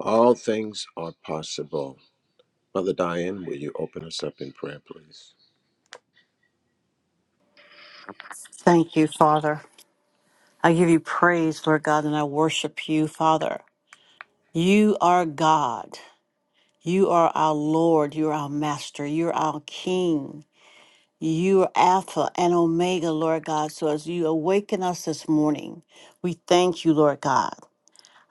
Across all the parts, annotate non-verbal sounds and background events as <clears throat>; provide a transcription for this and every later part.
All things are possible. Mother Diane, will you open us up in prayer, please? Thank you, Father. I give you praise, Lord God, and I worship you, Father. You are God. You are our Lord. You are our Master. You are our King. You are Alpha and Omega, Lord God. So as you awaken us this morning, we thank you, Lord God.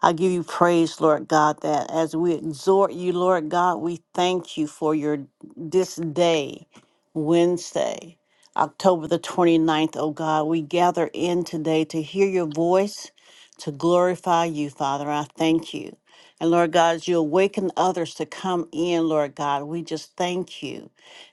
I give you praise, Lord God, that as we exhort you, Lord God, we thank you for your this day, Wednesday, October the 29th, oh God. We gather in today to hear your voice, to glorify you, Father. I thank you. And Lord God, as you awaken others to come in, Lord God, we just thank you.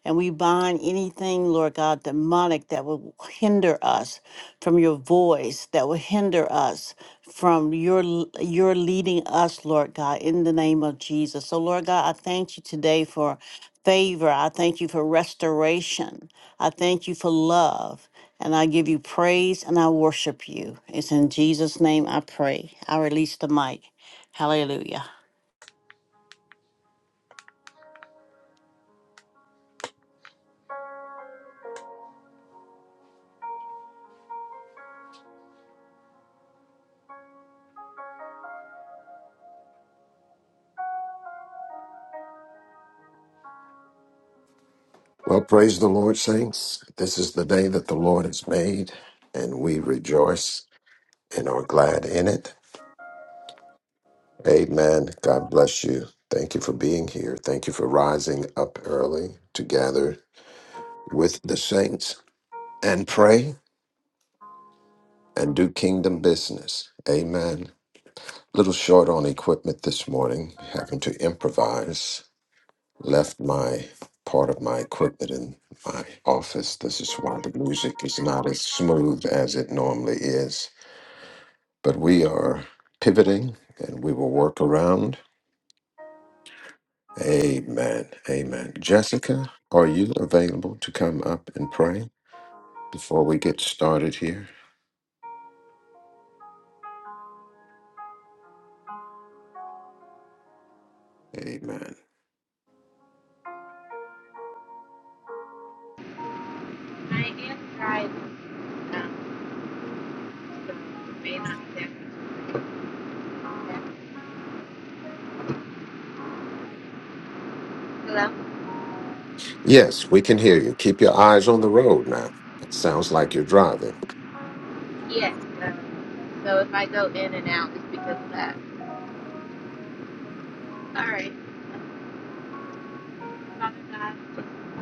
And we bind anything, Lord God, demonic that will hinder us from your voice, that will hinder us from your your leading us, Lord God, in the name of Jesus. So Lord God, I thank you today for favor. I thank you for restoration. I thank you for love. And I give you praise and I worship you. It's in Jesus' name I pray. I release the mic. Hallelujah. Well, praise the Lord, saints. This is the day that the Lord has made, and we rejoice and are glad in it. Amen. God bless you. Thank you for being here. Thank you for rising up early to gather with the saints and pray and do kingdom business. Amen. Little short on equipment this morning, having to improvise. Left my part of my equipment in my office. This is why the music is not as smooth as it normally is but we are pivoting and we will work around. Amen. Amen. Jessica, are you available to come up and pray before we get started here? Amen. I am driving um, the, the main on Saskatoon. Hello? Yes, we can hear you. Keep your eyes on the road now. It sounds like you're driving. Yes. Uh, so if I go in and out, it's because of that. All right. Father God,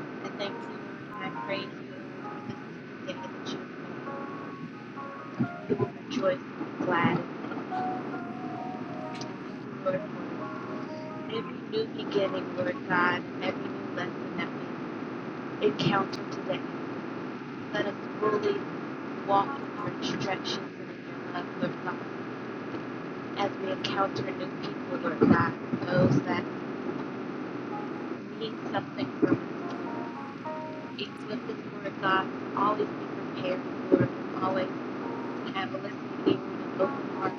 I thank you, Lord, and I praise you, Lord, for this is the day that you have made. We will rejoice and be glad. in Thank you, Lord, for every new beginning, Lord God, and every new lesson that we encounter today. Let us fully walk in your instructions and in your love, Lord God. as we encounter new people, Lord God, those that need something from us. Equip us, Lord God, to always be prepared, Lord, to always have a listening ear and an open heart,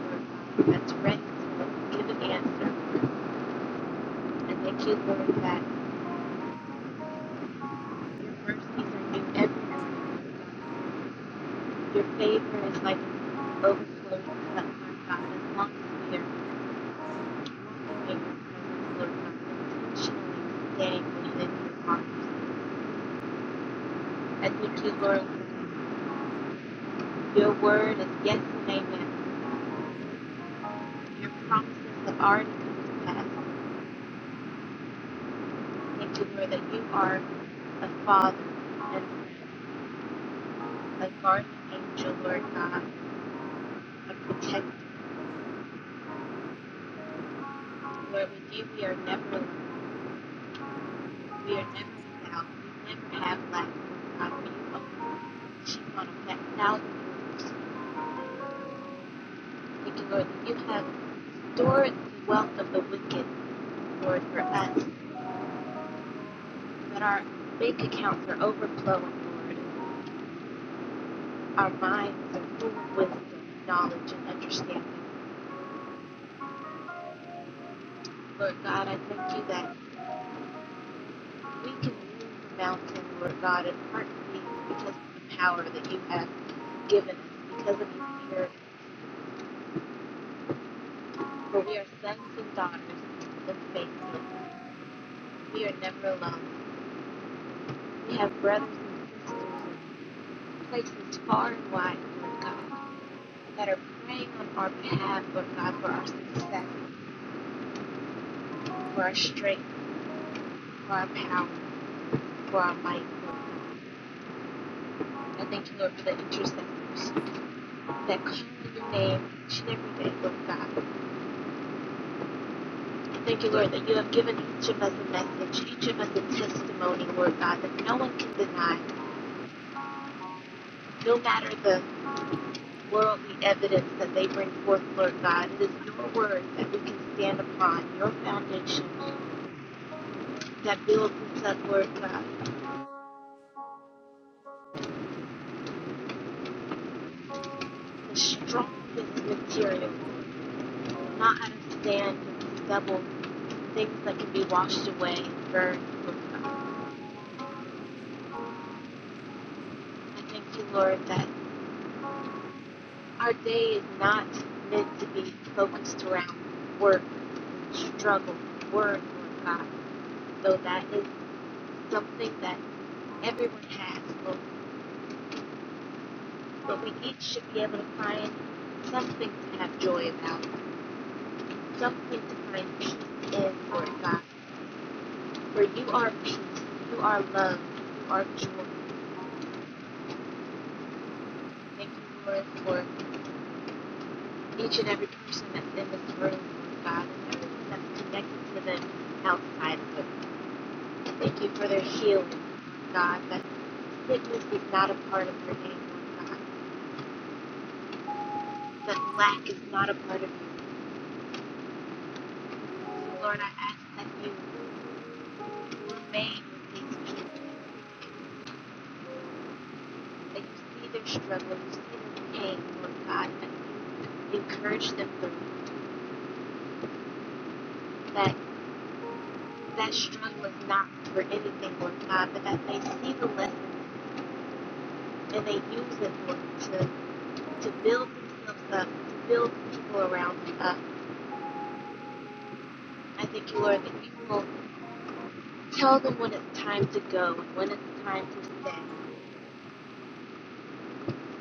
Lord God, that's ready to give an answer. And thank you, Lord, that your mercies are new every morning. Your favor is like an overflowing cup, Lord God, as long as we are As we do, Lord, your word is yes and amen. Your promises have already come to pass. Thank you, Lord, that you are a father and a guardian angel, Lord God, a protector. Lord, with you we are never alone. We are never without. We never have lack, Lord God. You own us. You want a back thousand. Thank you, Lord. that You have stored the wealth of the wicked, Lord, for us, that our bank accounts are overflowing, Lord. Our minds are full of wisdom, knowledge, and understanding. Lord God, I thank you that we can move the mountain, Lord God, and part things because of the power that you have given us, because of your inheritance. For we are sons and daughters of the faithful. We are never alone. We have brothers and sisters and places far and wide, Lord God, that are praying on our behalf, Lord God, for our success, for our strength, for our power, for our might, Lord God. I thank you, Lord, for the intercessors that call on your name each and every day, Lord God. I thank you, Lord, that you have given each of us a message, each of us a testimony, Lord God, that no one can deny, no matter the worldly evidence that they bring forth, Lord God. It is your word that we can stand upon, your foundation that buildings that were uh, the strongest material, not out of sand and stubble, things that can be washed away and burned. Lord God. I thank you, Lord, that our day is not meant to be focused around work, struggle, work, Lord God, though that is something that everyone has, Lord. But we each should be able to find something to have joy about, something to find peace in, Lord God. where you are peace, you are love, you are joy. Thank you, Lord, for each and every person that's in this room, God, and everyone that's connected to them outside of it. Thank you for their healing, God, that sickness is not a part of your name, Lord God, that lack is not a part of you. So, Lord, I ask that you remain with these people, that you see their struggle, you see their pain, Lord God, and you encourage them through that that struggle is not for anything, Lord God, but that they see the lesson and they use it, Lord, to, to build themselves up, to build people around them up. I thank you, Lord, that you will tell them when it's time to go when it's time to stay,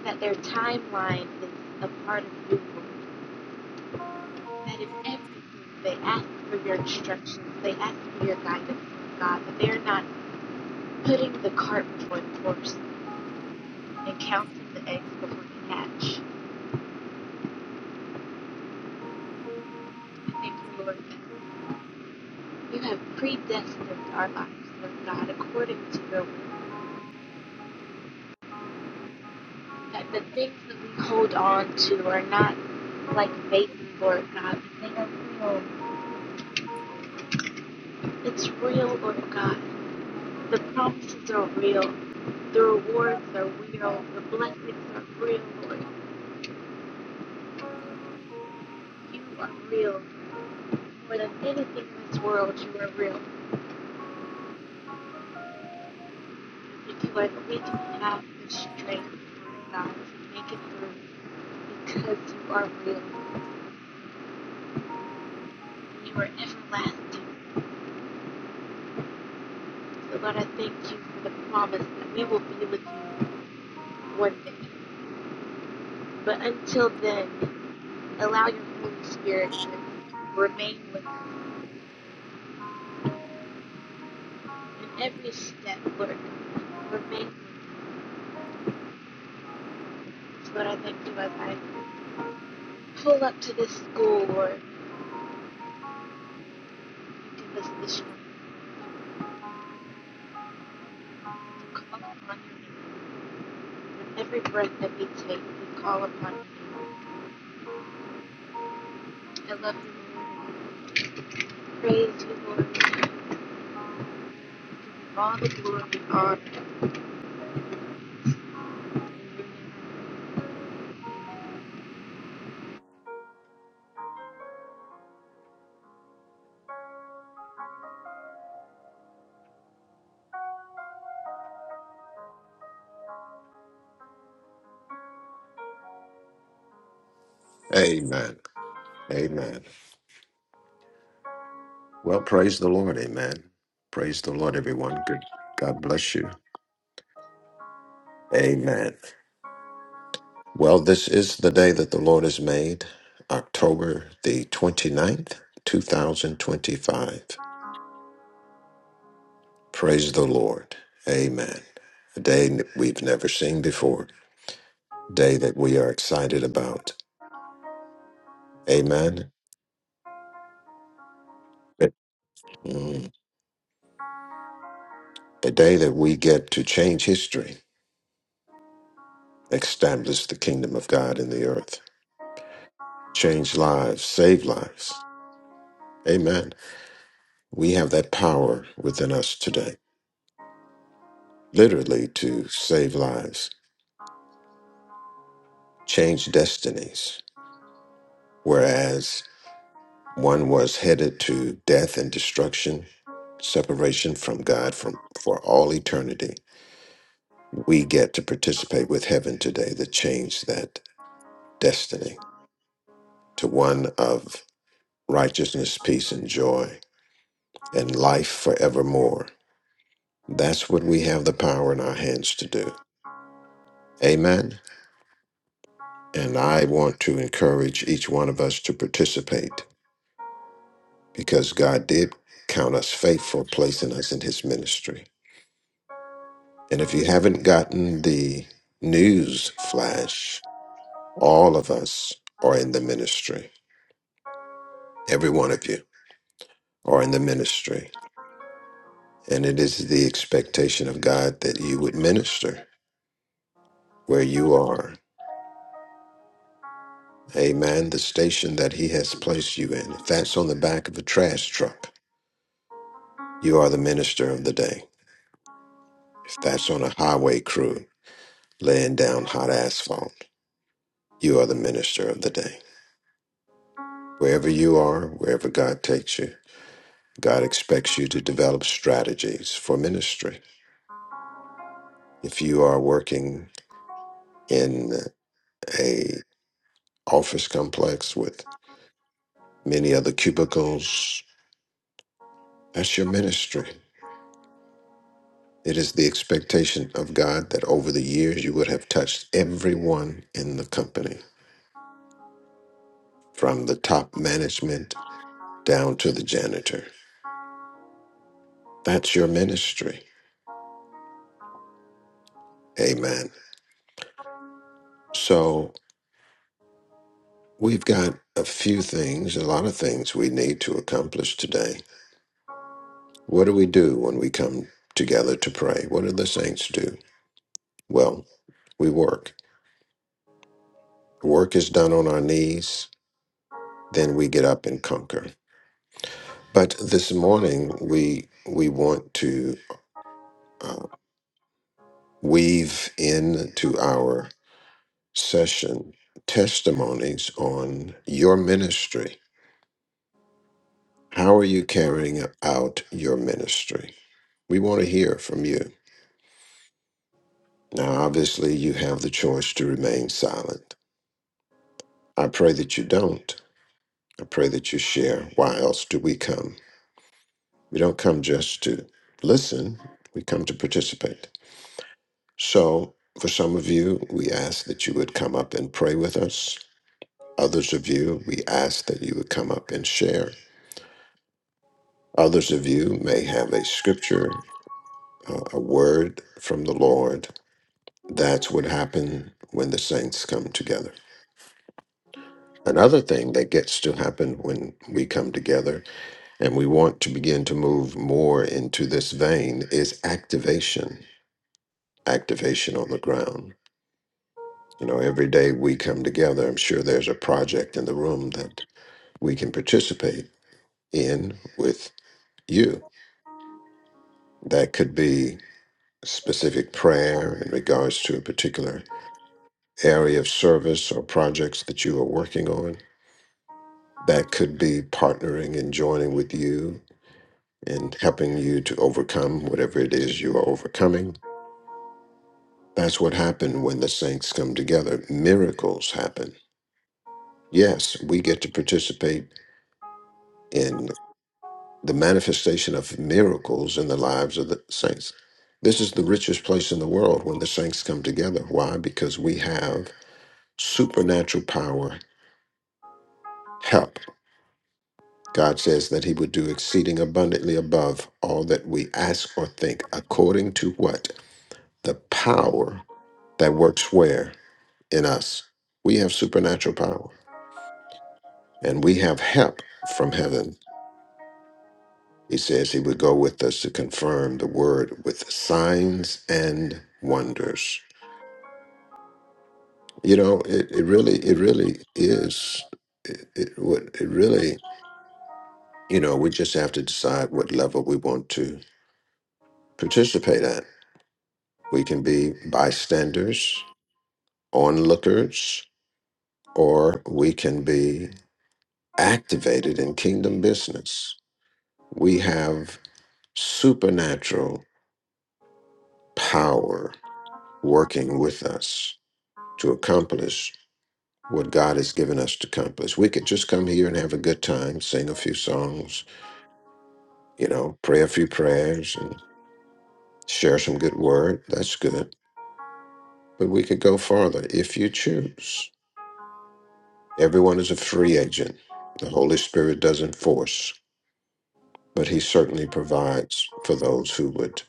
that their timeline is a part of you, Lord, that in everything they ask for your instructions, they ask for your guidance, Lord God, that they're not putting the cart before the horse and counting the eggs before the hatch. I thank you, Lord, that You have predestined our lives, Lord God, according to your will. That the things that we hold on to are not like vaping, Lord God, but they are real. It's real, Lord God. The promises are real. The rewards are real. The blessings are real, Lord. You are real. More than anything in this world, you are real. Thank you, Lord, that we can have the strength, Lord God, to make it through because you are real. You are everlasting. So, Lord, I thank you for the promise that we will be with you one day. But until then, allow your Holy Spirit to remain with us in every step, Lord. Remain with us. So, Lord, I thank you as I pull up to this school, Lord. You give us the strength to call upon your name. With every breath that we take, we call upon you. I love you, Lord. and Praise you, Lord. Give you all the glory and honor. In your name. Amen. Amen. Well, praise the Lord. Amen. Praise the Lord, everyone. Good. God bless you. Amen. Well, this is the day that the Lord has made, October the twenty-ninth, two 2025. Praise the Lord. Amen. A day n- we've never seen before, a day that we are excited about. Amen. A Mm. A day that we get to change history, establish the kingdom of God in the earth, change lives, save lives. Amen. We have that power within us today, literally to save lives changed destinies, whereas one was headed to death and destruction, separation from God from for all eternity. We get to participate with heaven today that changed that destiny to one of righteousness, peace, and joy, and life forevermore. That's what we have the power in our hands to do. Amen. And I want to encourage each one of us to participate because God did count us faithful, placing us in his ministry. And if you haven't gotten the news flash, all of us are in the ministry. Every one of you are in the ministry. And it is the expectation of God that you would minister where you are. Amen. The station that he has placed you in. If that's on the back of a trash truck, you are the minister of the day. If that's on a highway crew laying down hot asphalt, you are the minister of the day. Wherever you are, wherever God takes you, God expects you to develop strategies for ministry. If you are working in a office complex with many other cubicles, that's your ministry. It is the expectation of God that over the years you would have touched everyone in the company, from the top management down to the janitor. That's your ministry. Amen. So We've got a few things, a lot of things we need to accomplish today. What do we do when we come together to pray? What do the saints do? Well, we work. Work is done on our knees, then we get up and conquer. But this morning, we we want to uh, weave into our session testimonies on your ministry. How are you carrying out your ministry? We want to hear from you. Now, obviously, you have the choice to remain silent. I pray that you don't. I pray that you share. Why else do we come? We don't come just to listen, we come to participate. So, for some of you, we ask that you would come up and pray with us. Others of you, we ask that you would come up and share. Others of you may have a scripture, uh, a word from the Lord. That's what happened when the saints come together. Another thing that gets to happen when we come together and we want to begin to move more into this vein is activation, activation on the ground. You know, every day we come together, I'm sure there's a project in the room that we can participate in with you. That could be specific prayer in regards to a particular area of service or projects that you are working on. That could be partnering and joining with you and helping you to overcome whatever it is you are overcoming. That's what happened when the saints come together. Miracles happen. Yes, we get to participate in the manifestation of miracles in the lives of the saints. This is the richest place in the world when the saints come together. Why? Because we have supernatural power, help. God says that He would do exceeding abundantly above all that we ask or think, according to what? The power that works where? in us. We have supernatural power and we have help from heaven. He says he would go with us to confirm the word with signs and wonders. You know, it, it really, it really is. It, it, what- it really, you know, we just have to decide what level we want to participate at. We can be bystanders, onlookers, or we can be activated in kingdom business. We have supernatural power working with us to accomplish what God has given us to accomplish. We could just come here and have a good time, sing a few songs, you know, pray a few prayers and share some good word. That's good. But we could go farther if you choose. Everyone is a free agent. The Holy Spirit doesn't force, but He certainly provides for those who would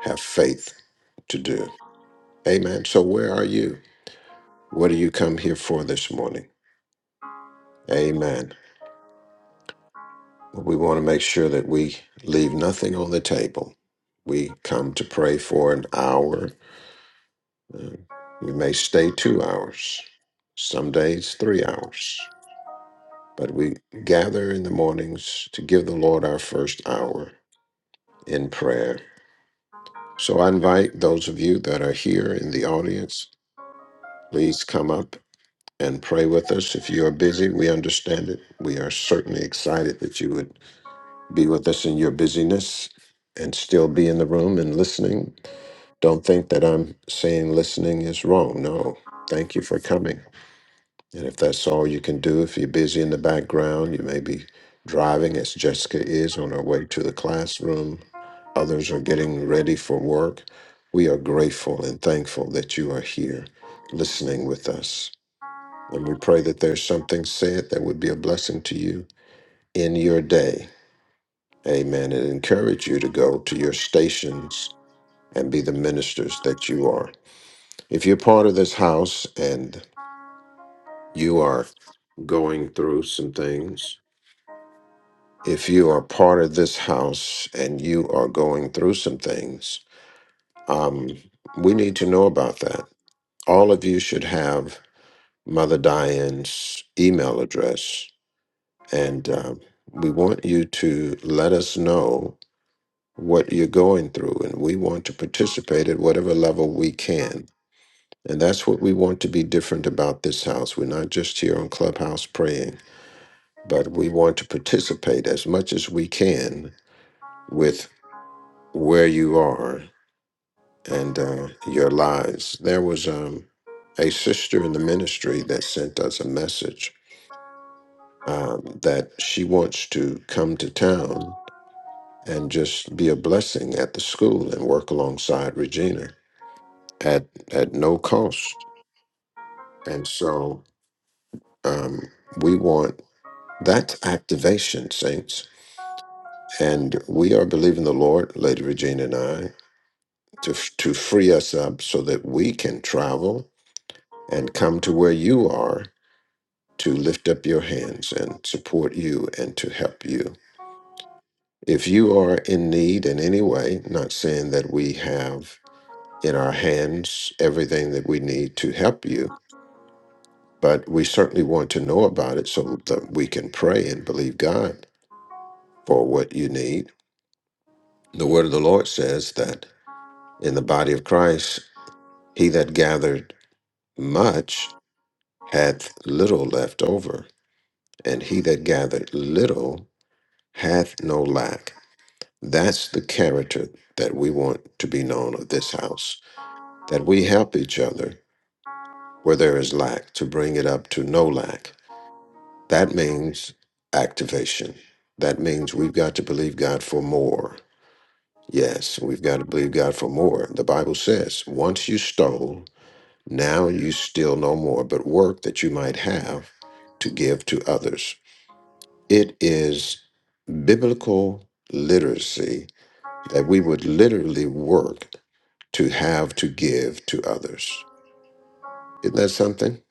have faith to do. Amen. So, where are you? What do you come here for this morning? Amen. We want to make sure that we leave nothing on the table. We come to pray for an hour. Uh, We may stay two hours, some days three hours, but we gather in the mornings to give the Lord our first hour in prayer. So I invite those of you that are here in the audience, please come up and pray with us. If you are busy, we understand it. We are certainly excited that you would be with us in your busyness and still be in the room and listening. Don't think that I'm saying listening is wrong. No, thank you for coming. And if that's all you can do, if you're busy in the background, you may be driving as Jessica is on her way to the classroom, others are getting ready for work. We are grateful and thankful that you are here listening with us. And we pray that there's something said that would be a blessing to you in your day. Amen. And encourage you to go to your stations and be the ministers that you are. If you're part of this house and you are going through some things, if you are part of this house and you are going through some things, um, we need to know about that. All of you should have Mother Diane's email address, and uh, we want you to let us know what you're going through, and we want to participate at whatever level we can. And that's what we want to be different about this house. We're not just here on Clubhouse praying, but we want to participate as much as we can with where you are and uh, your lives. There was um, a sister in the ministry that sent us a message um, that she wants to come to town and just be a blessing at the school and work alongside Regina. at at no cost. And so um, we want that activation, saints. And we are believing the Lord, Lady Regina and I, to to free us up so that we can travel and come to where you are to lift up your hands and support you and to help you. If you are in need in any way, not saying that we have in our hands everything that we need to help you, But we certainly want to know about it so that we can pray and believe God for what you need. The word of the Lord says that in the body of Christ, he that gathered much hath little left over, and he that gathered little hath no lack. That's the character that we want to be known of this house, that we help each other where there is lack to bring it up to no lack That means activation. That means we've got to believe God for more. Yes, we've got to believe God for more. The Bible says, once you stole, now you steal no more, but work that you might have to give to others. It is biblical literacy that we would literally work to have to give to others. Isn't that something?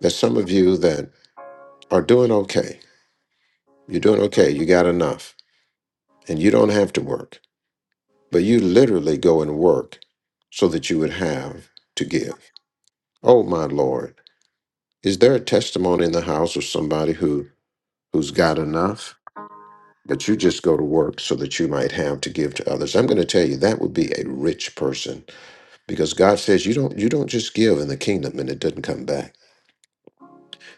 There's some of you that are doing okay. You're doing okay. You got enough and you don't have to work. but you literally go and work so that you would have to give. Oh my Lord. Is there a testimony in the house of somebody who who's got enough, but you just go to work so that you might have to give to others? I'm going to tell you that would be a rich person because God says you don't you don't just give in the kingdom and it doesn't come back.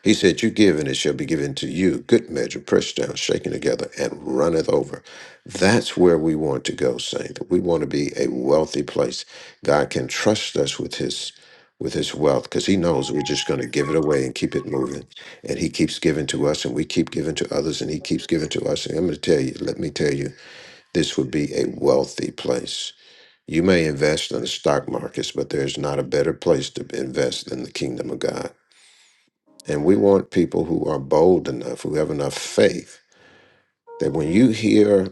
He said, You give, and it shall be given to you. Good measure, pressed down, shaken together, and runneth over. That's where we want to go, Saint. we want to be a wealthy place. God can trust us with his with his wealth because he knows we're just going to give it away and keep it moving. And he keeps giving to us and we keep giving to others and he keeps giving to us. And I'm going to tell you, let me tell you, this would be a wealthy place. You may invest in the stock markets, but there's not a better place to invest than the kingdom of God and we want people who are bold enough, who have enough faith, that when you hear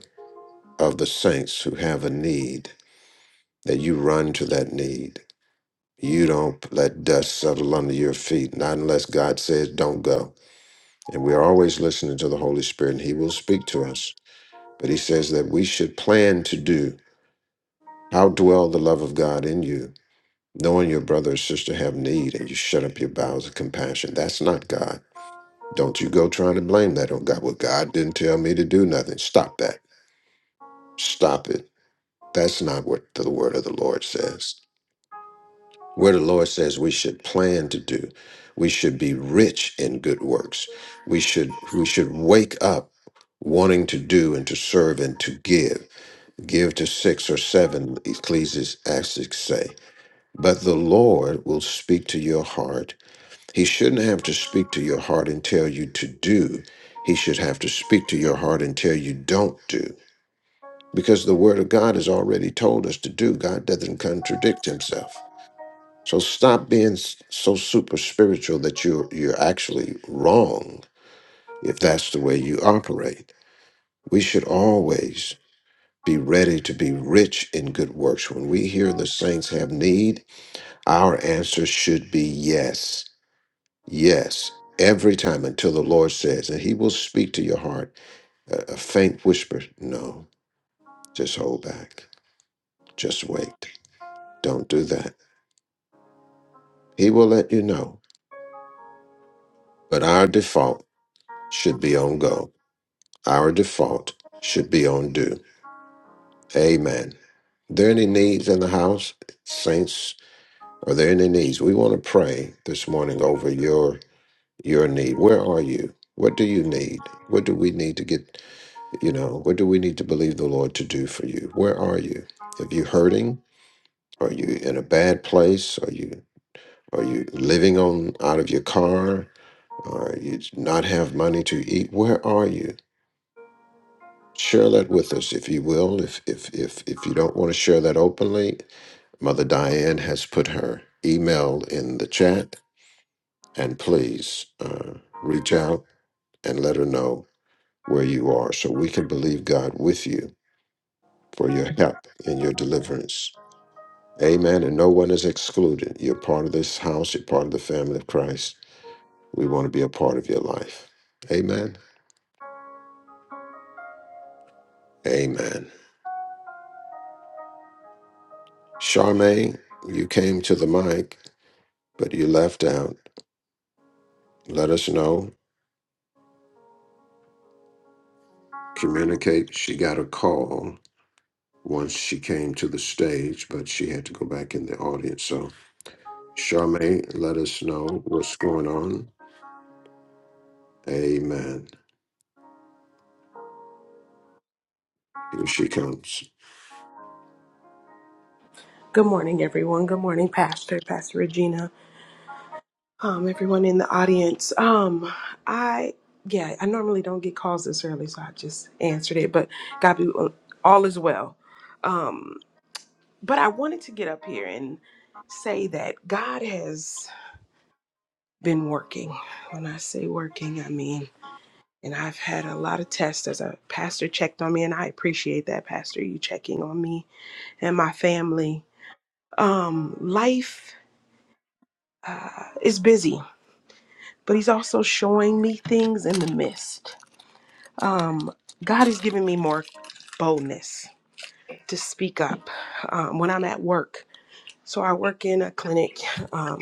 of the saints who have a need, that you run to that need. You don't let dust settle under your feet, not unless God says, don't go. And we're always listening to the Holy Spirit, and He will speak to us. But He says that we should plan to do how dwell the love of God in you, knowing your brother or sister have need, and you shut up your bowels of compassion. That's not God. Don't you go trying to blame that on God. Well, God didn't tell me to do nothing. Stop that. Stop it. That's not what the word of the Lord says. Where the Lord says we should plan to do. We should be rich in good works. We should we should wake up wanting to do and to serve and to give. Give to six or seven, Ecclesiastes say. But the Lord will speak to your heart He shouldn't have to speak to your heart and tell you to do. He should have to speak to your heart and tell you don't do. Because the word of God has already told us to do. God doesn't contradict himself. So stop being s- so super spiritual that you're you're actually wrong if that's the way you operate. We should always be ready to be rich in good works. When we hear the saints have need, our answer should be yes. Yes, every time until the Lord says, and He will speak to your heart a, a faint whisper. No, just hold back. Just wait. Don't do that. He will let you know. But our default should be on go. Our default should be on do. Amen. there any needs in the house, saints? Are there any needs? We want to pray this morning over your your need. Where are you? What do you need? What do we need to get? You know, what do we need to believe the Lord to do for you? Where are you? Are you hurting? Are you in a bad place? Are you are you living on out of your car? Are you not have money to eat? Where are you? Share that with us if you will. If if if if you don't want to share that openly, Mother Diane has put her email in the chat, and please uh, reach out and let her know where you are, so we can believe God with you for your help and your deliverance. Amen. And no one is excluded. You're part of this house, you're part of the family of Christ. We want to be a part of your life. Amen. Amen. Charmaine, you came to the mic, but you left out. Let us know. Communicate. She got a call once she came to the stage, but she had to go back in the audience. So, Charmaine, let us know what's going on. Amen. Here she comes. Good morning, everyone. Good morning, Pastor, Pastor Regina, um, everyone in the audience. Um, I, yeah, I normally don't get calls this early, so I just answered it, but God be all is well. Um, but I wanted to get up here and say that God has been working. When I say working, I mean, and I've had a lot of tests as a pastor checked on me, and I appreciate that, Pastor, you checking on me and my family. Um, life uh, is busy but He's also showing me things in the midst. God is giving me more boldness to speak up um, when I'm at work. So I work in a clinic um,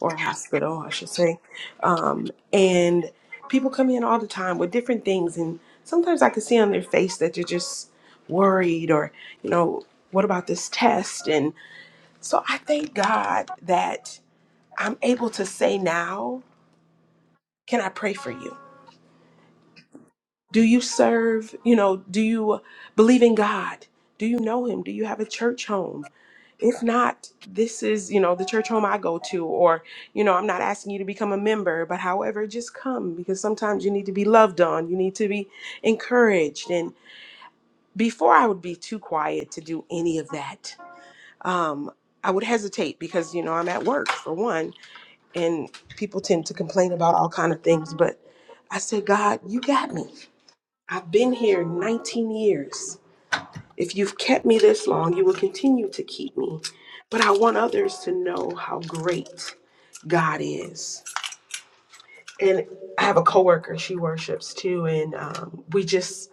or hospital, I should say, um, and people come in all the time with different things, and sometimes I can see on their face that they're just worried or, you know, what about this test? And so I thank God that I'm able to say now, can I pray for you? Do you serve, you know, do you believe in God? Do you know him? Do you have a church home? If not, this is, you know, the church home I go to or, you know, I'm not asking you to become a member, but however, just come because sometimes you need to be loved on, you need to be encouraged. And before I would be too quiet to do any of that, um I would hesitate because, you know, I'm at work for one, and people tend to complain about all kind of things, but I said, God, you got me. I've been here 19 years. If you've kept me this long, you will continue to keep me. But I want others to know how great God is. And I have a coworker, she worships too, and um, we just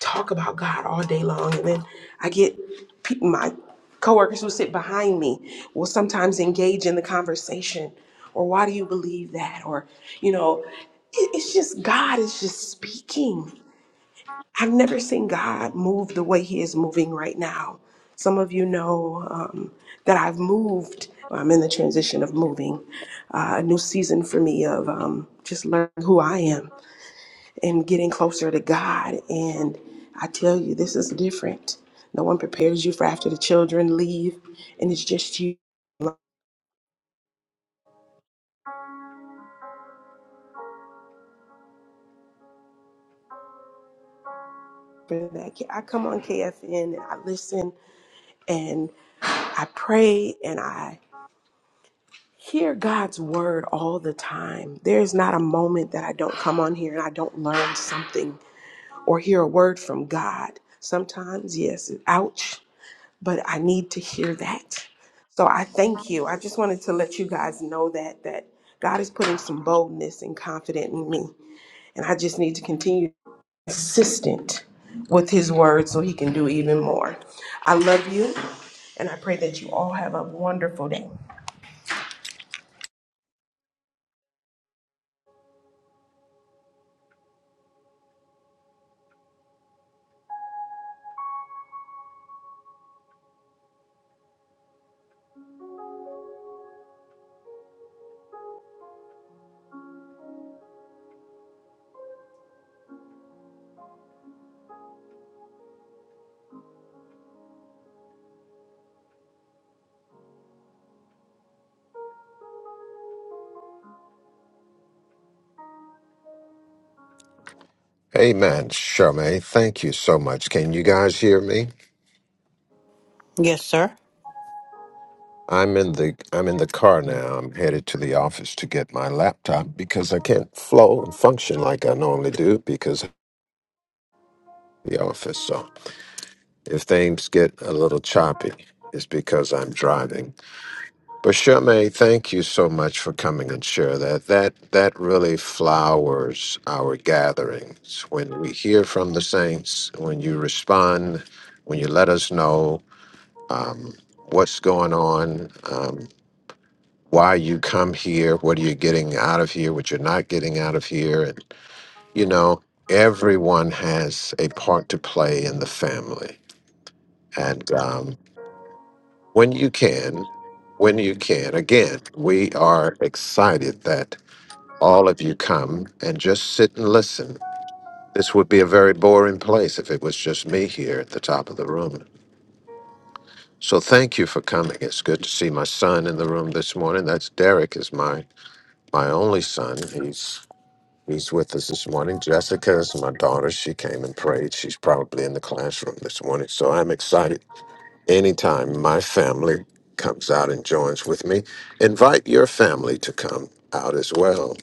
talk about God all day long. And then I get pe- my coworkers who sit behind me will sometimes engage in the conversation, or why do you believe that? Or, you know, it- it's just God is just speaking I've never seen God move the way He is moving right now. Some of you know um, that I've moved. well, I'm in the transition of moving, uh, a new season for me of um, just learning who I am and getting closer to God. And I tell you, this is different. No one prepares you for after the children leave, and it's just you. For that, I come on KFN and I listen and I pray and I hear God's word all the time. There's not a moment that I don't come on here and I don't learn something or hear a word from God. Sometimes, yes, ouch, but I need to hear that. So I thank you. I just wanted to let you guys know that that God is putting some boldness and confidence in me, and I just need to continue consistent with his word so he can do even more. I love you and I pray that you all have a wonderful day. Amen, Charmaine. Thank you so much. Can you guys hear me? Yes, sir. I'm in the I'm in the car now. I'm headed to the office to get my laptop because I can't flow and function like I normally do because of the office. So if things get a little choppy, it's because I'm driving. But Charmaine, thank you so much for coming and share that. That that really flowers our gatherings when we hear from the saints, when you respond, when you let us know um, what's going on. Um, why you come here, what are you getting out of here, what you're not getting out of here. And, you know, everyone has a part to play in the family. And um, when you can, when you can, again, we are excited that all of you come and just sit and listen. This would be a very boring place if it was just me here at the top of the room. So thank you for coming. It's good to see my son in the room this morning. That's Derek is my my only son. He's He's with us this morning. Jessica is my daughter. She came and prayed. She's probably in the classroom this morning. So I'm excited. Anytime my family comes out and joins with me, invite your family to come out as well.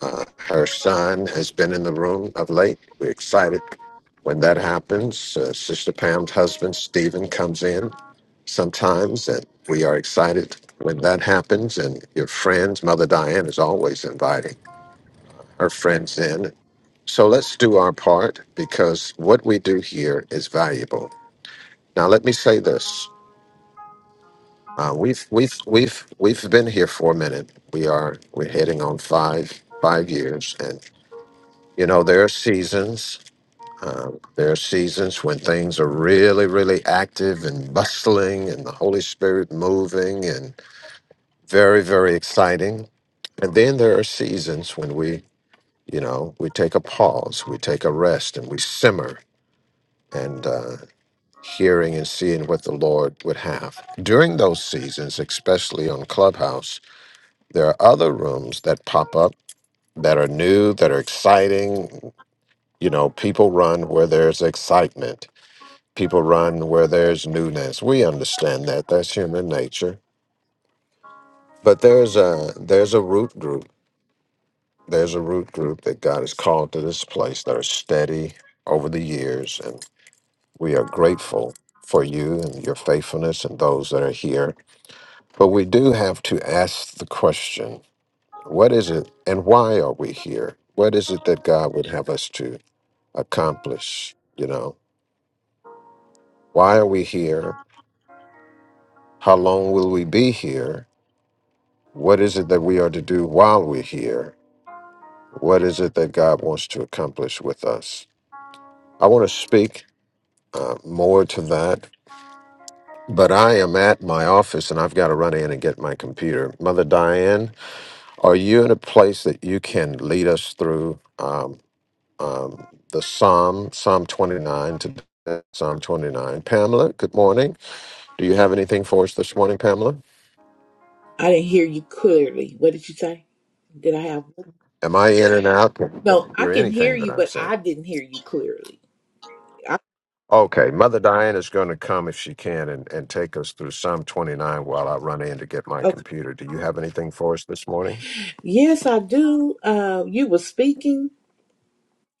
Uh, her son has been in the room of late. We're excited when that happens. Uh, Sister Pam's husband, Stephen, comes in sometimes, and we are excited when that happens. And your friends, Mother Diane is always inviting her friends in So let's do our part because what we do here is valuable. Now, let me say this: uh, we've we've we've we've been here for a minute. We are we're heading on five five years, and you know there are seasons. Um, there are seasons when things are really really active and bustling, and the Holy Spirit moving, and very very exciting. And then there are seasons when we you know we take a pause, we take a rest, and we simmer. And uh, hearing and seeing what the Lord would have. During those seasons, especially on Clubhouse, there are other rooms that pop up that are new, that are exciting. You know, people run where there's excitement, people run where there's newness. We understand that. That's human nature. But there's a there's a root group. There's a root group that God has called to this place that are steady over the years. And we are grateful for you and your faithfulness and those that are here But we do have to ask the question what is it and why are we here? What is it that God would have us to accomplish? You know, why are we here? How long will we be here? What is it that we are to do while we're here? What is it that God wants to accomplish with us? I want to speak uh, more to that, but I am at my office and I've got to run in and get my computer. Mother Diane, are you in a place that you can lead us through? Um, um, the Psalm, Psalm 29 today, Psalm 29. Pamela, good morning. Do you have anything for us this morning, Pamela? I didn't hear you clearly. What did you say? Did I have? Am I in and out? Can you No, I hear can hear anything that you, I'm but saying? I didn't hear you clearly. I, Okay, Mother Diane is going to come if she can and, and take us through Psalm 29 while I run in to get my okay. computer. Do you have anything for us this morning? Yes, I do. Uh, you were speaking,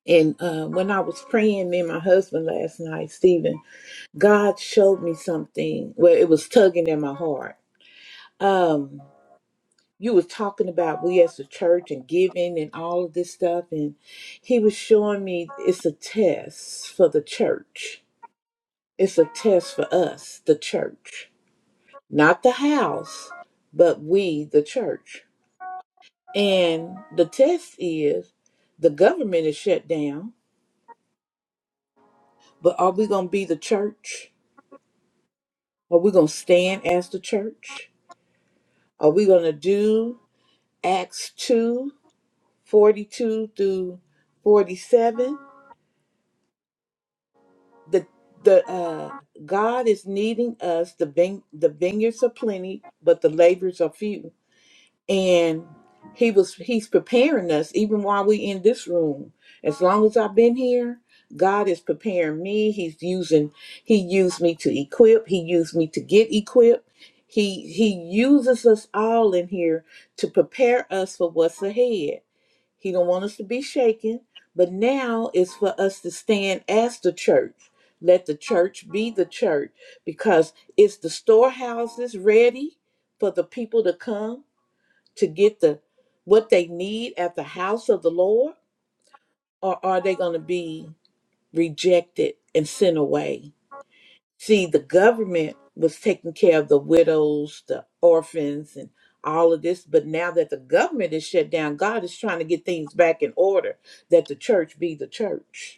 and uh, when I was praying, me and my husband last night, Stephen, God showed me something. Well, it was tugging at my heart. Um, you was talking about we as a church and giving and all of this stuff, and he was showing me it's a test for the church. It's a test for us, the church not the house, but we, the church. And the test is the government is shut down, but are we going to be the church? Are we going to stand as the church? Are we going to do Acts 2 42 through 47? The, the, uh, God is needing us. The, vine- the vineyards are plenty, but the laborers are few. and he was he's preparing us even while we in this room as long as i've been here god is preparing me he's using he used me to equip he used me to get equipped he he uses us all in here to prepare us for what's ahead he don't want us to be shaken but now it's for us to stand as the church let the church be the church because it's the storehouses ready for the people to come to get the what they need at the house of the Lord, or are they going to be rejected and sent away? See, the government was taking care of the widows, the orphans, and all of this, but now that the government is shut down, God is trying to get things back in order that the church be the church.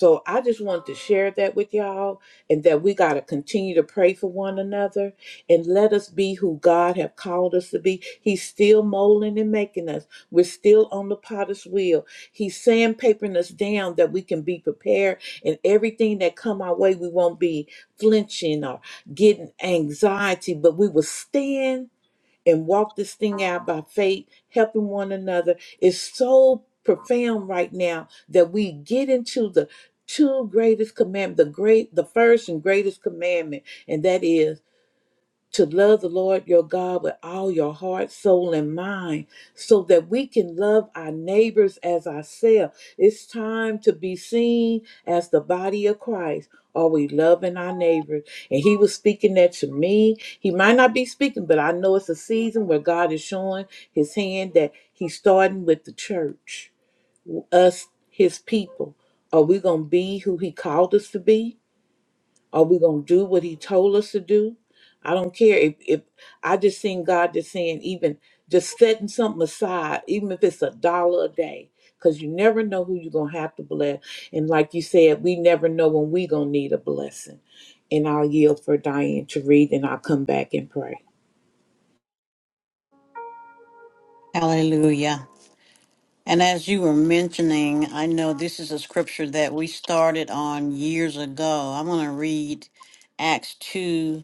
So I just wanted to share that with y'all and that we got to continue to pray for one another and let us be who God have called us to be. He's still molding and making us. We're still on the potter's wheel. He's sandpapering us down that we can be prepared and everything that come our way, we won't be flinching or getting anxiety, but we will stand and walk this thing out by faith, helping one another is so profound right now that we get into the two greatest commandment, the great, the first and greatest commandment, and that is to love the Lord your God with all your heart, soul, and mind, so that we can love our neighbors as ourselves. It's time to be seen as the body of Christ. Are we loving our neighbors? And he was speaking that to me. He might not be speaking, but I know it's a season where God is showing his hand that he's starting with the church, us, his people. Are we going to be who he called us to be? Are we gonna do what he told us to do? I don't care if, if I just seen God just saying even just setting something aside, even if it's a dollar a day, because you never know who you're gonna have to bless. And like you said, we never know when we gonna need a blessing. And I'll yield for Diane to read and I'll come back and pray. Hallelujah. And as you were mentioning, I know this is a scripture that we started on years ago. I'm going to read Acts 2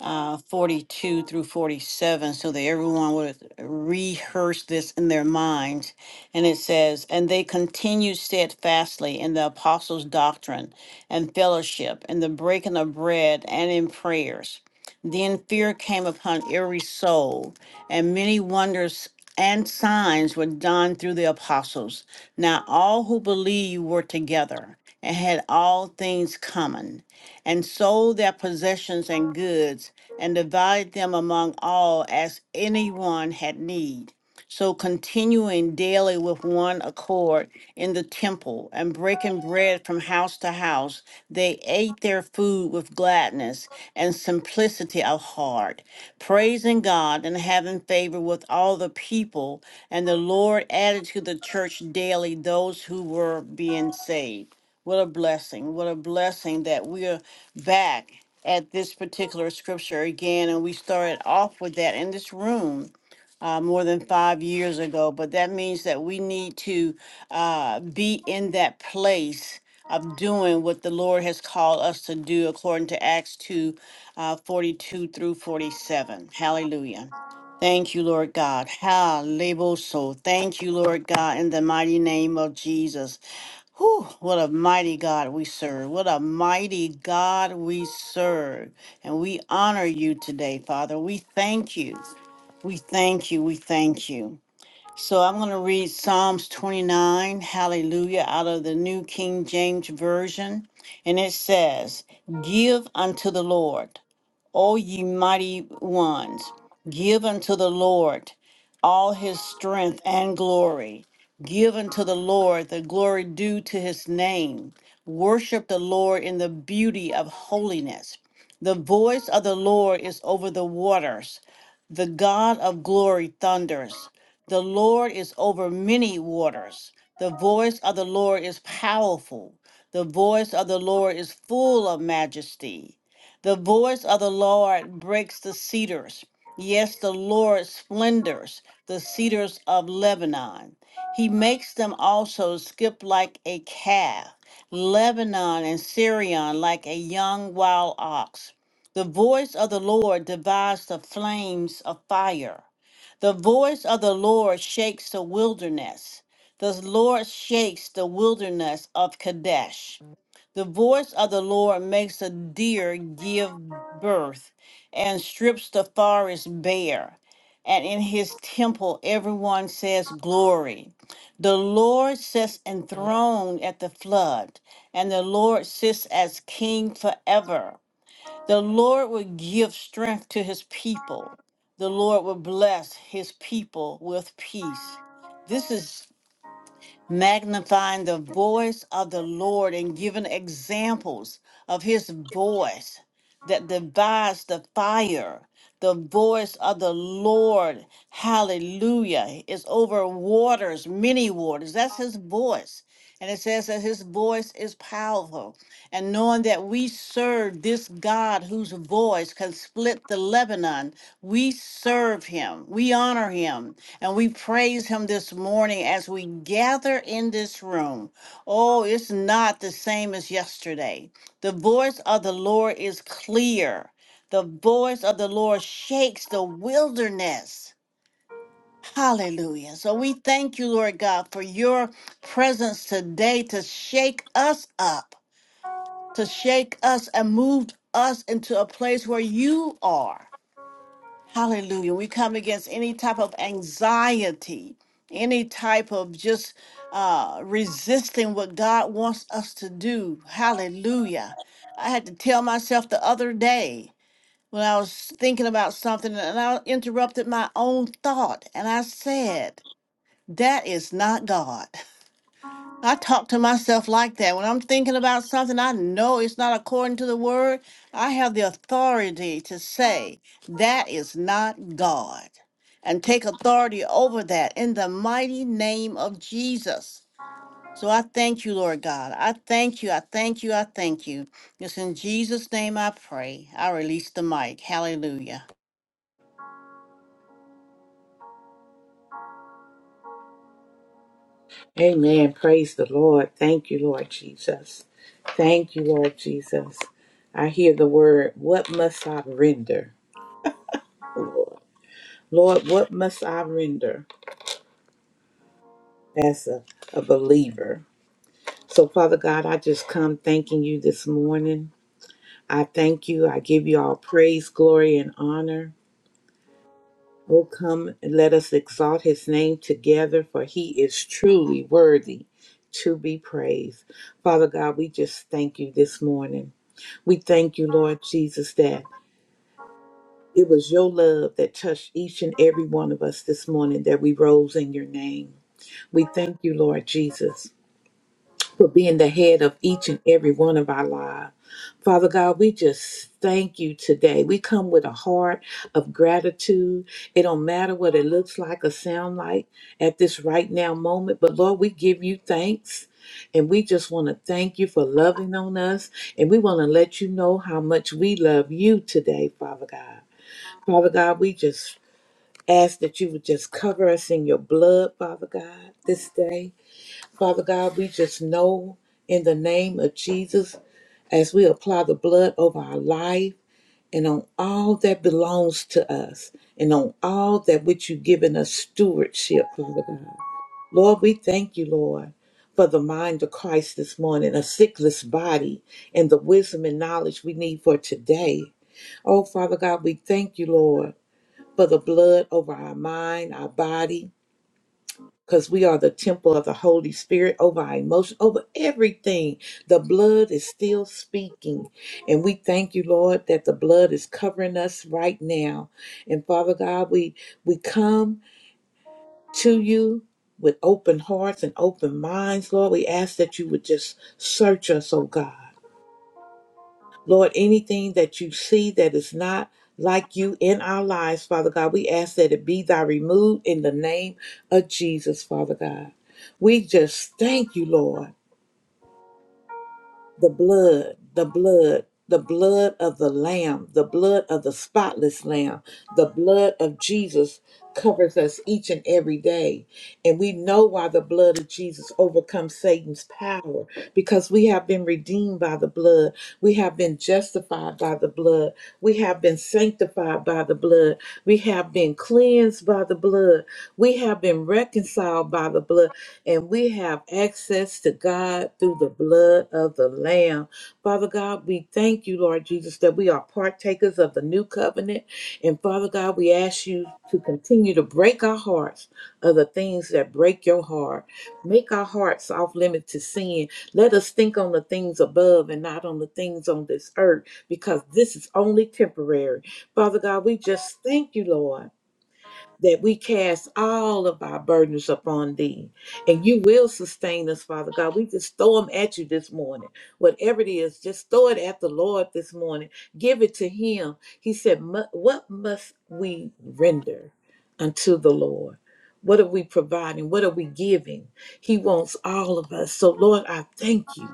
uh, 42 through 47 so that everyone would rehearse this in their minds. And it says, And they continued steadfastly in the apostles' doctrine and fellowship, in the breaking of bread and in prayers. Then fear came upon every soul, and many wonders and signs were done through the apostles. Now all who believed were together and had all things common and sold their possessions and goods, and divided them among all as anyone had need. So continuing daily with one accord in the temple and breaking bread from house to house, they ate their food with gladness and simplicity of heart, praising God and having favor with all the people. And the Lord added to the church daily those who were being saved. What a blessing. What a blessing that we are back at this particular scripture again. And we started off with that in this room uh, more than five years ago. But that means that we need to uh, be in that place of doing what the Lord has called us to do according to Acts 2 uh, 42 through 47. Hallelujah. Thank you, Lord God. Hallelujah. Thank you, Lord God, in the mighty name of Jesus. Whew, what a mighty God we serve. What a mighty God we serve. And we honor you today, Father. We thank you. We thank you. We thank you. So I'm going to read Psalms 29, hallelujah, out of the New King James Version. And it says, Give unto the Lord. O ye mighty ones, give unto the Lord all his strength and glory. Give unto the Lord the glory due to his name. Worship the Lord in the beauty of holiness. The voice of the Lord is over the waters. The God of glory thunders. The Lord is over many waters. The voice of the Lord is powerful. The voice of the Lord is full of majesty. The voice of the Lord breaks the cedars. Yes, the Lord splendors the cedars of Lebanon. He makes them also skip like a calf, Lebanon and Syrian like a young wild ox. The voice of the Lord divides the flames of fire. The voice of the Lord shakes the wilderness. The Lord shakes the wilderness of Kadesh. The voice of the Lord makes a deer give birth and strips the forest bare. And in his temple, everyone says, Glory. The Lord sits enthroned at the flood, and the Lord sits as king forever. The Lord will give strength to his people. The Lord will bless his people with peace. This is magnifying the voice of the Lord and giving examples of his voice that divides the fire. The voice of the Lord, hallelujah, is over waters, many waters. That's his voice. And it says that his voice is powerful and knowing that we serve this God whose voice can split the Lebanon, we serve him, we honor him, and we praise him this morning as we gather in this room. Oh, it's not the same as yesterday. The voice of the Lord is clear, the voice of the Lord shakes the wilderness. Hallelujah. So we thank you, Lord God, for your presence today to shake us up to shake us and move us into a place where you are. Hallelujah. We come against any type of anxiety, any type of just uh, resisting what God wants us to do. Hallelujah. I had to tell myself the other day when I was thinking about something and I interrupted my own thought and I said, That is not God. I talk to myself like that. When I'm thinking about something I know it's not according to the word, I have the authority to say, that is not God, and take authority over that in the mighty name of Jesus. So I thank you, Lord God. I thank you. I thank you. I thank you. It's in Jesus' name I pray. I release the mic. Hallelujah. Amen. Praise the Lord. Thank you, Lord Jesus. Thank you, Lord Jesus. I hear the word, what must I render, Lord? Lord, what must I render? as a, a believer. So, Father God, I just come thanking you this morning. I thank you. I give you all praise, glory, and honor. Oh, come and let us exalt his name together, for he is truly worthy to be praised. Father God, we just thank you this morning. We thank you, Lord Jesus, that it was your love that touched each and every one of us this morning that we rose in your name. We thank you, Lord Jesus. for being the head of each and every one of our lives. Father God, we just thank you today. We come with a heart of gratitude. It don't matter what it looks like or sound like at this right now moment, but Lord, we give you thanks. And we just want to thank you for loving on us. And we want to let you know how much we love you today, Father God. Father God, we just ask that you would just cover us in your blood, Father God, this day. Father God, we just know in the name of Jesus, as we apply the blood over our life and on all that belongs to us and on all that which you've given us stewardship, Father God. Lord, we thank you, Lord, for the mind of Christ this morning, a sickless body, and the wisdom and knowledge we need for today. Oh, Father God, we thank you, Lord, for the blood over our mind, our body, because we are the temple of the Holy Spirit over our emotion, over everything. The blood is still speaking. And we thank you, Lord, that the blood is covering us right now. And Father God, we we come to you with open hearts and open minds, Lord. We ask that you would just search us, oh God. Lord, anything that you see that is not like you in our lives, Father God, we ask that it be thy removed in the name of Jesus, Father God. We just thank you, Lord the blood, the blood, the blood of the Lamb, the blood of the spotless Lamb, the blood of Jesus covers us each and every day. And we know why the blood of Jesus overcomes Satan's power because we have been redeemed by the blood. We have been justified by the blood. We have been sanctified by the blood. We have been cleansed by the blood. We have been reconciled by the blood and we have access to God through the blood of the Lamb. Father God, we thank you, Lord Jesus, that we are partakers of the new covenant. And Father God, we ask you to continue to break our hearts of the things that break your heart. Make our hearts off limit to sin. Let us think on the things above and not on the things on this earth, because this is only temporary. Father God, we just thank you, Lord that we cast all of our burdens upon thee and you will sustain us, Father God. We just throw them at you this morning. Whatever it is, just throw it at the Lord this morning. Give it to him. He said, "Mu- What must we render unto the Lord? What are we providing? What are we giving? He wants all of us. So, Lord, I thank you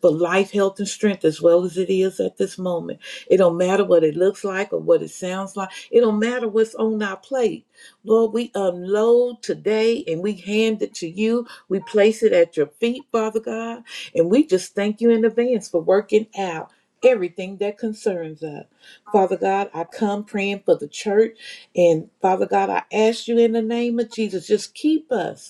for life, health, and strength as well as it is at this moment. It don't matter what it looks like or what it sounds like. It don't matter what's on our plate. Lord, we unload today and we hand it to you. We place it at your feet, Father God. And we just thank you in advance for working out everything that concerns us. Father God, I come praying for the church. And Father God, I ask you in the name of Jesus, just keep us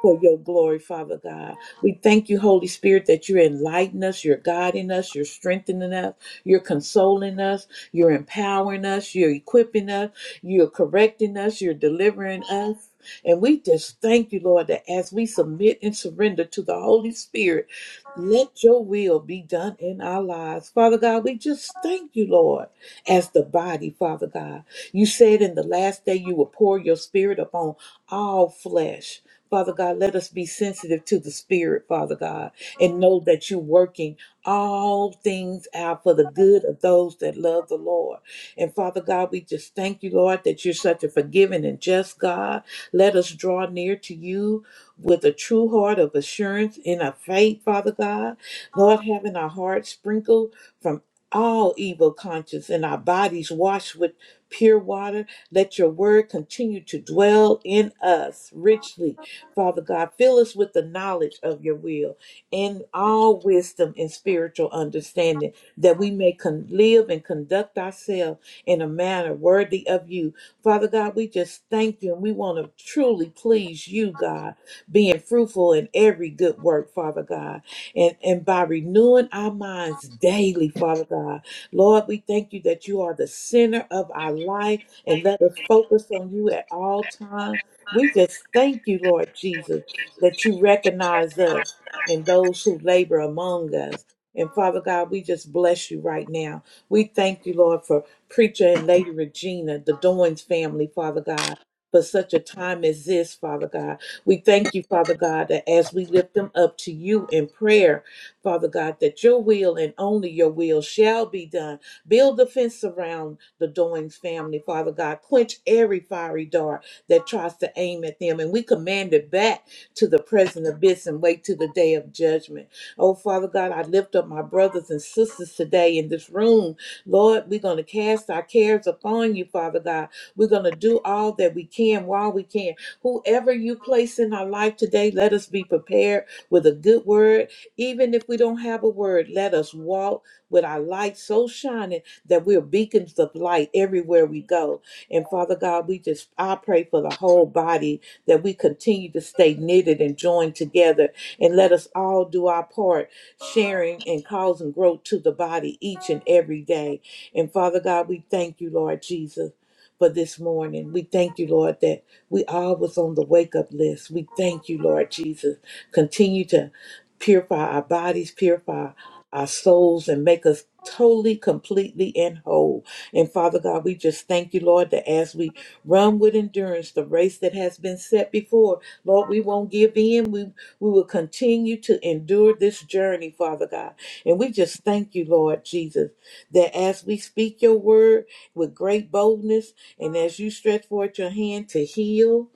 for your glory, Father God. We thank you, Holy Spirit, that you're enlightening us, you're guiding us, you're strengthening us, you're consoling us, you're empowering us, you're equipping us, you're correcting us, you're delivering us. And we just thank you, Lord, that as we submit and surrender to the Holy Spirit, let your will be done in our lives. Father God, we just thank you, Lord, as the body, Father God. You said in the last day you will pour your spirit upon all flesh. Father God, let us be sensitive to the Spirit, Father God, and know that you're working all things out for the good of those that love the Lord. And Father God, we just thank you, Lord, that you're such a forgiving and just God. Let us draw near to you with a true heart of assurance in our faith, Father God. Lord, having our hearts sprinkled from all evil conscience and our bodies washed with pure water. Let your word continue to dwell in us richly Father God, fill us with the knowledge of your will in all wisdom and spiritual understanding, that we may con- live and conduct ourselves in a manner worthy of you. Father God, we just thank you and we want to truly please you, God, being fruitful in every good work, Father God, and, and by renewing our minds daily, Father God. Lord, we thank you that you are the center of our life and let us focus on you at all times we just thank you, Lord Jesus, that you recognize us and those who labor among us. And Father God, we just bless you right now. We thank you, Lord, for Preacher and Lady Regina, the Doynes family, Father God, for such a time as this, Father God. We thank you, Father God, that as we lift them up to you in prayer, Father God, that your will and only your will shall be done. Build a fence around the Doynes family, Father God. Quench every fiery dart that tries to aim at them. And we command it back to the present abyss and wait to the day of judgment. Oh, Father God, I lift up my brothers and sisters today in this room. Lord, we're going to cast our cares upon you, Father God. We're going to do all that we can while we can. Whoever you place in our life today, let us be prepared with a good word. Even if we don't have a word, let us walk with our light so shining that we're beacons of light everywhere we go. And Father God, we just, I pray for the whole body that we continue to stay knitted and joined together and let us all do our part, sharing and causing growth to the body each and every day. And Father God, we thank you, Lord Jesus. For this morning, we thank you, Lord, that we all was on the wake up list. We thank you, Lord Jesus. Continue to purify our bodies, purify our souls, and make us totally, completely, and whole. And Father God, we just thank you, Lord, that as we run with endurance the race that has been set before, Lord, we won't give in. We, we will continue to endure this journey, Father God. And we just thank you, Lord Jesus, that as we speak your word with great boldness and as you stretch forth your hand to heal,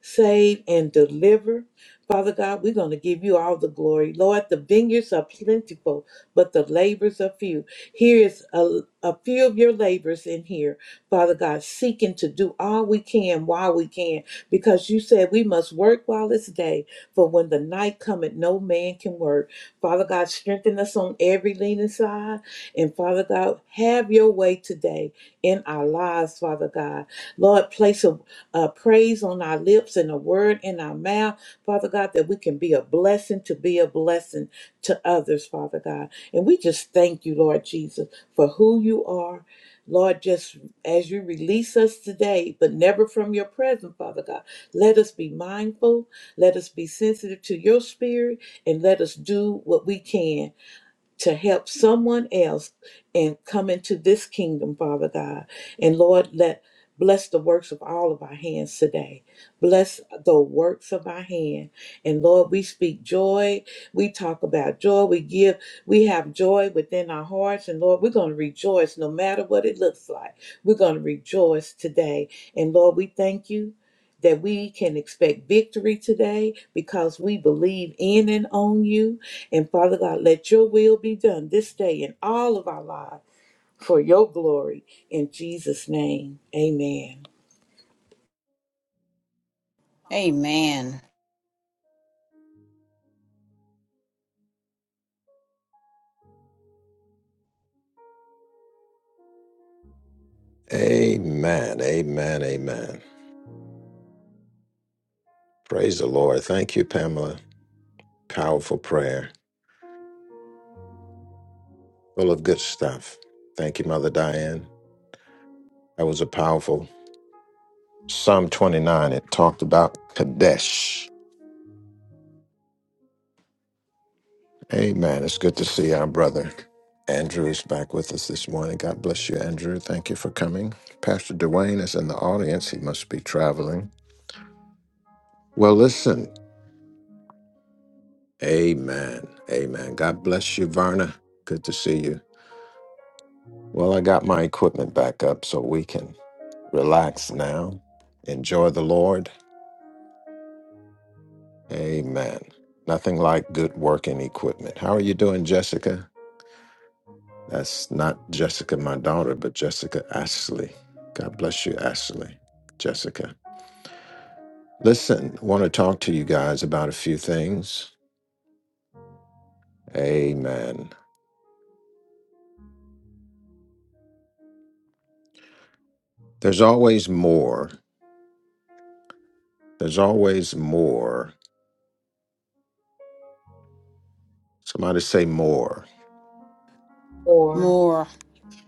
save, and deliver. Father God, we're going to give you all the glory. Lord, the vineyards are plentiful, but the labors are few. Here is a, a few of your labors in here, Father God, seeking to do all we can while we can, because you said we must work while it's day, for when the night cometh, no man can work. Father God, strengthen us on every leaning side. And Father God, have your way today in our lives, Father God. Lord, place a uh, praise on our lips and a word in our mouth, Father God, that we can be a blessing to be a blessing to others, Father God. And we just thank you, Lord Jesus, for who you are. Lord, just as you release us today, but never from your presence, Father God, let us be mindful, let us be sensitive to your spirit, and let us do what we can to help someone else and come into this kingdom, Father God. And Lord, let bless the works of all of our hands today. Bless the works of our hand. And Lord, we speak joy. We talk about joy. We give, we have joy within our hearts. And Lord, we're going to rejoice no matter what it looks like. We're going to rejoice today. And Lord, we thank you. That we can expect victory today because we believe in and on you. And Father God, let your will be done this day in all of our lives for your glory. In Jesus' name, amen. Amen. Amen. Amen. Amen. Praise the Lord. Thank you, Pamela. Powerful prayer, full of good stuff. Thank you, Mother Diane. That was a powerful Psalm 29, it talked about Kadesh. Amen. It's good to see our brother Andrew is back with us this morning. God bless you, Andrew. Thank you for coming. Pastor Dwayne is in the audience. He must be traveling. Well, listen. Amen. Amen. God bless you, Varna. Good to see you. Well, I got my equipment back up so we can relax now. Enjoy the Lord. Amen. Nothing like good working equipment. How are you doing, Jessica? That's not Jessica, my daughter, but Jessica Ashley. God bless you, Ashley. Jessica. Listen, want to talk to you guys about a few things. Amen. There's always more. There's always more. Somebody say more. More, More.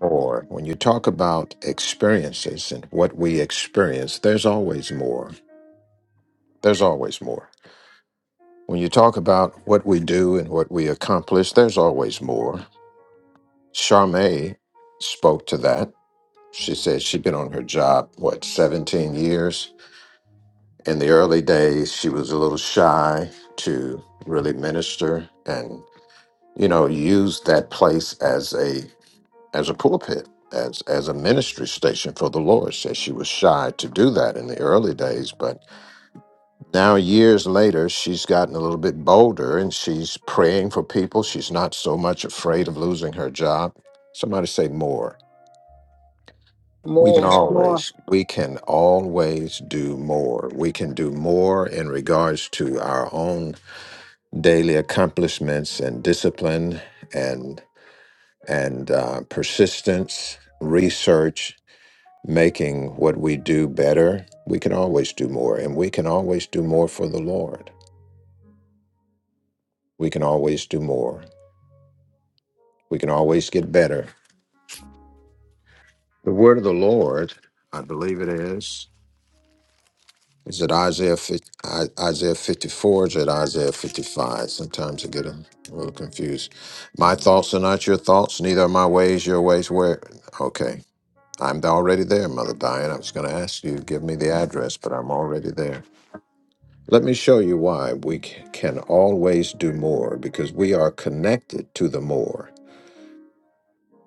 More. When you talk about experiences and what we experience, there's always more. There's always more. When you talk about what we do and what we accomplish, there's always more. Charme spoke to that She said she'd been on her job, what, 17 years? In the early days, she was a little shy to really minister and, you know, use that place as a as a pulpit, as as a ministry station for the Lord. Said she was shy to do that in the early days, but now years later, she's gotten a little bit bolder and she's praying for people. She's not so much afraid of losing her job. Somebody say more. We can more. More. always, we can always do more. We can do more in regards to our own daily accomplishments and discipline and and uh, persistence, research, making what we do better. We can always do more, and we can always do more for the Lord. We can always do more. We can always get better. The word of the Lord, I believe it is. Is it Isaiah 50, Isaiah 54? Is it Isaiah 55? Sometimes I get a little confused. My thoughts are not your thoughts, neither are my ways your ways. Where? Okay. I'm already there, Mother Diane. I was going to ask you to give me the address, but I'm already there. Let me show you why we c- can always do more because we are connected to the more.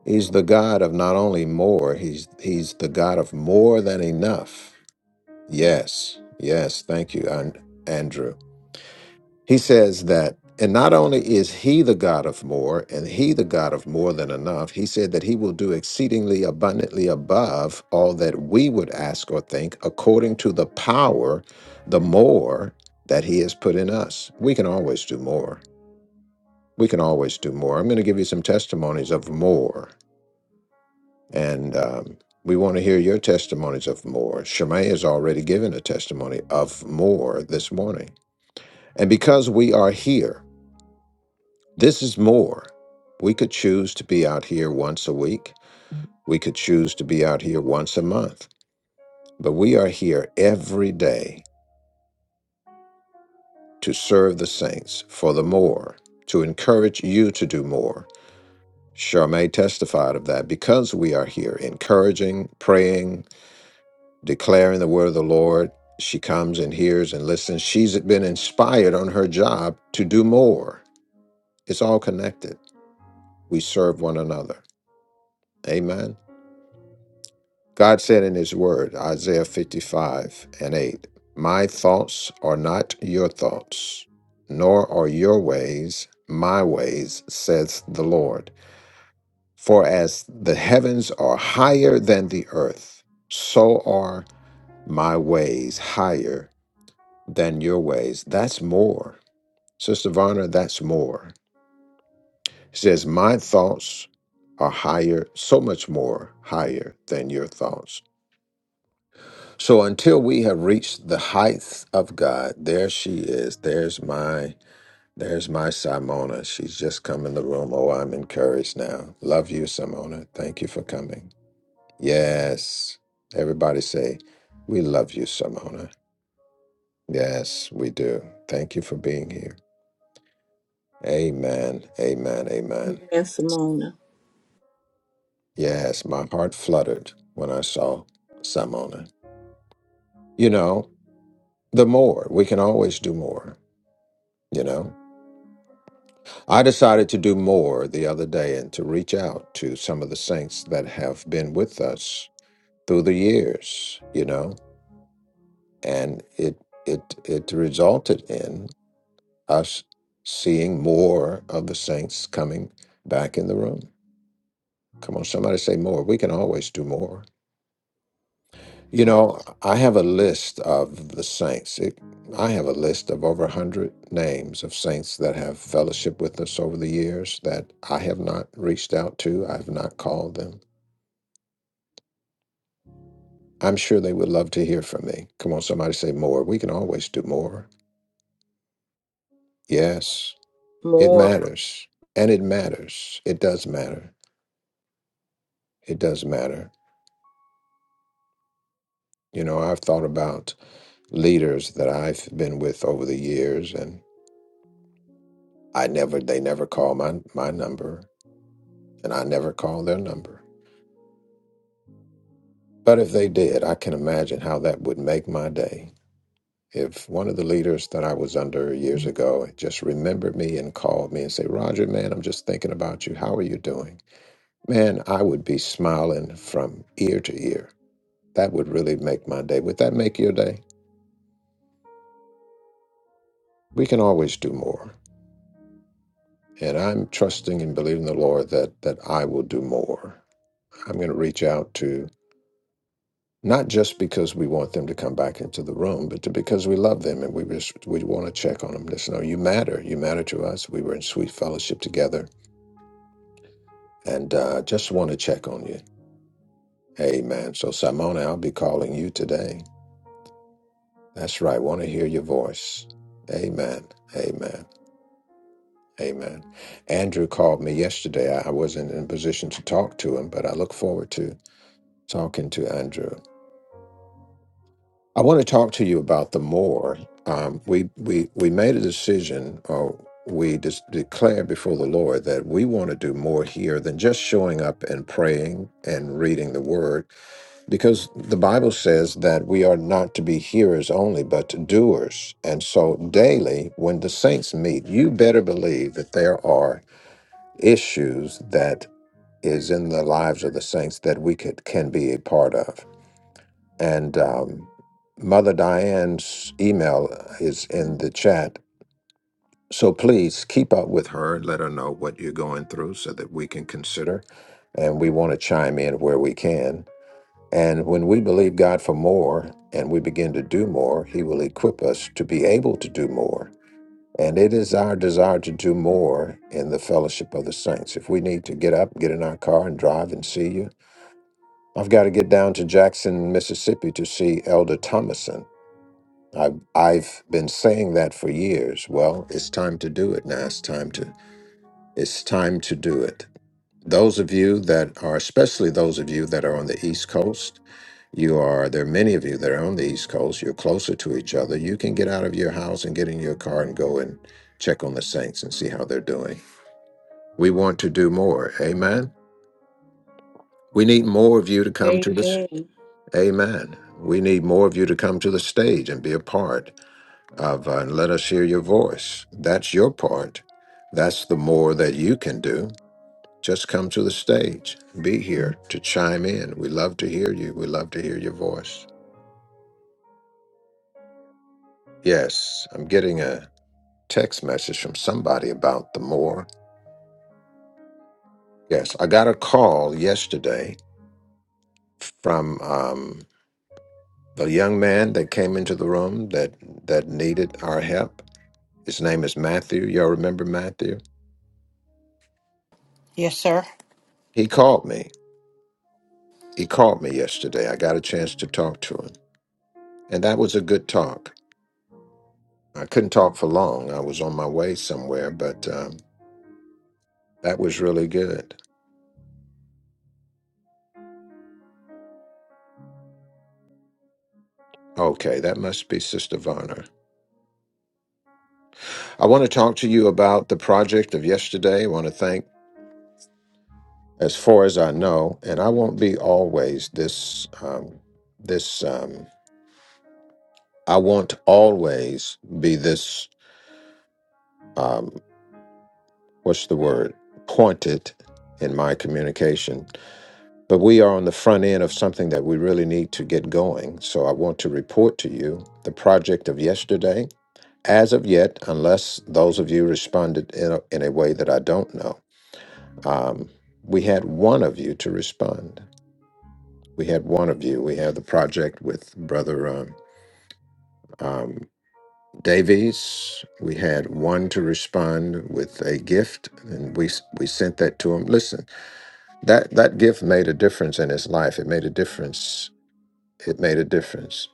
He's the God of not only more, he's, he's the God of more than enough. Yes, yes. Thank you, An- Andrew. He says that, and not only is he the God of more and he the God of more than enough, he said that he will do exceedingly abundantly above all that we would ask or think according to the power, the more that he has put in us. We can always do more. We can always do more. I'm going to give you some testimonies of more. And um, we want to hear your testimonies of more. Shemai has already given a testimony of more this morning. And because we are here, This is more. We could choose to be out here once a week. We could choose to be out here once a month. But we are here every day to serve the saints for the more, to encourage you to do more. Charmaine testified of that because we are here encouraging, praying, declaring the word of the Lord. She comes and hears and listens. She's been inspired on her job to do more. It's all connected. We serve one another. Amen. God said in his word, Isaiah 55 and 8, My thoughts are not your thoughts, nor are your ways my ways, says the Lord. For as the heavens are higher than the earth, so are my ways higher than your ways. That's more. Sister Varner, that's more. He says, My thoughts are higher, so much more higher than your thoughts So until we have reached the heights of God, there she is. There's my there's my Simona. She's just come in the room. Oh, I'm encouraged now. Love you, Simona. Thank you for coming. Yes. Everybody say, we love you, Simona. Yes, we do. Thank you for being here. Amen. Amen. Amen. Amen, Simona. Yes, my heart fluttered when I saw Simona. You know, the more we can always do more, you know. I decided to do more the other day and to reach out to some of the saints that have been with us through the years, you know, and it it it resulted in us seeing more of the saints coming back in the room. Come on, somebody say more. We can always do more. You know, I have a list of the saints. It, I have a list of over a 100 names of saints that have fellowship with us over the years that I have not reached out to. I have not called them. I'm sure they would love to hear from me. Come on, somebody say more. We can always do more. Yes, it More. matters. And it matters. It does matter. It does matter. You know, I've thought about leaders that I've been with over the years, and I never, they never call my my number. and I never called their number. But if they did, I can imagine how that would make my day. If one of the leaders that I was under years ago just remembered me and called me and say, Roger, man, I'm just thinking about you. How are you doing? Man, I would be smiling from ear to ear. That would really make my day. Would that make your day? We can always do more. And I'm trusting and believing the Lord that that I will do more. I'm going to reach out to. not just because we want them to come back into the room, but to, because we love them and we just we want to check on them. Just know you matter. You matter to us. We were in sweet fellowship together, and uh, just want to check on you. Amen. So Simona, I'll be calling you today. That's right. Want to hear your voice. Amen. Amen. Amen. Andrew called me yesterday. I I wasn't in a position to talk to him, but I look forward to talking to Andrew. I want to talk to you about the more. Um, we we we made a decision, or we just declared before the Lord that we want to do more here than just showing up and praying and reading the Word, because the Bible says that we are not to be hearers only, but doers. And so, daily, when the saints meet, you better believe that there are issues that is in the lives of the saints that we could can be a part of and um, Mother Diane's email is in the chat. So please keep up with her. Let her know what you're going through so that we can consider. And we want to chime in where we can. And when we believe God for more and we begin to do more, He will equip us to be able to do more. And it is our desire to do more in the fellowship of the saints. If we need to get up, get in our car, and drive and see you, I've got to get down to Jackson, Mississippi to see Elder Thomason I, I've been saying that for years. Well, it's time to do it now. It's time to it's time to do it. Those of you that are, especially those of you that are on the East Coast, you are there are many of you that are on the East Coast. You're closer to each other. You can get out of your house and get in your car and go and check on the Saints and see how they're doing. We want to do more. Amen. We need more of you to come to this. Amen. Amen. We need more of you to come to the stage and be a part. of uh, let us hear your voice. That's your part. That's the more that you can do. Just come to the stage. Be here to chime in. We love to hear you. We love to hear your voice. Yes, I'm getting a text message from somebody about the more. Yes, I got a call yesterday from um, the young man that came into the room that that needed our help. His name is Matthew. Y'all remember Matthew? Yes, sir. He called me he called me yesterday. I got a chance to talk to him. And that was a good talk. I couldn't talk for long. I was on my way somewhere, but um, that was really good. Okay, that must be Sister Varner. I want to talk to you about the project of yesterday. I want to thank, as far as I know, and I won't be always this, um, this, um, I won't always be this, um, what's the word, pointed in my communication But we are on the front end of something that we really need to get going. So I want to report to you the project of yesterday. As of yet, unless those of you responded in a, in a way that I don't know, um, we had one of you to respond. We had one of you. We had the project with Brother um, um, Davies. We had one to respond with a gift, and we s- we sent that to him. Listen, that that gift made a difference in his life. It made a difference. It made a difference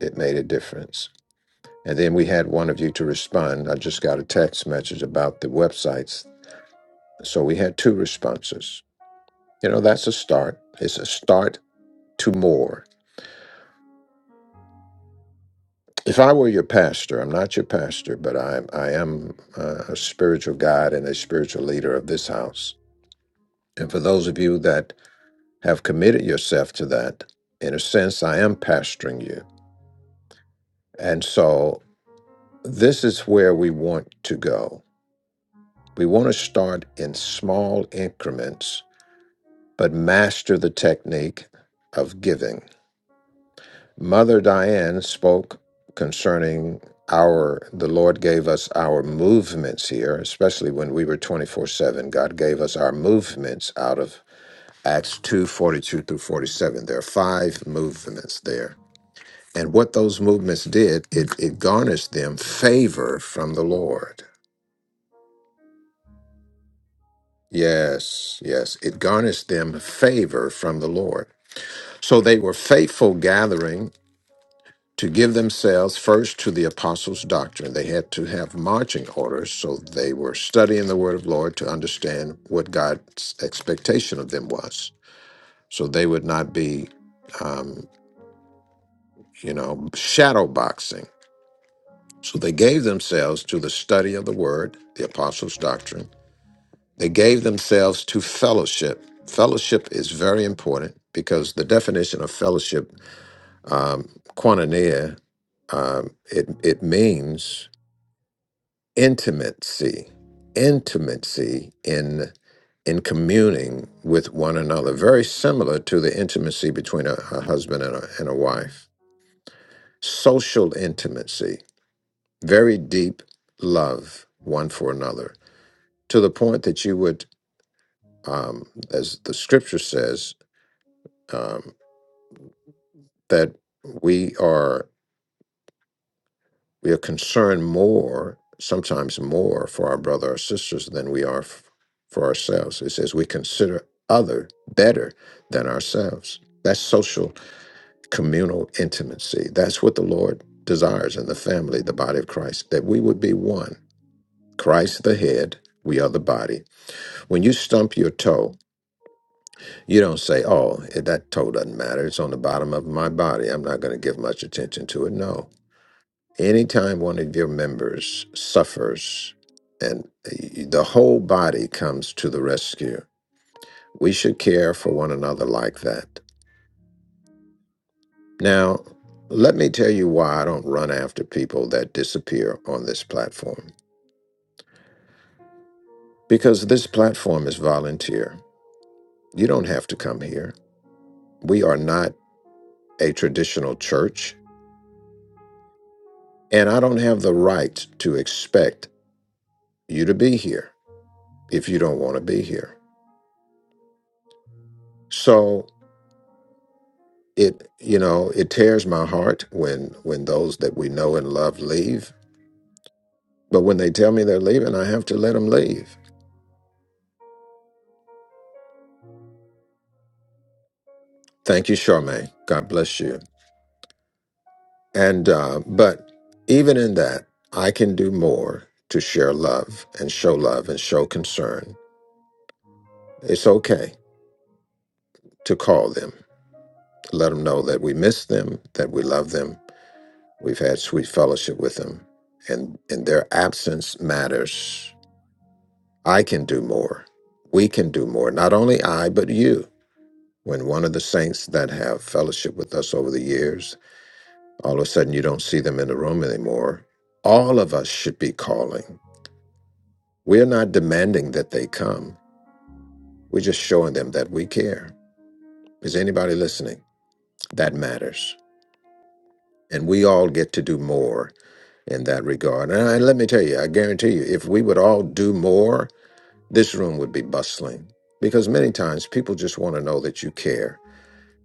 it made a difference. And then we had one of you to respond. I just got a text message about the websites. So we had two responses. You know, that's a start. It's a start to more. If I were your pastor, I'm not your pastor, but I, I am uh, a spiritual guide and a spiritual leader of this house. And for those of you that have committed yourself to that, in a sense, I am pastoring you. And so this is where we want to go We want to start in small increments, but master the technique of giving. Mother Diane spoke concerning our, the Lord gave us our movements here, especially when we were 24 7. God gave us our movements out of Acts 2 42 through 47. There are five movements there. And what those movements did, it, it garnished them favor from the Lord. Yes, yes. It garnished them favor from the Lord. So they were faithful gathering to give themselves first to the apostles' doctrine. They had to have marching orders, so they were studying the word of Lord to understand what God's expectation of them was. So they would not be, um, you know, shadow boxing. So they gave themselves to the study of the word, the apostles' doctrine. They gave themselves to fellowship. Fellowship is very important because the definition of fellowship Um, koinonia, um, it, it means intimacy, intimacy in in communing with one another, very similar to the intimacy between a, a husband and a, and a wife. Social intimacy, very deep love one for another, to the point that you would, um, as the scripture says, um, that we are. We are concerned more, sometimes more, for our brother or sisters than we are f- for ourselves. It says we consider other better than ourselves. That's social communal intimacy. That's what the Lord desires in the family, the body of Christ, that we would be one. Christ the head, we are the body. When you stump your toe, you don't say, oh, eh, that toe doesn't matter. It's on the bottom of my body. I'm not going to give much attention to it. No Anytime one of your members suffers and the whole body comes to the rescue, we should care for one another like that. Now, let me tell you why I don't run after people that disappear on this platform. Because this platform is volunteer. You don't have to come here. We are not a traditional church, and I don't have the right to expect you to be here if you don't want to be here. So it you know it tears my heart when when those that we know and love leave but when they tell me they're leaving i have to let them leave thank you charmaine god bless you and uh, but even in that i can do more to share love and show love and show concern it's okay to call them let them know that we miss them that we love them we've had sweet fellowship with them and and their absence matters I can do more. We can do more. Not only I, but you. When one of the saints that have fellowship with us over the years, all of a sudden you don't see them in the room anymore, all of us should be calling. We're not demanding that they come, we're just showing them that we care. Is anybody listening? That matters. And we all get to do more in that regard. And I- and let me tell you, I guarantee you, if we would all do more, this room would be bustling because many times people just want to know that you care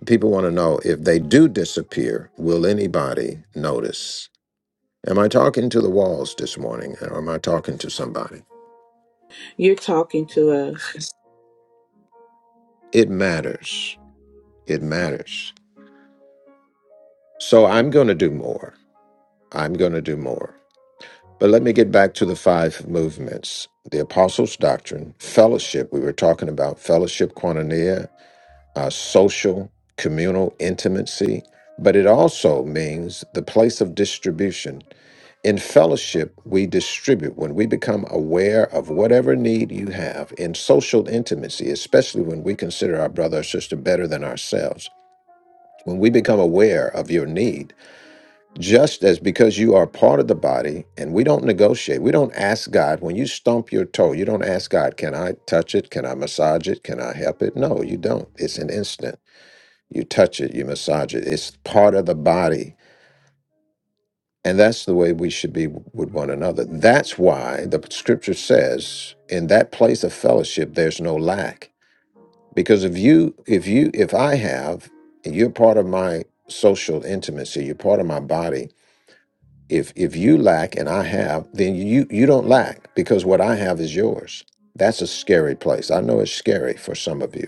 People want to know if they do disappear, will anybody notice? Am I talking to the walls this morning or am I talking to somebody? You're talking to us. It matters. It matters. So I'm going to do more. I'm going to do more. But let me get back to the five movements the Apostles' Doctrine, fellowship. We were talking about fellowship, koinonia, uh, social, communal intimacy. But it also means the place of distribution. In fellowship, we distribute when we become aware of whatever need you have. In social intimacy, especially when we consider our brother or sister better than ourselves, when we become aware of your need, just as because you are part of the body and we don't negotiate, we don't ask God, when you stump your toe, you don't ask God, can I touch it? Can I massage it? Can I help it? No, you don't. It's an instant. You touch it, you massage it. It's part of the body. And that's the way we should be with one another. That's why the scripture says, in that place of fellowship, there's no lack. Because if you, if you, if I have, and you're part of my social intimacy, you're part of my body. If if you lack and I have, then you you don't lack because what I have is yours. That's a scary place. I know it's scary for some of you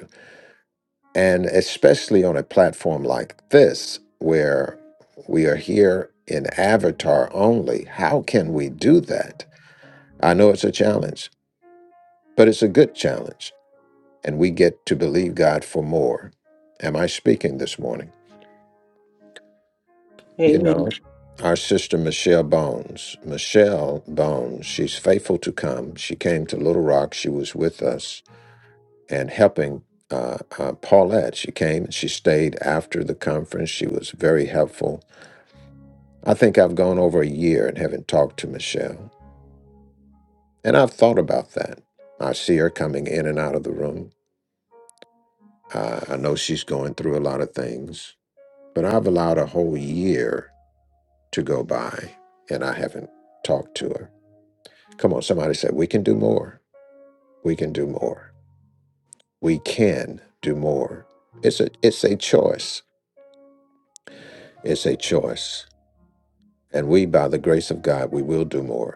and especially on a platform like this, where we are here in avatar only, how can we do that? I know it's a challenge, but it's a good challenge. And we get to believe God for more. Am I speaking this morning? You know, Amen. our sister Michelle Bones, Michelle Bones, she's faithful to come. She came to Little Rock. She was with us and helping uh, uh, Paulette. She came and she stayed after the conference. She was very helpful I think I've gone over a year and haven't talked to Michelle. And I've thought about that. I see her coming in and out of the room. I, I know she's going through a lot of things, but I've allowed a whole year to go by and I haven't talked to her. Come on, somebody said, we can do more. We can do more. We can do more. It's a, it's a choice. It's a choice. And we, by the grace of God, we will do more.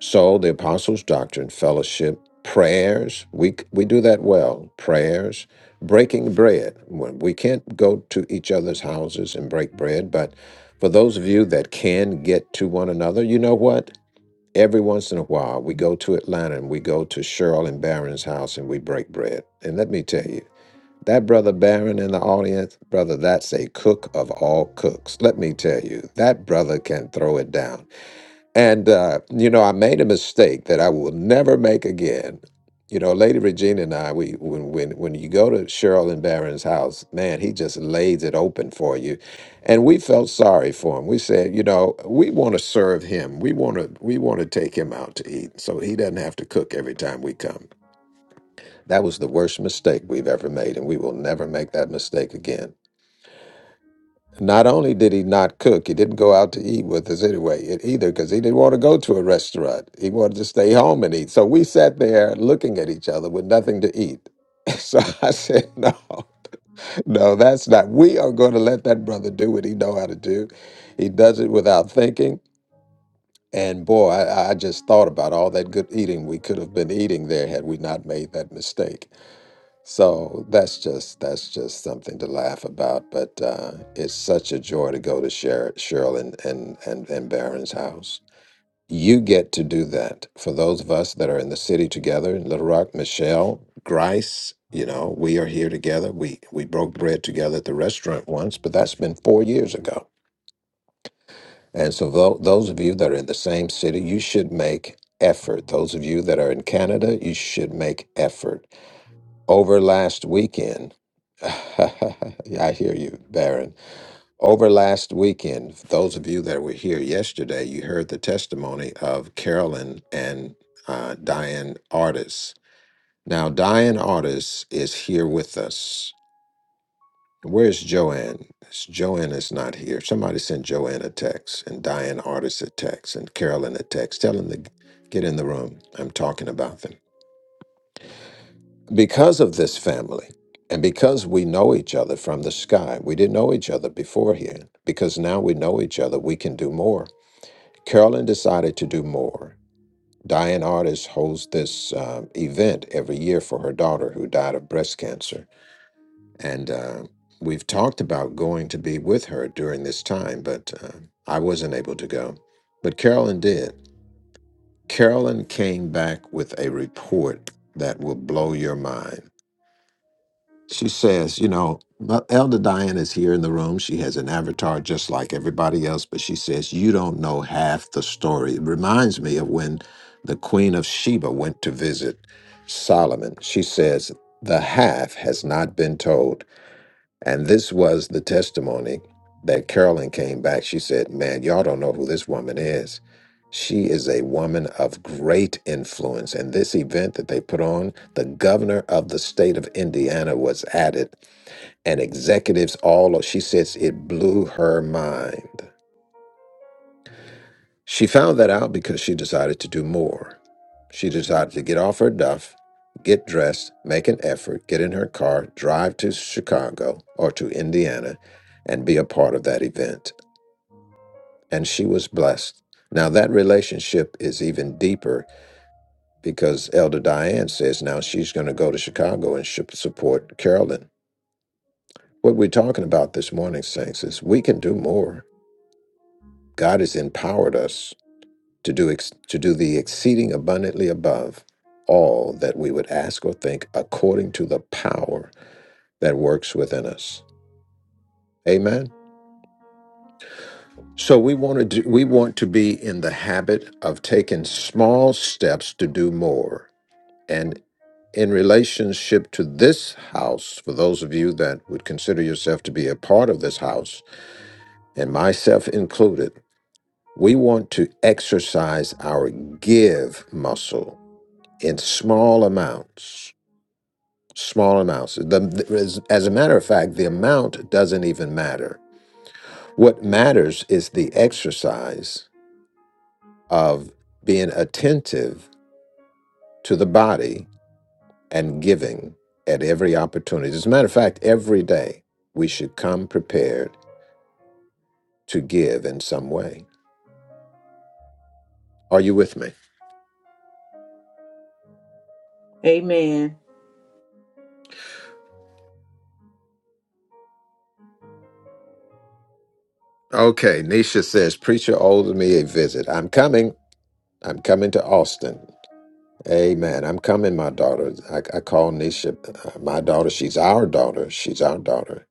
So the apostles' doctrine, fellowship, prayers, we c- we do that well. Prayers, breaking bread. When- We can't go to each other's houses and break bread, but for those of you that can get to one another, you know what? Every once in a while, we go to Atlanta and we go to Cheryl and Barron's house and we break bread. And let me tell you, that brother Barron in the audience, brother, that's a cook of all cooks. Let me tell you, that brother can throw it down. And, uh, you know, I made a mistake that I will never make again. You know, Lady Regina and I, we when when when you go to Cheryl and Barron's house, man, he just lays it open for you. And we felt sorry for him. We said, you know, we want to serve him. We want to we want to take him out to eat so he doesn't have to cook every time we come. That was the worst mistake we've ever made, and we will never make that mistake again. Not only did he not cook, he didn't go out to eat with us anyway it- either because he didn't want to go to a restaurant. He wanted to stay home and eat. So we sat there looking at each other with nothing to eat. <laughs> So I said, no, no, that's not. We are going to let that brother do what he know how to do. He does it without thinking. And boy, I, I just thought about all that good eating we could have been eating there had we not made that mistake. So that's just that's just something to laugh about. But uh, it's such a joy to go to Cheryl, Cheryl and, and and and Barron's house. You get to do that for those of us that are in the city together in Little Rock. Michelle, Grice, you know, we are here together. We we broke bread together at the restaurant once, but that's been four years ago. And so tho- those of you that are in the same city, you should make effort. Those of you that are in Canada, you should make effort over last weekend, <laughs> I hear you, Baron. Over last weekend, those of you that were here yesterday, you heard the testimony of Carolyn and uh, Diane Artis. Now, Diane Artis is here with us. Where's Joanne? S- Joanne is not here. Somebody send Joanne a text and Diane Artis a text and Carolyn a text. Tell them to g- get in the room. I'm talking about them. because of this family and because we know each other from the sky, we didn't know each other before here. Because now we know each other, we can do more. Carolyn decided to do more. Diane Artist holds this um, event every year for her daughter who died of breast cancer. And uh, we've talked about going to be with her during this time, but uh, I wasn't able to go. But Carolyn did. Carolyn came back with a report that will blow your mind. She says, you know, "But Elder Diane is here in the room. She has an avatar just like everybody else, but she says, you don't know half the story. It reminds me of when the Queen of Sheba went to visit Solomon. She says, the half has not been told. And this was the testimony that Carolyn came back. She said, Man, y'all don't know who this woman is. She is a woman of great influence. And this event that they put on, the governor of the state of Indiana was at it, and executives all, she says it blew her mind. She found that out because she decided to do more. She decided to get off her duff, get dressed, make an effort, get in her car, drive to Chicago or to Indiana, and be a part of that event. And she was blessed. Now, that relationship is even deeper because Elder Diane says now she's going to go to Chicago and sh- support Carolyn. What we're talking about this morning, Saints, is we can do more. God has empowered us to do ex- to do the exceeding abundantly above all that we would ask or think according to the power that works within us amen so we want to do, we want to be in the habit of taking small steps to do more and in relationship to this house for those of you that would consider yourself to be a part of this house and myself included we want to exercise our give muscle in small amounts small amounts. The, as, as a matter of fact, the amount doesn't even matter. What matters is the exercise of being attentive to the body and giving at every opportunity. As a matter of fact, every day we should come prepared to give in some way. Are you with me? Amen. Okay, Nisha says, Preacher owes me a visit. I'm coming. I'm coming to Austin. Amen. I'm coming, my daughter. I, I call Nisha uh, my daughter. She's our daughter. She's our daughter.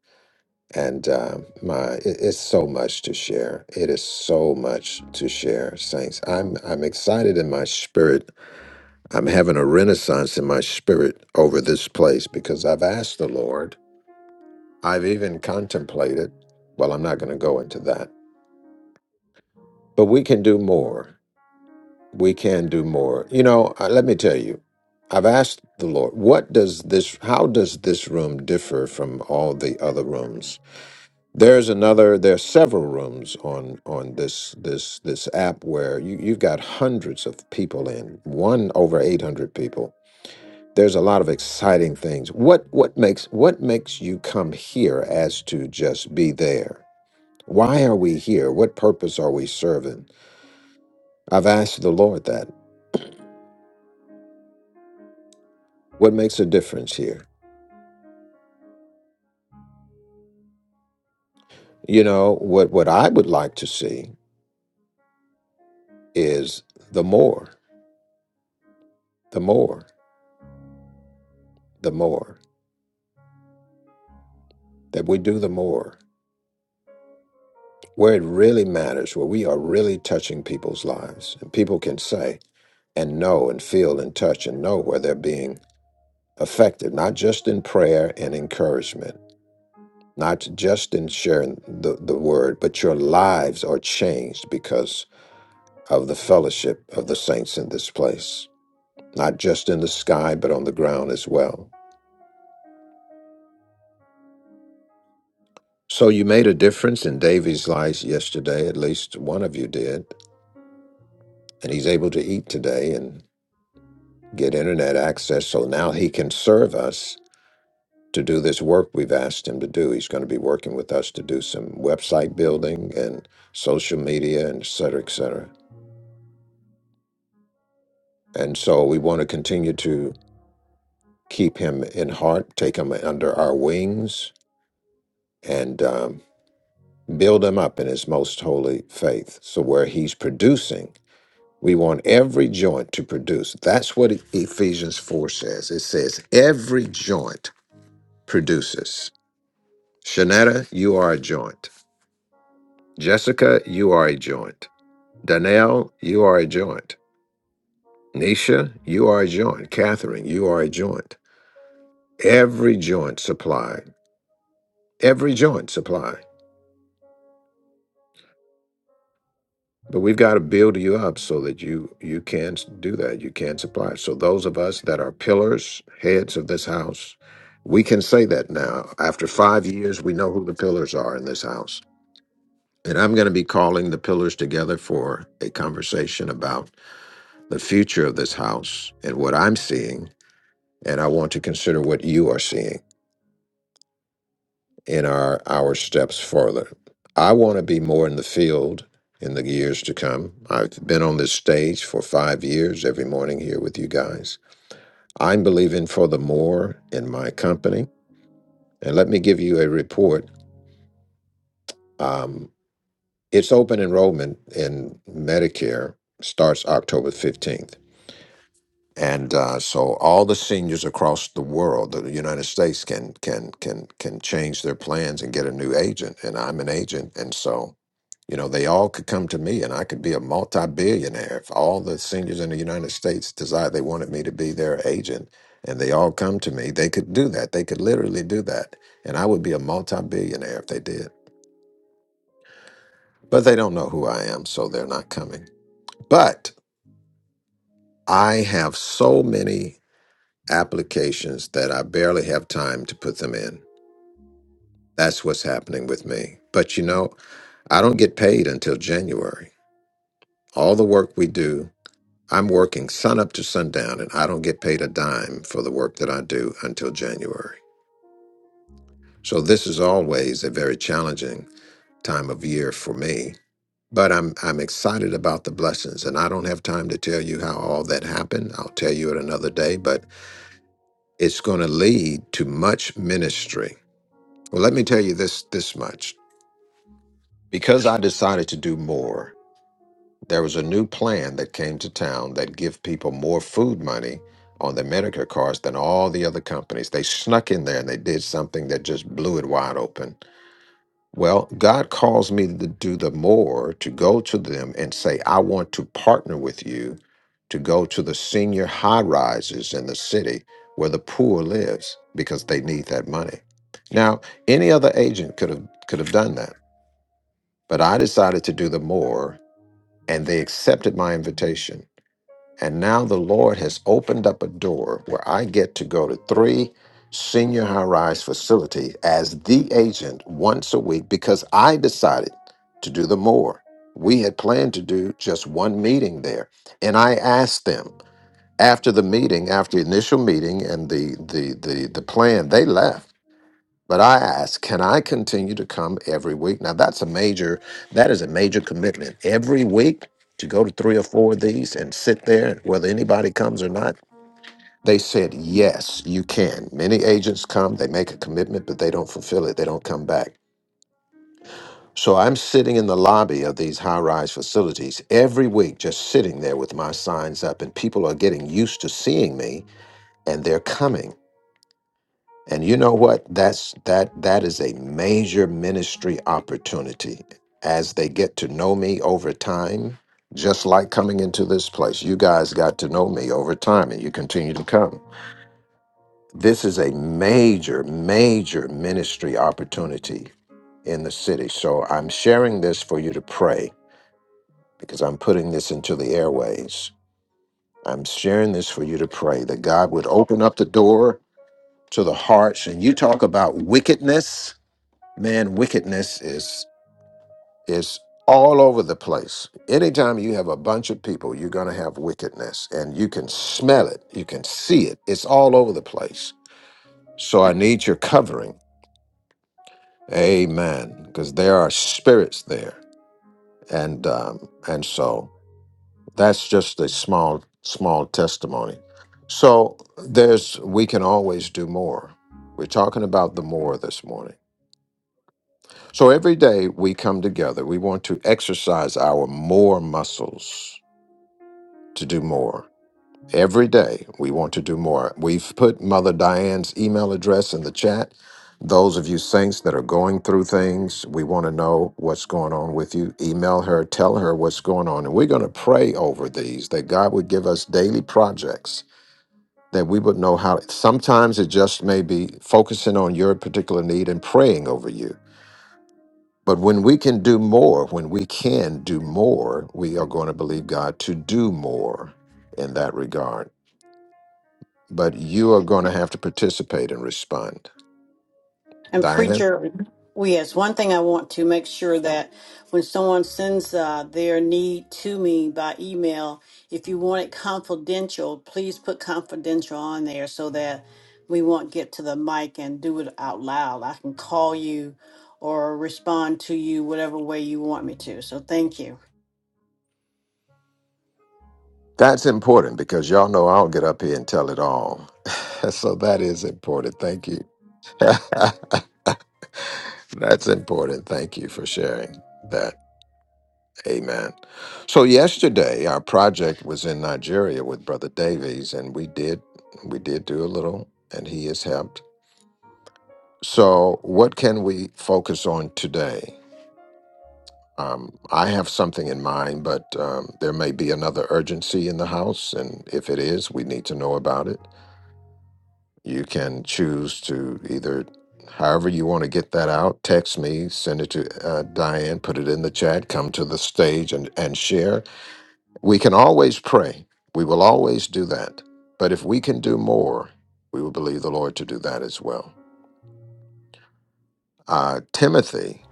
And uh, my, it, it's so much to share. It is so much to share, saints. I'm I'm excited in my spirit. I'm having a renaissance in my spirit over this place because I've asked the Lord. I've even contemplated. Well, I'm not going to go into that. But we can do more. we can do more. You know, uh, let me tell you, I've asked the Lord, what does this, how does this room differ from all the other rooms? There's another, there's several rooms on on this this this app where you you've got hundreds of people in, one over 800 people. There's a lot of exciting things. What what makes what makes you come here as to just be there? Why are we here? What purpose are we serving? I've asked the Lord that. What makes a difference here? You know, what what I would like to see is the more, the more, the more that we do the more where it really matters, where we are really touching people's lives and people can say and know and feel and touch and know where they're being effective, not just in prayer and encouragement, not just in sharing the, the word, but your lives are changed because of the fellowship of the saints in this place, not just in the sky, but on the ground as well So you made a difference in Davy's life yesterday, at least one of you did, and he's able to eat today and get internet access. So now he can serve us to do this work we've asked him to do. He's going to be working with us to do some website building and social media and et cetera, et cetera. And so we want to continue to keep him in heart, take him under our wings, and um, build him up in his most holy faith. So where he's producing We want every joint to produce. That's what E-, Ephesians 4 says. It says, every joint produces. Shanetta, you are a joint. Jessica, you are a joint. Donnell, you are a joint. Nisha, you are a joint. Catherine, you are a joint. Every joint supply. Every joint supply. But we've got to build you up so that you you can s- do that. You can supply. So those of us that are pillars, heads of this house, we can say that now. After five years, we know who the pillars are in this house. And I'm going to be calling the pillars together for a conversation about the future of this house and what I'm seeing. And I want to consider what you are seeing. in our our steps further. I want to be more in the field in the years to come. I've been on this stage for five years every morning here with you guys. I'm believing for the more in my company. And let me give you a report. Um, it's open enrollment in Medicare starts October 15th. And uh, so all the seniors across the world, the United States can can can can change their plans and get a new agent. And I'm an agent. And so You know, they all could come to me and I could be a multi billionaire. If all the seniors in the United States decided they wanted me to be their agent and they all come to me, they could do that. They could literally do that. And I would be a multi billionaire if they did. But they don't know who I am, so they're not coming. But I have so many applications that I barely have time to put them in. That's what's happening with me. But you know, I don't get paid until January. All the work we do I'm working sun up to sundown, and I don't get paid a dime for the work that I do until January. So this is always a very challenging time of year for me. But I'm I'm excited about the blessings, and I don't have time to tell you how all that happened. I'll tell you it another day. But it's going to lead to much ministry. Well, let me tell you this this much: because I decided to do more. There was a new plan that came to town that give people more food money on their Medicare cards than all the other companies. They snuck in there and they did something that just blew it wide open. Well, God calls me to do the more, to go to them and say, I want to partner with you to go to the senior high rises in the city where the poor lives because they need that money. Now, any other agent could have could have done that, but I decided to do the more and they accepted my invitation and now the Lord has opened up a door where I get to go to three senior high rise facilities as the agent once a week because I decided to do the more. We had planned to do just one meeting there. And I asked them after the meeting, after the initial meeting and the the the, the plan, they left. But I ask, can I continue to come every week? Now that's a major, that is a major commitment. Every week to go to three or four of these and sit there, whether anybody comes or not. They said, yes, you can. Many agents come, they make a commitment, but they don't fulfill it. They don't come back. So I'm sitting in the lobby of these high rise facilities every week, just sitting there with my signs up, and people are getting used to seeing me and they're coming. And you know what? That's that that is a major ministry opportunity. As they get to know me over time, just like coming into this place, you guys got to know me over time and you continue to come. This is a major, major ministry opportunity in the city. So I'm sharing this for you to pray because I'm putting this into the airways. I'm sharing this for you to pray that God would open up the door to the hearts. And you talk about wickedness man wickedness is is all over the place anytime you have a bunch of people you're going to have wickedness and you can smell it you can see it it's all over the place so i need your covering amen because there are spirits there and um and so that's just a small small testimony so there's we can always do more we're talking about the more this morning So every day we come together, we want to exercise our more muscles to do more. Every day we want to do more. We've put Mother Diane's email address in the chat. Those of you saints that are going through things, we want to know what's going on with you. Email her, tell her what's going on. And we're going to pray over these that God would give us daily projects that we would know how. Sometimes it just may be focusing on your particular need and praying over you But when we can do more, when we can do more, we are going to believe God to do more in that regard. But you are going to have to participate and respond. And Diane, preacher, oh, yes, one thing I want to make sure that when someone sends uh, their need to me by email, if you want it confidential, please put confidential on there so that we won't get to the mic and do it out loud. I can call you or respond to you whatever way you want me to. So thank you. that's important because y'all know I'll get up here and tell it all. <laughs> so that is important. Thank you. <laughs> that's important. Thank you for sharing that. Amen. So yesterday our project was in Nigeria with Brother Davies and we did we did do a little and he has helped So, what can we focus on today? Um, I have something in mind, but um, there may be another urgency in the house. And if it is, we need to know about it. You can choose to either, however, you want to get that out, text me, send it to uh, Diane, put it in the chat, come to the stage and, and share. We can always pray. We will always do that. But if we can do more, we will believe the Lord to do that as well. Uh, Timothy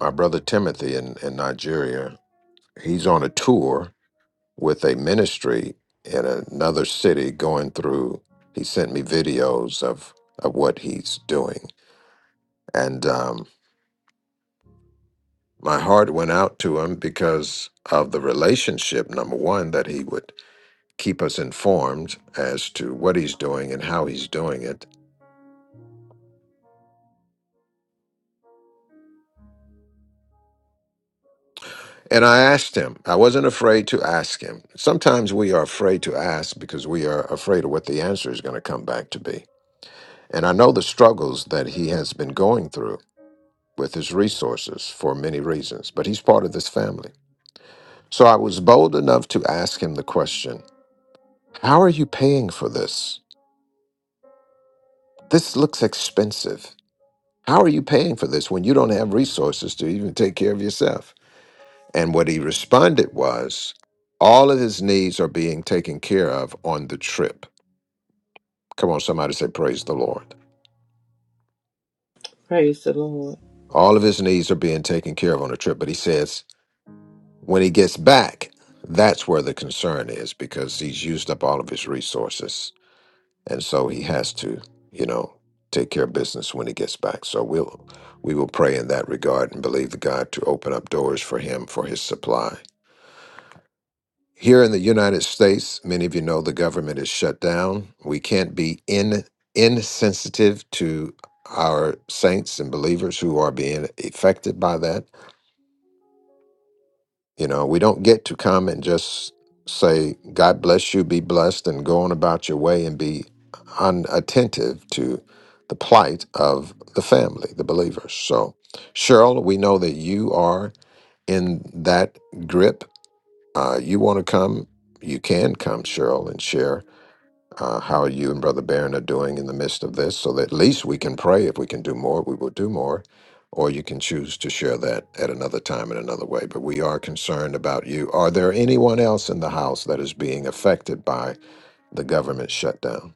my brother Timothy in, in Nigeria. He's on a tour with a ministry in another city going through. He sent me videos of, of what he's doing. And um, my heart went out to him because of the relationship, number one, that he would keep us informed as to what he's doing and how he's doing it. And I asked him, I wasn't afraid to ask him. Sometimes we are afraid to ask because we are afraid of what the answer is going to come back to be. And I know the struggles that he has been going through with his resources for many reasons, but he's part of this family. So I was bold enough to ask him the question How are you paying for this? This looks expensive. How are you paying for this when you don't have resources to even take care of yourself? And what he responded was, All of his needs are being taken care of on the trip. Come on, somebody say, Praise the Lord. Praise the Lord. All of his needs are being taken care of on the trip. But he says, When he gets back, that's where the concern is because he's used up all of his resources. And so he has to, you know, take care of business when he gets back. So we'll we will pray in that regard and believe the God to open up doors for him for his supply. Here in the United States, many of you know the government is shut down. We can't be in insensitive to our saints and believers who are being affected by that You know, we don't get to come and just say, God bless you, be blessed, and go on about your way and be unattentive to the plight of the family, the believers. So, Cheryl, we know that you are in that grip. Uh, you want to come, you can come, Cheryl, and share uh, how you and Brother Barron are doing in the midst of this, so that at least we can pray. If we can do more, we will do more. Or you can choose to share that at another time in another way. But we are concerned about you. Are there anyone else in the house that is being affected by the government shutdown?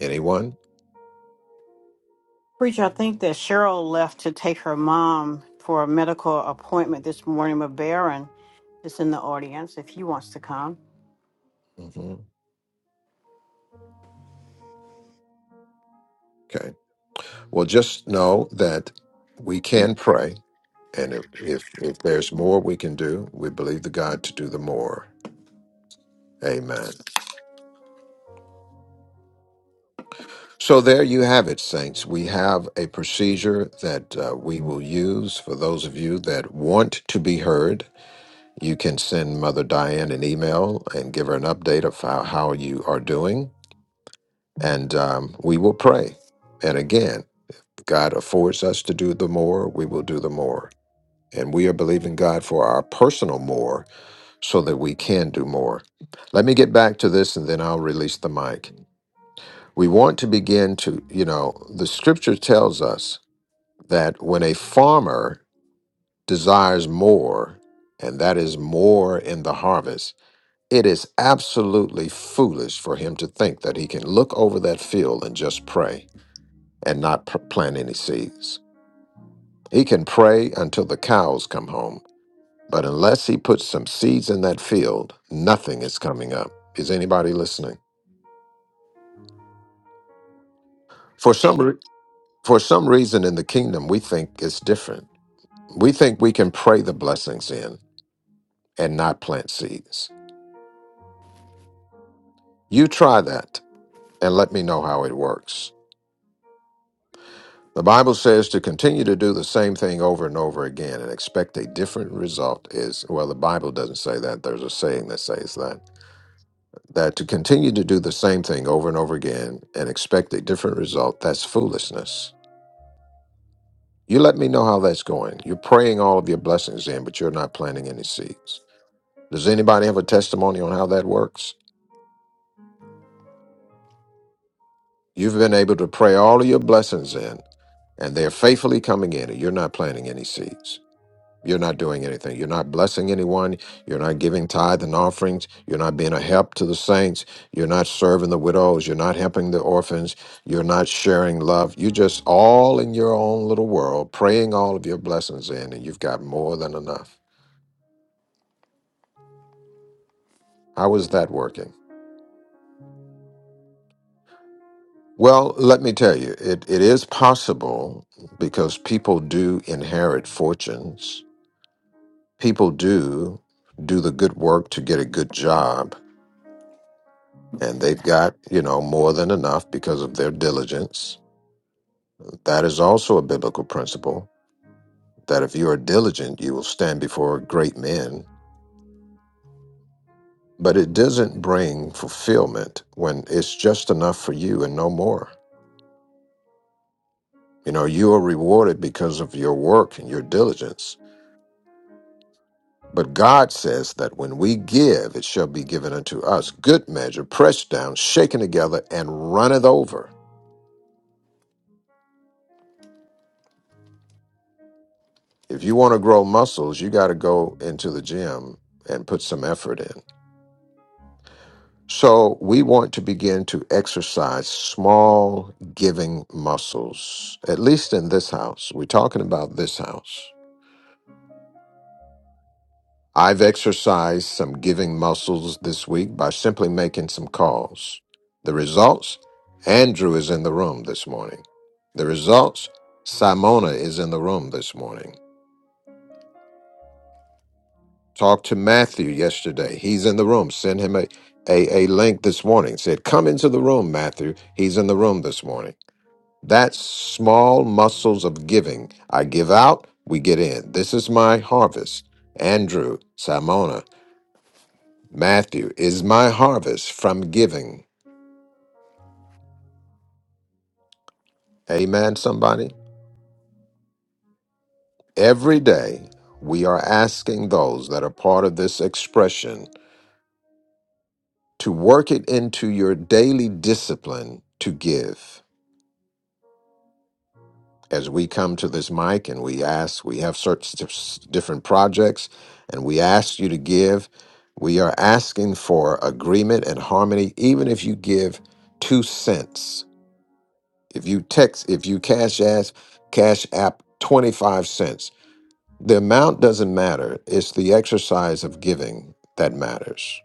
Anyone? Preacher, I think that Cheryl left to take her mom for a medical appointment this morning with Baron is in the audience if he wants to come. hmm Okay. Well, just know that we can pray. And if, if if there's more we can do, we believe the God to do the more. Amen. So there you have it, saints. We have a procedure that uh, we will use for those of you that want to be heard. You can send Mother Diane an email and give her an update of how, how you are doing, and um, we will pray. And again, God affords us to do the more, we will do the more. And we are believing God for our personal more so that we can do more. Let me get back to this and then I'll release the mic. We want to begin to, you know, the scripture tells us that when a farmer desires more, and that is more in the harvest, it is absolutely foolish for him to think that he can look over that field and just pray and not p- plant any seeds. He can pray until the cows come home, but unless he puts some seeds in that field, nothing is coming up. Is anybody listening? For some re- for some reason in the kingdom, we think it's different. We think we can pray the blessings in and not plant seeds. You try that and let me know how it works. The Bible says to continue to do the same thing over and over again and expect a different result is well the Bible doesn't say that there's a saying that says that that to continue to do the same thing over and over again and expect a different result that's foolishness. You let me know how that's going. You're praying all of your blessings in but you're not planting any seeds. Does anybody have a testimony on how that works? You've been able to pray all of your blessings in, and they're faithfully coming in, and you're not planting any seeds. You're not doing anything. You're not blessing anyone. You're not giving tithe and offerings. You're not being a help to the saints. You're not serving the widows. You're not helping the orphans. You're not sharing love. You're just all in your own little world, praying all of your blessings in, and you've got more than enough. How is that working? Well, let me tell you, it, it is possible because people do inherit fortunes. People do do the good work to get a good job, and they've got, you know, more than enough because of their diligence. That is also a biblical principle that if you are diligent, you will stand before great men. But it doesn't bring fulfillment when it's just enough for you and no more. You know, you are rewarded because of your work and your diligence But God says that when we give, it shall be given unto us. Good measure, pressed down, shaken together, and runneth over. If you want to grow muscles, you got to go into the gym and put some effort in. So we want to begin to exercise small giving muscles, at least in this house. We're talking about this house. I've exercised some giving muscles this week by simply making some calls. The results? Andrew is in the room this morning. The results? Simona is in the room this morning. Talked to Matthew yesterday. He's in the room. Send him a, a, a link this morning. Said, Come into the room, Matthew. He's in the room this morning. That's small muscles of giving. I give out, we get in. This is my harvest. Andrew, Simona, Matthew is my harvest from giving. Amen, somebody. Every day we are asking those that are part of this expression to work it into your daily discipline to give. As we come to this mic and we ask, we have certain s- different projects and we ask you to give. We are asking for agreement and harmony, even if you give two cents. If you text, if you cash ask, cash app 25 cents The amount doesn't matter, it's the exercise of giving that matters.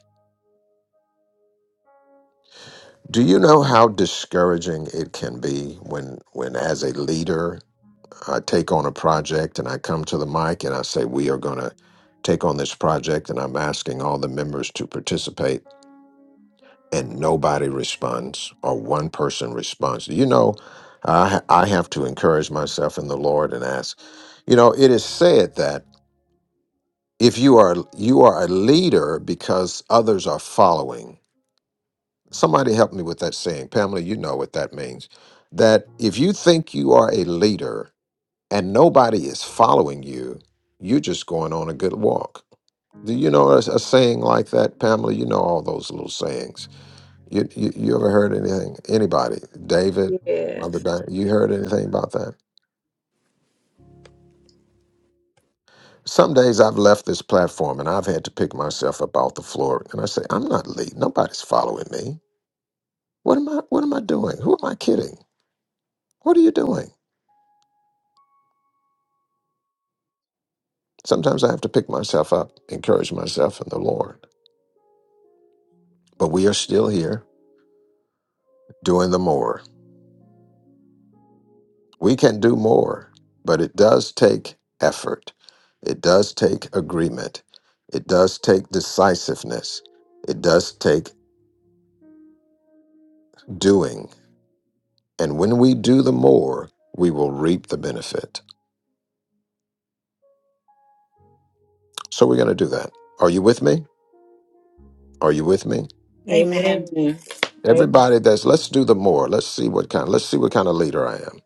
Do you know how discouraging it can be when, when as a leader, I take on a project and I come to the mic and I say, We are going to take on this project, and I'm asking all the members to participate, and nobody responds or one person responds? You know, I, I have to encourage myself in the Lord and ask, You know, it is said that. if you are you are a leader because others are following somebody help me with that saying pamela you know what that means that if you think you are a leader and nobody is following you you're just going on a good walk do you know a, a saying like that pamela you know all those little sayings you, you you ever heard anything anybody david mother Yes. Di- you heard anything about that some days I've left this platform and I've had to pick myself up off the floor and I say, I'm not leading. Nobody's following me. What am I what am I doing? Who am I kidding? What are you doing? Sometimes I have to pick myself up, encourage myself in the Lord. But we are still here doing the more. We can do more, but it does take effort. It does take agreement. It does take decisiveness. It does take doing. And when we do the more, we will reap the benefit. So we're going to do that. Are you with me? Are you with me? Amen. Amen. A- Everybody that's let's do the more. Let's see what kind. Let's see what kind of leader I am.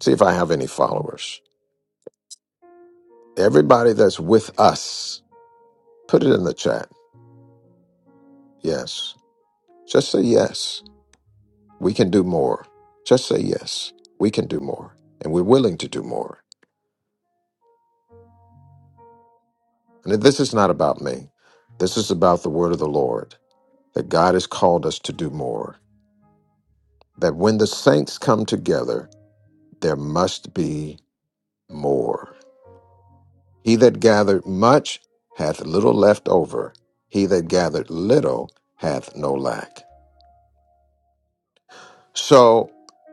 See if I have any followers. Everybody that's with us, put it in the chat. Yes. Just say yes. We can do more. Just say yes. We can do more. And we're willing to do more. And this is not about me. This is about the word of the Lord that God has called us to do more. That when the saints come together, there must be more. He that gathered much hath little left over. He that gathered little hath no lack. So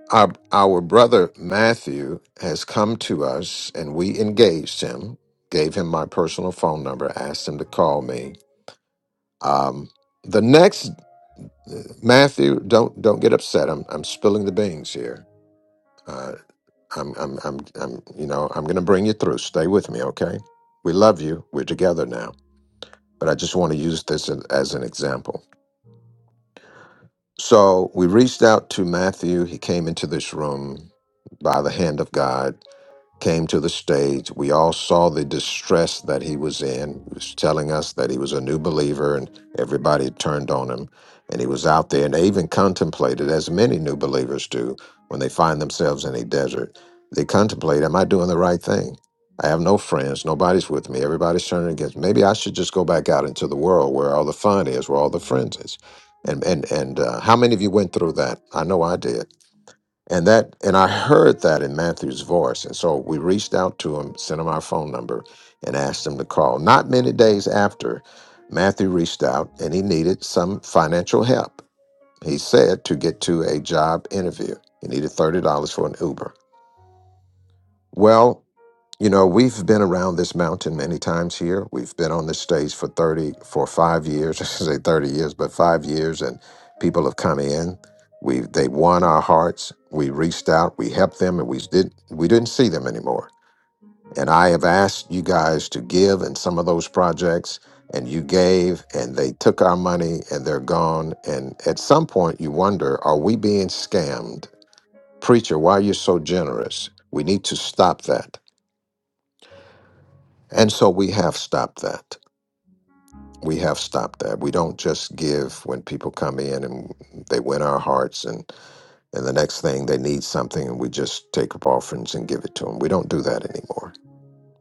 our our brother Matthew has come to us and we engaged him, gave him my personal phone number, asked him to call me. Um, the next Matthew, don't don't get upset. I'm I'm spilling the beans here. Uh, I'm I'm I'm I'm you know I'm going to bring you through. Stay with me, okay? We love you. We're together now. But I just want to use this as as an example. So we reached out to Matthew. He came into this room by the hand of God came to the stage. We all saw the distress that he was in. He was telling us that he was a new believer and everybody had turned on him. And he was out there and they even contemplated, as many new believers do when they find themselves in a desert, they contemplate, Am I doing the right thing? I have no friends. Nobody's with me. Everybody's turning against me. Maybe I should just go back out into the world where all the fun is, where all the friends is. And and and uh, how many of you went through that? I know I did. And that, and I heard that in Matthew's voice. And so we reached out to him, sent him our phone number, and asked him to call. Not many days after, Matthew reached out and he needed some financial help. He said to get to a job interview, he needed $30 for an Uber. Well, you know, we've been around this mountain many times here. We've been on this stage for 30, for five years, <laughs> I should say 30 years, but five years, and people have come in. We they won our hearts. We reached out, we helped them, and we did we didn't see them anymore. And I have asked you guys to give in some of those projects, and you gave, and they took our money and they're gone. And at some point you wonder, are we being scammed? Preacher, why are you so generous? We need to stop that. And so we have stopped that. We have stopped that. We don't just give when people come in and they win our hearts, and, and the next thing they need something, and we just take up offerings and give it to them. We don't do that anymore.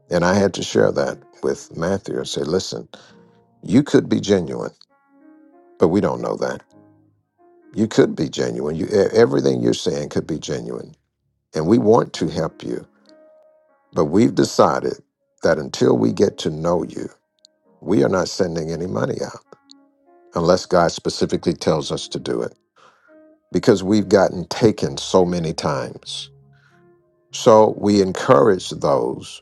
And I had to share that with Matthew and say, listen, you could be genuine, but we don't know that. You could be genuine. You, e- everything you're saying could be genuine. And we want to help you, but we've decided that until we get to know you, we are not sending any money out unless God specifically tells us to do it, because we've gotten taken so many times. So we encourage those,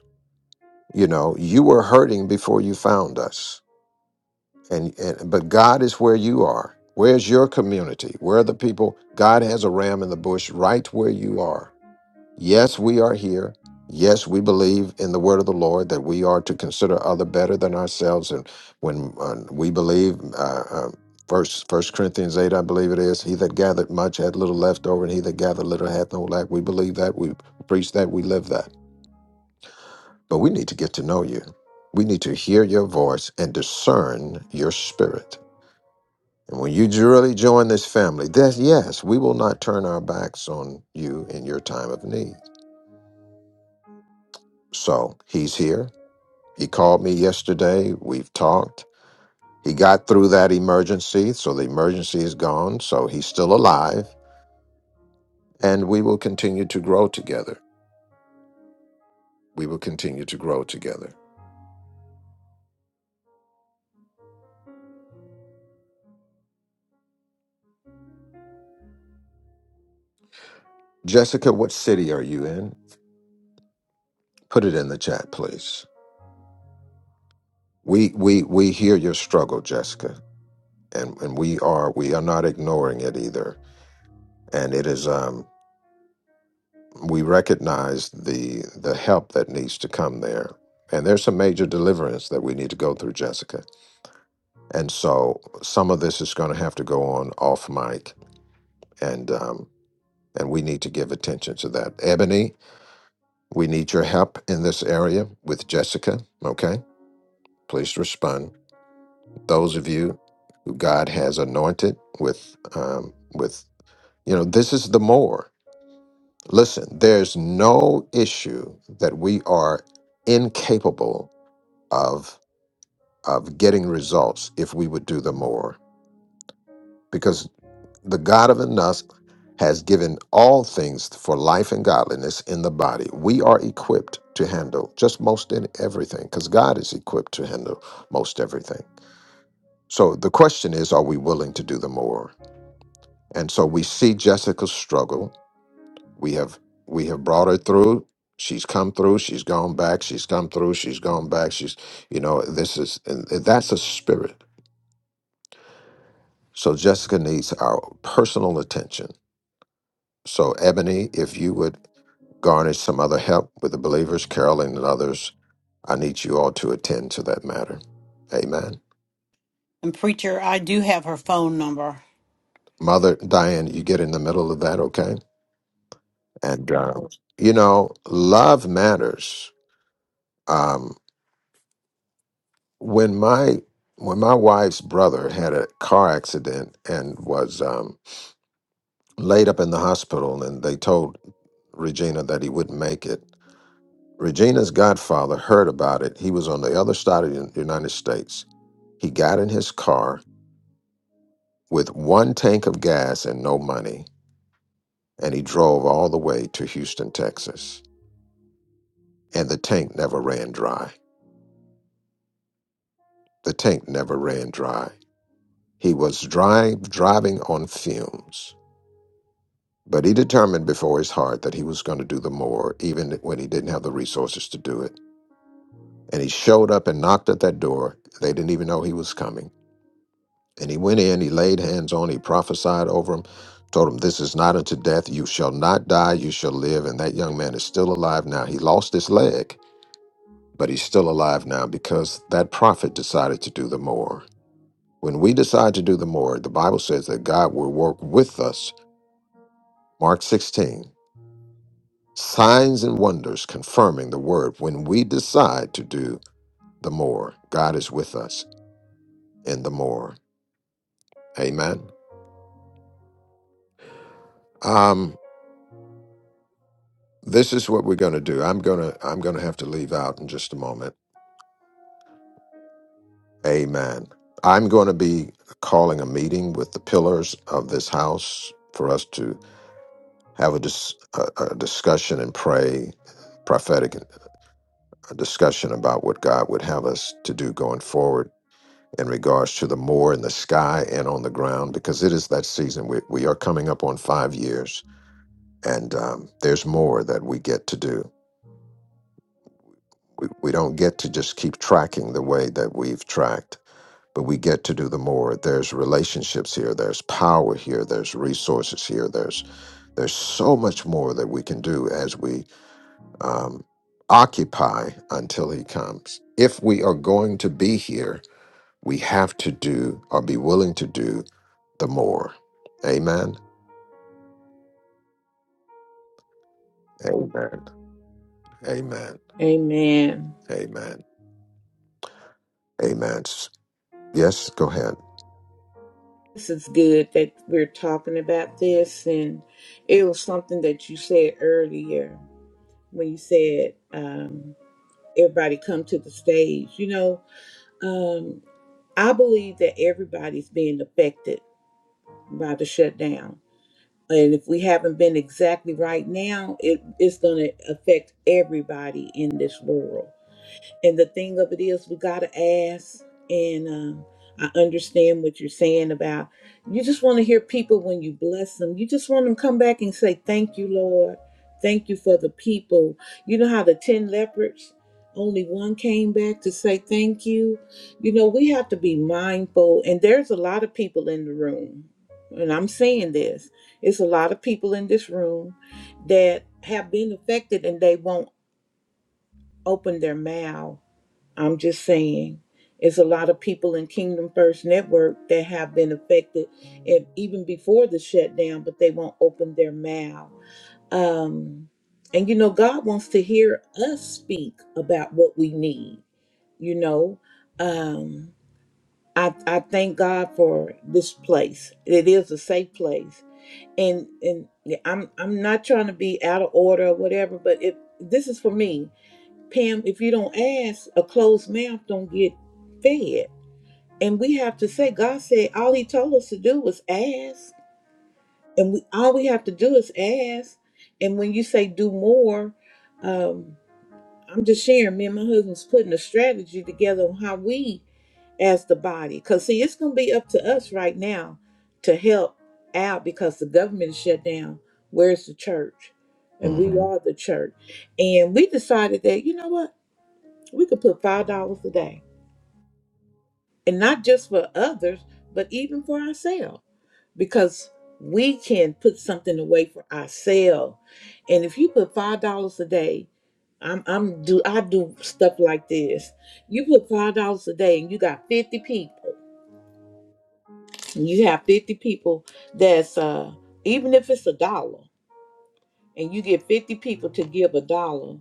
you know, you were hurting before you found us. And, and but God is where you are. Where's your community? Where are the people? God has a ram in the bush right where you are. Yes, we are here. Yes, we believe in the word of the Lord that we are to consider other better than ourselves. And when uh, we believe, uh, uh, First First Corinthians eight, I believe it is, he that gathered much had little left over, and he that gathered little had no lack. We believe that. We preach that. We live that. But we need to get to know you. We need to hear your voice and discern your spirit. And when you really join this family, that yes, we will not turn our backs on you in your time of need. So he's here. He called me yesterday. We've talked. He got through that emergency, so the emergency is gone. So he's still alive, and we will continue to grow together. We will continue to grow together. Jessica, what city are you in? Put it in the chat, please. We we we hear your struggle, Jessica, and and we are we are not ignoring it either. And it is um we recognize the the help that needs to come there. And there's some major deliverance that we need to go through, Jessica And so some of this is going to have to go on off mic, and um, and we need to give attention to that. Ebony, we need your help in this area with Jessica. Okay, please respond. Those of you who God has anointed with um, with you know this is the more. Listen, there's no issue that we are incapable of of getting results if we would do the more because. the God of enough has given all things for life and godliness in the body. We are equipped to handle just most in everything because God is equipped to handle most everything. So the question is, are we willing to do the more? And so we see Jessica's struggle. We have we have brought her through. She's come through. She's gone back. She's come through. She's gone back. She's you know this is and that's a spirit. So Jessica needs our personal attention. So Ebony, if you would garnish some other help with the believers, Carolyn and others. I need you all to attend to that matter. Amen. And preacher, I do have her phone number. Mother Diane, you get in the middle of that, okay? And, uh, you know, love matters. Um, when my when my wife's brother had a car accident and was um, laid up in the hospital, and they told Regina that he wouldn't make it, Regina's godfather heard about it. He was on the other side of the United States. He got in his car with one tank of gas and no money, and he drove all the way to Houston, Texas. And the tank never ran dry. The tank never ran dry. He was dry, driving on fumes. But he determined before his heart that he was going to do the more, even when he didn't have the resources to do it. And he showed up and knocked at that door. They didn't even know he was coming And he went in, he laid hands on, he prophesied over him, told him, This is not unto death. You shall not die, you shall live. And that young man is still alive now. He lost his leg, but he's still alive now because that prophet decided to do the more. When we decide to do the more, the Bible says that God will work with us. Mark 16, signs and wonders confirming the word. When we decide to do the more, God is with us in the more. Amen. Um, this is what we're going to do i'm going to i'm going to have to leave out in just a moment amen i'm going to be calling a meeting with the pillars of this house for us to have a, dis- a, a discussion and pray prophetic a discussion about what god would have us to do going forward in regards to the more in the sky and on the ground because it is that season we, we are coming up on five years and um, there's more that we get to do we, we don't get to just keep tracking the way that we've tracked but we get to do the more there's relationships here there's power here there's resources here there's there's so much more that we can do as we um, occupy until he comes if we are going to be here we have to do or be willing to do the more amen amen amen Amen. amen amen S- yes go ahead This is good that we're talking about this. And it was something that you said earlier when you said, um. everybody come to the stage. You know, um, I believe that everybody's being affected by the shutdown. And if we haven't been exactly right now, it, it's going to affect everybody in this world. And the thing of it is, we gotta ask. And um, I understand what you're saying about you just want to hear people when you bless them. You just want them to come back and say, "Thank you, Lord. Thank you for the people." You know how the ten lepers, only one came back to say thank you. You know we have to be mindful, and there's a lot of people in the room, and I'm saying this. It's a lot of people in this room that have been affected, and they won't open their mouth I'm just saying, it's a lot of people in Kingdom First Network that have been affected, and even before the shutdown, but they won't open their mouth. Um, and you know, God wants to hear us speak about what we need. You know, um, I I thank God for this place. It is a safe place, and and yeah, I'm I'm not trying to be out of order or whatever, but if this is for me, Pam, if you don't ask, a closed mouth don't get fed. And we have to say, God said all he told us to do was ask. And we all we have to do is ask. And when you say do more, um, I'm just sharing, me and my husband's putting a strategy together on how we as the body. Cause see, it's gonna be up to us right now to help out because the government is shut down. Where's the church? And we are the church. And we decided that, you know what? we could put five dollars a day and not just for others but even for ourselves because we can put something away for ourselves and if you put five dollars a day i'm i'm do i do stuff like this you put five dollars a day and you got 50 people and you have 50 people that's uh even if it's a dollar and you get 50 people to give a dollar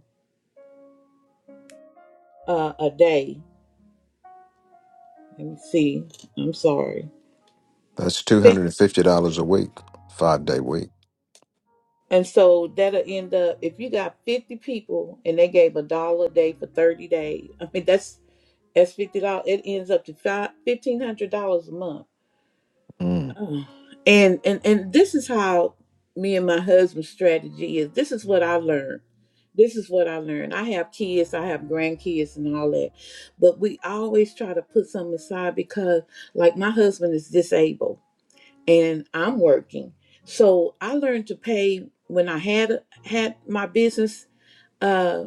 uh, a day let me see i'm sorry That's two hundred and fifty dollars a week, five day week. And so that'll end up if you got fifty people and they gave a dollar a day for thirty days. <laughs> I mean that's that's fifty dollars. It ends up to five fifteen hundred dollars a month. Mm, Oh. And and and this is how me and my husband's strategy is. This is what I learned. This is what I learned. I have kids, I have grandkids and all that. But we always try to put something aside because like my husband is disabled and I'm working. So I learned to pay when I had had my business. Uh,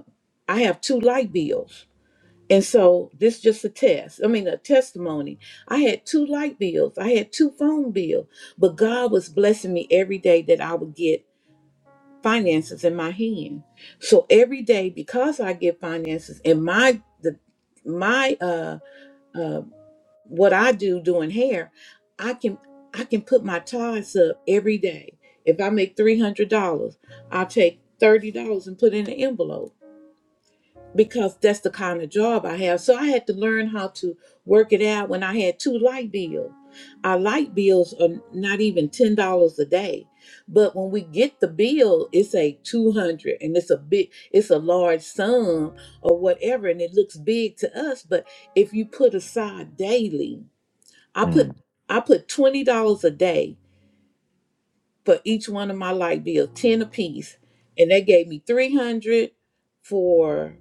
I have two light bills, and so this is just a test. I mean, a testimony. I had two light bills. I had two phone bills, but God was blessing me every day that I would get finances in my hand. So every day, because I get finances and my the my uh uh, what I do doing hair, I can I can put my ties up every day. If I make three hundred dollars, I'll take thirty dollars and put it in an envelope because that's the kind of job I have. So I had to learn how to work it out when I had two light bills. Our light bills are not even ten dollars a day. But when we get the bill, it's a two hundred and it's a big it's a large sum or whatever and it looks big to us. But if you put aside daily I put mm. I put twenty dollars a day for each one of my light bills, ten apiece, and they gave me three hundred for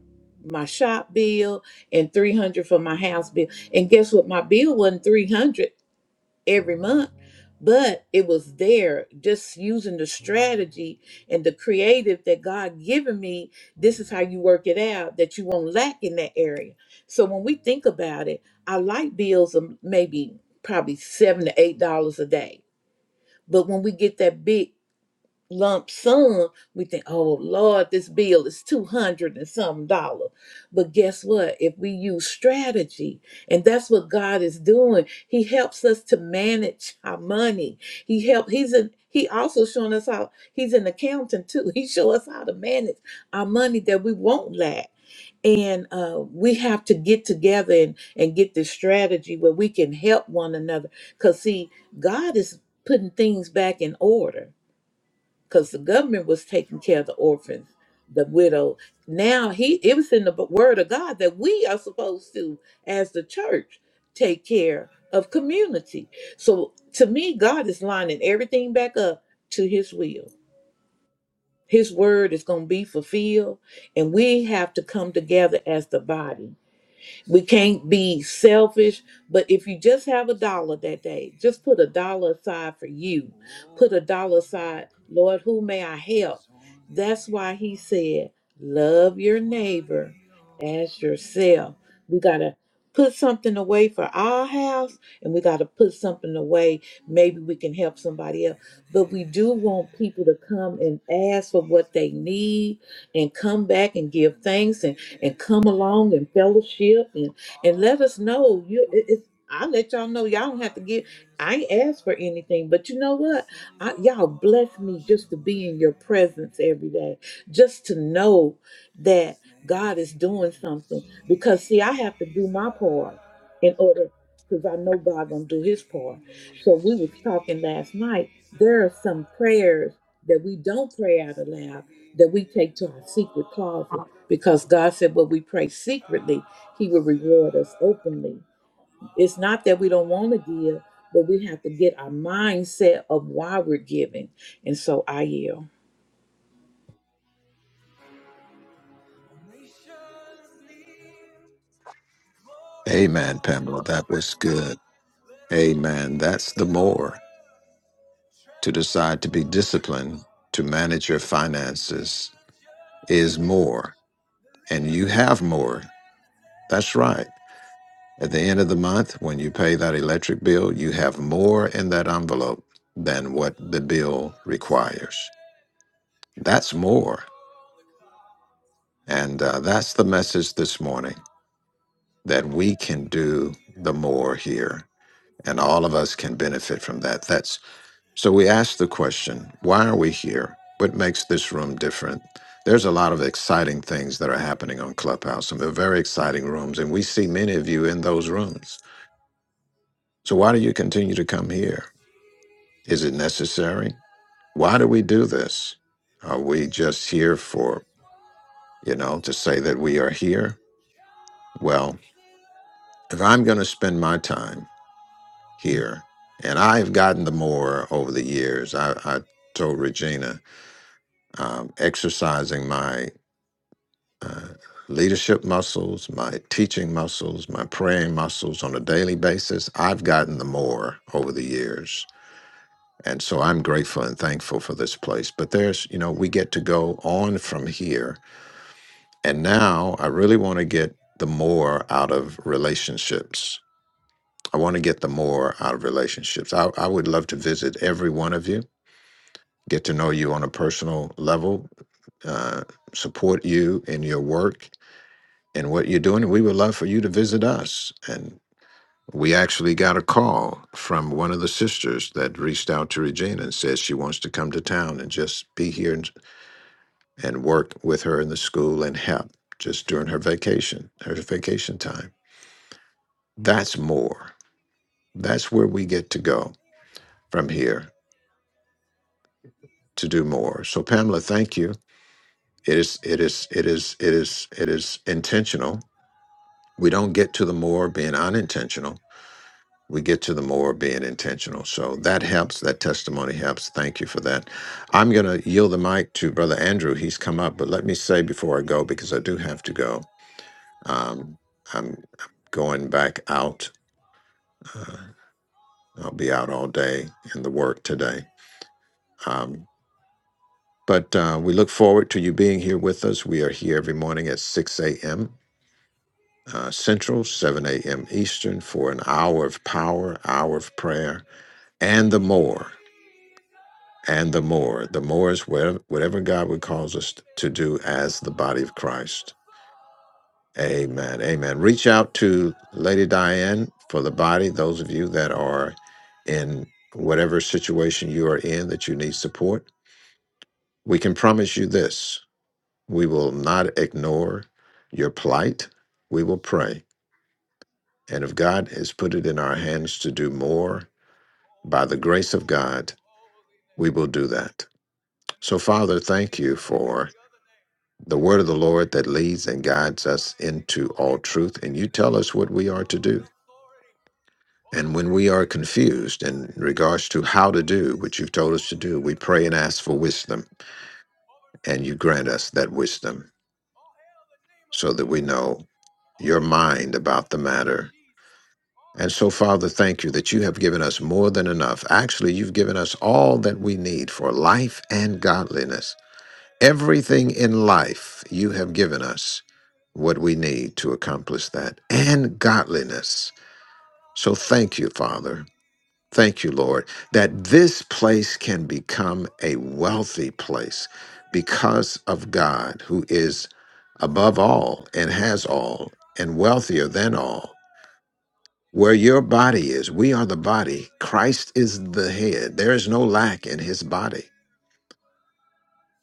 my shop bill and three hundred for my house bill. And guess what? My bill wasn't 300 every month, but it was there just using the strategy and the creative that God given me. This is how you work it out that you won't lack in that area. So when we think about it, our light bills are maybe probably seven to eight dollars a day. But when we get that big lump sum, we think, oh Lord, this bill is 200 and some dollar. But guess what? If we use strategy, and that's what God is doing, He helps us to manage our money. He help He's a he also showing us how he's an accountant too. He show us how to manage our money that we won't lack. And uh, we have to get together and, and get this strategy where we can help one another. Because, see, God is putting things back in order because the government was taking care of the orphans, the widow. Now he it was in the word of God that we are supposed to, as the church, take care of community. So to me, God is lining everything back up to his will. His word is going to be fulfilled, and we have to come together as the body we can't be selfish, but if you just have a dollar that day, just put a dollar aside for you. Put a dollar aside, Lord, who may I help? That's why he said, love your neighbor as yourself. We got to put something away for our house and we got to put something away. Maybe we can help somebody else. But we do want people to come and ask for what they need and come back and give thanks and and come along and fellowship and and let us know you it, it's i let y'all know y'all don't have to give. I ain't asked for anything, but you know what? I, y'all bless me just to be in your presence every day, just to know that God is doing something. Because see, I have to do my part in order, because I know God gonna do His part. So we was talking last night. There are some prayers that we don't pray out aloud, that we take to our secret closet. Because God said, What we pray secretly, He will reward us openly. It's not that we don't want to give, but we have to get our mindset of why we're giving. And so I yield. Amen, Pamela. That was good. Amen. That's the more to decide to be disciplined to manage your finances is more, and you have more. That's right. At the end of the month, when you pay that electric bill, you have more in that envelope than what the bill requires. That's more. And uh, that's the message this morning that we can do the more here and all of us can benefit from that. That's so we ask the question, why are we here? What makes this room different? There's a lot of exciting things that are happening on Clubhouse, some very exciting rooms, and we see many of you in those rooms. So why do you continue to come here? Is it necessary? Why do we do this? Are we just here for, you know, to say that we are here? Well, if I'm going to spend my time here. And I've gotten the more over the years. I, I told Regina, um, exercising my uh, leadership muscles, my teaching muscles, my praying muscles on a daily basis, I've gotten the more over the years. And so I'm grateful and thankful for this place. But there's, you know, we get to go on from here. And now I really want to get the more out of relationships. I want to get the more out of relationships. I, I would love to visit every one of you get to know you on a personal level, uh, support you in your work and what you're doing. We would love for you to visit us. And we actually got a call from one of the sisters that reached out to Regina and says she wants to come to town and just be here and, and work with her in the school and help just during her vacation, her vacation time. That's more. That's where we get to go from here to do more. So, Pamela, thank you It is it is it is it is it is intentional. We don't get to the more being unintentional. We get to the more being intentional. So that helps. That testimony helps. Thank you for that. I'm going to yield the mic to Brother Andrew. He's come up, but let me say before I go, because I do have to go, um, I'm going back out. Uh, I'll be out all day in the work today. Um, but uh, we look forward to you being here with us. We are here every morning at 6 a.m. uh, Central, 7 a.m. Eastern, for an hour of power, hour of prayer, and the more, and the more. The more is where, whatever God would cause us to do as the body of Christ. Amen. Amen. Reach out to Lady Diane for the body, those of you that are in whatever situation you are in that you need support. We can promise you this we will not ignore your plight. We will pray And if God has put it in our hands to do more, by the grace of God, we will do that. So, Father, thank you for the word of the Lord that leads and guides us into all truth. And you tell us what we are to do. And when we are confused in regards to how to do what you've told us to do, we pray and ask for wisdom. And you grant us that wisdom so that we know your mind about the matter And so, Father, thank you that you have given us more than enough. Actually, you've given us all that we need for life and godliness. Everything in life, you have given us what we need to accomplish that and godliness. So, thank you, Father. Thank you, Lord, that this place can become a wealthy place because of God, who is above all and has all and wealthier than all. Where your body is, we are the body. Christ is the head. There is no lack in his body.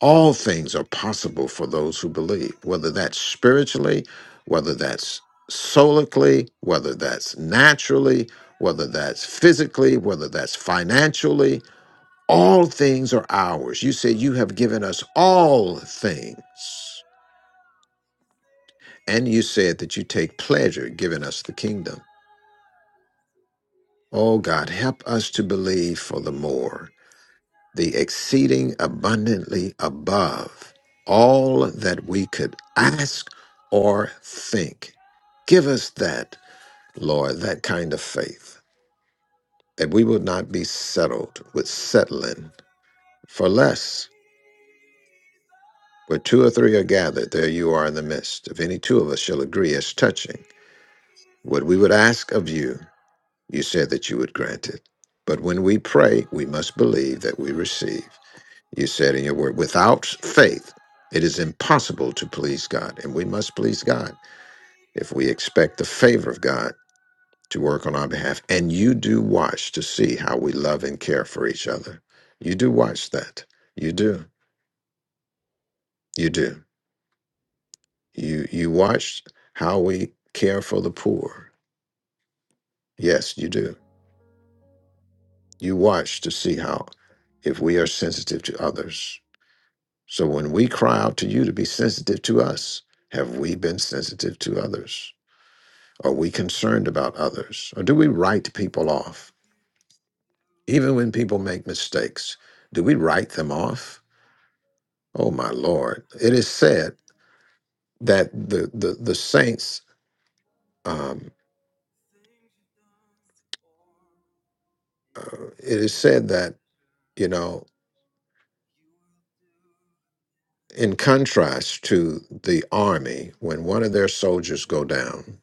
All things are possible for those who believe, whether that's spiritually, whether that's solically, whether that's naturally, whether that's physically, whether that's financially. All things are ours. You said you have given us all things. And you said that you take pleasure giving us the kingdom. Oh God, help us to believe for the more. the exceeding abundantly above all that we could ask or think. Give us that, Lord, that kind of faith, that we will not be settled with settling for less. Where two or three are gathered, there you are in the midst. If any two of us shall agree as touching what we would ask of you, you said that you would grant it. But when we pray, we must believe that we receive. You said in your word, without faith, it is impossible to please God. And we must please God if we expect the favor of God to work on our behalf. And you do watch to see how we love and care for each other. You do watch that. You do. You do. You you watch how we care for the poor. Yes, you do. You watch to see how if we are sensitive to others. So when we cry out to you to be sensitive to us, have we been sensitive to others? Are we concerned about others? Or do we write people off? Even when people make mistakes, do we write them off? Oh, my Lord. It is said that the, the, the saints, um, uh, it is said that, you know, in contrast to the army, when one of their soldiers go down,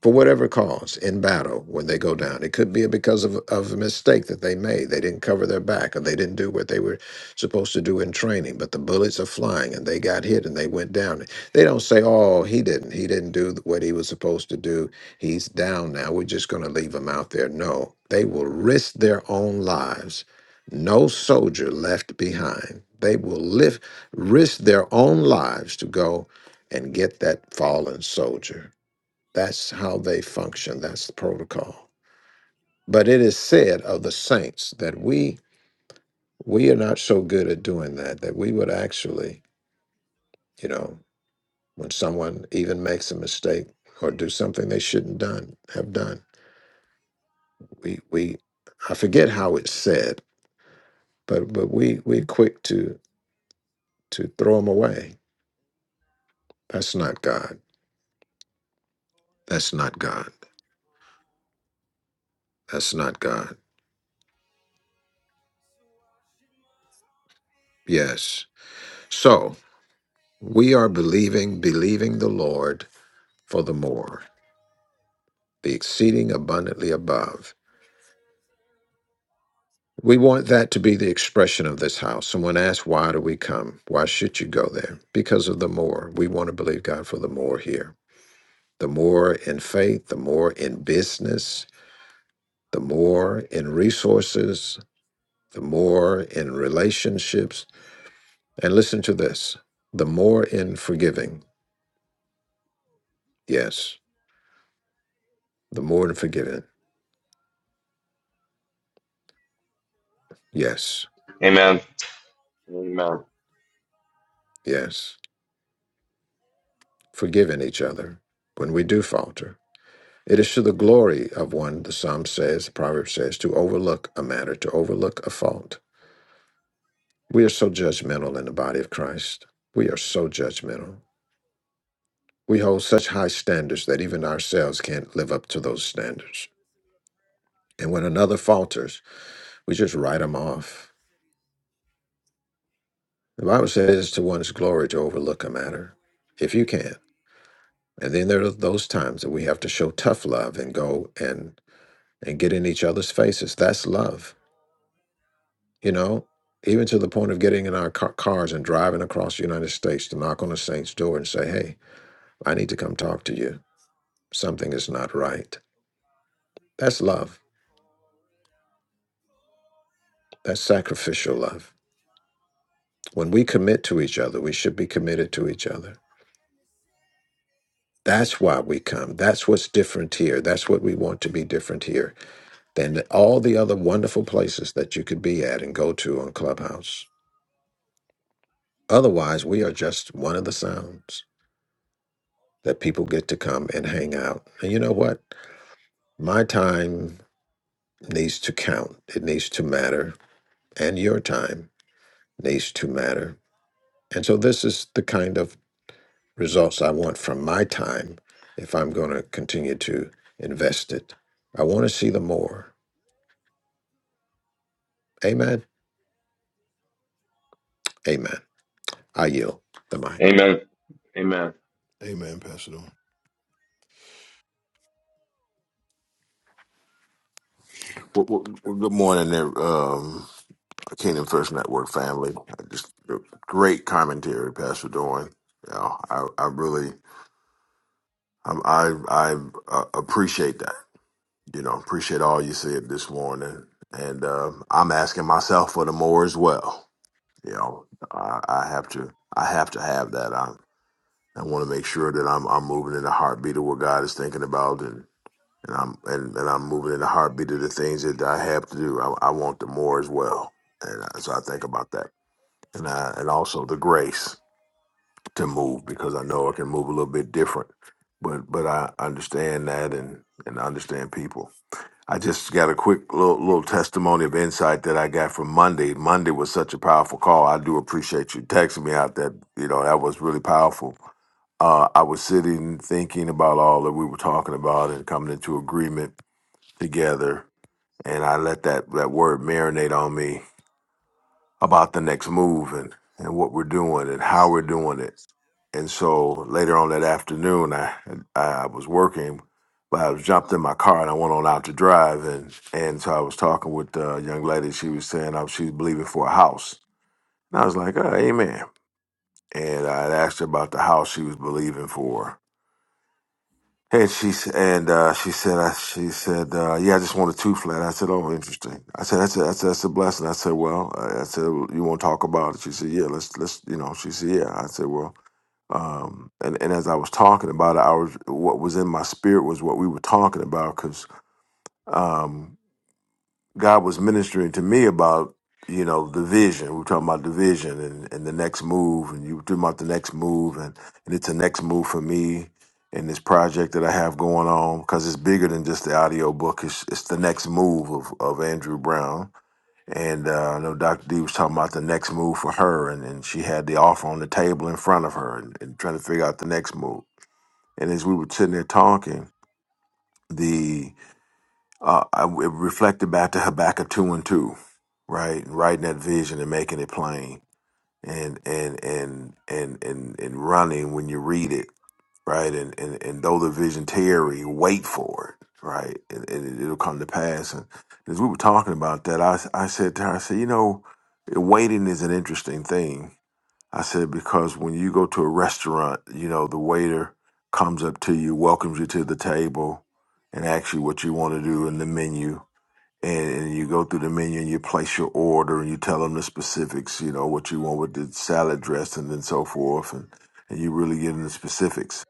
for whatever cause in battle when they go down. It could be because of, of a mistake that they made. They didn't cover their back or they didn't do what they were supposed to do in training, but the bullets are flying and they got hit and they went down. They don't say, oh, he didn't. He didn't do what he was supposed to do. He's down now. We're just going to leave him out there. No, they will risk their own lives. No soldier left behind. They will lift, risk their own lives to go and get that fallen soldier. That's how they function. That's the protocol. But it is said of the saints that we we are not so good at doing that that we would actually, you know, when someone even makes a mistake or do something they shouldn't done have done, we we I forget how it's said, but but we we quick to to throw them away. That's not God. That's not God. That's not God. Yes. So we are believing believing the Lord for the more. the exceeding abundantly above. We want that to be the expression of this house. Someone asked, Why do we come? Why should you go there? Because of the more. We want to believe God for the more here. The more in faith, the more in business, the more in resources, the more in relationships. And listen to this the more in forgiving. Yes. The more in forgiving. Yes. Amen. Amen. Yes. Forgiving each other when we do falter It is to the glory of one, the psalm says, the proverb says, to overlook a matter, to overlook a fault. We are so judgmental in the body of Christ. We are so judgmental. We hold such high standards that even ourselves can't live up to those standards. And when another falters, we just write them off. The Bible says it is to one's glory to overlook a matter, if you can. And then there are those times that we have to show tough love and go and and get in each other's faces. That's love you know, even to the point of getting in our ca- cars and driving across the United States to knock on a saint's door and say, hey, I need to come talk to you. Something is not right. That's love. That's sacrificial love. When we commit to each other, we should be committed to each other. That's why we come. That's what's different here. That's what we want to be different here than all the other wonderful places that you could be at and go to on Clubhouse. Otherwise, we are just one of the sounds that people get to come and hang out. And you know what? My time needs to count, it needs to matter, and your time needs to matter. And so, this is the kind of results I want from my time if I'm going to continue to invest it. I want to see the more. Amen. Amen. I yield the mic. Amen. Amen. Amen, Pastor Don. Well, well, well, good morning, there, um, Kingdom First Network family. I Just uh, great commentary, Pastor Dorn. You know, I, I really, I'm, I, I uh, appreciate that. You know, appreciate all you said this morning, and uh, I'm asking myself for the more as well. You know, I, I have to, I have to have that. I, I want to make sure that I'm, I'm moving in the heartbeat of what God is thinking about, and. and I'm and, and I'm moving in the heartbeat of the things that I have to do. I, I want the more as well, and uh, so I think about that, and I, and also the grace to move because I know I can move a little bit different, but but I understand that and and I understand people. I just got a quick little little testimony of insight that I got from Monday. Monday was such a powerful call. I do appreciate you texting me out that you know that was really powerful. Uh, I was sitting thinking about all that we were talking about and coming into agreement together and I let that, that word marinate on me about the next move and, and what we're doing and how we're doing it. And so later on that afternoon, I, I was working, but I was jumped in my car and I went on out to drive. And, and so I was talking with a young lady. She was saying uh, she's believing for a house. And I was like, oh, amen. And I had asked her about the house she was believing for. And she s- and uh, she said, I, she said, uh, yeah, I just want a two flat. I said, oh, interesting. I said, that's a, that's a, that's a blessing. I said, well, I I said, "Well, you want to talk about it? She said, yeah, let's let's you know. She said, yeah. I said, well, um, and and as I was talking about it, I was what was in my spirit was what we were talking about because God was ministering to me about, you know, the vision. We were talking about the vision and, and the next move, and you were talking about the next move, and, and it's a next move for me in this project that I have going on because it's bigger than just the audio book. It's, it's the next move of, of Andrew Brown. And uh, I know Dr. D was talking about the next move for her, and, and she had the offer on the table in front of her and, and trying to figure out the next move. And as we were sitting there talking, uh, I it reflected back to Habakkuk two and two, right? And writing that vision and making it plain, and and and and and and running when you read it, right? And and and though the vision tarry, wait for it, right? And, and it, it'll come to pass. And as we were talking about that, I I said to her, I said, you know, waiting is an interesting thing. I said because when you go to a restaurant, you know, the waiter comes up to you, welcomes you to the table, and asks you what you want to do in the menu and, and you go through the menu and you place your order and you tell them the specifics, you know, what you want with the salad dressing and so forth, and, and you really get into the specifics.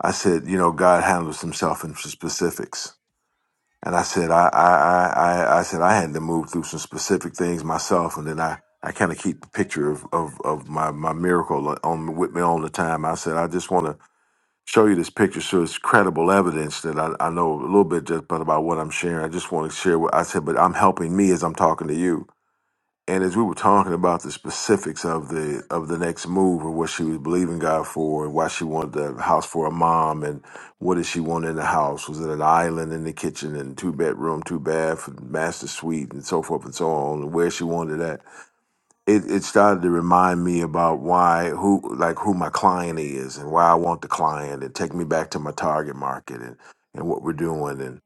I said, you know, God handles himself in specifics. And I said, I, I, I, I I said I had to move through some specific things myself, and then I, I kind of keep a picture of, of, of my, my miracle on with me all the time. I said, I just want to show you this picture so it's credible evidence that I, I know a little bit just but about what I'm sharing. I just want to share what I said, but I'm helping me as I'm talking to you. And as we were talking about the specifics of the of the next move and what she was believing God for and why she wanted the house for a mom and what did she want in the house? Was it an island in the kitchen and two bedroom, two bath, master suite and so forth and so on, and where she wanted that it, it started to remind me about why who like who my client is and why I want the client and take me back to my target market and and what we're doing and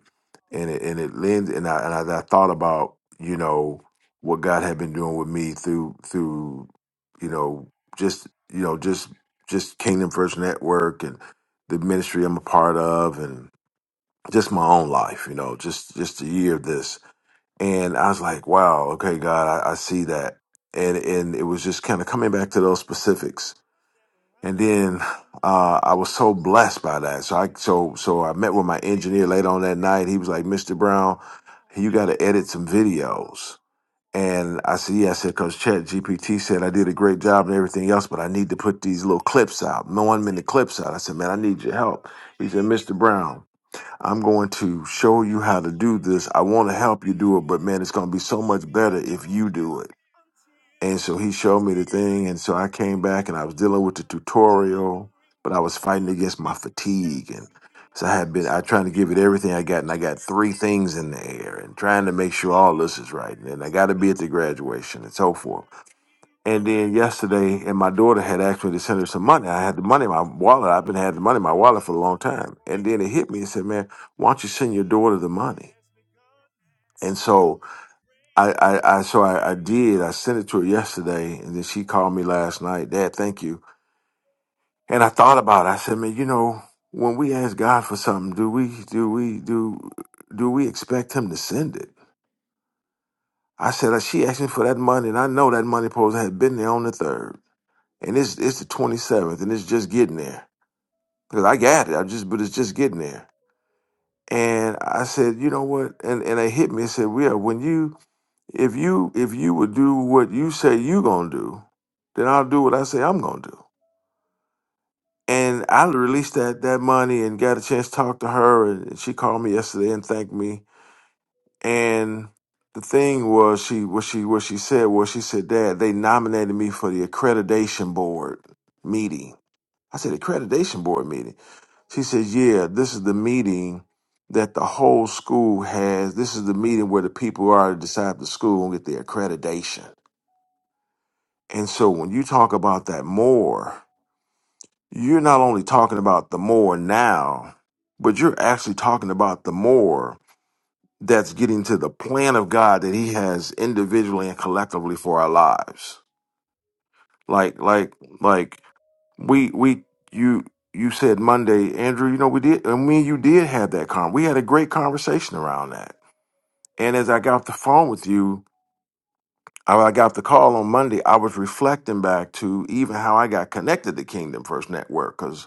and it and it lends and I and I, I thought about you know what God had been doing with me through through you know just you know just just Kingdom First Network and the ministry I'm a part of and just my own life you know just just a year of this and I was like, wow, okay, God, I, I see that. And and it was just kind of coming back to those specifics. And then uh, I was so blessed by that. So I so so I met with my engineer later on that night. He was like, Mr. Brown, you got to edit some videos. And I said, yeah, I said, because Chat GPT said I did a great job and everything else, but I need to put these little clips out, no one minute clips out. I said, man, I need your help. He said, Mr. Brown. I'm going to show you how to do this. I want to help you do it, but man, it's going to be so much better if you do it. And so he showed me the thing. And so I came back and I was dealing with the tutorial, but I was fighting against my fatigue. And so I had been, I trying to give it everything I got. And I got three things in the air and trying to make sure all this is right. And then I got to be at the graduation and so forth. And then yesterday, and my daughter had asked me to send her some money. I had the money in my wallet. I've been having the money in my wallet for a long time. And then it hit me and said, "Man, why don't you send your daughter the money?" And so I, I, I so I, I did. I sent it to her yesterday, and then she called me last night. Dad, thank you. And I thought about it. I said, "Man, you know, when we ask God for something, do we do we do do we expect Him to send it?" I said, "She asked me for that money, and I know that money post had been there on the third, and it's it's the twenty seventh, and it's just getting there." because I got it. I just, but it's just getting there. And I said, you know what? And and it hit me. It said, well, when you, if you, if you would do what you say you gonna do, then I'll do what I say I'm gonna do. And I released that that money and got a chance to talk to her, and she called me yesterday and thanked me. And the thing was, she what she what she said was, she said, Dad, they nominated me for the accreditation board meeting. I said, accreditation board meeting. She says, Yeah, this is the meeting that the whole school has. This is the meeting where the people are to decide the school and get their accreditation. And so when you talk about that more, you're not only talking about the more now, but you're actually talking about the more that's getting to the plan of God that He has individually and collectively for our lives. Like, like, like we we you you said Monday, Andrew. You know we did, and me and you did have that con. We had a great conversation around that. And as I got off the phone with you, I I got the call on Monday. I was reflecting back to even how I got connected to Kingdom First Network because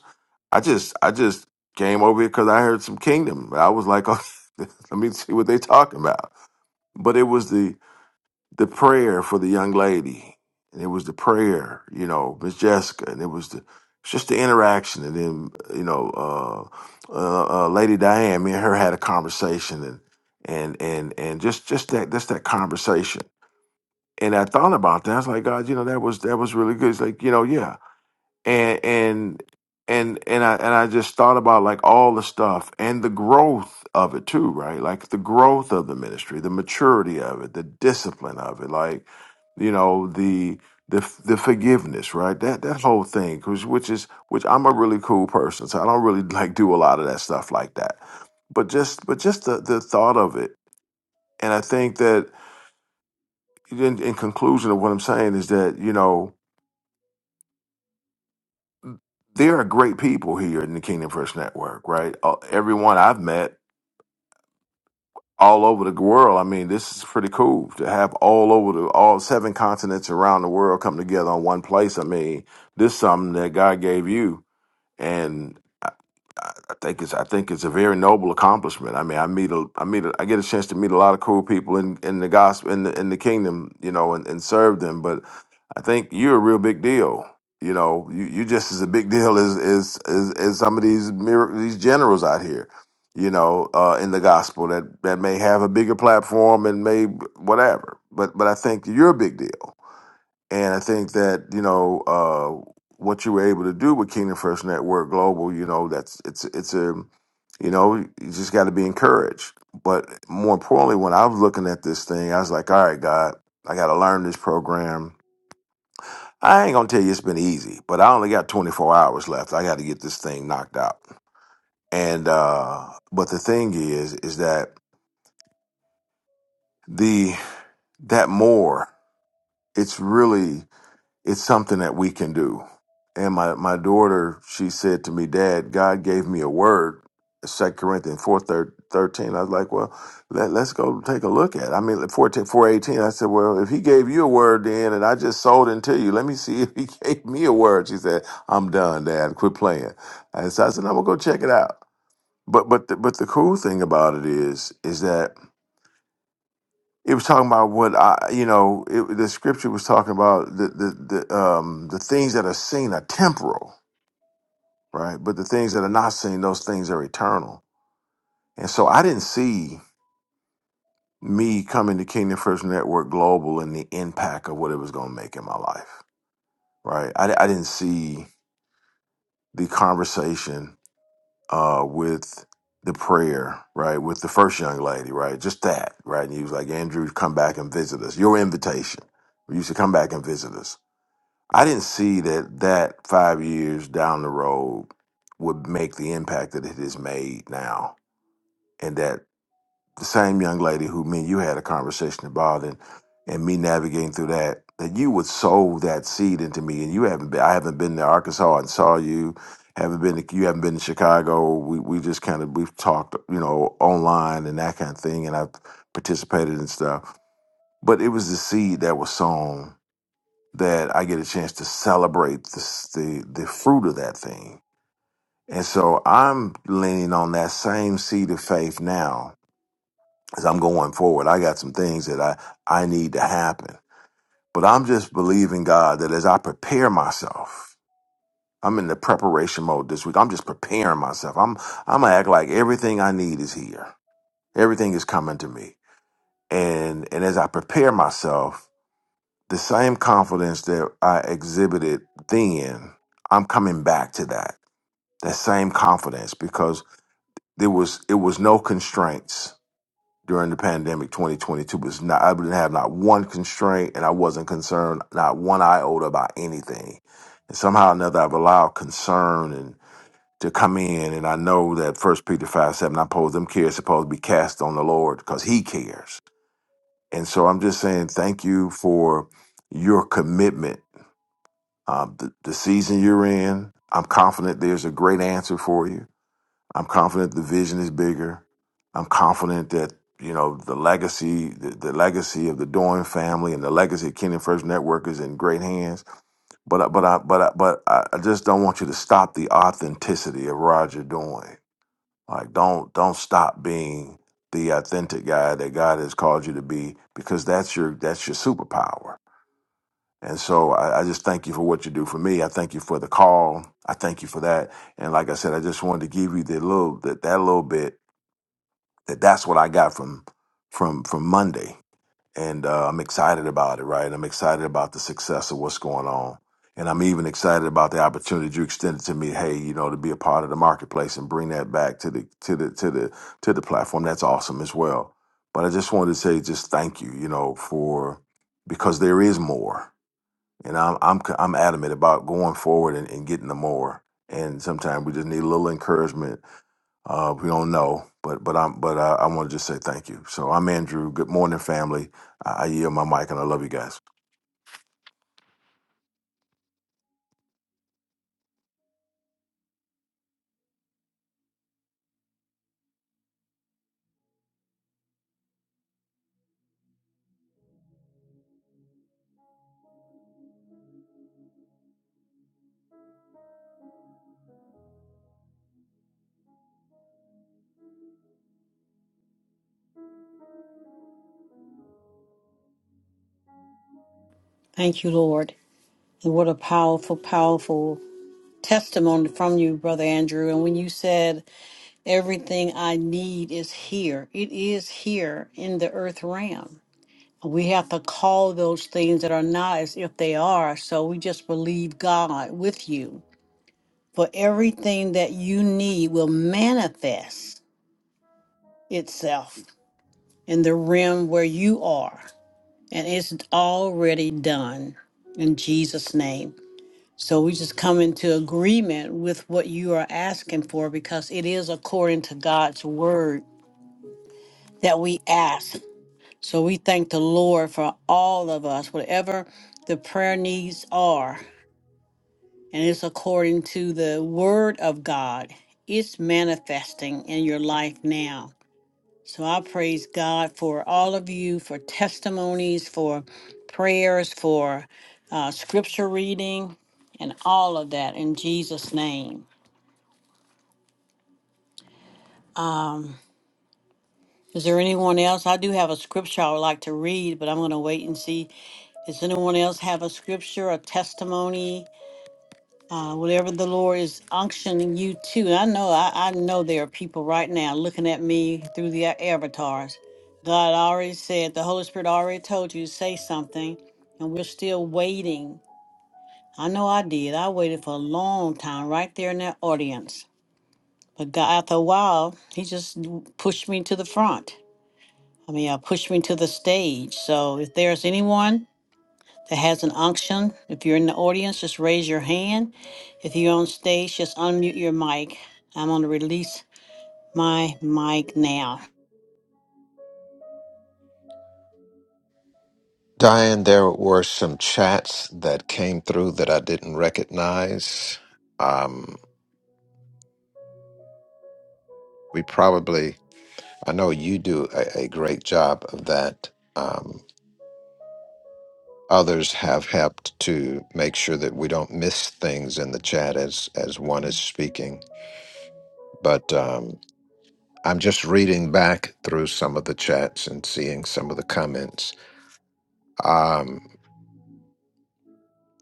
I just I just came over here because I heard some Kingdom. I was like, <laughs> oh, let me see what they talking about. But it was the the prayer for the young lady, and it was the prayer, you know, Miss Jessica, and it was the it's just the interaction, and then you know, uh, uh, uh, Lady Diane, me and her had a conversation, and and and and just just that just that conversation. And I thought about that. I was like, God, you know, that was that was really good. It's like, you know, yeah, and and and and I and I just thought about like all the stuff and the growth of it too, right? Like the growth of the ministry, the maturity of it, the discipline of it, like you know the the the forgiveness, right? That that whole thing, which which is which I'm a really cool person, so I don't really <laughs> like do a lot of that stuff like that. But just but just the the thought of it, and I think that in, in conclusion of what I'm saying is that you know there are great people here in the Kingdom First Network, right? Uh, everyone I've met all over the world. I mean, this is pretty cool to have all over the all seven continents around the world come together on one place. I mean, this is something that God gave you, and I, I I think it's I think it's a very noble accomplishment. I mean, I meet a I meet a, I get a chance to meet a lot of cool people in in the gospel in the in the kingdom, you know, and, and serve them, but I think you're a real big deal. You know, you you just as a big deal as as as, as some of these mir- these generals out here. You know, uh, in the gospel that that may have a bigger platform and may whatever. But but I think you're a big deal, and I think that you know uh, what you were able to do with Kingdom First Network Global. You know, that's it's it's a you know you just got to be encouraged. But more importantly, when I was looking at this thing, I was like, all right, God, I got to learn this program. I ain't gonna tell you it's been easy, but I only got 24 hours left. I got to get this thing knocked out. And uh, but the thing is, is that the that more it's really it's something that we can do. And my, my daughter, she said to me, Dad, God gave me a word, Second Corinthians four thir- I was like, well, let, let's go take a look at it. I mean, like, fourteen, four, eighteen. I said, well, if he gave you a word then and I just sold into you, let me see if he <laughs> gave me a word. She said, I'm done, Dad. Quit playing. And so I said, I'm going to go check it out. But, but, the, but the cool thing about it is, is that it was talking about what I, you know, it, the scripture was talking about the the the um the things that are seen are temporal, right? But the things that are not seen, those things are eternal. And so I didn't see me coming to Kingdom First Network Global and the impact of what it was going to make in my life, right? I, I didn't see the conversation uh with the prayer, right, with the first young lady, right, just that, right. And he was like, Andrew, come back and visit us. Your invitation, you should come back and visit us I didn't see that that five years down the road would make the impact that it has made now, and that the same young lady who me and you had a conversation about, and and me navigating through that, that you would sow that seed into me, and you haven't been. I haven't been to Arkansas and saw you. Haven't been to you. Haven't been to Chicago. We we just kind of we've talked, you know, online and that kind of thing, and I've participated and stuff. But it was the seed that was sown that I get a chance to celebrate this, the the fruit of that thing. And so I'm leaning on that same seed of faith now as I'm going forward. I got some things that I I need to happen, but I'm just believing God that as I prepare myself, I'm in the preparation mode this week. I'm just preparing myself. I'm I'm gonna act like everything I need is here. Everything is coming to me, and and as I prepare myself. The same confidence that I exhibited then, I'm coming back to that. That same confidence because there was it was no constraints during the pandemic 2022 was not I didn't have not one constraint and I wasn't concerned not one iota about anything. And somehow or another I've allowed concern and to come in and I know that first Peter five seven I suppose them cares supposed to be cast on the Lord because he cares. And so I'm just saying thank you for your commitment um, the, the season you're in. I'm confident there's a great answer for you. I'm confident the vision is bigger. I'm confident that you know the legacy, the, the legacy of the Doan family and the legacy of Kingdom First Network is in great hands. But I- but I but I, but I I just don't want you to stop the authenticity of Roger Doan. Like don't don't stop being the authentic guy that God has called you to be because that's your that's your superpower and so I, I just thank you for what you do for me. I thank you for the call. I thank you for that. And like I said, I just wanted to give you the little that that little bit that that's what I got from from from Monday. And uh, I'm excited about it, right? I'm excited about the success of what's going on. And I'm even excited about the opportunity you extended to me. Hey, you know, to be a part of the marketplace and bring that back to the to the to the to the platform. That's awesome as well. But I just wanted to say, just thank you, you know, for because there is more and I'm I'm c- I'm adamant about going forward and, and getting the more. And sometimes we just need a little encouragement. Uh, we don't know, but but I'm but I, I want to just say thank you. So I'm Andrew. Good morning, family. I, I yield my mic, and I love you guys. Thank you, Lord. And what a powerful, powerful testimony from you, Brother Andrew. And when you said, everything I need is here, it is here in the earth realm. We have to call those things that are not as if they are. So we just believe God with you. For everything that you need will manifest itself in the realm where you are. and it's already done in Jesus' name. So we just come into agreement with what you are asking for because it is according to God's word that we ask. So we thank the Lord for all of us, whatever the prayer needs are, and it's according to the word of God. It's manifesting in your life now. So I praise God for all of you, for testimonies, for prayers, for uh, scripture reading, and all of that in Jesus' name. Um, is there anyone else? I do have a scripture I would like to read, but I'm going to wait and see. Does anyone else have a scripture, a testimony? uh, whatever the Lord is unctioning you to. And I know, I, I know there are people right now looking at me through the a- avatars. God already said, the Holy Spirit already told you to say something, and we're still waiting. I know I did. I waited for a long time right there in that audience. But God, after a while, He just pushed me to the front. I mean, I pushed me to the stage. So if there's anyone that has an unction. If you're in the audience, just raise your hand. If you're on stage, just unmute your mic. I'm going to release my mic now. Diane, there were some chats that came through that I didn't recognize. Um, we probably, I know you do a, a great job of that. others have helped to make sure that we don't miss things in the chat as as one is speaking. But um, I'm just reading back through some of the chats and seeing some of the comments. Um,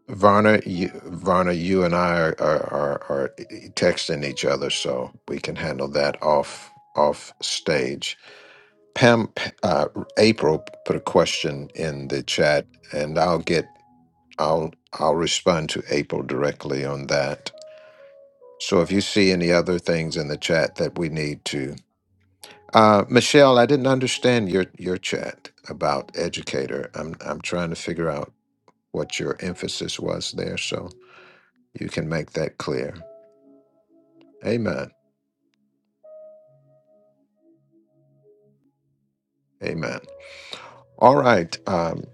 Varna, you, Varna, you and I are, are are are texting each other, so we can handle that off off stage. Pam, uh, April put a question in the chat, and I'll get I'll I'll respond to April directly on that. So if you see any other things in the chat that we need to, uh, Michelle, I didn't understand your your chat about educator. I'm I'm trying to figure out what your emphasis was there, so you can make that clear. Amen. Amen. All right. Um,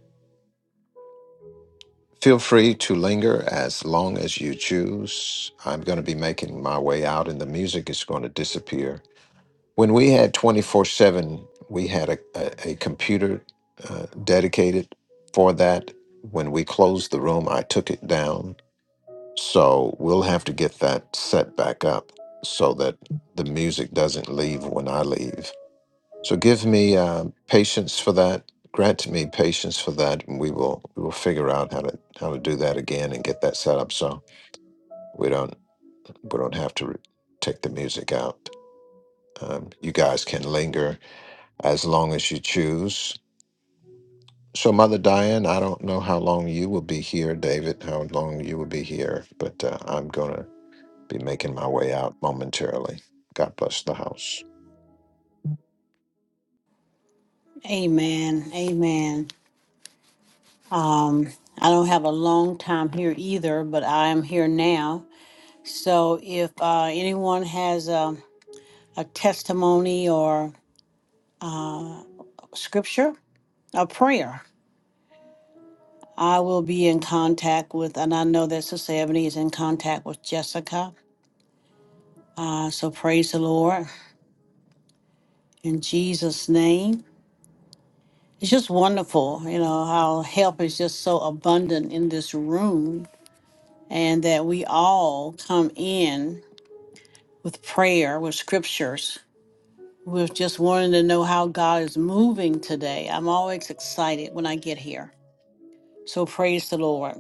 feel free to linger as long as you choose. I'm going to be making my way out, and the music is going to disappear When we had 24 7, we had a, a, a computer uh, dedicated for that. When we closed the room, I took it down. So we'll have to get that set back up so that the music doesn't leave when I leave. So give me uh, patience for that. Grant me patience for that, and we will we will figure out how to how to do that again and get that set up so we don't we don't have to re- take the music out. Um, you guys can linger as long as you choose. So, Mother Diane, I don't know how long you will be here, David, how long you will be here, but uh, I'm going to be making my way out momentarily. God bless the house. Amen. Amen. Um, I don't have a long time here either, but I am here now. So if uh, anyone has a, a testimony or scripture, a prayer, I will be in contact with, and I know that Sister Ebony is in contact with Jessica. Uh, so praise the Lord. in Jesus' name. It's just wonderful, you know, how help is just so abundant in this room and that we all come in with prayer, with scriptures, with just wanting to know how God is moving today. I'm always excited when I get here. So praise the Lord.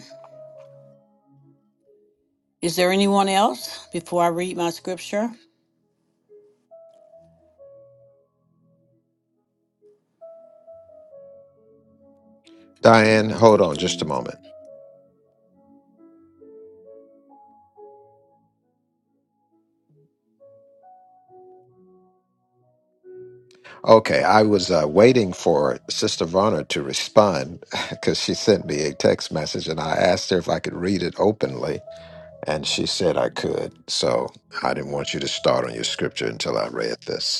Is there anyone else before I read my scripture? Diane, Doo, hold doo, on just a doo. moment. Okay, I was uh, waiting for Sister Varner to respond <laughs> because she sent me a text message and I asked her if I could read it openly, and she said I could. So I didn't want you to start on your scripture until I read this.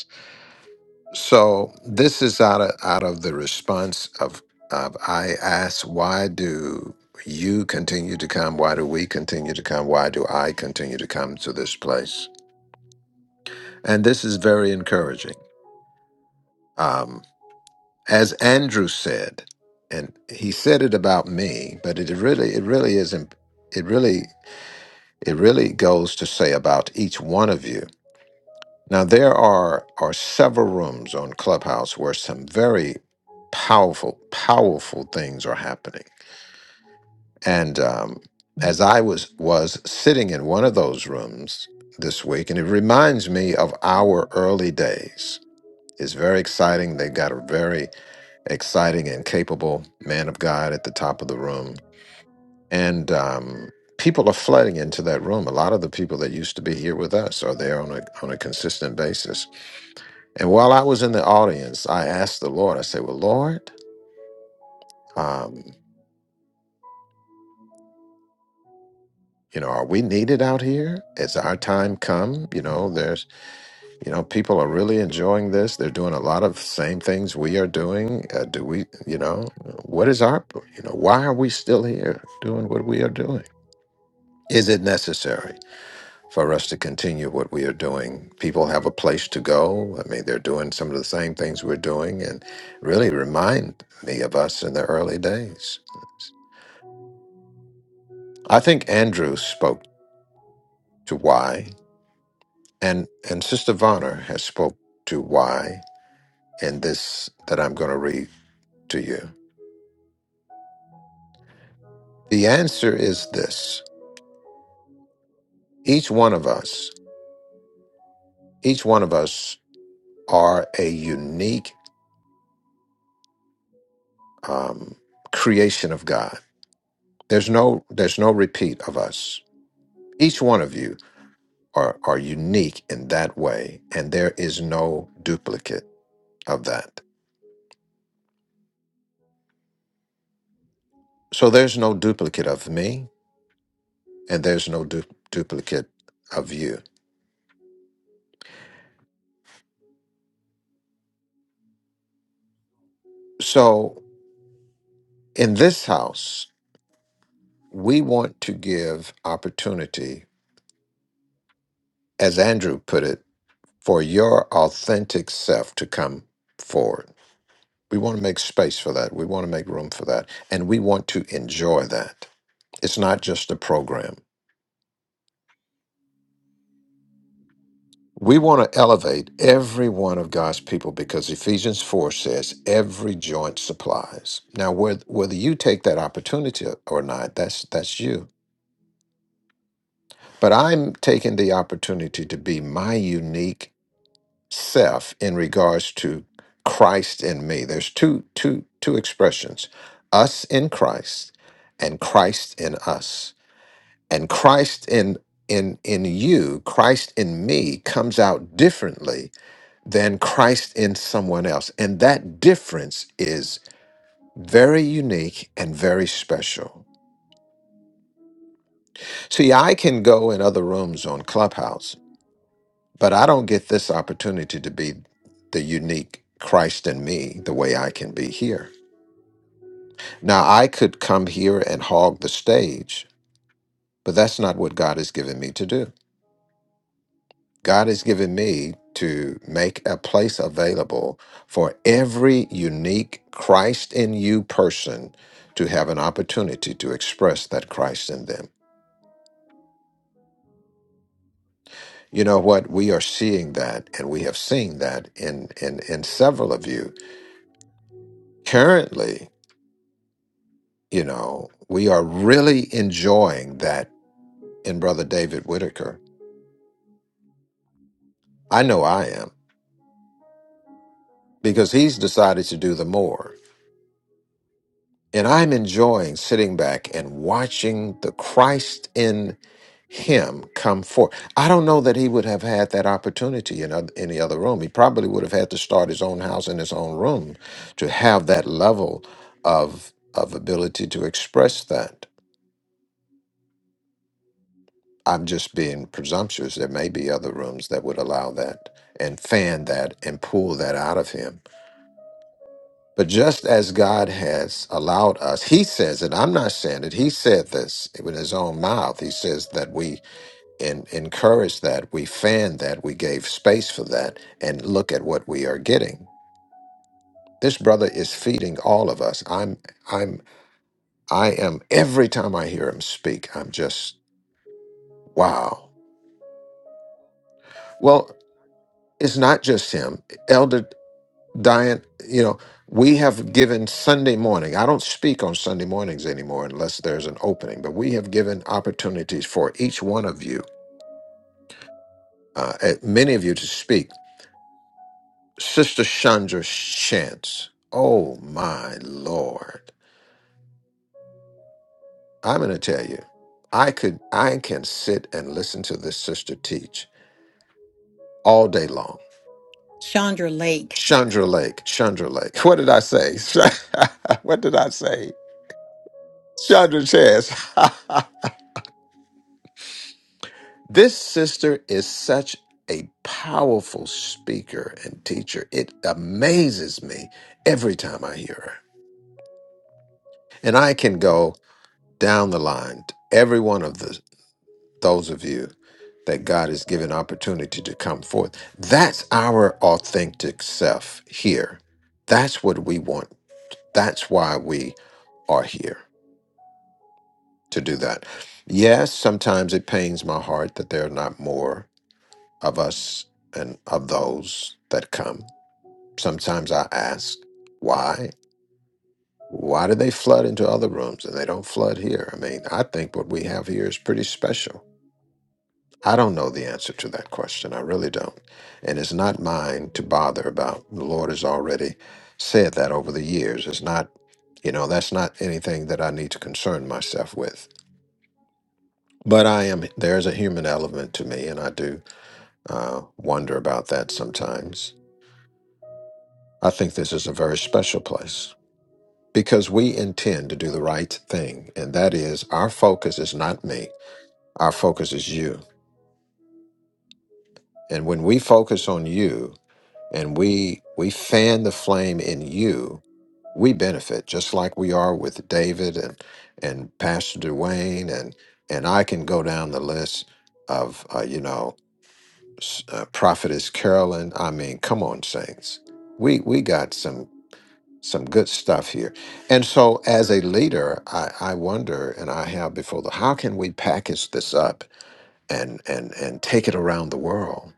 So this is out of out of the response of of I ask, why do you continue to come? Why do we continue to come? Why do I continue to come to this place? And this is very encouraging. Um, as Andrew said, and he said it about me, but it really it really isn't it really it really goes to say about each one of you Now, there are, are several rooms on Clubhouse where some very powerful, powerful things are happening. And um, as I was, was sitting in one of those rooms this week, and it reminds me of our early days. It's very exciting. They got a very exciting and capable man of God at the top of the room. And um, people are flooding into that room. A lot of the people that used to be here with us are there on a, on a consistent basis. And while I was in the audience, I asked the Lord, I said, Well, Lord, um, you know, are we needed out here? Is our time come? You know, there's, you know, people are really enjoying this. They're doing a lot of same things we are doing. Uh, do we, you know, what is our, you know, why are we still here doing what we are doing? Is it necessary for us to continue what we are doing? People have a place to go. I mean, they're doing some of the same things we're doing and really remind me of us in the early days. I think Andrew spoke to why, and and Sister Vonner has spoke to why in this that I'm going to read to you. The answer is this: each one of us, each one of us, are a unique um, creation of God. There's no there's no repeat of us. Each one of you are are unique in that way, and there is no duplicate of that. So there's no duplicate of me. and there's no du- duplicate of you. So in this house, we want to give opportunity, as Andrew put it, for your authentic self to come forward. We want to make space for that. We want to make room for that. And we want to enjoy that. It's not just a program. We want to elevate every one of God's people because Ephesians 4 says every joint supplies. Now, whether, whether you take that opportunity or not, that's, that's you But I'm taking the opportunity to be my unique self in regards to Christ in me. There's two two two expressions. Us in Christ and Christ in us. And Christ in in in you, Christ in me comes out differently than Christ in someone else. And that difference is very unique and very special. See, I can go in other rooms on Clubhouse But I don't get this opportunity to be the unique Christ in me the way I can be here. Now, I could come here and hog the stage, but that's not what God has given me to do. God has given me to make a place available for every unique Christ in you person to have an opportunity to express that Christ in them. You know what? We are seeing that, and we have seen that in in in several of you currently you know, we are really enjoying that in Brother David Whitaker. I know I am because he's decided to do the more. And I'm enjoying sitting back and watching the Christ in him come forth. I don't know that he would have had that opportunity in oth- any other room. He probably would have had to start his own house in his own room to have that level of of ability to express that. I'm just being presumptuous. There may be other rooms that would allow that and fan that and pull that out of him. But just as God has allowed us, He says it. I'm not saying it. He said this with His own mouth. He says that we en- encouraged that, we fanned that, we gave space for that, and look at what we are getting. This brother is feeding all of us. I'm, I'm, I am. Every time I hear him speak, I'm just wow. Well, it's not just him. Elder Diane, you know, we have given Sunday morning. I don't speak on Sunday mornings anymore unless there's an opening, but we have given opportunities for each one of you, uh, eh, many of you to speak. Sister Chandra's chance. Oh my Lord. I'm going to tell you, I could, I can sit and listen to this sister teach all day long. Chandra Lake. Chandra Lake, Chandra Lake. <laughs> What did I say? <laughs> what did I say? Chandra Chance. <laughs> This sister is such a powerful speaker and teacher. It amazes me every time I hear her. And I can go down the line to every one of the, those of you that God has given opportunity to come forth. That's our authentic self here. That's what we want. That's why we are here to do that. Yes, sometimes it pains my heart that there are not more of us and of those that come. Sometimes I ask, why? Why do they flood into other rooms and they don't flood here? I mean, I think what we have here is pretty special. I don't know the answer to that question. I really don't. And it's not mine to bother about. The Lord has already said that over the years. It's not, you know, that's not anything that I need to concern myself with. But I am, there's a human element to me, and I do uh, wonder about that sometimes. I think this is a very special place. because we intend to do the right thing. And that is, our focus is not me, our focus is you. And when we focus on you and we, we fan the flame in you, we benefit just like we are with David and, and Pastor Dwayne. And, and I can go down the list of, uh, you know, s- uh, Prophetess Carolyn. I mean, come on, saints. We, we got some some good stuff here. And so, as a leader, I, I wonder, and I have before the, how can we package this up and and and take it around the world?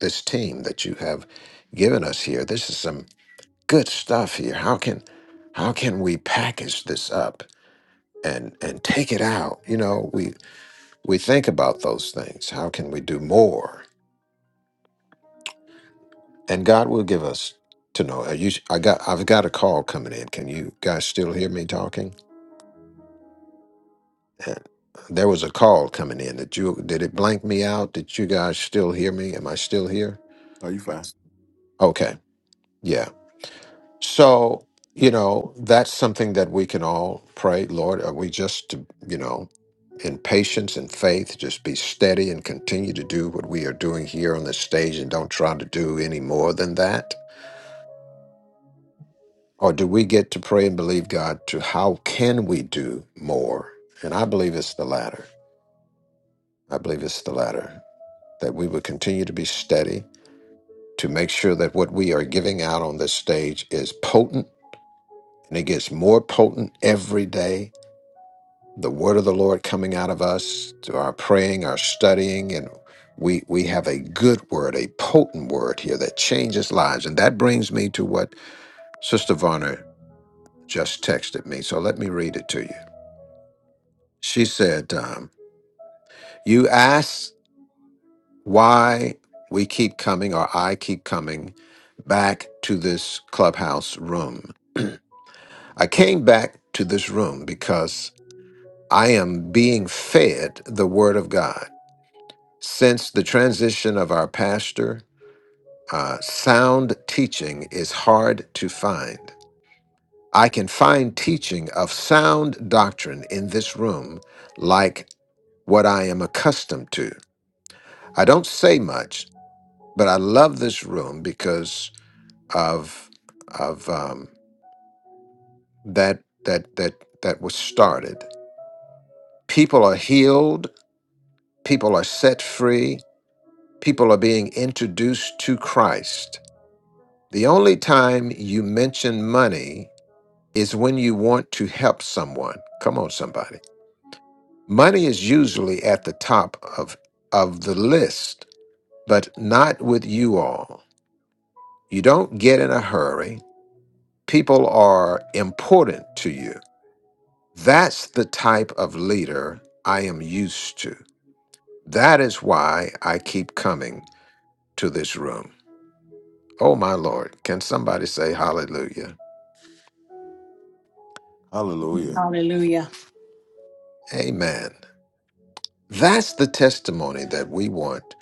This team that you have given us here, this is some good stuff here. How can how can we package this up and and take it out? You know, we we think about those things. How can we do more? And God will give us to know. Are you, I got I've got a call coming in. Can you guys still hear me talking? <laughs> Uh, There was a call coming in. Did you did it blank me out? Did you guys still hear me? Am I still here? Are you fine? Okay. Yeah. So, you know, that's something that we can all pray, Lord, are we just to, you know, in patience and faith, just be steady and continue to do what we are doing here on this stage and don't try to do any more than that? Or do we get to pray and believe God to how can we do more? And I believe it's the latter. I believe it's the latter that we would continue to be steady to make sure that what we are giving out on this stage is potent and it gets more potent every day. The word of the Lord coming out of us, through our praying, our studying, and we we have a good word, a potent word here that changes lives. And that brings me to what Sister Varner just texted me. So let me read it to you. She said, um, "You asked why we keep coming, or I keep coming back to this clubhouse room." <clears throat> I came back to this room because I am being fed the Word of God. Since the transition of our pastor, uh, sound teaching is hard to find. I can find teaching of sound doctrine in this room like what I am accustomed to. I don't say much, but I love this room because of of um, that that that that was started. People are healed People are set free. People are being introduced to Christ. The only time you mention money is when you want to help someone. Come on, somebody. Money is usually at the top of, of the list, but not with you all. You don't get in a hurry. People are important to you. That's the type of leader I am used to. That is why I keep coming to this room. Oh, my Lord. Can somebody say hallelujah? Hallelujah. Hallelujah. Amen. That's the testimony that we want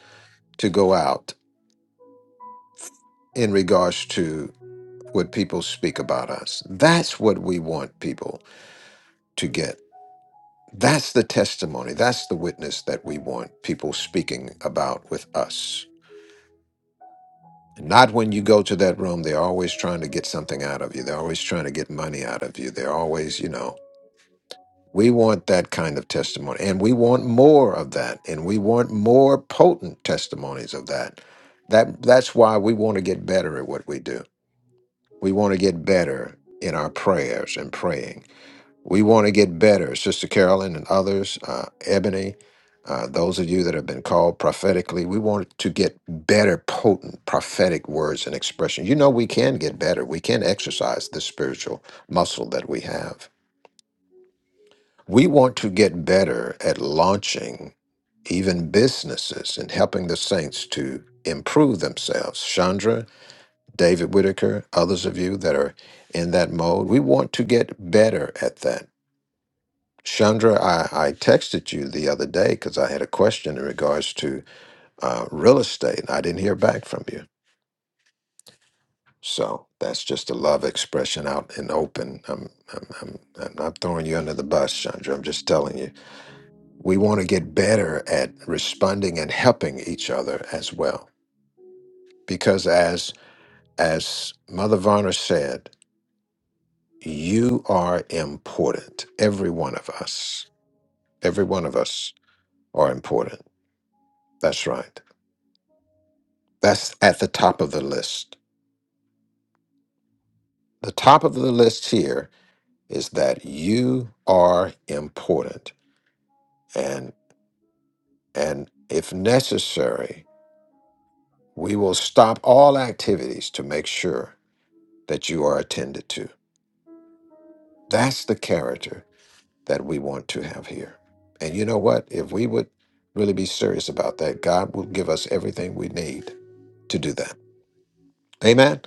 to go out in regards to what people speak about us. That's what we want people to get. That's the testimony. That's the witness that we want people speaking about with us. Not when you go to that room, they're always trying to get something out of you. They're always trying to get money out of you. They're always, you know, We want that kind of testimony, and we want more of that, and we want more potent testimonies of that. That that's why we want to get better at what we do. We want to get better in our prayers and praying. We want to get better, Sister Carolyn and others, uh, Ebony, uh, those of you that have been called prophetically. We want to get better, potent prophetic words and expression. You know, we can get better. We can exercise the spiritual muscle that we have we want to get better at launching even businesses and helping the saints to improve themselves. Chandra, David Whitaker, others of you that are in that mode, we want to get better at that. Chandra, I, I texted you the other day because I had a question in regards to uh, real estate. and I didn't hear back from you. So that's just a love expression out in open. I'm, I'm, I'm, I'm not throwing you under the bus, Chandra. I'm just telling you we want to get better at responding and helping each other as well because as as mother varner said you are important every one of us every one of us are important that's right that's at the top of the list the top of the list here is that you are important and and if necessary we will stop all activities to make sure that you are attended to That's the character that we want to have here. And you know what? If we would really be serious about that, God will give us everything we need to do that. Amen.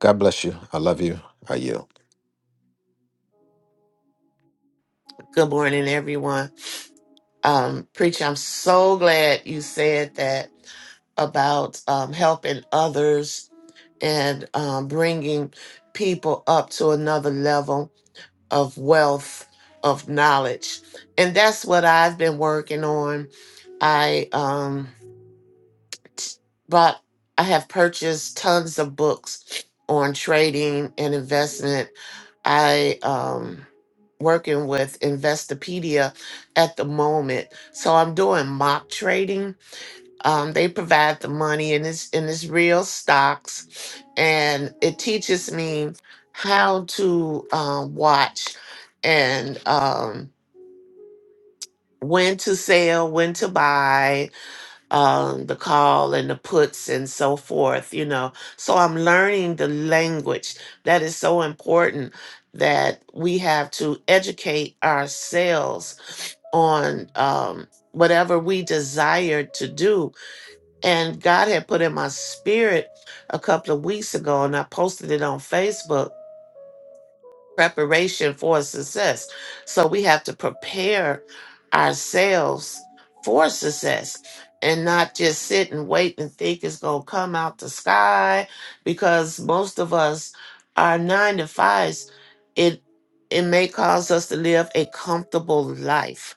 God bless you. I love you. I yield. Good morning, everyone. Um, Preacher, I'm so glad you said that about um, helping others and um, bringing people up to another level of wealth, of knowledge. And that's what I've been working on. I. um, but I have purchased tons of books on trading and investment. I um working with Investopedia at the moment. So I'm doing mock trading. Um they provide the money and it's and it's real stocks and it teaches me how to um watch and um when to sell, when to buy, um, the call and the puts and so forth, you know. So I'm learning the language. That is so important that we have to educate ourselves on um, whatever we desire to do. And God had put in my spirit a couple of weeks ago, and I posted it on Facebook preparation for success. So we have to prepare ourselves for success and not just sit and wait and think it's going to come out the sky because most of us are 9 to 5s it it may cause us to live a comfortable life.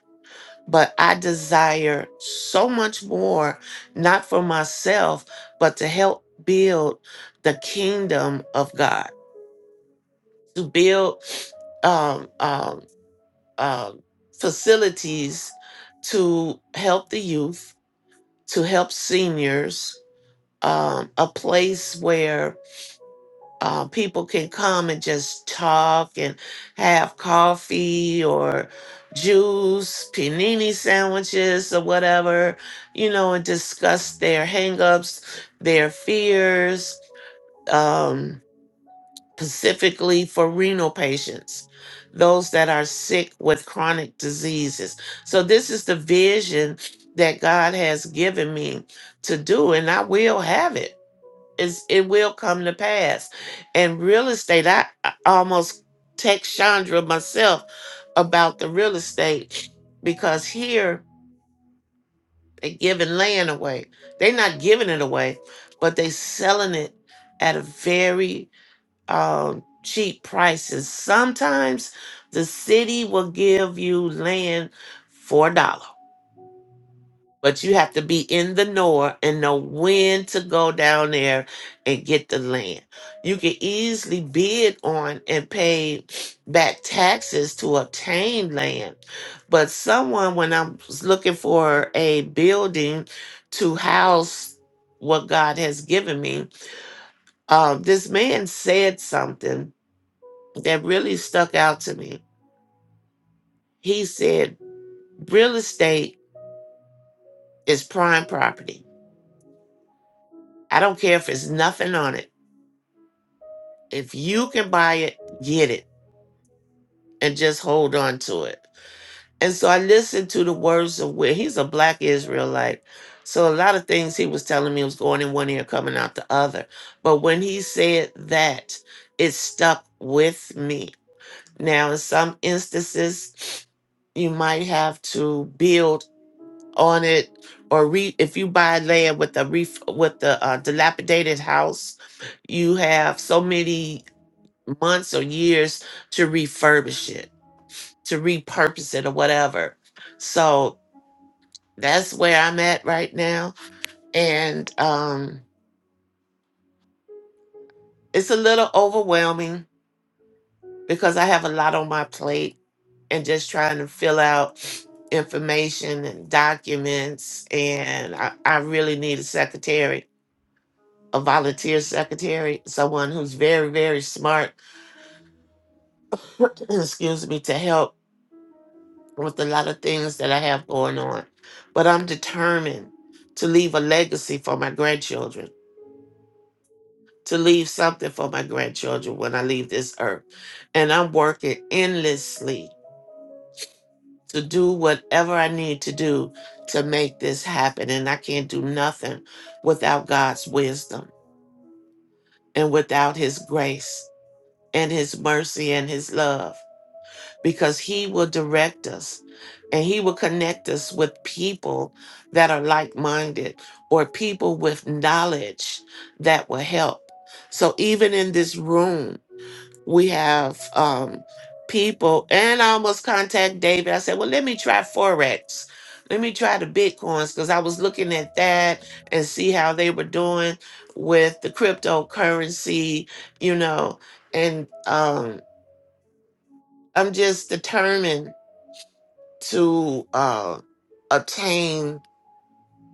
But I desire so much more not for myself but to help build the kingdom of God to build um, um, um, facilities to help the youth, to help seniors, um, a place where uh, people can come and just talk and have coffee or juice, panini sandwiches or whatever, you know, and discuss their hangups, their fears. Um, specifically for renal patients, those that are sick with chronic diseases. So, this is the vision that God has given me to do, and I will have it. It's, it will come to pass. And real estate, I, I almost text Chandra myself about the real estate because here they're giving land away. They're not giving it away, but they selling it at a very uh, cheap prices. Sometimes the city will give you land for a dollar, but you have to be in the know and know when to go down there and get the land. You can easily bid on and pay back taxes to obtain land. But someone, when I was looking for a building to house what God has given me, uh, this man said something that really stuck out to me. He said, Real estate is prime property. I don't care if it's nothing on it. If you can buy it, get it and just hold on to it. And so I listened to the words of where he's a black Israelite. So a lot of things he was telling me was going in one ear, coming out the other. But when he said that, it stuck with me. Now, in some instances, you might have to build on it or re if you buy land with a ref with the uh, dilapidated house you have so many months or years to refurbish it to repurpose it or whatever so that's where i'm at right now and um it's a little overwhelming because i have a lot on my plate and just trying to fill out <sniffs> information and documents and i, I really need a secretary a volunteer secretary, someone who's very, very smart, <clears throat> excuse me, to help with a lot of things that I have going on. But I'm determined to leave a legacy for my grandchildren, to leave something for my grandchildren when I leave this earth. And I'm working endlessly to do whatever I need to do to make this happen. And I can't do nothing without God's wisdom and without His grace and His mercy and His love. because he will direct us and he will connect us with people that are like-minded or people with knowledge that will help so even in this room we have um people and i almost contact david i said well let me try forex let me try the bitcoins because i was looking at that and see how they were doing with the cryptocurrency you know and um i'm just determined to uh, obtain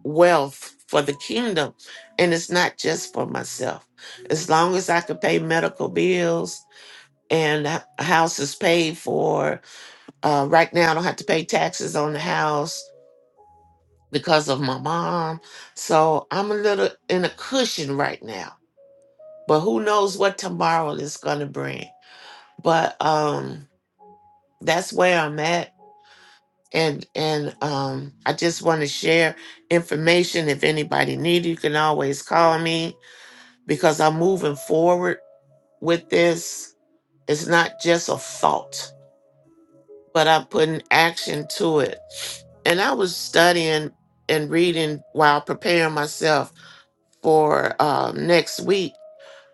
wealth for the kingdom. And it's not just for myself. As long as I can pay medical bills and h- house is paid for, uh, right now I don't have to pay taxes on the house because of my mom. So I'm a little in a cushion right now. But who knows what tomorrow is going to bring. But um, that's where I'm at and and um i just want to share information if anybody need it, you can always call me because i'm moving forward with this it's not just a thought but i'm putting action to it and i was studying and reading while preparing myself for um, next week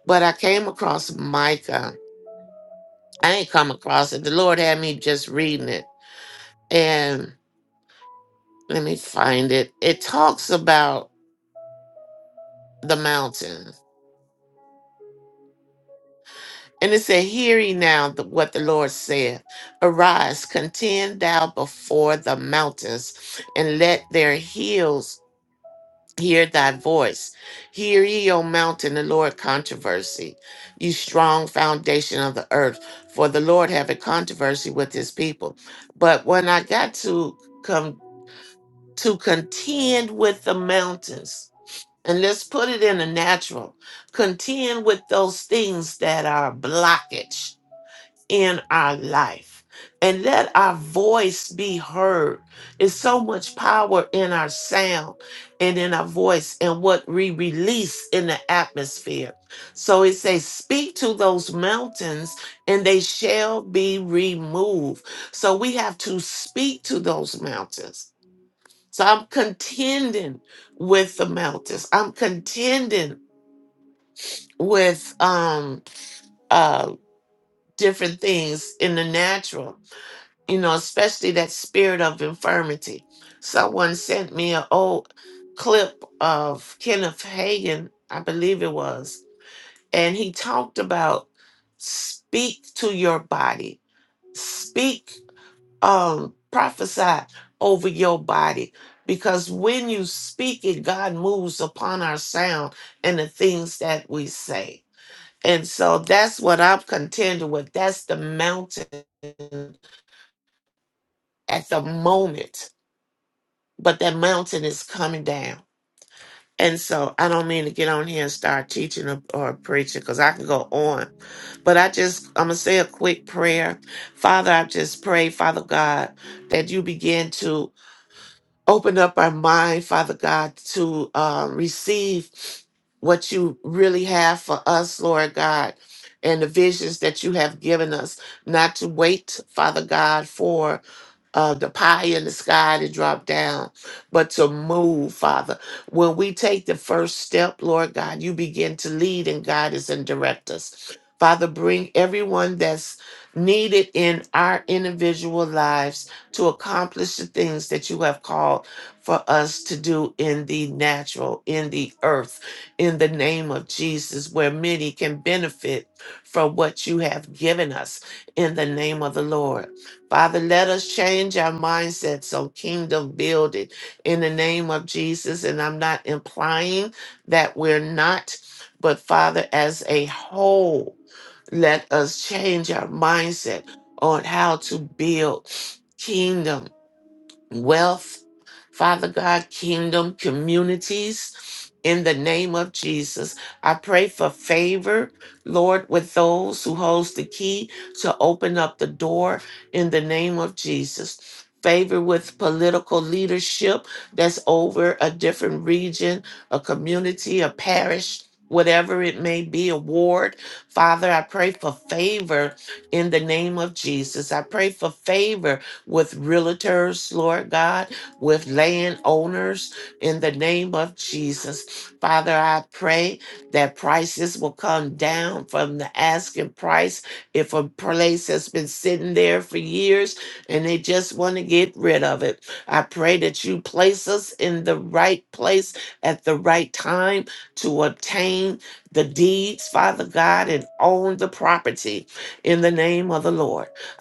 but i came across micah i ain't come across it the lord had me just reading it and let me find it it talks about the mountain. And it said, Hear ye now the, what the Lord said: Arise, contend thou before the mountains, and let their hills hear thy voice. Hear ye, O mountain, the Lord controversy, ye strong foundation of the earth, for the Lord have a controversy with his people. But when I got to come to contend with the mountains, And let's put it in the natural. Contend with those things that are blockage in our life. And let our voice be heard. It's so much power in our sound and in our voice and what we release in the atmosphere. So it says, Speak to those mountains and they shall be removed. So we have to speak to those mountains so I'm contending with the mountains. I'm contending with um uh different things in the natural, you know, especially that spirit of infirmity. Someone sent me an old clip of Kenneth Hagin, I believe it was, and he talked about speak to your body. Speak um prophesy over your body because when you speak it god moves upon our sound and the things that we say and so that's what i'm contending with that's the mountain at the moment but that mountain is coming down and so i don't mean to get on here and start teaching or, or preaching because i can go on but i just i'm gonna say a quick prayer father i just pray father god that you begin to open up our mind, Father God, to uh, receive what you really have for us, Lord God, and the visions that you have given us, not to wait, Father God, for uh, the pie in the sky to drop down, but to move, Father. When we take the first step, Lord God, you begin to lead and guide us and direct us. Father, bring everyone that's needed in our individual lives to accomplish the things that you have called for us to do in the natural, in the earth, in the name of Jesus, where many can benefit from what you have given us in the name of the Lord. Father, let us change our mindsets on kingdom building in the name of Jesus. And I'm not implying that we're not, but Father, as a whole, let us change our mindset on how to build kingdom wealth, Father God, kingdom, communities. In the name of Jesus, I pray for favor, Lord, with those who holds the key to open up the door in the name of Jesus. Favor with political leadership that's over a different region, a community, a parish, whatever it may be, a ward. Father, I pray for favor in the name of Jesus. I pray for favor with realtors, Lord God, with landowners in the name of Jesus. Father, I pray that prices will come down from the asking price. If a place has been sitting there for years and they just want to get rid of it, I pray that you place us in the right place at the right time to obtain the deeds, Father God, and own the property in the name of the Lord.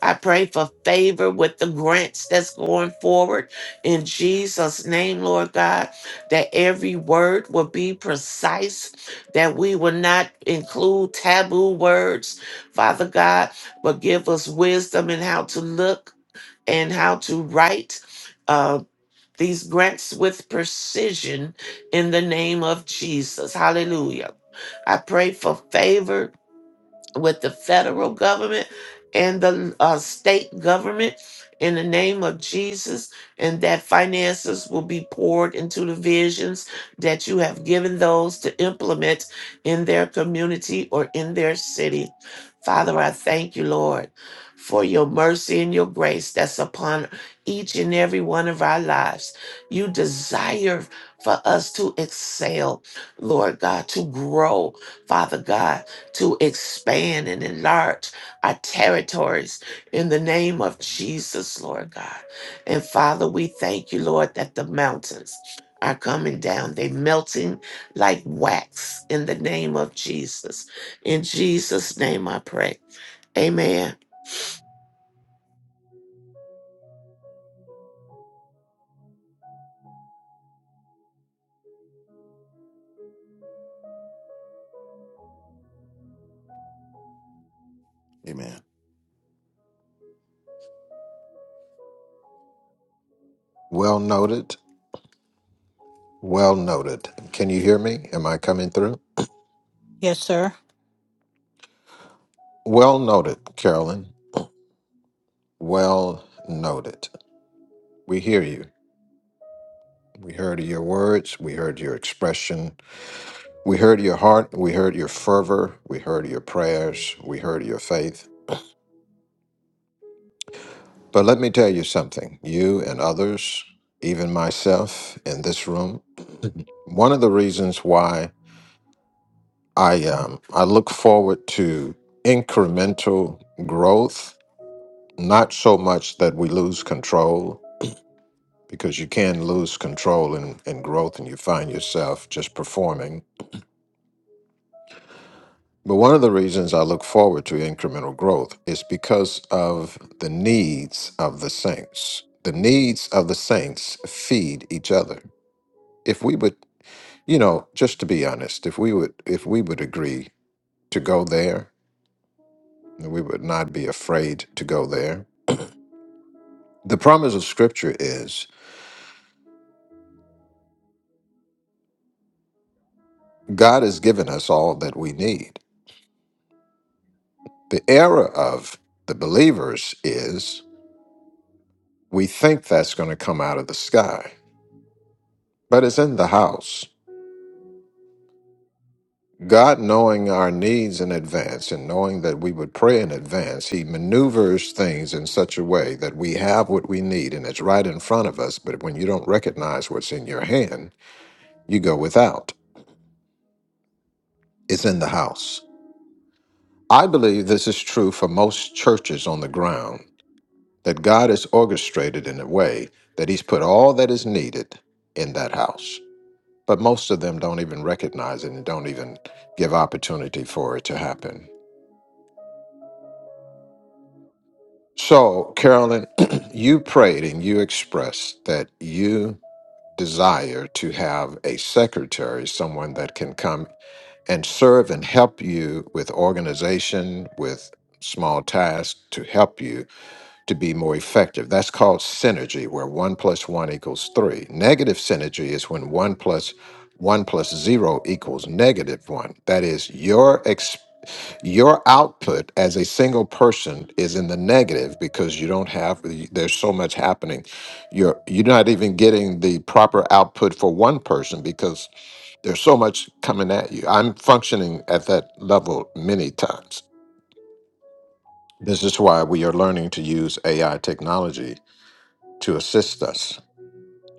I pray for favor with the grants that's going forward in Jesus' name, Lord God, that every word will be precise, that we will not include taboo words, Father God, but give us wisdom in how to look and how to write. Uh, these grants with precision in the name of Jesus. Hallelujah. I pray for favor with the federal government and the uh, state government in the name of Jesus, and that finances will be poured into the visions that you have given those to implement in their community or in their city. Father, I thank you, Lord, for your mercy and your grace that's upon each and every one of our lives. You desire for us to excel, Lord God, to grow, Father God to expand and enlarge our territories in the name of Jesus, Lord God. And Father, we thank you, Lord, that the mountains are coming down. They melting like wax in the name of Jesus. In Jesus' name I pray. Amen. Amen. Well noted. Well noted. Can you hear me? Am I coming through? Yes, sir. Well noted, Carolyn. Well noted. We hear you. We heard your words. We heard your expression. We heard your heart. We heard your fervor. We heard your prayers. We heard your faith. But let me tell you something, you and others, even myself in this room, one of the reasons why I um, I look forward to incremental growth, not so much that we lose control, because you can lose control in, in growth and you find yourself just performing. But one of the reasons I look forward to incremental growth is because of the needs of the saints. The needs of the saints feed each other If we would. You know, just to be honest, if we would if we would agree to go there, we would not be afraid to go there. The promise of scripture is God has given us all that we need. The error of the believers is we think that's going to come out of the sky, but it's in the house. God knowing our needs in advance and knowing that we would pray in advance, He maneuvers things in such a way that we have what we need and it's right in front of us. But when you don't recognize what's in your hand, you go without. It's in the house. I believe this is true for most churches on the ground that God is orchestrated in a way that He's put all that is needed in that house. But most of them don't even recognize it and don't even give opportunity for it to happen. So, Carolyn, <clears throat> you prayed and you expressed that you desire to have a secretary, someone that can come and serve and help you with organization, with small tasks to help you to be more effective. That's called synergy, where one plus one equals three. Negative synergy is when one plus one plus zero equals negative one. That is your your output as a single person is in the negative because you don't have there's so much happening you're you're not even getting the proper output for one person because there's so much coming at you i'm functioning at that level many times this is why we are learning to use ai technology to assist us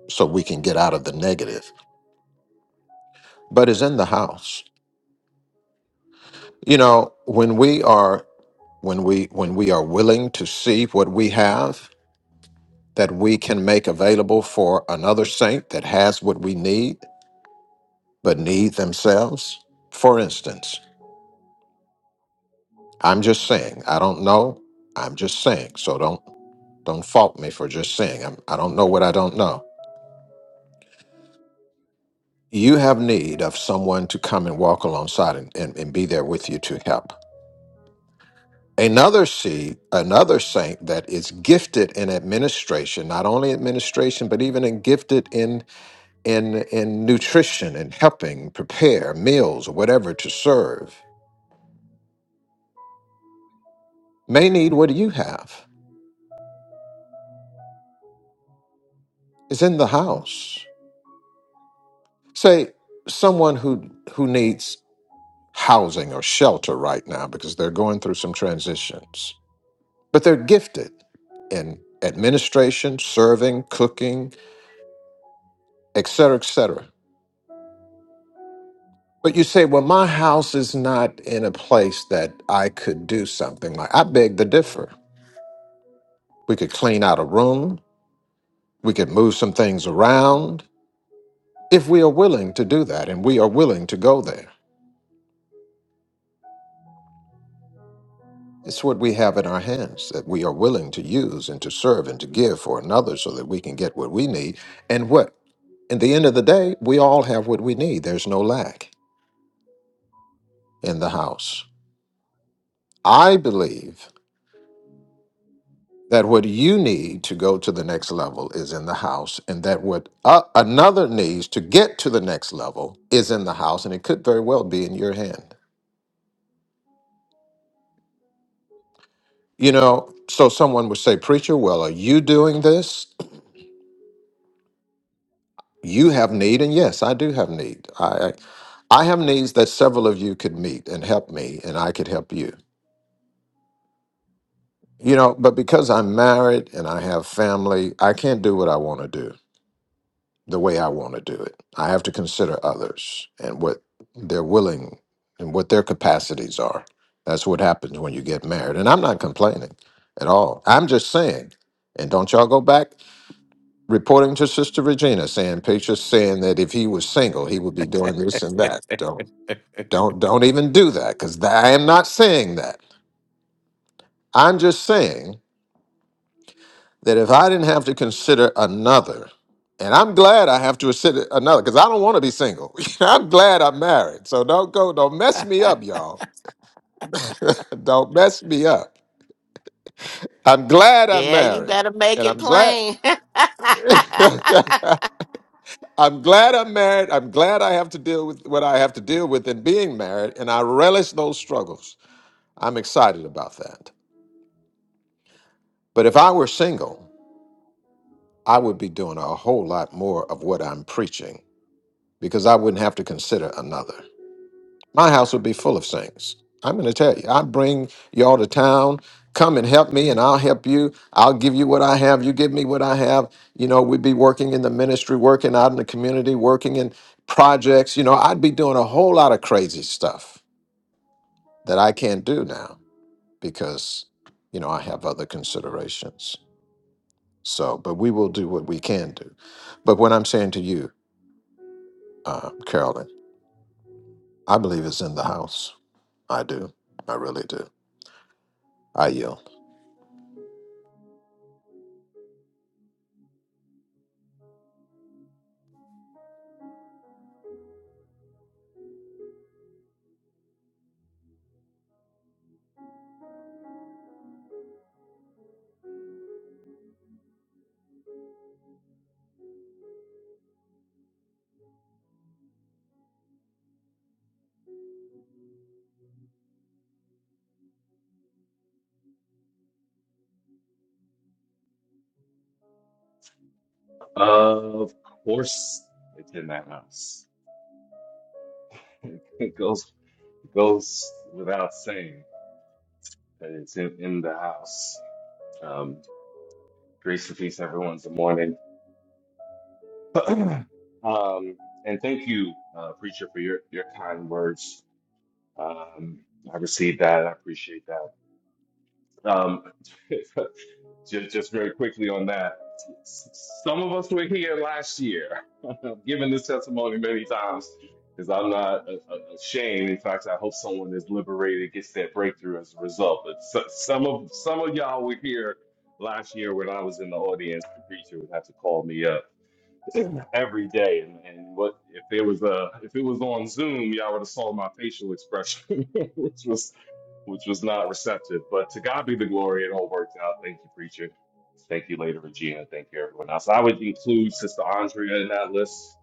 so we can get out of the negative but it's in the house you know when we are when we when we are willing to see what we have that we can make available for another saint that has what we need but need themselves? For instance, I'm just saying, I don't know. I'm just saying. So don't don't fault me for just saying. I'm, I don't know what I don't know. You have need of someone to come and walk alongside and, and, and be there with you to help. Another seed, another saint that is gifted in administration, not only administration, but even in gifted in in nutrition and helping prepare meals or whatever to serve may need what you have is in the house say someone who who needs housing or shelter right now because they're going through some transitions but they're gifted in administration serving cooking etc cetera, etc cetera. but you say well my house is not in a place that i could do something like i beg to differ we could clean out a room We could move some things around if we are willing to do that, and we are willing to go there. It's what we have in our hands that we are willing to use and to serve and to give for another so that we can get what we need. And what, in the end of the day, we all have what we need. There's no lack in the house. I believe that what you need to go to the next level is in the house, and that what uh, another needs to get to the next level is in the house, and it could very well be in your hand. You know, so someone would say, Preacher, well, are you doing this? You have need, and yes, I do have need. I, I I have needs that several of you could meet and help me, and I could help you. You know, but because I'm married and I have family, I can't do what I want to do the way I want to do it. I have to consider others and what they're willing and what their capacities are. That's what happens when you get married. And I'm not complaining at all. I'm just saying, and don't y'all go back. reporting to Sister Regina, saying Patricia saying that if he was single, he would be doing this and that. Don't don't don't even do that because I am not saying that. I'm just saying that if I didn't have to consider another, and I'm glad I have to consider another because I don't want to be single. <laughs> I'm glad I'm married, so don't go don't mess me up, y'all. <laughs> don't mess me up. I'm glad I'm Yeah, you married, better make and it I'm glad. plain. <laughs> <laughs> I'm glad I'm married. I'm glad I have to deal with what I have to deal with in being married, and I relish those struggles. I'm excited about that. But if I were single, I would be doing a whole lot more of what I'm preaching because I wouldn't have to consider another. My house would be full of saints. I'm going to tell you, I'd bring y'all to town. Come and help me, and I'll help you. I'll give you what I have. You give me what I have. You know, we'd be working in the ministry, working out in the community, working in projects. You know, I'd be doing a whole lot of crazy stuff that I can't do now because, you know, I have other considerations. So, but we will do what we can do. But what I'm saying to you, uh, Carolyn, I believe it's in the house. I do. I really do. I yield. Of course, it's in that house. <laughs> It goes goes without saying that it's in, in the house. Um, grace and peace, everyone. Good morning. <clears throat> um, and thank you, uh, preacher, for your your kind words. Um, I received that. I appreciate that. Um, <laughs> just just very quickly on that. Some of us were here last year. <laughs> I've given this testimony many times because I'm not a- a- ashamed. In fact, I hope someone is liberated, gets that breakthrough as a result. But so, some of some of y'all were here last year when I was in the audience. The preacher would have to call me up <clears throat> every day. And, and what if it was uh if it was on Zoom, y'all would have saw my facial expression, <laughs> which was which was not receptive. But to God be the glory, it all worked out. Thank you, preacher. Thank you, later Regina. Thank you, everyone else. I would include Sister Andrea in that list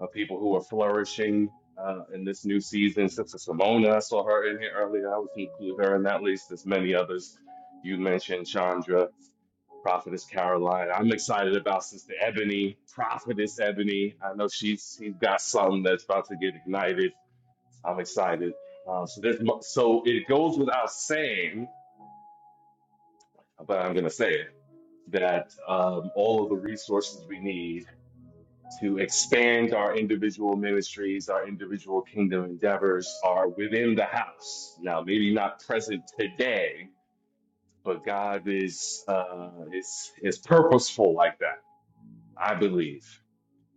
uh, people who are flourishing uh, in this new season. Sister Simona, I saw her in here earlier. I was include her in that list. There's many others. You mentioned Chandra, Prophetess Caroline. I'm excited about Sister Ebony, Prophetess Ebony. I know she's she's got something that's about to get ignited. I'm excited. Uh, so there's mu- so it goes without saying, but I'm gonna say it that um, all of the resources we need to expand our individual ministries, our individual kingdom endeavors are within the house. Now, maybe not present today, but God is uh, is is purposeful like that. I believe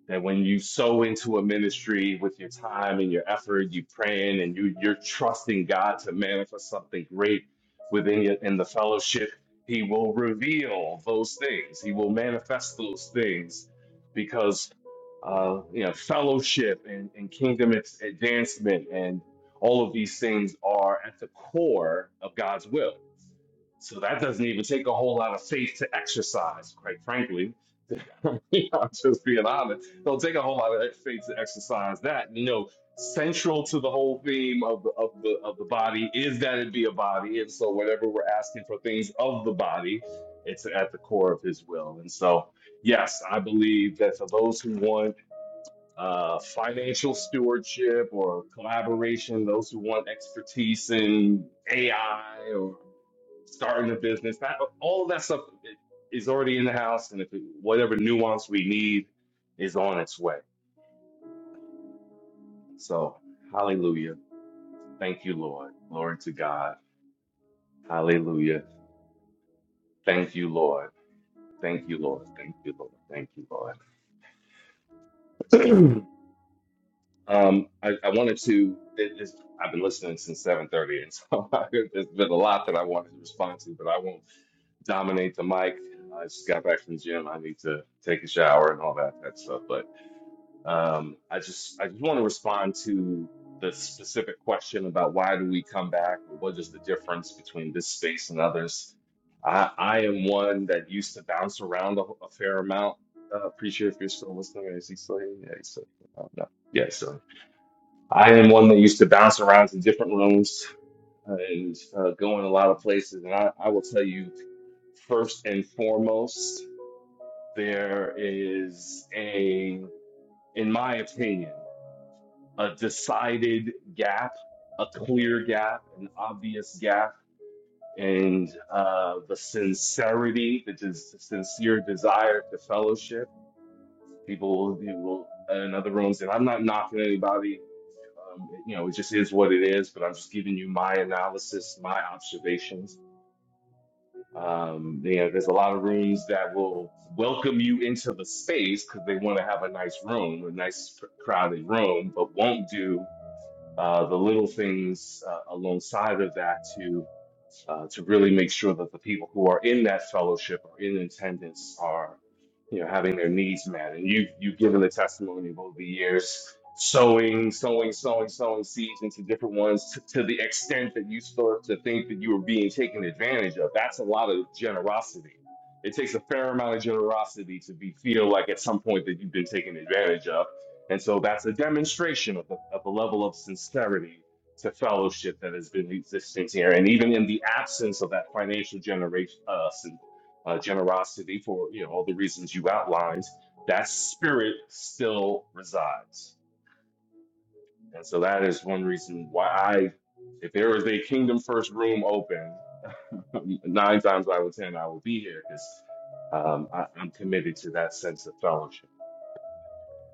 that when you sow into a ministry with your time and your effort, you praying and you you're trusting God to manifest something great within you in the fellowship, He will reveal those things. He will manifest those things because uh, you know fellowship and, and kingdom ad- advancement and all of these things are at the core of God's will. So that doesn't even take a whole lot of faith to exercise, quite frankly. <laughs> You know, I'm just being honest. Don't take a whole lot of faith to exercise that. You know, central to the whole theme of the of the of the body is that it be a body, and so whenever we're asking for things of the body, it's at the core of His will. And so, yes, I believe that for those who want uh, financial stewardship or collaboration, those who want expertise in AI starting a business. That all of that stuff is already in the house, and if it, whatever nuance we need is on its way. So, hallelujah. Thank you, Lord. Glory to God. Hallelujah. Thank you, Lord. Thank you, Lord. Thank you, Lord. Thank you, Lord. <clears throat> um, I, I wanted to. It, it's, I've been listening since seven thirty, and so <laughs> there's been a lot that I wanted to respond to, but I won't dominate the mic. I just got back from the gym. I need to take a shower and all that that stuff. But Um, I just I just want to respond to the specific question about why do we come back? What is the difference between this space and others? I, I am one that used to bounce around a, a fair amount. Uh, pretty sure if you're still listening, is he still here? Yeah, he's still. Oh, no. Yeah, so I am one that used to bounce around to different rooms uh, and uh, go in a lot of places. And I, I will tell you, first and foremost, there is a in my opinion a decided gap, a clear gap, an obvious gap, and uh, the sincerity, the des- sincere desire to fellowship. People will be will, in other rooms, and I'm not knocking anybody. Um, you know, it just is what it is, but I'm just giving you my analysis, my observations. Um, you know, there's a lot of rooms that will welcome you into the space because they want to have a nice room, a nice crowded room, but won't do uh, the little things uh, alongside of that to uh, to really make sure that the people who are in that fellowship or in attendance are, you know, having their needs met. And you've you've given the testimony of over the years, sowing, sowing, sowing, sowing seeds into different ones to, to the extent that you start to think that you were being taken advantage of. That's a lot of generosity. It takes a fair amount of generosity to be feel like at some point that you've been taken advantage of. And so that's a demonstration of the, of the level of sincerity to fellowship that has been existing here, and even in the absence of that financial generation, uh, sin- uh, generosity for you know all the reasons you outlined, that spirit still resides, and so that is one reason why I, if there is a kingdom first room open, <laughs> nine times out of ten I will be here because um, I- I'm committed to that sense of fellowship.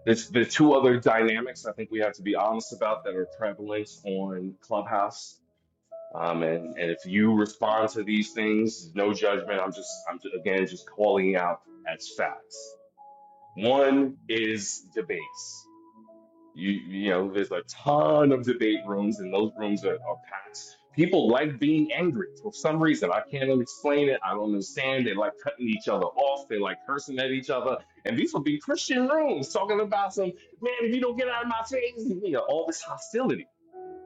There's the two other dynamics I think we have to be honest about that are prevalent on Clubhouse Um, and, and if you respond to these things, no judgment. I'm just, I'm ju- again, just calling out as facts. One is debates. You, you know, there's a ton of debate rooms, and those rooms are, are packed. People like being angry for some reason. I can't explain it. I don't understand. They like cutting each other off. They like cursing at each other. And these would be Christian rooms talking about some, man, if you don't get out of my face, you know, all this hostility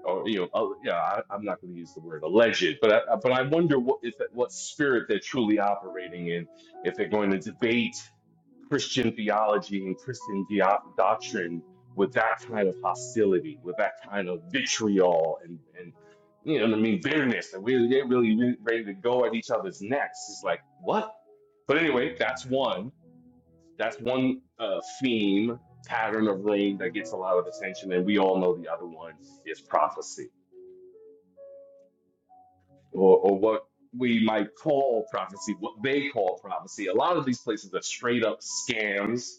or you know, uh, yeah, I, I'm not going to use the word alleged, but I, I- but I wonder what if what spirit they're truly operating in if they're going to debate Christian theology and Christian dio- doctrine with that kind of hostility, with that kind of vitriol and and you know what I mean bitterness, and we get really re- ready to go at each other's necks. It's like what? But anyway, that's one. That's one uh, theme pattern of rain that gets a lot of attention, and we all know the other one is prophecy or, or what we might call prophecy, what they call prophecy. A lot of these places are straight up scams.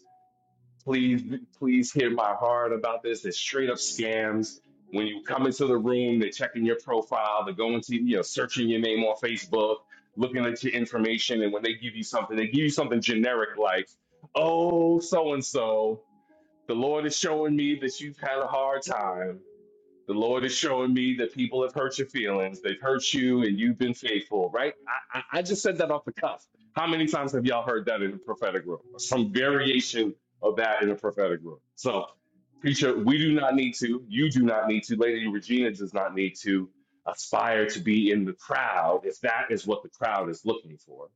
Please, please hear my heart about this. They're straight up scams. When you come into the room, they're checking your profile, they're going to, you know, searching your name on Facebook, looking at your information. And when they give you something, they give you something generic like, oh, so and so, the Lord is showing me that you've had a hard time the Lord is showing me that people have hurt your feelings. They've hurt you and you've been faithful, right? I, I, I just said that off the cuff. How many times have y'all heard that in the prophetic room? Or some variation of that in the prophetic room. So, preacher, we do not need to. You do not need to. Lady Regina does not need to aspire to be in the crowd if that is what the crowd is looking for.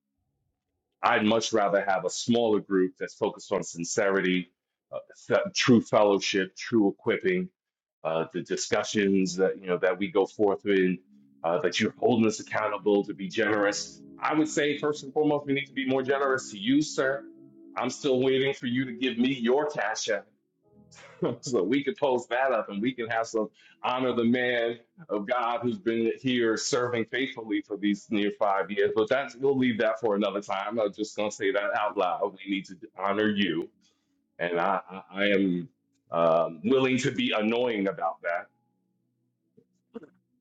I'd much rather have a smaller group that's focused on sincerity, uh, fe- true fellowship, true equipping uh, the discussions that you know that we go forth in, uh, that you're holding us accountable to be generous. I would say first and foremost, we need to be more generous to you, sir. I'm still waiting for you to give me your cash app <laughs> so we can post that up and we can have some honor the man of God who's been here serving faithfully for these near five years. But that's we'll leave that for another time. I'm just gonna say that out loud. We need to honor you, and I I, I am um, willing to be annoying about that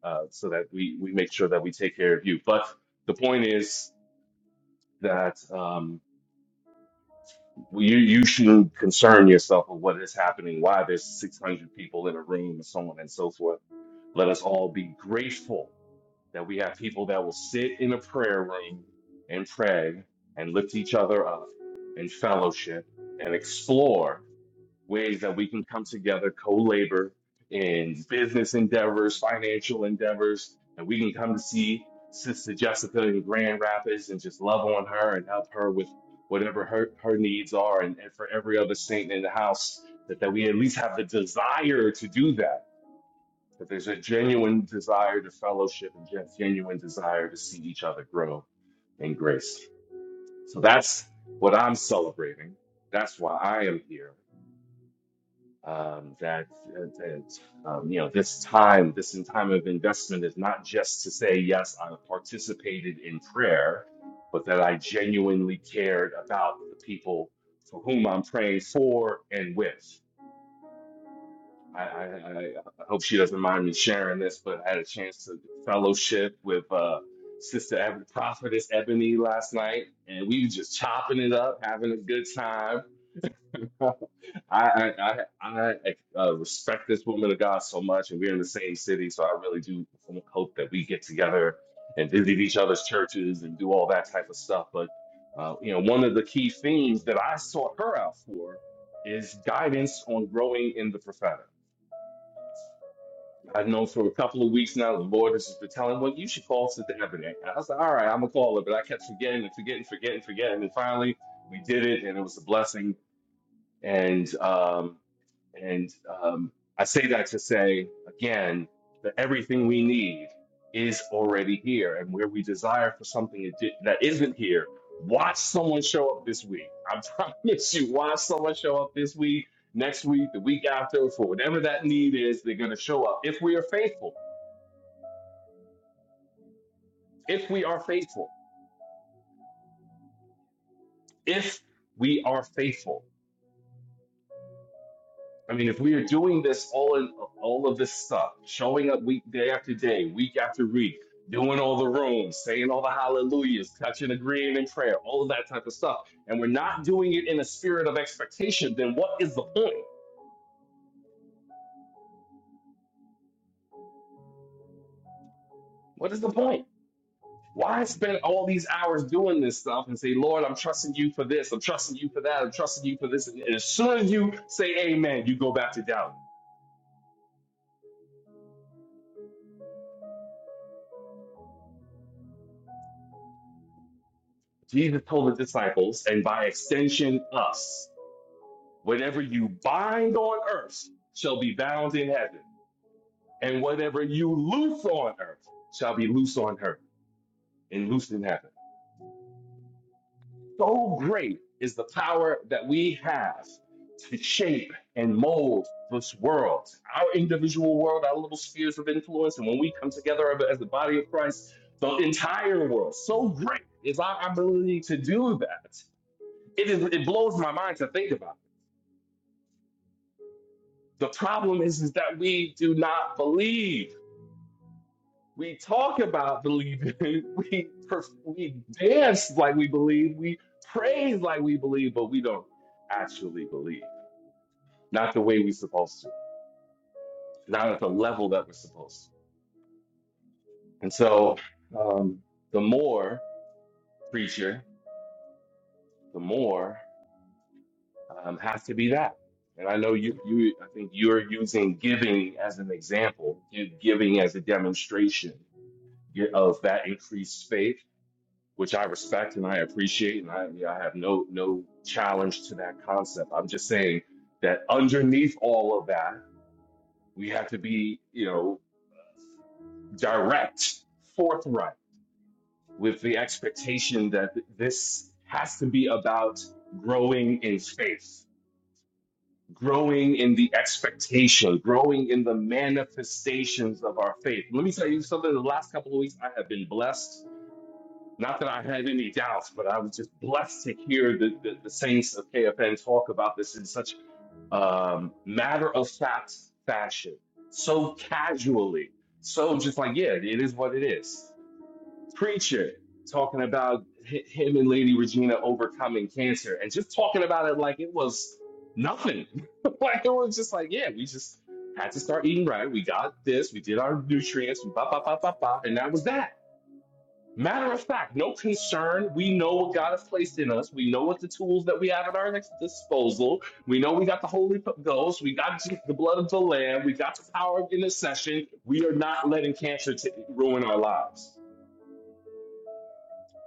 uh, so that we we make sure that we take care of you. But the point is that um, we, you you shouldn't concern yourself with what is happening, why there's 600 people in a room, and so on and so forth. Let us all be grateful that we have people that will sit in a prayer room and pray and lift each other up and fellowship and explore ways that we can come together, co-labor in business endeavors, financial endeavors, and we can come to see Sister Jessica in Grand Rapids and just love on her and help her with whatever her, her needs are. And, and for every other saint in the house, that, that we at least have the desire to do that. That there's a genuine desire to fellowship and gen- genuine desire to see each other grow in grace. So that's what I'm celebrating. That's why I am here um, that, uh, that um, you know this time, this in time of investment is not just to say yes, I participated in prayer, but that I genuinely cared about the people for whom I'm praying for and with. I, I, I I hope she doesn't mind me sharing this, but I had a chance to fellowship with uh, Sister Eb- Prophetess Ebony last night, and we were just chopping it up, having a good time. <laughs> I I I, I uh, respect this woman of God so much, and we're in the same city, so I really do hope that we get together and visit each other's churches and do all that type of stuff. But uh, you know, one of the key themes that I sought her out for is guidance on growing in the prophetic. I know for a couple of weeks now, the Lord has just been telling, "Well, you should call Sister Ebony." And I was like, "All right, I'm gonna call her," but I kept forgetting and forgetting, forgetting, forgetting, and finally we did it, and it was a blessing. And um, and um, I say that to say, again, that everything we need is already here. And where we desire for something that di- that isn't here, watch someone show up this week. I <laughs> promise you, watch someone show up this week, next week, the week after, for whatever that need is, they're going to show up. If we are faithful, if we are faithful, if we are faithful. I mean, if we are doing this all in all of this stuff, showing up week day after day, week after week, doing all the rooms, saying all the hallelujahs, touching, agreeing in prayer, all of that type of stuff, and we're not doing it in a spirit of expectation, then what is the point? What is the point? Why spend all these hours doing this stuff and say, Lord, I'm trusting you for this, I'm trusting you for that, I'm trusting you for this? And as soon as you say amen, you go back to doubting. Jesus told the disciples, and by extension, us. Whatever you bind on earth shall be bound in heaven, and whatever you loose on earth shall be loose on earth and loosed in heaven. So great is the power that we have to shape and mold this world, our individual world, our little spheres of influence. And when we come together as the body of Christ, the entire world. So great is our ability to do that. It, is, it blows my mind to think about it. The problem is, is that we do not believe. We talk about believing. <laughs> We perf- we dance like we believe. We praise like we believe, but we don't actually believe. Not the way we're supposed to. Not at the level that we're supposed to. And so, um, the more preacher, the more um, has to be that. And I know you. You. I think you're using giving as an example. gi- Giving as a demonstration gi- of that increased faith which I respect and I appreciate, and I, yeah, I have no no challenge to that concept. I'm just saying that underneath all of that, we have to be, you know, direct, forthright, with the expectation that th- this has to be about growing in faith, growing in the expectation, growing in the manifestations of our faith. Let me tell you something. The last couple of weeks, I have been blessed Not that I had any doubts, but I was just blessed to hear the, the, the saints of KFN talk about this in such um, matter of fact fashion, so casually, so just like, yeah, it is what it is. Preacher talking about hi- him and Lady Regina overcoming cancer and just talking about it like it was nothing. <laughs> like it was just like, yeah, we just had to start eating right. We got this, we did our nutrients, we ba ba ba ba ba, and that was that Matter of fact, no concern. We know what God has placed in us. We know what the tools that we have at our next disposal. We know we got the Holy Ghost. We got the blood of the Lamb. We got the power of intercession. We are not letting cancer to ruin our lives.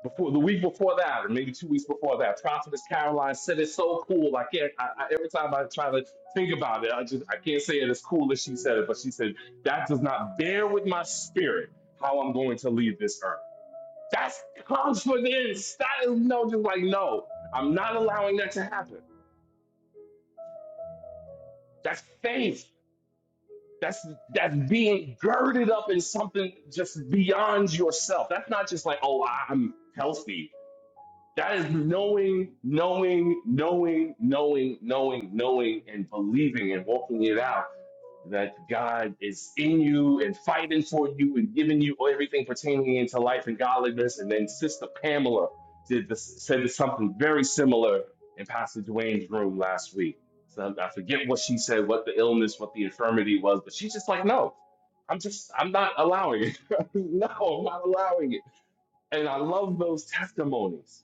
Before the week before that, or maybe two weeks before that, Prophetess Caroline said it's so cool. I can't. I, I, every time I try to think about it, I just I can't say it as cool as she said it. But she said that does not bear with my spirit how I'm going to leave this earth. That's confidence. That is no, just like no, I'm not allowing that to happen. That's faith. That's that's being girded up in something just beyond yourself. That's not just like oh, I'm healthy. That is knowing, knowing, knowing, knowing, knowing, knowing, and believing and walking it out that God is in you and fighting for you and giving you everything pertaining into life and godliness. And then Sister Pamela did this, said something very similar in Pastor Dwayne's room last week. So I forget what she said, what the illness, what the infirmity was, but she's just like, no, I'm just, I'm not allowing it. <laughs> no, I'm not allowing it. And I love those testimonies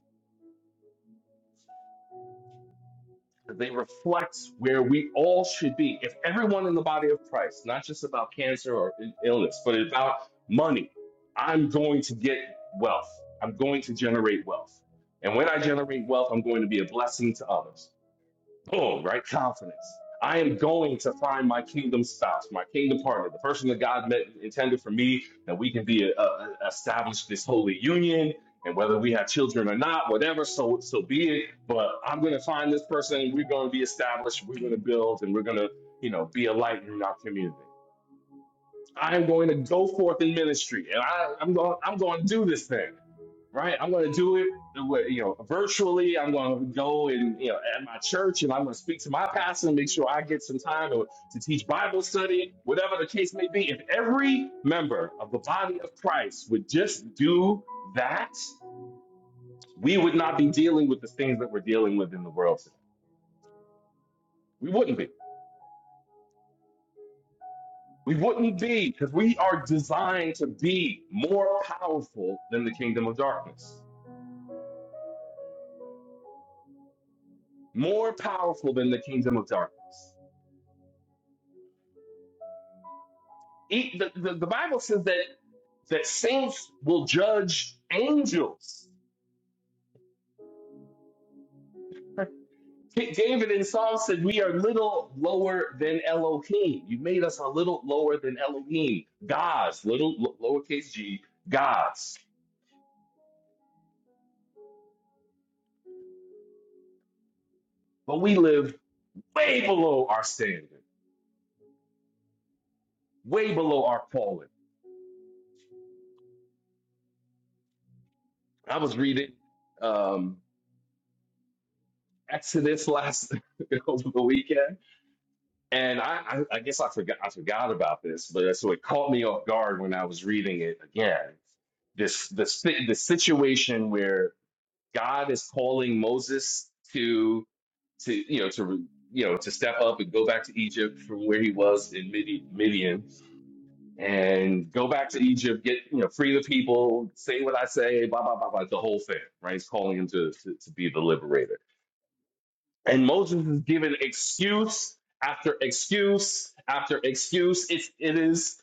They reflect where we all should be. If everyone in the body of Christ, not just about cancer or i- illness, but about money, I'm going to get wealth. I'm going to generate wealth. And when I generate wealth, I'm going to be a blessing to others. Boom, right? Confidence. I am going to find my kingdom spouse, my kingdom partner, the person that God meant, intended for me, that we can be uh, uh, established this holy union. And whether we have children or not, whatever, so so be it. But I'm going to find this person. We're going to be established. We're going to build, and we're going to, you know, be a light in our community. I'm going to go forth in ministry, and I, I'm going. I'm going to do this thing, right? I'm going to do it, with, you know, virtually. I'm going to go and you know at my church, and I'm going to speak to my pastor and make sure I get some time to, to teach Bible study, whatever the case may be. If every member of the body of Christ would just do that, we would not be dealing with the things that we're dealing with in the world today. We wouldn't be. We wouldn't be because we are designed to be more powerful than the kingdom of darkness. more powerful than the kingdom of darkness. E- The, the, the Bible says that, that saints will judge angels. K- David in Psalm said, We are little lower than Elohim. You made us a little lower than Elohim, gods, little lo- lowercase g, gods. But we live way below our standard, way below our calling. I was reading um, Exodus last <laughs> over the weekend And I, I, I guess I forgot I forgot about this, but so it caught me off guard when I was reading it again. This the si- the situation where God is calling Moses to to you know to re- you know to step up and go back to Egypt from where he was in Midi- Midian and go back to Egypt, get you know free the people, say what I say, blah blah blah blah, the whole thing, right? He's calling him to to, to be the liberator and Moses is given excuse after excuse after excuse. It's it is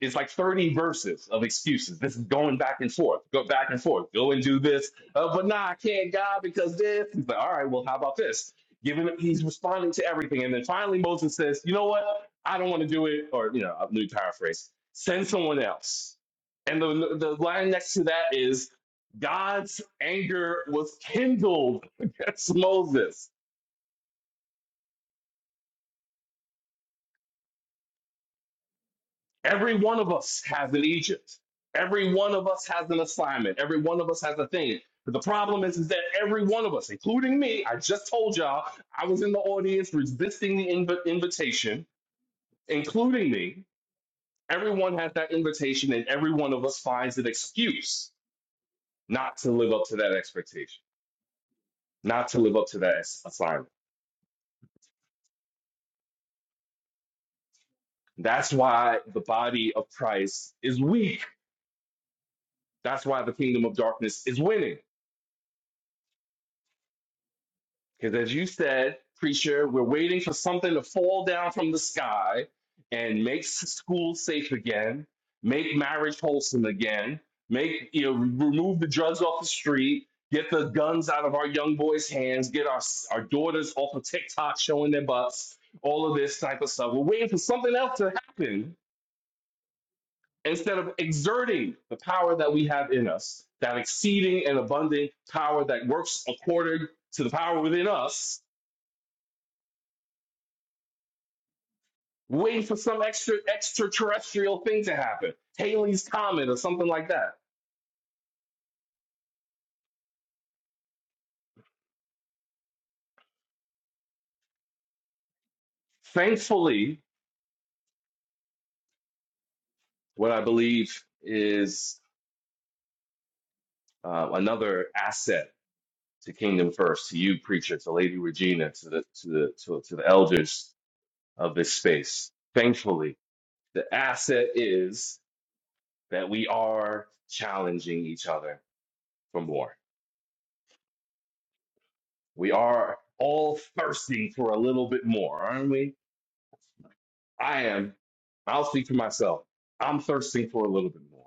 it's like 30 verses of excuses. This is going back and forth, go back and forth, go and do this. Uh, but nah, I can't, God, because this. He's like, all right, well, how about this? Giving he's responding to everything. And then finally Moses says, you know what? I don't want to do it, or you know, let me paraphrase. Send someone else. And the the line next to that is God's anger was kindled <laughs> against Moses Every one of us has an Egypt. Every one of us has an assignment. Every one of us has a thing. But the problem is, is that every one of us, including me, I just told y'all I was in the audience resisting the inv- invitation, including me. Everyone has that invitation, and every one of us finds an excuse not to live up to that expectation, not to live up to that ass- assignment. That's why the body of Christ is weak. That's why the kingdom of darkness is winning. Because as you said, preacher, we're waiting for something to fall down from the sky and make s- schools safe again, make marriage wholesome again, make you know, remove the drugs off the street, get the guns out of our young boys' hands, get our s- our daughters off of TikTok showing their butts, all of this type of stuff. We're waiting for something else to happen instead of exerting the power that we have in us, that exceeding and abundant power that works according to the power within us waiting for some extra extraterrestrial thing to happen, Haley's comet or something like that. Thankfully, what I believe is uh, another asset to Kingdom First, to you preacher, to Lady Regina, to the to the to, to the elders of this space. Thankfully, the asset is that we are challenging each other for more. We are all thirsting for a little bit more, aren't we? I am, I'll speak for myself. I'm thirsting for a little bit more.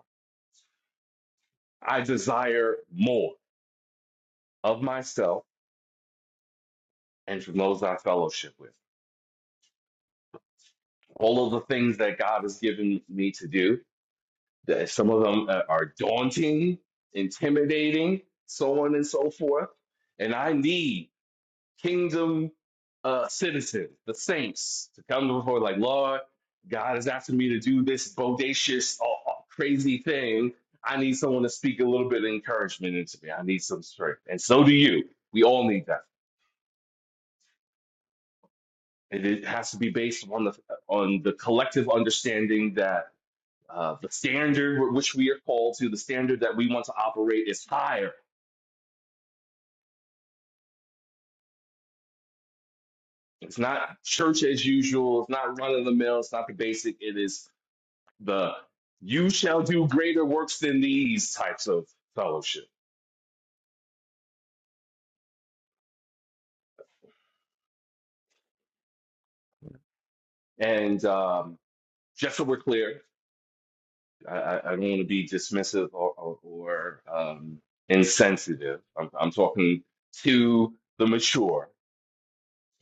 I desire more of myself and from those I fellowship with. All of the things that God has given me to do, that some of them uh, are daunting, intimidating, so on and so forth. And I need kingdom uh, citizens, the saints, to come before, like, Lord, God is asking me to do this bodacious, uh, uh, crazy thing. I need someone to speak a little bit of encouragement into me. I need some strength, and so do you. We all need that. And it has to be based on the on the collective understanding that uh, the standard with which we are called to, the standard that we want to operate, is higher. It's not church as usual. It's not run of the mill. It's not the basic. It is the you shall do greater works than these types of fellowship. And um, just so we're clear, I, I I don't want to be dismissive or, or, or um, insensitive. I'm, I'm talking to the mature.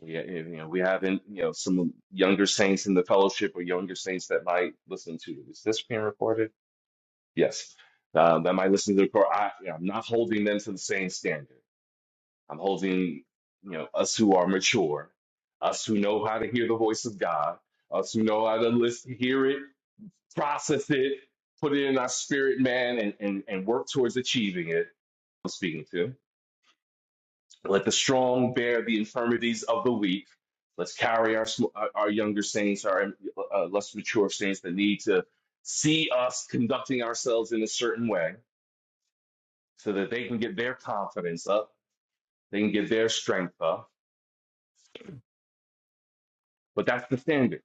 Yeah, yeah, you know, we haven't, you know, some younger saints in the fellowship or younger saints that might listen to. Is this being recorded? Yes. Uh, that might listen to the core. I, yeah, I'm not holding them to the same standard. I'm holding, you know, us who are mature, us who know how to hear the voice of God, us who know how to listen, hear it, process it, put it in our spirit, man, and, and, and work towards achieving it. I'm speaking to. Let the strong bear the infirmities of the weak. Let's carry our sm- our our younger saints, our uh, less mature saints that need to see us conducting ourselves in a certain way, so that they can get their confidence up, they can get their strength up. But that's the standard.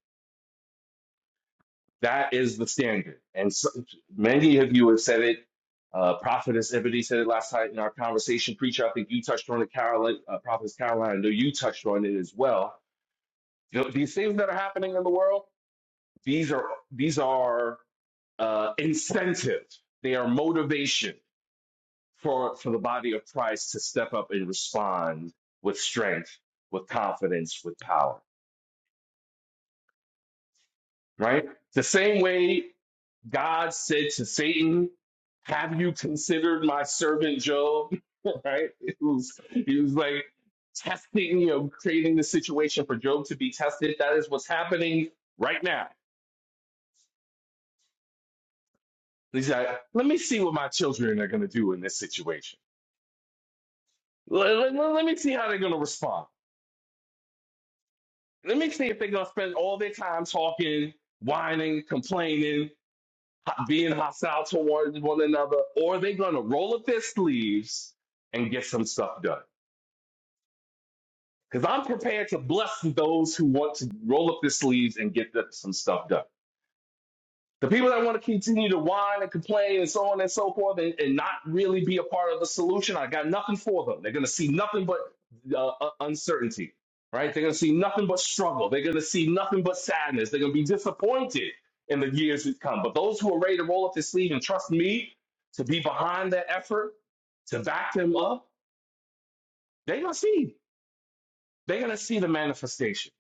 That is the standard. And so, many of you have said it. Uh, Prophetess Ebony said it last night in our conversation. Preacher, I think you touched on it, Caroline. Uh, Prophetess Caroline, I know you touched on it as well. You know, these things that are happening in the world, these are these are uh, incentive. They are motivation for for the body of Christ to step up and respond with strength, with confidence, with power. right? The same way God said to Satan, Have you considered my servant Job? <laughs> right? It was, he was like testing, you know, creating the situation for Job to be tested. That is what's happening right now. He's like, Let me see what my children are going to do in this situation. Let, let, let let me see how they're going to respond. Let me see if they're going to spend all their time talking, whining, complaining. being hostile towards one another, or they're gonna roll up their sleeves and get some stuff done. Because I'm prepared to bless those who want to roll up their sleeves and get some stuff done. The people that want to continue to whine and complain and so on and so forth and, and not really be a part of the solution, I got nothing for them. They're going to see nothing but uh, uh, uncertainty, right? They're going to see nothing but struggle. They're going to see nothing but sadness. They're going to be disappointed in the years to come. But those who are ready to roll up their sleeve and trust me to be behind that effort, to back them up, they're going to see. They're going to see the manifestation.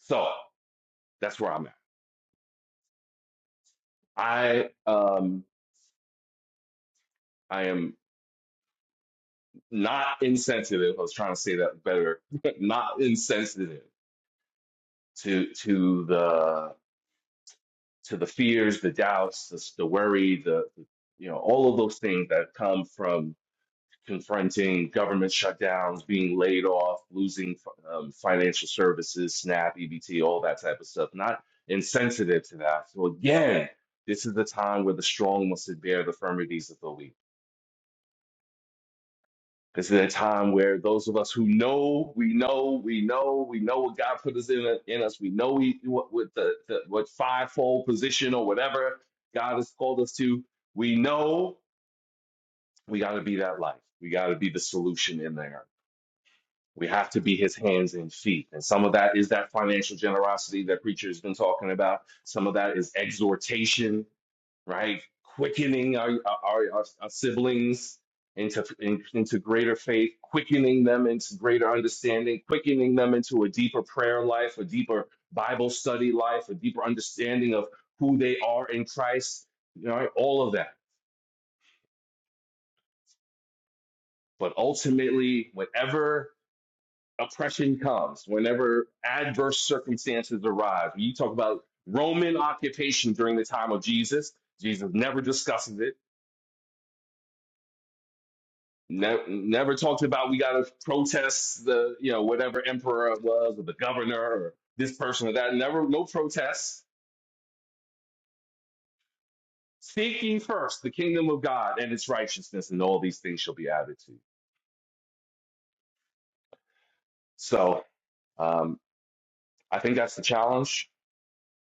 So that's where I'm at. I um I am not insensitive. I was trying to say that better. <laughs> not insensitive to to the to the fears, the doubts, the, the worry, the you know all of those things that come from confronting government shutdowns, being laid off, losing um, financial services, SNAP, EBT, all that type of stuff. Not insensitive to that. So again, this is the time where the strong must bear the infirmities of the weak This is a time where those of us who know, we know, we know, we know what God put us in, in us. We know he, what, what the, the what fivefold position or whatever God has called us to. We know we got to be that light. We got to be the solution in there. We have to be His hands and feet. And some of that is that financial generosity that preacher has been talking about. Some of that is exhortation right? Quickening our our, our, our siblings into in, into greater faith, quickening them into greater understanding, quickening them into a deeper prayer life, a deeper Bible study life, a deeper understanding of who they are in Christ. You know, all of that. But ultimately, whenever oppression comes, whenever adverse circumstances arrive, you talk about Roman occupation during the time of Jesus. Jesus never discusses it. Ne- never talked about we got to protest the you know whatever emperor it was or the governor or this person or that. Never no protests. Seek ye first the kingdom of God and its righteousness, and all these things shall be added to. you. So um, I think that's the challenge.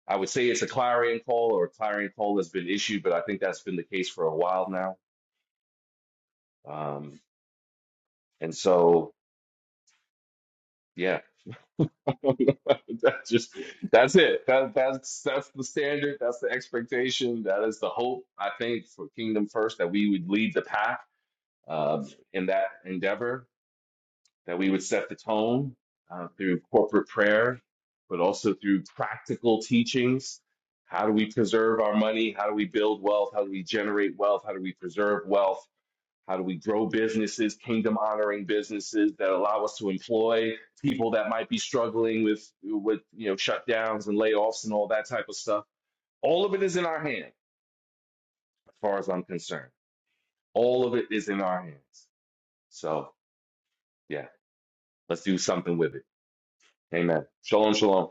I would say it's a clarion call or a clarion call has been issued, but I think that's been the case for a while now. Um, and so yeah, <laughs> That's just that's it. That that's that's the standard. That's the expectation. That is the hope. I think for Kingdom First that we would lead the pack uh, in that endeavor. That we would set the tone uh, through corporate prayer, but also through practical teachings. How do we preserve our money? How do we build wealth? How do we generate wealth? How do we preserve wealth? How do we grow businesses, kingdom honoring businesses that allow us to employ people that might be struggling with with you know shutdowns and layoffs and all that type of stuff? All of it is in our hand, as far as I'm concerned. All of it is in our hands. So yeah, let's do something with it. Amen. Shalom, shalom.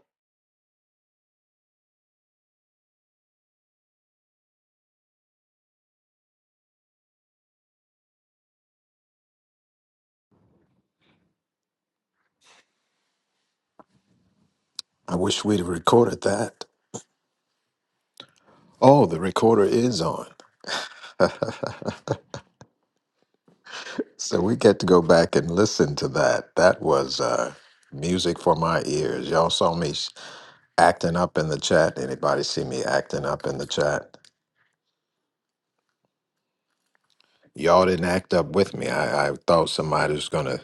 I wish we'd have recorded that. Oh, the recorder is on. So we get to go back and listen to that. That was uh, music for my ears. Y'all saw me s- acting up in the chat. Anybody see me acting up in the chat? Y'all didn't act up with me. I, I thought somebody was going to.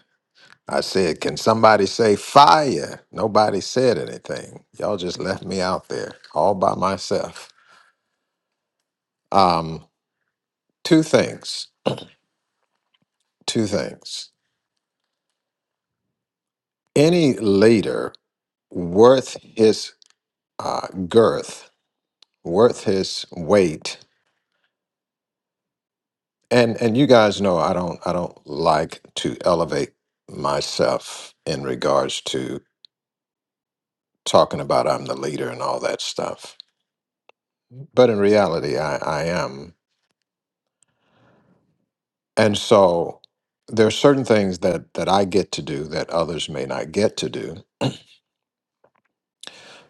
I said, Can somebody say fire? Nobody said anything. Y'all just left me out there all by myself. Um. Two things. Two things. Any leader worth his uh, girth, worth his weight, and and you guys know I don't I don't like to elevate myself in regards to talking about I'm the leader and all that stuff. But in reality, I, I am, and so there are certain things that that I get to do that others may not get to do.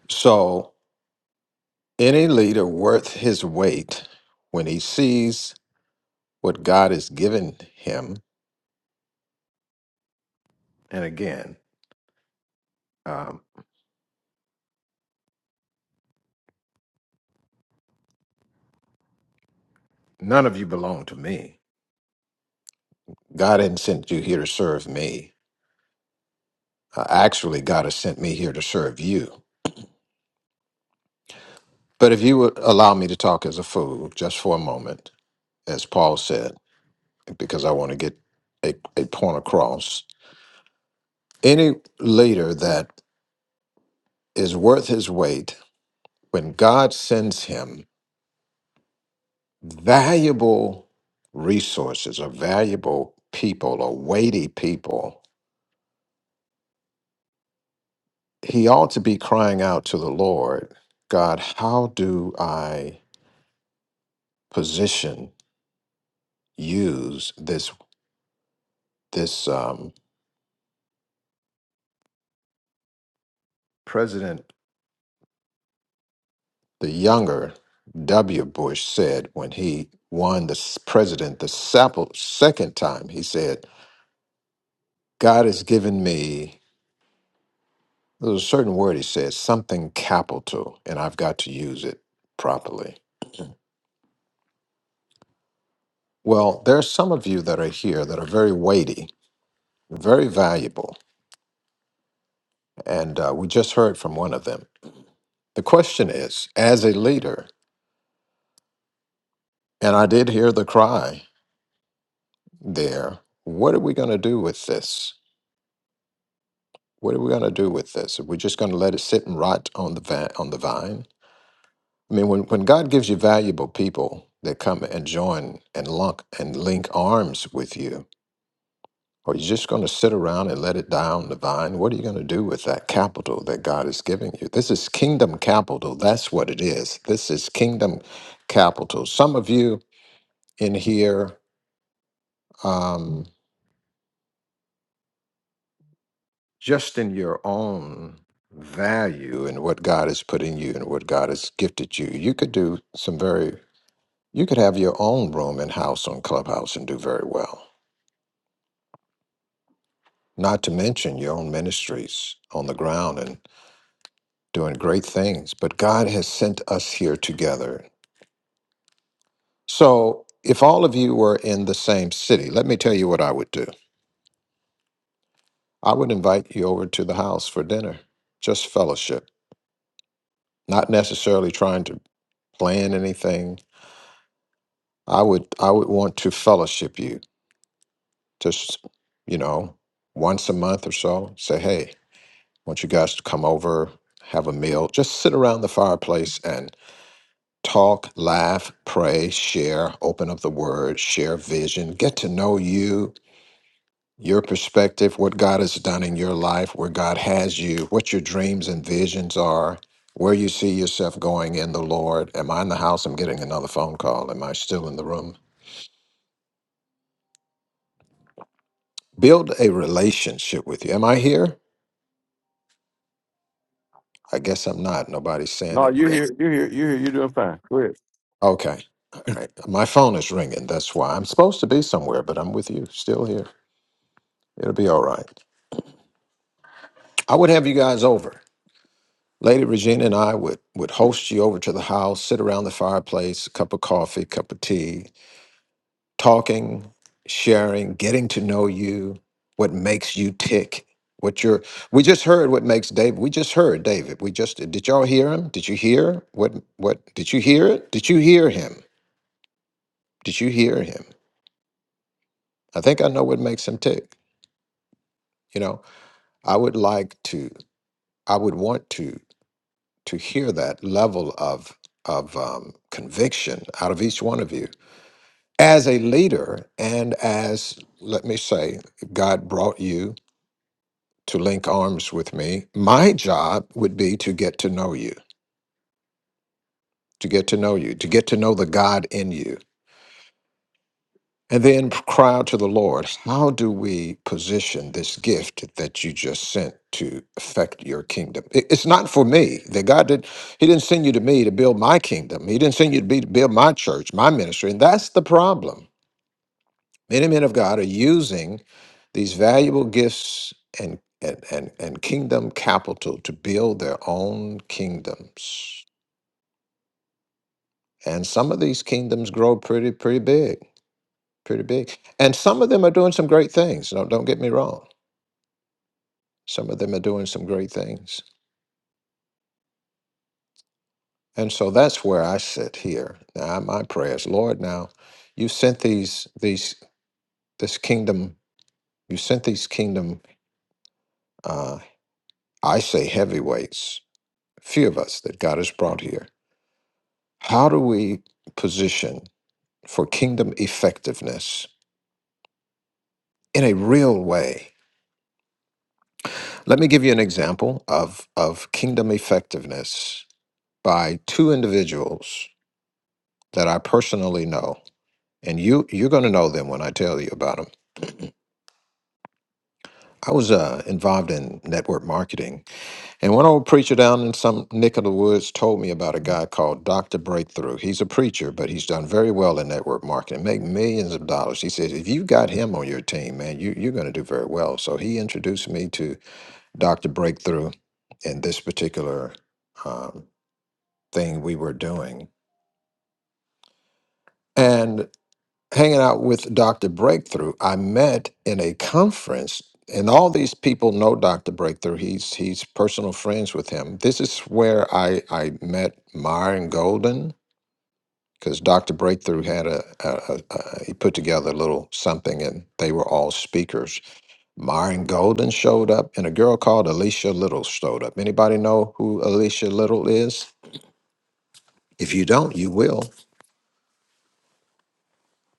So any leader worth his weight when he sees what God has given him. And again, um, none of you belong to me. God hadn't sent you here to serve me. Uh, actually, God has sent me here to serve you. But if you would allow me to talk as a fool just for a moment, as Paul said, because I want to get a, a point across, any leader that is worth his weight, when God sends him valuable resources or valuable people or weighty people, he ought to be crying out to the Lord, God, how do I position, use this this um, president, the younger W. Bush said when he won the s- president the sep- second time, he said, God has given me there was a certain word he said, something capital, and I've got to use it properly. Well, there are some of you that are here that are very weighty, very valuable, and uh, we just heard from one of them The question is, as a leader, and I did hear the cry there, what are we going to do with this? What are we going to do with this? Are we just going to let it sit and rot on the vi- on the vine? I mean, when, when God gives you valuable people that come and join and lunk and link arms with you, are you just going to sit around and let it die on the vine? What are you going to do with that capital that God is giving you? This is kingdom capital. That's what it is. This is kingdom capital. Some of you in here um, just in your own value and what God has put in you and what God has gifted you, you could do some very, you could have your own room and house on Clubhouse and do very well. Not to mention your own ministries on the ground and doing great things. But God has sent us here together. So if all of you were in the same city, let me tell you what I would do. I would invite you over to the house for dinner, just fellowship, not necessarily trying to plan anything, I would I would want to fellowship you. Just you know, once a month or so, say, hey, I want you guys to come over, have a meal, just sit around the fireplace and talk, laugh, pray, share, open up the word, share vision, get to know you, your perspective, what God has done in your life, where God has you, what your dreams and visions are. Where you see yourself going in the Lord. Am I in the house? I'm getting another phone call. Am I still in the room? Build a relationship with you. Am I here? I guess I'm not. Nobody's saying it. Are you? You're doing fine. Go ahead. Okay. All right. My phone is ringing. That's why I'm supposed to be somewhere, but I'm with you, still here. It'll be all right. I would have you guys over. Lady Regina and I would would host you over to the house, sit around the fireplace, a cup of coffee, cup of tea, talking, sharing, getting to know you, what makes you tick, what you're we just heard what makes David. We just heard David. We just did y'all hear him? Did you hear what what did you hear it? Did you hear him? Did you hear him? I think I know what makes him tick. You know, I would like to I would want to to hear that level of of um, conviction out of each one of you as a leader and as let me say God brought you to link arms with me. My job would be to get to know you, to get to know you, to get to know the God in you. And then cry out to the Lord, how do we position this gift that you just sent to affect your kingdom? It- It's not for me. That God did He didn't send you to me to build my kingdom. He didn't send you to be to build my church, my ministry. And that's the problem. Many men of God are using these valuable gifts and, and, and, and kingdom capital to build their own kingdoms. And some of these kingdoms grow pretty, pretty big, pretty big. And some of them are doing some great things. Don't, don't get me wrong. Some of them are doing some great things. And so that's where I sit here. Now, my prayers, Lord, now you sent these, these, this kingdom, you sent these kingdom, uh, I say heavyweights, few of us that God has brought here How do we position for kingdom effectiveness in a real way? Let me give you an example of, of kingdom effectiveness by two individuals that I personally know. And you, you're going to know them when I tell you about them. I was uh, involved in network marketing And one old preacher down in some nick of the woods told me about a guy called Dr. Breakthrough. He's a preacher, but he's done very well in network marketing, make millions of dollars. He says, if you got him on your team, man, you, you're going to do very well. So he introduced me to Dr. Breakthrough in this particular um, thing we were doing. And hanging out with Dr. Breakthrough, I met in a conference, and all these people know Dr. Breakthrough. He's he's personal friends with him. This is where I I met Myron Golden because Dr. Breakthrough had a, a, a, a he put together a little something, and they were all speakers. Myron Golden showed up, and a girl called Alicia Little showed up. Anybody know who Alicia Little is? If you don't, you will.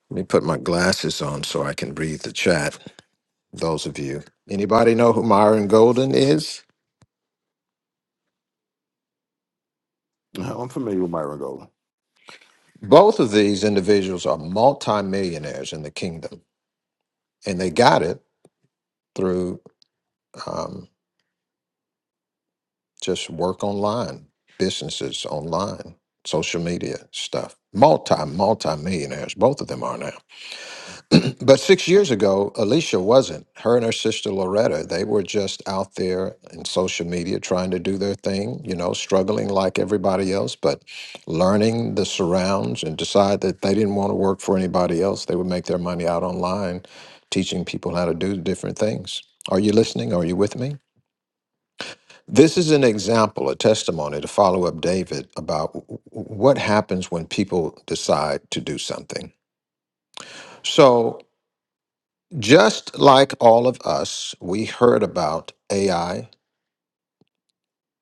Let me put my glasses on so I can read the chat. those of you. Anybody know who Myron Golden is? <laughs> I'm familiar with Myron Golden. Both of these individuals are multimillionaires in the kingdom, and they got it through um, just work online, businesses online, social media stuff. Multi, multi millionaires, both of them are now. <clears throat> But six years ago, Alicia wasn't. Her and her sister Loretta, they were just out there in social media trying to do their thing, you know, struggling like everybody else, but learning the surrounds and decide that they didn't want to work for anybody else. They would make their money out online, teaching people how to do different things. Are you listening? Are you with me? This is an example, a testimony to follow up David about w- w- what happens when people decide to do something. So Just like all of us, we heard about AI,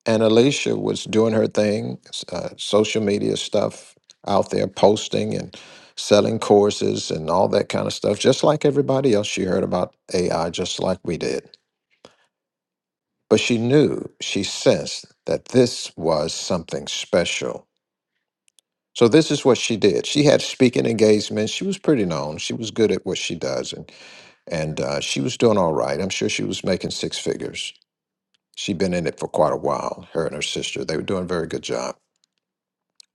and Alicia was doing her thing, s- uh, social media stuff out there, posting and selling courses and all that kind of stuff. Just like everybody else, she heard about AI just like we did. But she knew, she sensed that this was something special. So, this is what she did. She had speaking engagements. She was pretty known. She was good at what she does, and, and uh, she was doing all right. I'm sure she was making six figures She'd been in it for quite a while, her and her sister. They were doing a very good job.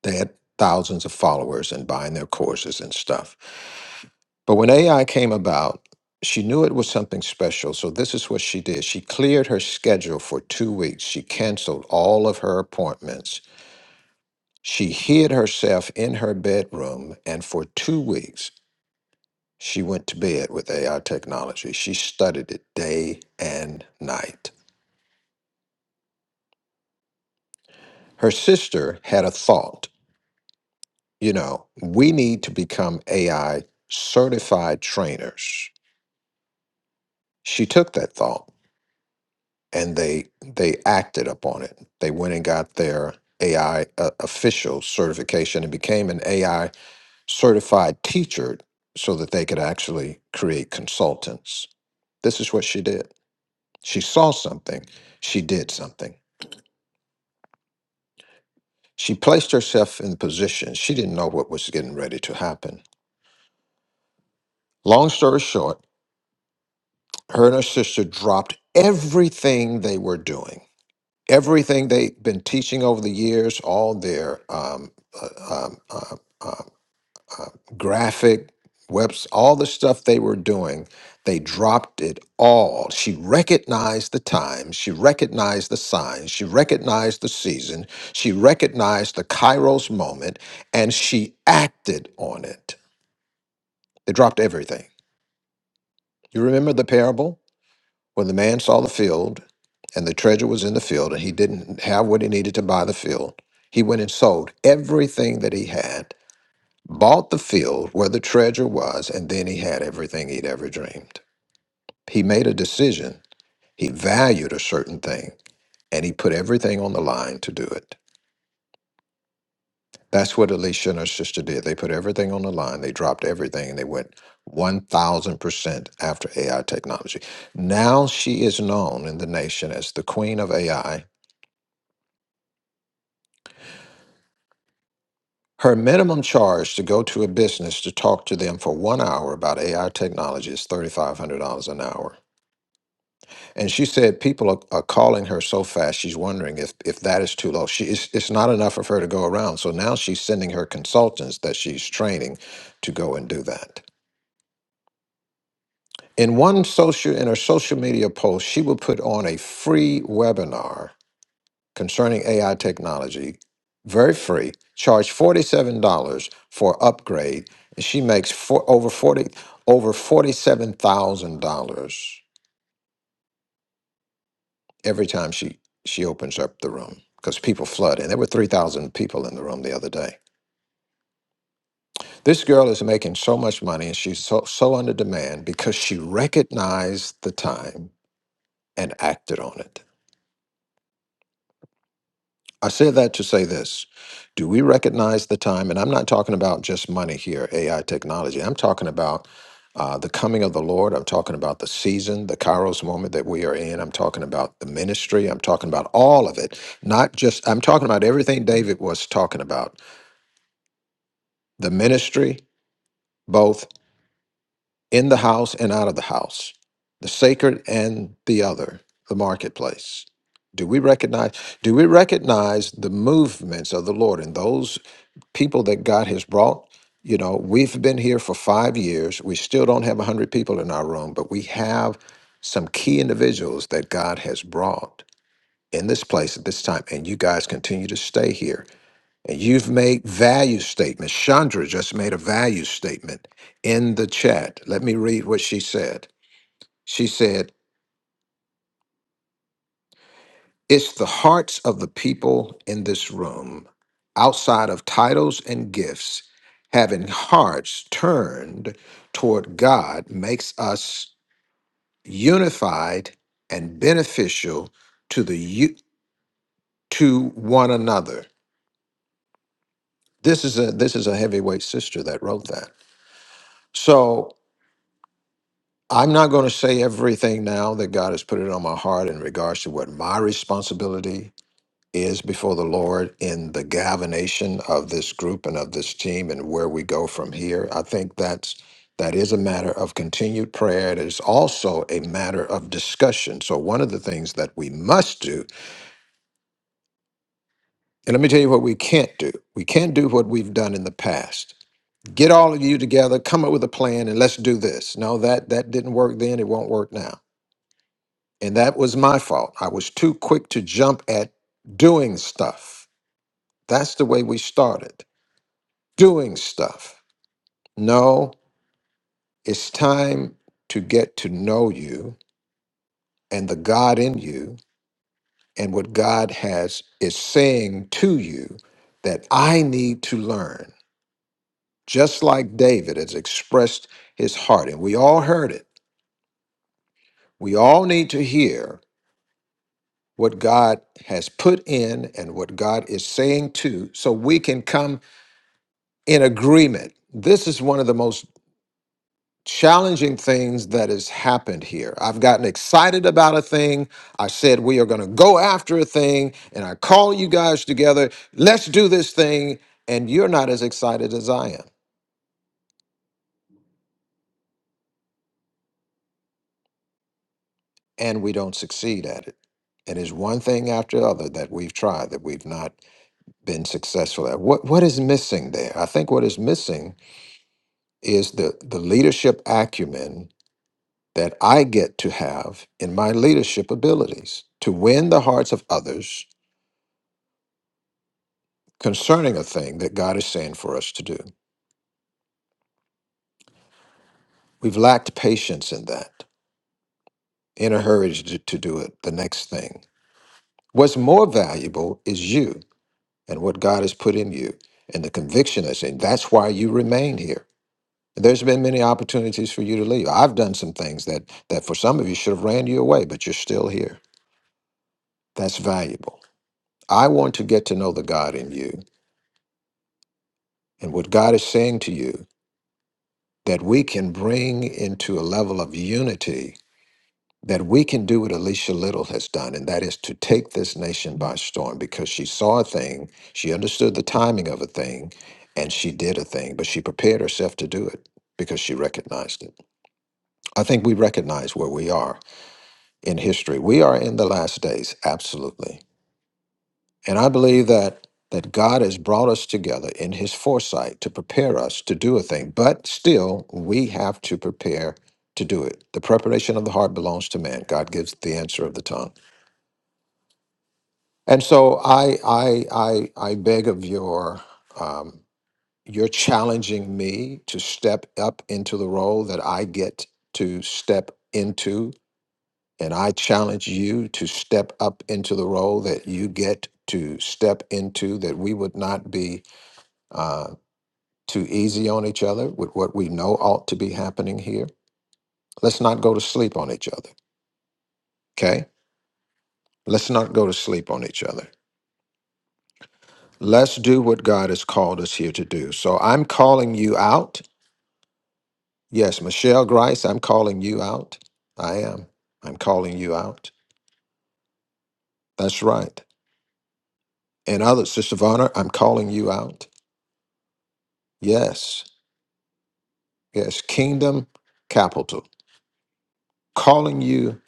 They had thousands of followers and buying their courses and stuff. But when AI came about, she knew it was something special. So this is what she did. She cleared her schedule for two weeks. She canceled all of her appointments. She hid herself in her bedroom, and for two weeks, she went to bed with AI technology. She studied it day and night. Her sister had a thought. you know, we need to become AI certified trainers. She took that thought and they they acted upon it. They went and got their AI uh, official certification and became an AI certified teacher so that they could actually create consultants. This is what she did. She saw something, she did something. She placed herself in position. She didn't know what was getting ready to happen. Long story short, her and her sister dropped everything they were doing, everything they'd been teaching over the years, all their um, uh, um, uh, uh, uh, graphic webs, all the stuff they were doing. They dropped it all. She recognized the time. She recognized the signs. She recognized the season. She recognized the Kairos moment and she acted on it. They dropped everything. You remember the parable? When the man saw the field, and the treasure was in the field, and he didn't have what he needed to buy the field, he went and sold everything that he had, bought the field where the treasure was, and then he had everything he'd ever dreamed. He made a decision. He valued a certain thing, and he put everything on the line to do it. That's what Alicia and her sister did. They put everything on the line. They dropped everything and they went 1000% after AI technology. Now she is known in the nation as the queen of AI Her minimum charge to go to a business to talk to them for one hour about AI technology is $3,500 an hour. And she said people are, are calling her so fast, she's wondering if, if that is too low. She, it's, it's not enough of her to go around. So now she's sending her consultants that she's training to go and do that. In one social, in her social media post, she will put on a free webinar concerning AI technology, very free, charged $47 for upgrade, and she makes for, over 40 over $47,000 every time she she opens up the room because people flood in. There were 3,000 people in the room the other day. This girl is making so much money and she's so, so under demand because she recognized the time and acted on it. I say that to say this. Do we recognize the time? And I'm not talking about just money here, AI technology. I'm talking about uh, the coming of the Lord. I'm talking about the season, the Kairos moment that we are in. I'm talking about the ministry. I'm talking about all of it. Not just, I'm talking about everything David was talking about the ministry, both in the house and out of the house, the sacred and the other, the marketplace. Do we recognize? Do we recognize the movements of the Lord in those people that God has brought. You know, we've been here for five years. We still don't have 100 people in our room, but we have some key individuals that God has brought in this place at this time. And you guys continue to stay here. And you've made value statements. Chandra just made a value statement in the chat. Let me read what she said. She said, It's the hearts of the people in this room, outside of titles and gifts, having hearts turned toward God makes us unified and beneficial to the u- to one another. This is a this is a heavyweight sister that wrote that. So I'm not going to say everything now that God has put it on my heart in regards to what my responsibility is before the Lord in the galvanization of this group and of this team and where we go from here. I think that's that is a matter of continued prayer. It is also a matter of discussion. So one of the things that we must do, and let me tell you what we can't do. We can't do what we've done in the past. Get all of you together, come up with a plan, and let's do this. No, that that didn't work then, it won't work now. And that was my fault. I was too quick to jump at doing stuff. That's the way we started. doing stuff. No, it's time to get to know you and the God in you and what God has is saying to you that I need to learn. Just like David has expressed his heart and we all heard it. We all need to hear what God has put in and what God is saying to so we can come in agreement. This is one of the most challenging things that has happened here. I've gotten excited about a thing. I said we are going to go after a thing, and I call you guys together. Let's do this thing, and you're not as excited as I am, and we don't succeed at it. And it's one thing after the other that we've tried that we've not been successful at. What what is missing there? I think what is missing is the the leadership acumen that I get to have in my leadership abilities to win the hearts of others concerning a thing that God is saying for us to do. We've lacked patience in that, in a hurry to, to do it, the next thing. What's more valuable is you and what God has put in you and the conviction that's in. That's why you remain here. There's been many opportunities for you to leave. I've done some things that, that for some of you should have ran you away, but you're still here. That's valuable. I want to get to know the God in you and what God is saying to you that we can bring into a level of unity that we can do what Alicia Little has done, and that is to take this nation by storm because she saw a thing, she understood the timing of a thing, and she did a thing, but she prepared herself to do it because she recognized it. I think we recognize where we are in history. We are in the last days, absolutely. And I believe that that God has brought us together in his foresight to prepare us to do a thing, but still we have to prepare to do it. The preparation of the heart belongs to man. God gives the answer of the tongue. And so I I I I beg of your um, you're challenging me to step up into the role that I get to step into, and I challenge you to step up into the role that you get to step into. That we would not be uh, too easy on each other with what we know ought to be happening here. Let's not go to sleep on each other. Okay, let's not go to sleep on each other. Let's do what God has called us here to do. So I'm calling you out. Yes, Michelle Grice, I'm calling you out. I am. I'm calling you out. That's right. And others, Sister Vonner, I'm calling you out. Yes. Yes. Kingdom capital. Calling you,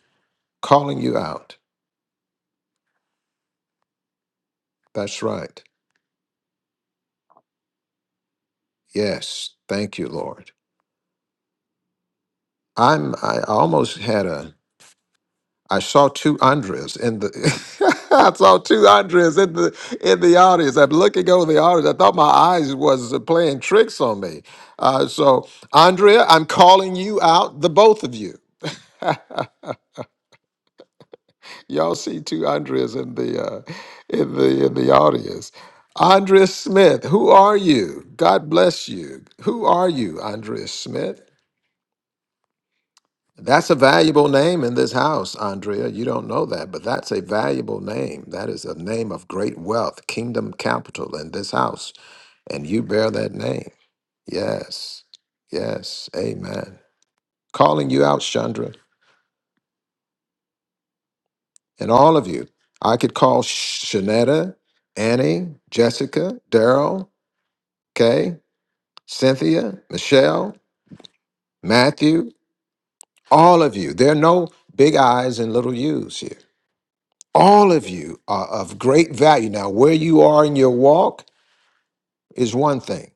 calling you out. That's right. Yes. Thank you, Lord. I'm I almost had a I saw two Andres in the. <laughs> I saw two Andres in the in the audience. I'm looking over the audience. I thought my eyes was playing tricks on me. Uh, so Andrea, I'm calling you out, the both of you. Y'all see two Andres in the uh, in the in the audience. Andrea Smith, who are you? God bless you. Who are you, Andrea Smith? That's a valuable name in this house, Andrea. You don't know that, but that's a valuable name. That is a name of great wealth, kingdom capital in this house. And you bear that name. Yes. Yes. Amen. Calling you out, Chandra, and all of you. I could call Sh- Shanetta, Annie, Jessica, Daryl, Kay, Cynthia, Michelle, Matthew, all of you. There are no big I's and little U's here. all of you are of great value. Now, where you are in your walk is one thing.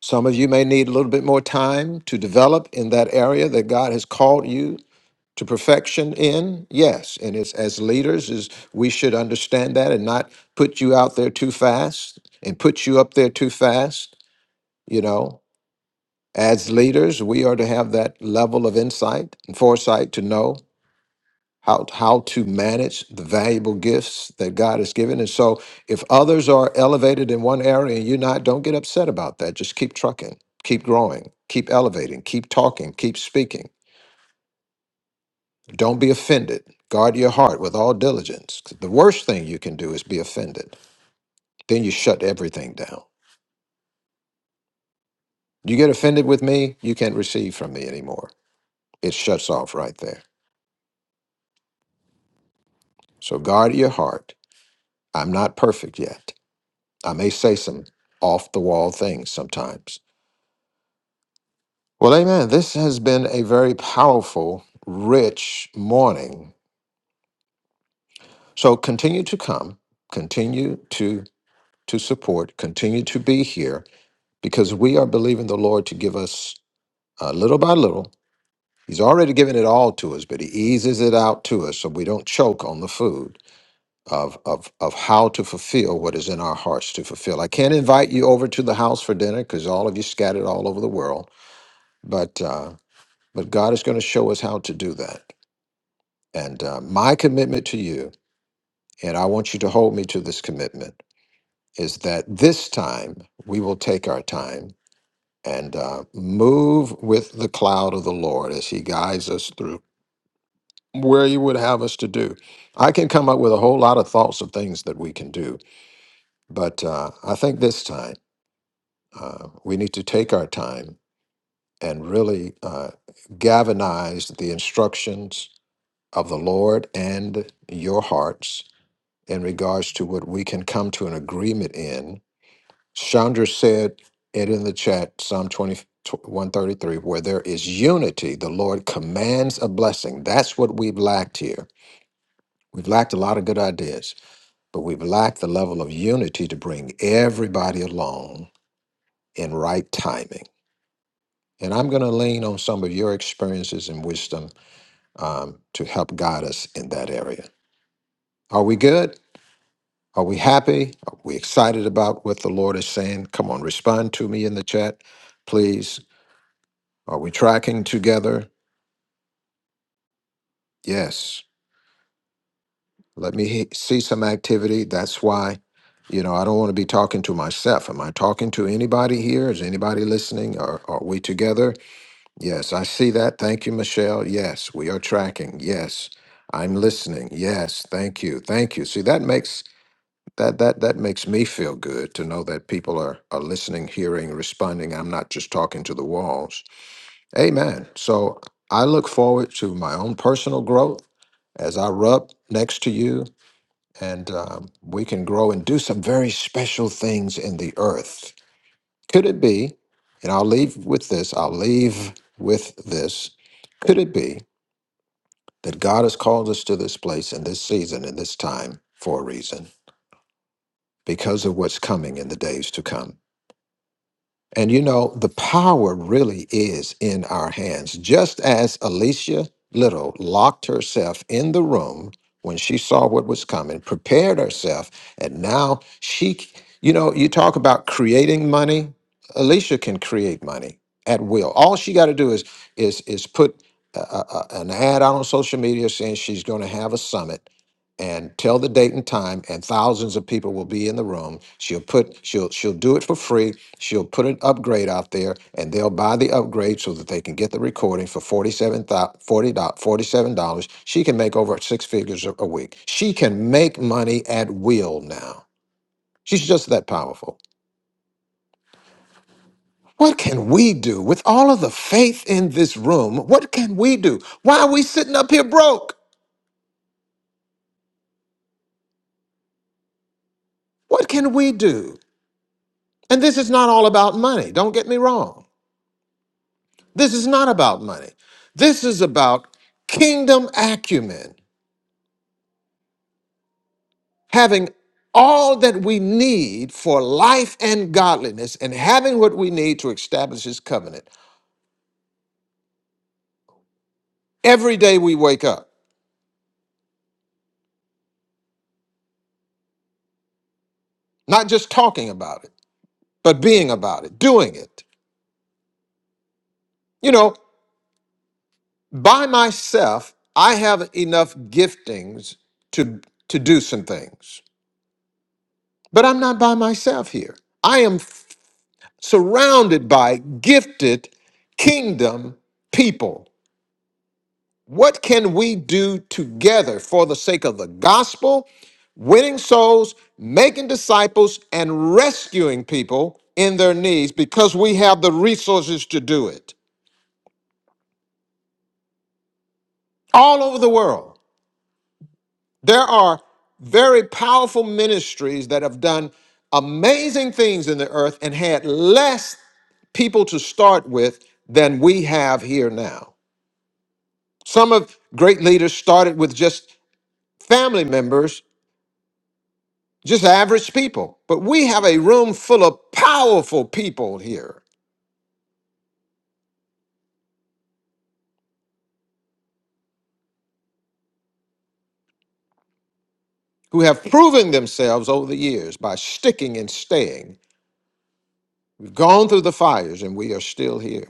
Some of you may need a little bit more time to develop in that area that God has called you to perfection in. Yes, and it's as leaders is we should understand that and not put you out there too fast and put you up there too fast, you know. As leaders, we are to have that level of insight and foresight to know how how to manage the valuable gifts that God has given. And so if others are elevated in one area and you're not, don't get upset about that. Just keep trucking, keep growing, keep elevating, keep talking, keep speaking. Don't be offended. Guard your heart with all diligence. 'Cause The worst thing you can do is be offended. Then you shut everything down. You get offended with me, you can't receive from me anymore. It shuts off right there. So guard your heart. I'm not perfect yet. I may say some off the wall things sometimes Well, amen. This has been a very powerful, rich morning. So continue to come, continue to to support, continue to be here because we are believing the Lord to give us uh, little by little. He's already given it all to us, but he eases it out to us so we don't choke on the food of, of, of how to fulfill what is in our hearts to fulfill. I can't invite you over to the house for dinner because all of you scattered all over the world, but uh, but God is going to show us how to do that. And uh, my commitment to you, and I want you to hold me to this commitment, is that this time we will take our time and uh, move with the cloud of the Lord as He guides us through where He would have us to do. I can come up with a whole lot of thoughts of things that we can do, but uh, I think this time uh, we need to take our time and really uh, galvanize the instructions of the Lord and your hearts in regards to what we can come to an agreement in. Chandra said it in the chat, Psalm twenty one thirty three, where there is unity, the Lord commands a blessing. That's what we've lacked here. We've lacked a lot of good ideas, but we've lacked the level of unity to bring everybody along in right timing. And I'm going to lean on some of your experiences and wisdom um, to help guide us in that area. Are we good? Are we happy? Are we excited about what the Lord is saying? Come on, respond to me in the chat, please. Are we tracking together? Yes. Let me he- see some activity. That's why, you know, I don't want to be talking to myself. Am I talking to anybody here? Is anybody listening? Are, are we together? Yes, I see that. Thank you, Michelle. Yes, we are tracking. Yes, I'm listening. Yes, thank you. Thank you. See, that makes that that that makes me feel good to know that people are are listening, hearing, responding. I'm not just talking to the walls. Amen. So I look forward to my own personal growth as I rub next to you, and um, we can grow and do some very special things in the earth. Could it be? And I'll leave with this. I'll leave with this. Could it be that God has called us to this place in this season, in this time, for a reason, because of what's coming in the days to come? And you know, the power really is in our hands. Just as Alicia Little locked herself in the room when she saw what was coming, prepared herself, and now she, you know, you talk about creating money. Alicia can create money at will. All she got to do is is is put a, a, a- an ad out on social media saying she's going to have a summit and tell the date and time and thousands of people will be in the room she'll put she'll she'll do it for free She'll put an upgrade out there and they'll buy the upgrade so that they can get the recording for $47, dollars She can make over six figures a a week. She can make money at will now. She's just that powerful. What can we do with all of the faith in this room? What can we do? Why are we sitting up here broke? What can we do? And this is not all about money. Don't get me wrong. This is not about money. This is about kingdom acumen. having all that we need for life and godliness and having what we need to establish his covenant every day we wake up not just talking about it but being about it doing it you know by myself i have enough giftings to to do some things but i'm not by myself here i am f- surrounded by gifted kingdom people what can we do together for the sake of the gospel winning souls, making disciples, and rescuing people in their needs because we have the resources to do it all over the world. There are very powerful ministries that have done amazing things in the earth and had less people to start with than we have here now. Some of great leaders started with just family members, just average people, but we have a room full of powerful people here who have proven themselves over the years by sticking and staying. We've gone through the fires and we are still here.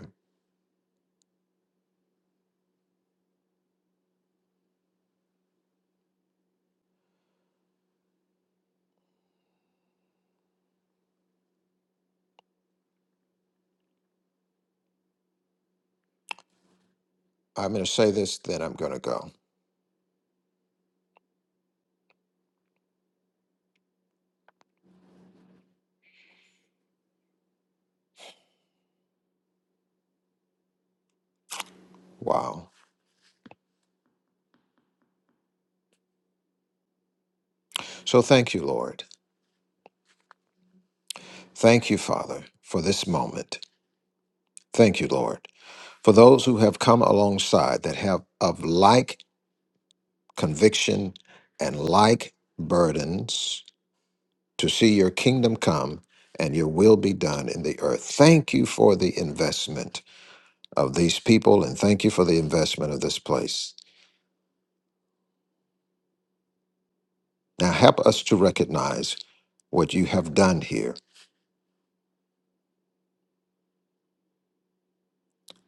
I'm going to say this, then I'm going to go. Wow. So thank you, Lord. Thank you, Father, for this moment. Thank you, Lord, for those who have come alongside that have of like conviction and like burdens to see your kingdom come and your will be done in the earth. Thank you for the investment of these people and thank you for the investment of this place. Now help us to recognize what you have done here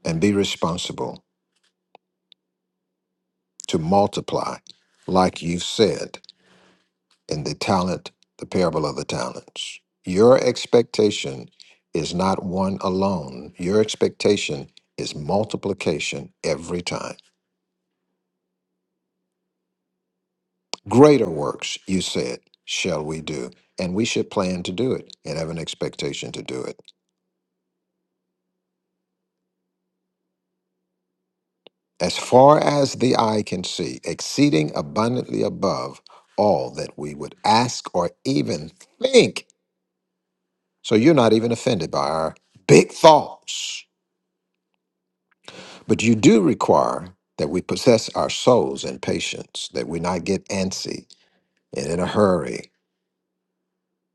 and be responsible to multiply, like you've said in the talent, the parable of the talents. Your expectation is not one alone, your expectation is multiplication every time. Greater works, you said, shall we do. And we should plan to do it and have an expectation to do it. as far as the eye can see, exceeding abundantly above all that we would ask or even think. So you're not even offended by our big thoughts. But you do require that we possess our souls in patience, that we not get antsy and in a hurry,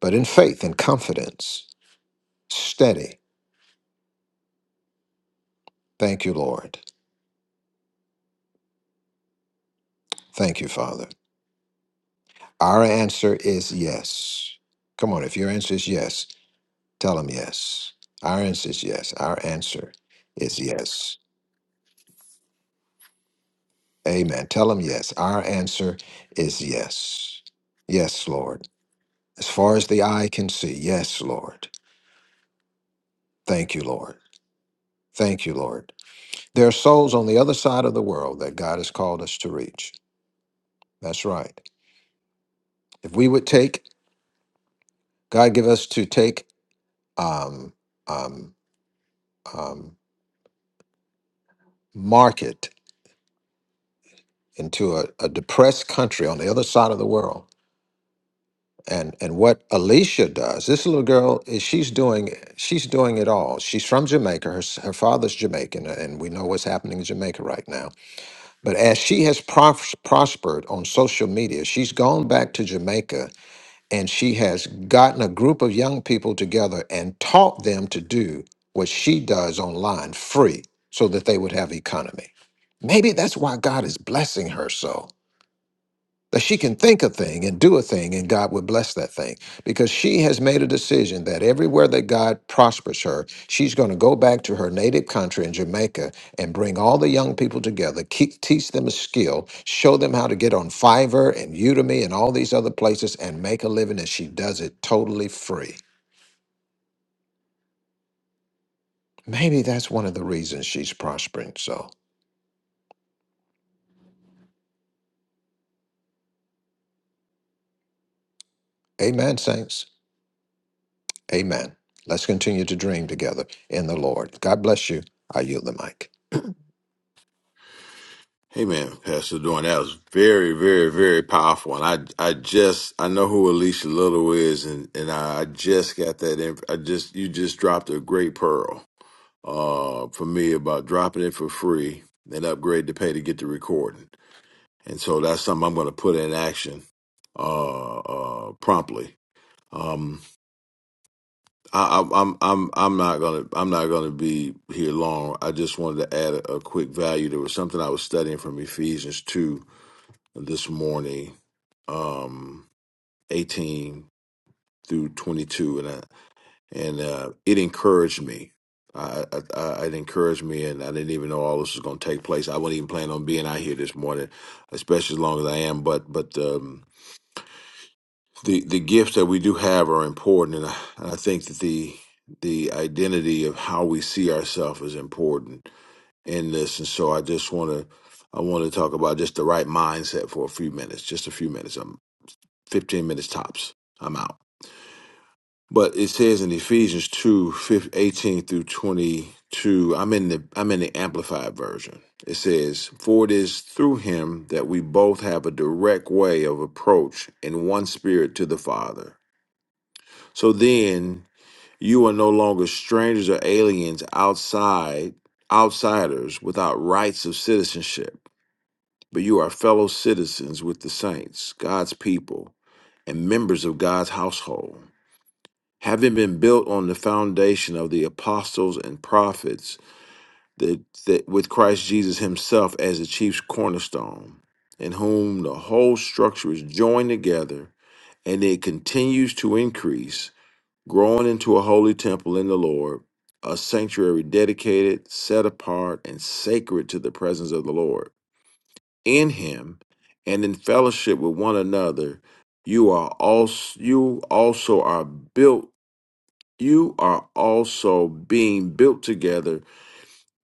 but in faith and confidence, steady. Thank you, Lord. Thank you, Father. Our answer is yes. Come on, if your answer is yes, Tell them yes. Our answer is yes. Our answer is yes. Amen. Tell them yes. Our answer is yes. Yes, Lord. As far as the eye can see, yes, Lord. Thank you, Lord. Thank you, Lord. There are souls on the other side of the world that God has called us to reach. That's right. If we would take, God give us to take um, um, um, market into a, a depressed country on the other side of the world and and what Alicia does, this little girl is she's doing she's doing it all. She's from Jamaica. Her s- her father's Jamaican, uh, and we know what's happening in Jamaica right now. But as she has pros- prospered on social media, she's gone back to Jamaica and she has gotten a group of young people together and taught them to do what she does online free, so that they would have economy. Maybe that's why God is blessing her so that she can think a thing and do a thing and God would bless that thing because she has made a decision that everywhere that God prospers her, she's going to go back to her native country in Jamaica and bring all the young people together, keep, teach them a skill, show them how to get on Fiverr and Udemy and all these other places and make a living. And she does it totally free. Maybe that's one of the reasons she's prospering. So, amen, saints. Amen. Let's continue to dream together in the Lord. God bless you. I yield the mic. Hey man, Pastor Dorn, that was very, very, very powerful. And I, I just, I know who Alicia Little is, and and I, just got that. Inf- I just, you just dropped a great pearl. uh, for me about dropping it for free and upgrade to pay to get the recording. And so that's something I'm going to put in action uh, uh, promptly. Um, I, I'm I'm I'm I'm not gonna I'm not gonna be here long. I just wanted to add a, a quick value. There was something I was studying from Ephesians two this morning, um, eighteen through twenty two, and. I, and uh, it encouraged me. I, I, I it encouraged me, and I didn't even know all this was going to take place. I wasn't even planning on being out here this morning, especially as long as I am. But but um, the the gifts that we do have are important, and I, and I think that the the identity of how we see ourselves is important in this. And so I just want to I want to talk about just the right mindset for a few minutes, just a few minutes. I'm 15 minutes tops. I'm out. But it says in Ephesians 2, 15 18 through 22, I'm in the I'm in the amplified version. It says, For it is through him that we both have a direct way of approach in one spirit to the Father. So then you are no longer strangers or aliens outside, outsiders without rights of citizenship, but you are fellow citizens with the saints, God's people, and members of God's household having been built on the foundation of the apostles and prophets, that, that with Christ Jesus himself as the chief cornerstone, in whom the whole structure is joined together and it continues to increase, growing into a holy temple in the Lord, a sanctuary dedicated, set apart, and sacred to the presence of the Lord. In him and in fellowship with one another, you are also you also are built you are also being built together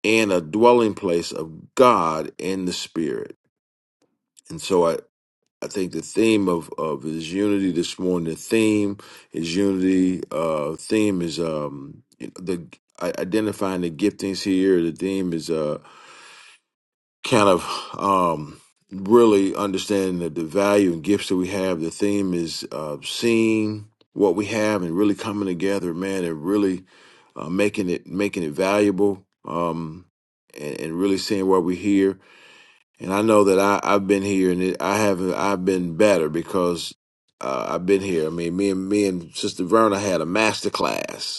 in a dwelling place of God in the Spirit. And so I, I think the theme of, of is unity this morning. The theme is unity. Uh, theme is um the I, identifying the giftings here. The theme is uh. kind of um, really understanding the, the value and gifts that we have. The theme is uh, seeing what we have and really coming together, man, and really uh, making it making it valuable um, and, and really seeing why we're here. And I know that I, I've been here and it, I haven't I've been better because uh, I've been here. I mean, me and me and Sister Verna had a master class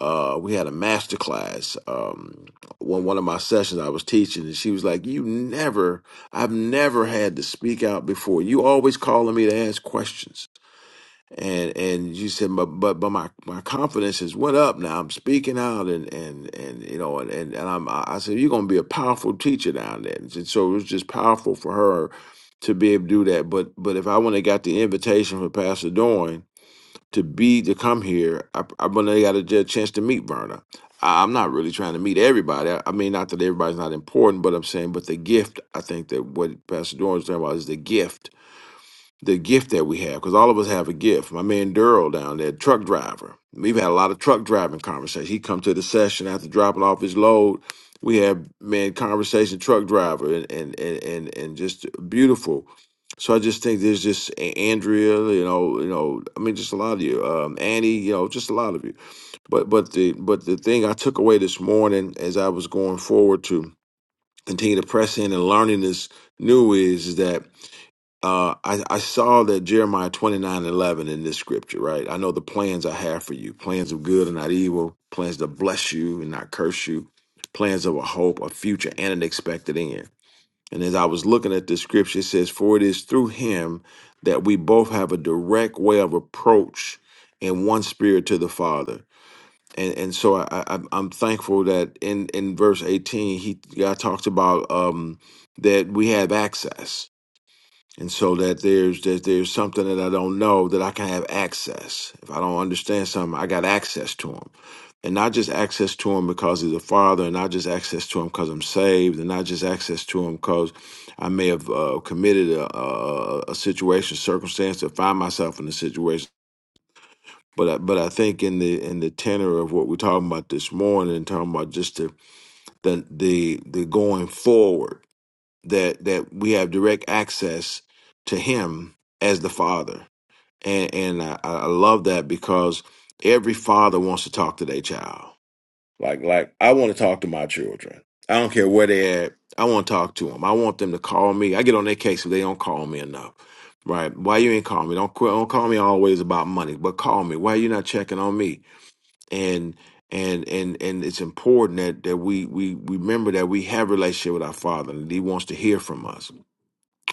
uh, we had a master class. Um, one one of my sessions I was teaching, and she was like, "You never, I've never had to speak out before. You always calling me to ask questions." And and you said, "But but but my my confidence has went up now. I'm speaking out, and and and you know, and and, and I'm I said you're gonna be a powerful teacher down there." And so it was just powerful for her to be able to do that. But but if I wouldn't have got the invitation for Pastor Doyne to be to come here. I, I but they got a a chance to meet Verna. I, I'm not really trying to meet everybody. I, I mean, not that everybody's not important, but I'm saying, but the gift. I think that what Pastor Dorn's talking about is the gift the gift that we have because all of us have a gift. My man Durrell down there, truck driver. We've had a lot of truck driving conversations. He come to the session after dropping off his load. We have man conversation truck driver and and and and, and just beautiful. So I just think there's just A- Andrea, you know, you know, I mean, just a lot of you, um, Annie, you know, just a lot of you. But but the but the thing I took away this morning as I was going forward to continue to press in and learning this new is that uh, I, I saw that Jeremiah 29 11 in this scripture, right? I know the plans I have for you plans of good and not evil, plans to bless you and not curse you, plans of a hope, a future, and an expected end. And as I was looking at this scripture, it says, For it is through him that we both have a direct way of approach in one spirit to the Father. And, and so I, I, I'm I'm thankful that in, in verse 18, he God talks about um, that we have access and so that there's that there's something that I don't know that I can have access. If I don't understand something, I got access to them, and not just access to him because he's a father, and not just access to him because I'm saved, and not just access to him because I may have uh, committed a, a, a situation, circumstance, or find myself in a situation. But I, but I think in the in the tenor of what we're talking about this morning, talking about just the the the, the going forward that that we have direct access to him as the father and and I, I love that because every father wants to talk to their child like like i want to talk to my children i don't care where they're at i want to talk to them i want them to call me i get on their case if they don't call me enough right why you ain't call me don't qu- don't call me always about money but call me why you not checking on me and and and and it's important that that we we remember that we have a relationship with our father and he wants to hear from us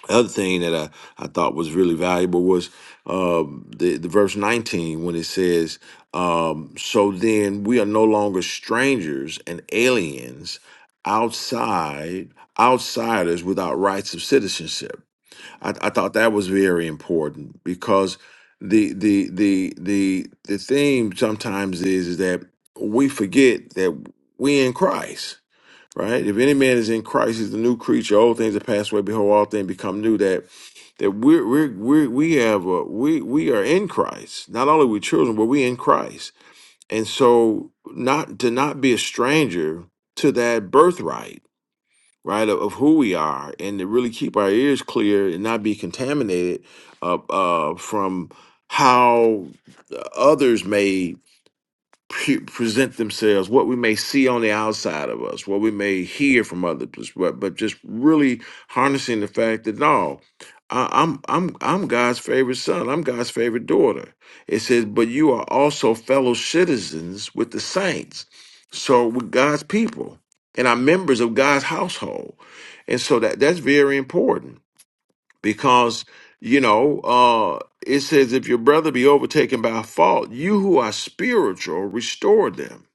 other thing that I, I thought was really valuable was um, the, the verse 19 when it says, um, So then we are no longer strangers and aliens outside, outsiders without rights of citizenship. I, I thought that was very important because the the the the the theme sometimes is, is that we forget that we in Christ right? If any man is in Christ, he's the new creature. Old things have passed away. Behold, all things become new. That that we're we're, we're we have a, we we are in Christ. Not only we children, but we in Christ. And so, not to not be a stranger to that birthright, right, of, of who we are, and to really keep our ears clear and not be contaminated uh, uh, from how others may pre- present themselves, what we may see on the outside of us, what we may hear from others, but, but just really harnessing the fact that no, I, I'm I'm I'm God's favorite son. I'm God's favorite daughter. It says, but you are also fellow citizens with the saints, so with God's people and are members of God's household, and so that that's very important because you know uh it says if your brother be overtaken by fault you who are spiritual restore them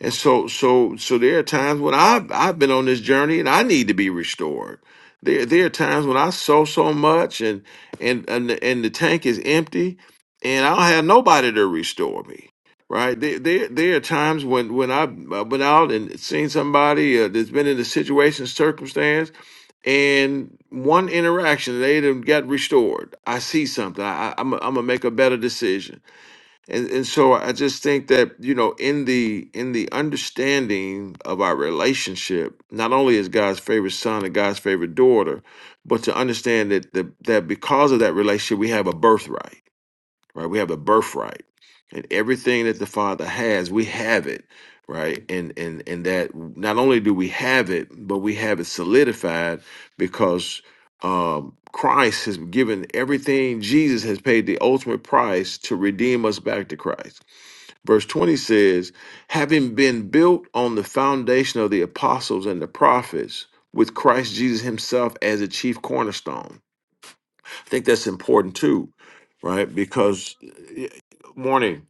and so so so there are times when i've i've been on this journey and i need to be restored there there are times when i sow so much and and and the, and the tank is empty and i don't have nobody to restore me right there there, there are times when when i've I've been out and seen somebody uh, that's been in a situation circumstance and one interaction they done got restored i see something i, I i'm i I'm gonna make a better decision and and so i just think that you know in the in the understanding of our relationship not only is god's favorite son and god's favorite daughter but to understand that the, that because of that relationship we have a birthright right? We have a birthright, and everything that the Father has, we have it, right? And and and that not only do we have it, but we have it solidified because um, Christ has given everything. Jesus has paid the ultimate price to redeem us back to Christ. Verse 20 says, having been built on the foundation of the apostles and the prophets, with Christ Jesus himself as a chief cornerstone I think that's important too, right? Because eh, morning.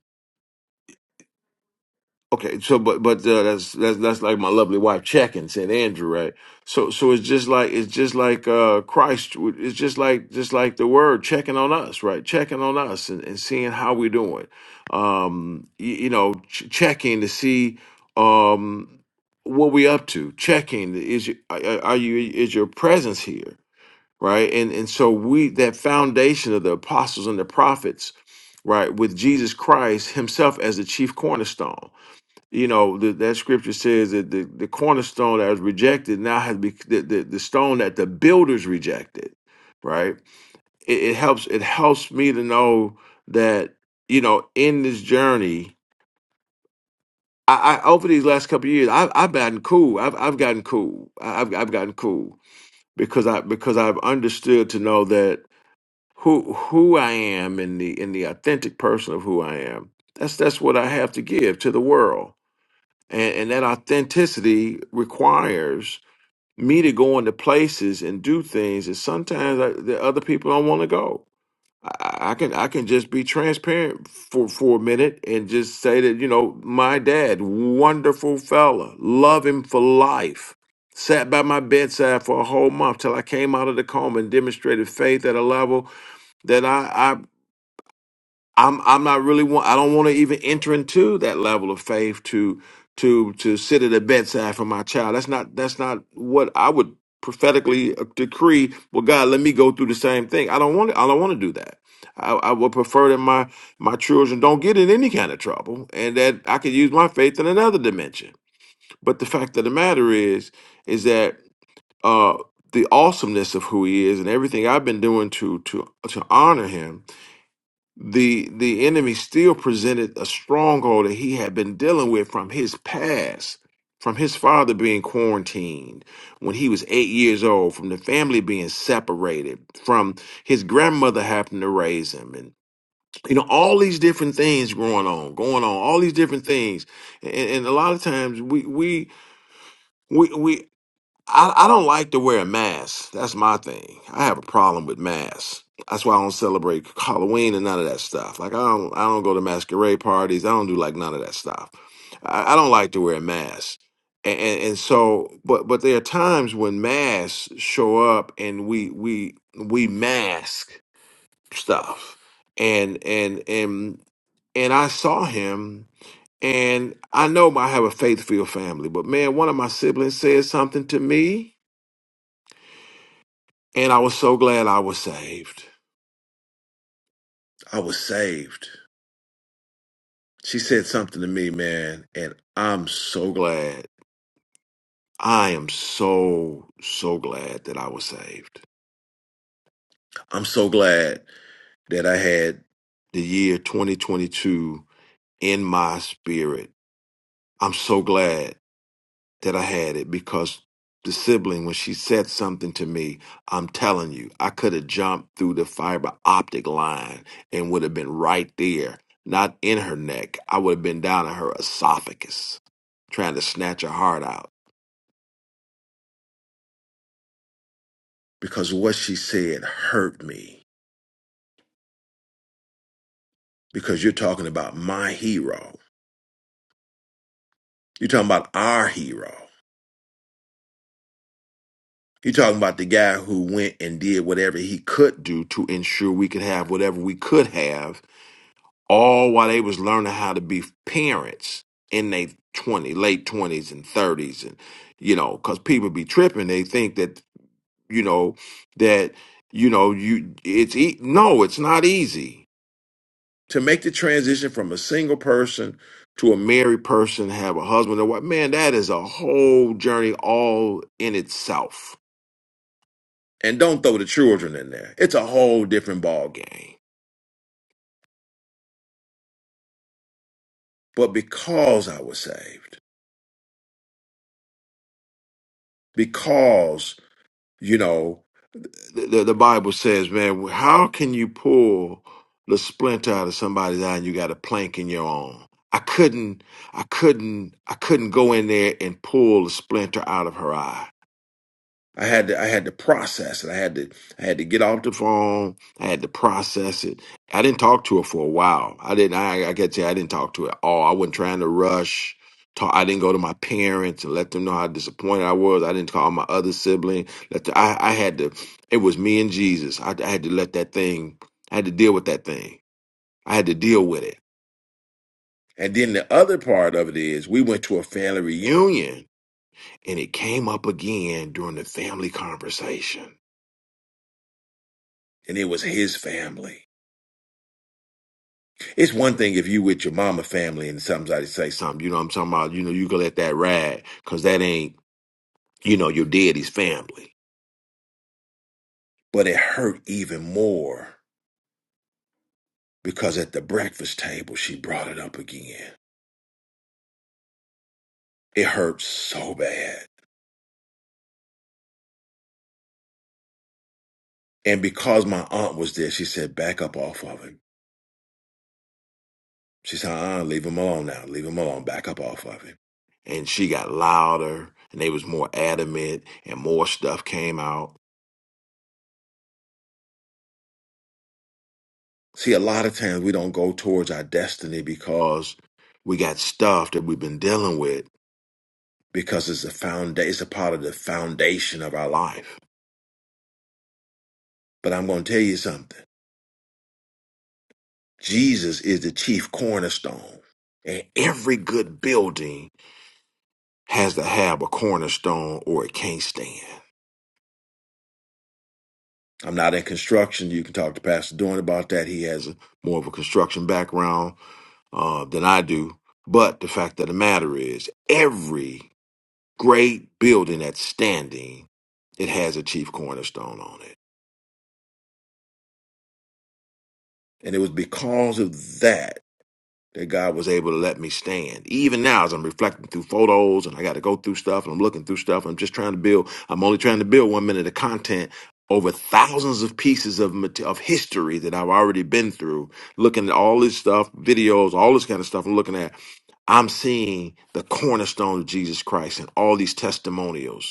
Okay, so but but uh, that's that's that's like my lovely wife checking St. Andrew, right? So so it's just like it's just like uh Christ. It's just like just like the Word checking on us, right? Checking on us and, and seeing how we're doing. Um, you, you know, ch- checking to see um what we up to. Checking is you- are, are you is your presence here? right and and so we that foundation of the apostles and the prophets right with jesus christ himself as the chief cornerstone you know the, that scripture says that the, the cornerstone that was rejected now has be the, the, the stone that the builders rejected right it, it helps it helps me to know that you know in this journey I, I over these last couple of years, I've, I've gotten cool. I've, I've gotten cool. I- I've, I've gotten cool because I because I've understood to know that who who I am and the in the authentic person of who I am. That's that's what I have to give to the world. And and that authenticity requires me to go into places and do things that sometimes I, that other people don't want to go. I, I can I can just be transparent for for a minute and just say that you know my dad, wonderful fella, love him for life. Sat by my bedside for a whole month till I came out of the coma and demonstrated faith at a level that I, I'm I'm not really want I don't want to even enter into that level of faith to to to sit at the bedside for my child. That's not that's not what I would prophetically uh, decree. Well, God, let me go through the same thing. I don't want to, I don't want to do that. I, I would prefer that my my children don't get in any kind of trouble, and that I could use my faith in another dimension. But the fact of the matter is, is that uh, the awesomeness of who He is and everything I've been doing to to to honor Him the the enemy still presented a stronghold that he had been dealing with from his past from his father being quarantined when he was eight years old from the family being separated from his grandmother having to raise him and you know all these different things going on going on all these different things and, and a lot of times we we we we I, I don't like to wear a mask. That's my thing. I have a problem with masks. That's why I don't celebrate Halloween and none of that stuff. Like I don't I don't go to masquerade parties. I don't do like none of that stuff. I, I don't like to wear a mask. And, and and so but but there are times when masks show up and we we we mask stuff. And and and and I saw him and I know I have a faith filled family, but man, one of my siblings said something to me and I was so glad I was saved. I was saved. She said something to me, man, and I'm so So glad. I am so, so glad that I was saved. I'm so glad that I had The year 2022 in my spirit. I'm so glad. that I had it because the sibling, when she said something to me, I'm telling you, I could have jumped through the fiber optic line and would have been right there, not in her neck. I would have been down in her esophagus trying to snatch her heart out because what she said hurt me. Because you're talking about my hero, you're talking about our hero. You're talking about the guy who went and did whatever he could do to ensure we could have whatever we could have all while they was learning how to be parents in their 20 late 20s and 30s and you know because people be tripping they think that you know that you know you it's e- no it's not easy to make the transition from a single person to a married person have a husband or what man that is a whole journey all in itself and don't throw the children in there it's a whole different ball game but because i was saved because you know the, the Bible says, man, how can you pull the splinter out of somebody's eye and you got a plank in your own? I couldn't, I couldn't, I couldn't go in there and pull the splinter out of her eye. I had to I had to process it. I had to I had to get off the phone. I had to process it. I didn't talk to her for a while. I didn't I like I can't say I didn't talk to her at all. I wasn't trying to rush. Talk, I didn't go to my parents and let them know how disappointed I was. I didn't call my other sibling. Let the, I I had to it was me and Jesus. I, I had to let that thing I had to deal with that thing. I had to deal with it. And then the other part of it is we went to a family reunion and it came up again during the family conversation and it was his family. It's one thing if you with your mama family and somebody say something, you know what I'm talking about, you know, you can let that ride because that ain't, you know, your daddy's family. But it hurt even more because at the breakfast table, she brought it up again. It hurt so bad. And because my aunt was there, she said, back up off of him. She said, uh, leave him alone now. Leave him alone. Back up off of him. And she got louder and they was more adamant and more stuff came out See, a lot of times we don't go towards our destiny because we got stuff that we've been dealing with because it's a found it's a part of the foundation of our life. But I'm going to tell you something. Jesus is the chief cornerstone. And every good building has to have a cornerstone or it can't stand. I'm not in construction. You can talk to Pastor Dorn about that. He has a, more of a construction background uh, than I do. But the fact of the matter is, every great building that's standing, it has a chief cornerstone on it. And it was because of that that God was able to let me stand. Even now, as I'm reflecting through photos and I got to go through stuff and I'm looking through stuff, I'm just trying to build, I'm only trying to build one minute of content over thousands of pieces of mate- of history that I've already been through, looking at all this stuff, videos, all this kind of stuff I'm looking at. I'm seeing the cornerstone of Jesus Christ and all these testimonials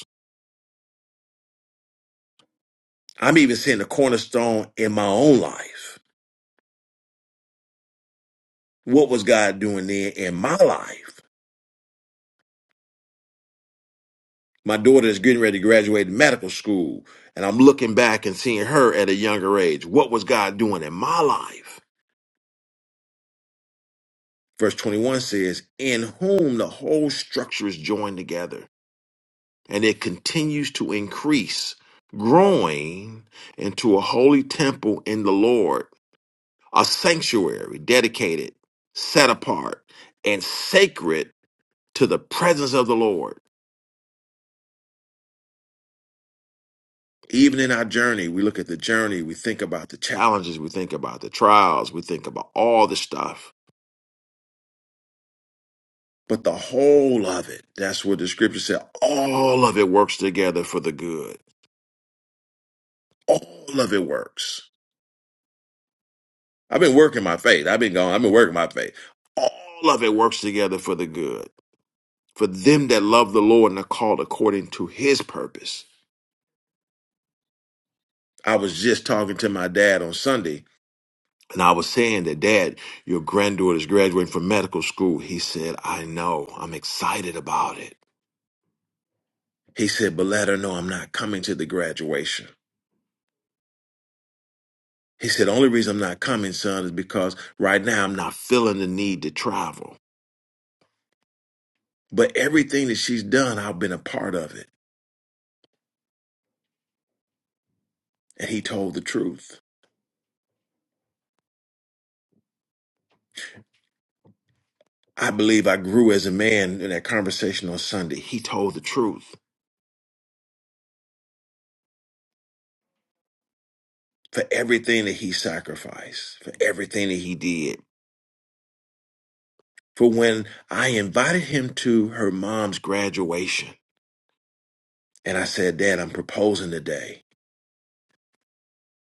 I'm even seeing the cornerstone in my own life. What was God doing then in my life? My daughter is getting ready to graduate medical school, and I'm looking back and seeing her at a younger age. What was God doing in my life? Verse 21 says, In whom the whole structure is joined together, and it continues to increase, growing into a holy temple in the Lord, a sanctuary dedicated, set apart, and sacred to the presence of the Lord. Even in our journey, we look at the journey, we think about the Challenges we think about, the trials, we think about all the stuff. but the whole of it, that's what the scripture said, All of it works together for the good. all of it works. I've been working my faith. I've been going, I've been working my faith. All of it works together for the good. For them that love the Lord and are called according to his purpose. I was just talking to my dad on Sunday And I was saying that, Dad, your granddaughter's graduating from medical school. He said, I know. I'm excited about it. He said, but let her know I'm not coming to the graduation. He said, the only reason I'm not coming, son, is because right now I'm not feeling the need to travel. But everything that she's done, I've been a part of it. And he told the truth. I believe I grew as a man in that conversation on Sunday. He told the truth for everything that he sacrificed, for everything that he did. for when I invited him to her mom's graduation. And I said, Dad, I'm proposing today.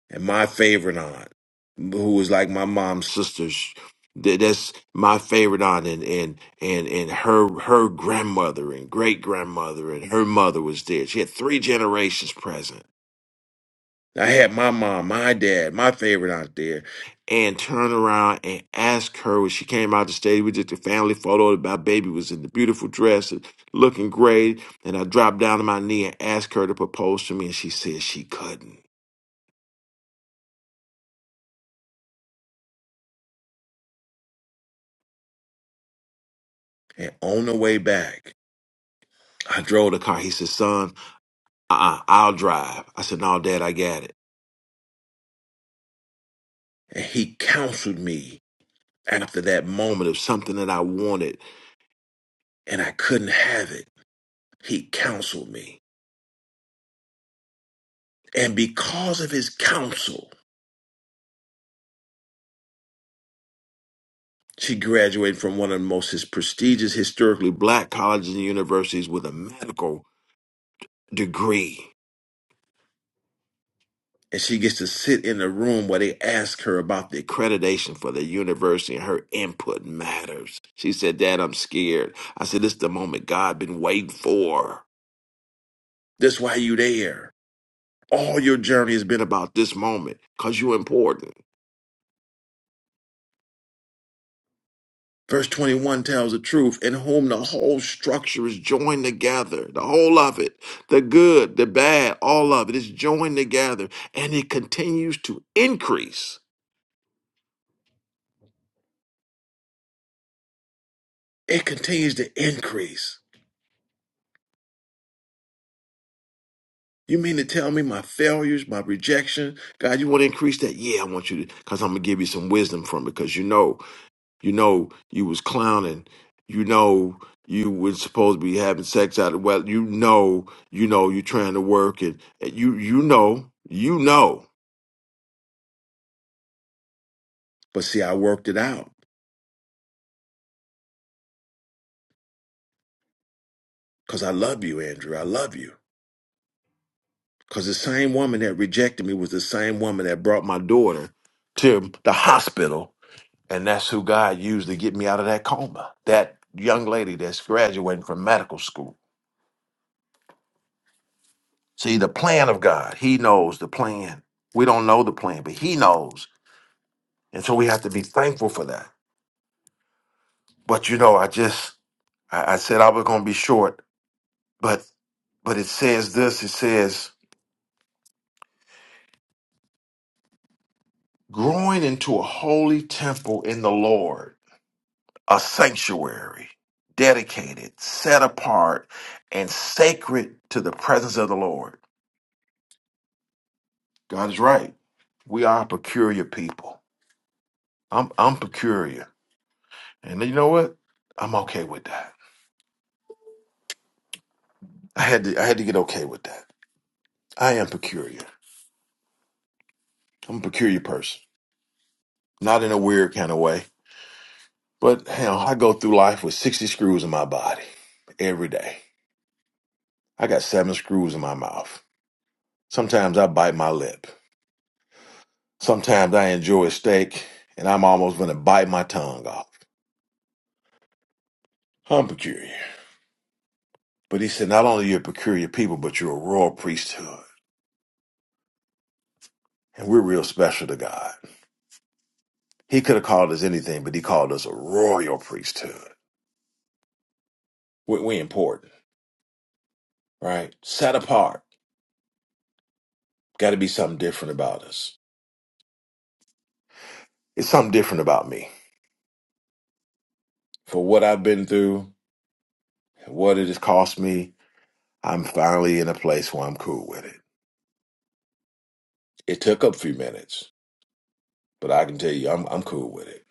And my favorite aunt, who was like my mom's sister, sh- th- that's my favorite aunt, and and and and her her grandmother and great grandmother and her mother was there. She had three generations present. I had my mom, my dad, my favorite out there, and turn around and ask her when she came out the stage. We did the family photo. My baby was in the beautiful dress and looking great. And I dropped down to my knee and asked her to propose to me, and she said she couldn't. And on the way back, I drove the car. He said, "Son, uh-uh, I'll drive." I said, "No, Dad, I got it." And he counseled me after that moment of something that I wanted and I couldn't have it. He counseled me. And because of his counsel, she graduated from one of the most his prestigious historically black colleges and universities with a medical degree. And she gets to sit in a room where they ask her about the accreditation for the university and her input matters. She said, Dad, I'm scared. I said, This is the moment God been waiting for. That's why you there. All your journey has been about this moment because you're important. Verse 21 tells the truth, in whom the whole structure is joined together. The whole of it, the good, the bad, all of it is joined together. And it continues to increase. It continues to increase. You mean to tell me my failures, my rejection? God, you want to increase that? Yeah, I want you to, because I'm going to give you some wisdom from it, because you know You know you was clowning. You know you was supposed to be having sex out of well. You know you know you trying to work and, and you you know you know. But see, I worked it out because I love you, Andrew. I love you because the same woman that rejected me was the same woman that brought my daughter to the hospital, and that's who God used to get me out of that coma. That young lady that's graduating from medical school. See, the plan of God, He knows the plan. We don't know the plan, but He knows. And so we have to be thankful for that. But you know, I just I, I said I was gonna be short, but but it says this, it says, growing into a holy temple in the Lord, a sanctuary, dedicated, set apart, and sacred to the presence of the Lord. God is right. We are a peculiar people. I'm I'm peculiar. And you know what? I'm okay with that. I had to I had to get okay with that. I am peculiar. I'm a peculiar person. not in a weird kind of way, but hell, I go through life with 60 screws in my body every day. I got seven screws in my mouth. Sometimes I bite my lip. Sometimes I enjoy steak and I'm almost going to bite my tongue off. I'm peculiar. But he said, not only you're a peculiar people, but you're a royal priesthood. And we're real special to God. He could have called us anything, but he called us a royal priesthood. We, we important, right? Set apart. Got to be something different about us. It's something different about me. for what I've been through, what it has cost me, I'm finally in a place where I'm cool with it. It took a few minutes, but I can tell you, I'm I'm cool with it.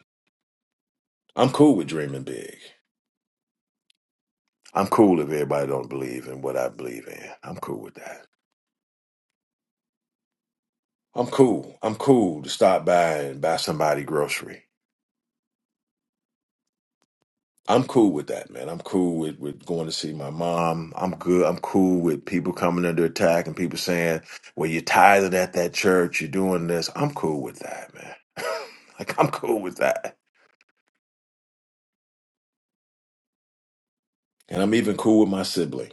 I'm cool with dreaming big. I'm cool if everybody don't believe in what I believe in. I'm cool with that. I'm cool. I'm cool to stop by and buy somebody grocery. I'm cool with that, man. I'm cool with, with going to see my mom. I'm good. I'm cool with people coming under attack and people saying, well, you're tithing at that church, you're doing this. I'm cool with that, man. <laughs> like, I'm cool with that. And I'm even cool with my sibling.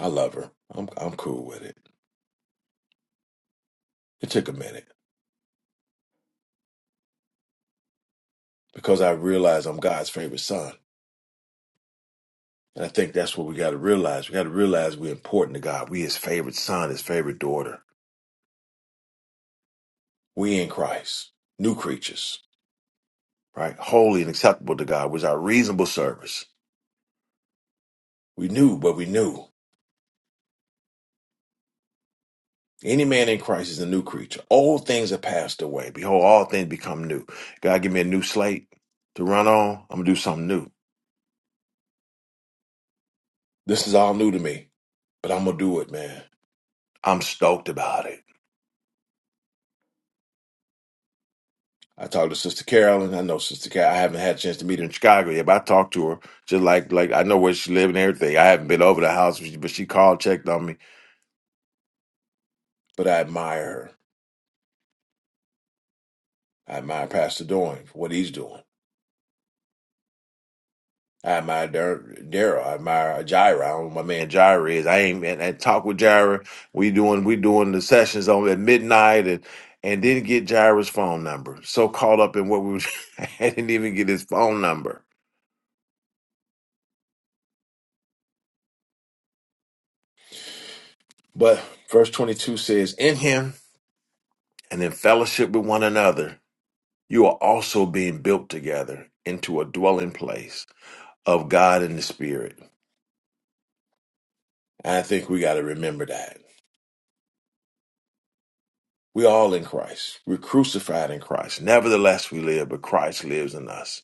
I love her. I'm, I'm cool with it. It took a minute because I realized I'm God's favorite son. And I think that's what we got to realize. We got to realize we're important to God. We his favorite son, his favorite daughter. We in Christ, new creatures right? Holy and acceptable to God was our reasonable service. We knew what we knew. Any man in Christ is a new creature. Old things have passed away. Behold, all things become new. God, give me a new slate to run on. I'm going to do something new. This is all new to me, but I'm going to do it, man. I'm stoked about it. I talked to Sister Carolyn. I know Sister Carol. I haven't had a chance to meet her in Chicago yet, but I talked to her just like like I know where she lives and everything. I haven't been over the house, but she but she called, checked on me. But I admire her. I admire Pastor Doing for what he's doing. I admire Dar- Daryl. I admire Jaira. I don't know who my man Jaira is. I ain't and, and talk with Jaira. We doing we doing the sessions on at midnight and and didn't get Jaira's phone number. So caught up in what we was, <laughs> I didn't even get his phone number. But verse twenty two says, "In Him and in fellowship with one another, you are also being built together into a dwelling place of God in the Spirit." I think we got to remember that. We're all in Christ. We're crucified in Christ. Nevertheless, we live, but Christ lives in us.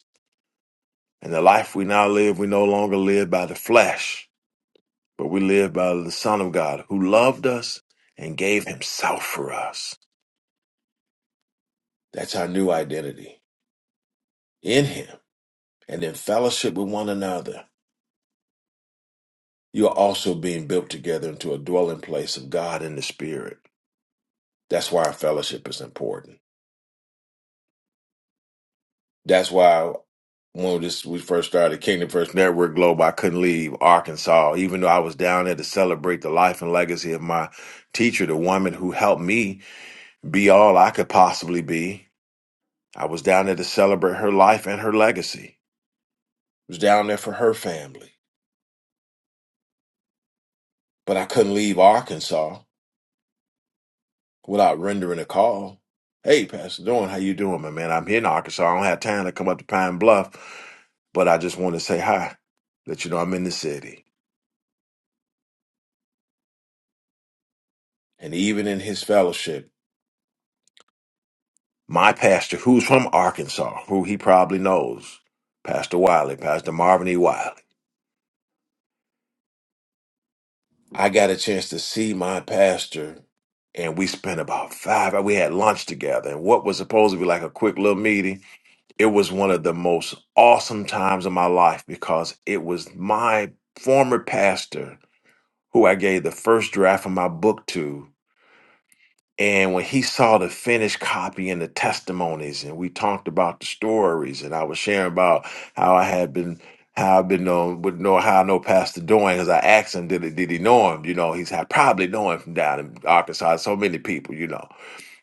And the life we now live, we no longer live by the flesh, but we live by the Son of God who loved us and gave himself for us. That's our new identity in him and in fellowship with one another. You are also being built together into a dwelling place of God in the Spirit. That's why our fellowship is important. That's why when this we first started Kingdom First Network Global, I couldn't leave Arkansas, even though I was down there to celebrate the life and legacy of my teacher, the woman who helped me be all I could possibly be. I was down there to celebrate her life and her legacy. I was down there for her family. But I couldn't leave Arkansas without rendering a call. Hey, Pastor Dorn, how you doing, my man? I'm here in Arkansas. I don't have time to come up to Pine Bluff, but I just want to say hi, let you know I'm in the city. and even in his fellowship, my pastor, who's from Arkansas, who he probably knows, Pastor Wiley, Pastor Marvin E. Wiley, I got a chance to see my pastor, and we spent about five. hours. We had lunch together, and what was supposed to be like a quick little meeting, it was one of the most awesome times of my life because it was my former pastor who I gave the first draft of my book to And when he saw the finished copy and the testimonies, and we talked about the stories, and I was sharing about how I had been, how I've been known, would know how I know Pastor Doane, because I asked him, did he, did he know him? You know, he's I probably know him from down in Arkansas. So many people, you know.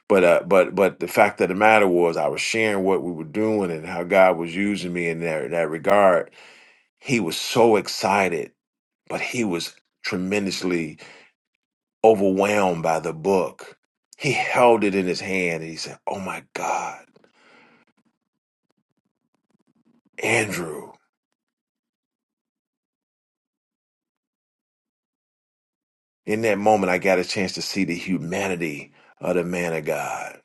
But uh, but but the fact of the matter was, I was sharing what we were doing and how God was using me in that in that regard. He was so excited, but he was tremendously overwhelmed by the book. He held it in his hand and he said, Oh my God, Andrew. In that moment, I got a chance to see the humanity of the man of God,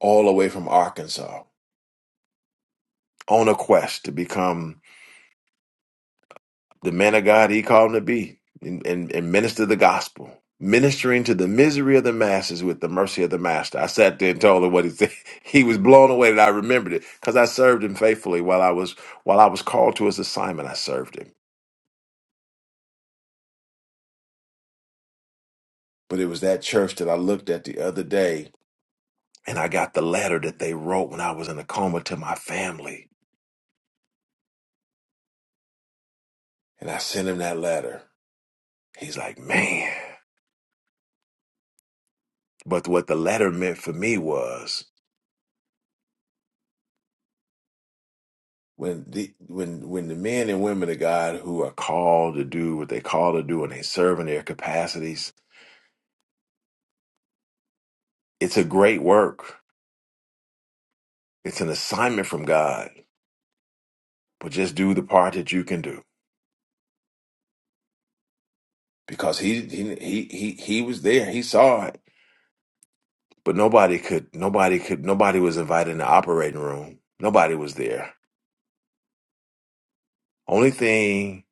all the way from Arkansas, on a quest to become the man of God he called him to be and, and, and minister the gospel, ministering to the misery of the masses with the mercy of the master. I sat there and told him what he said. <laughs> He was blown away that I remembered it because I served him faithfully while I was while I was called to his assignment. I served him. But it was that church that I looked at the other day, and I got the letter that they wrote when I was in a coma to my family. And I sent him that letter. He's like, man. But what the letter meant for me was when the when when the men and women of God who are called to do what they call to do and they serve in their capacities, it's a great work. It's an assignment from God. But just do the part that you can do. Because he he he he, he was there. He saw it but nobody could nobody could nobody was invited in the operating room nobody was there only thing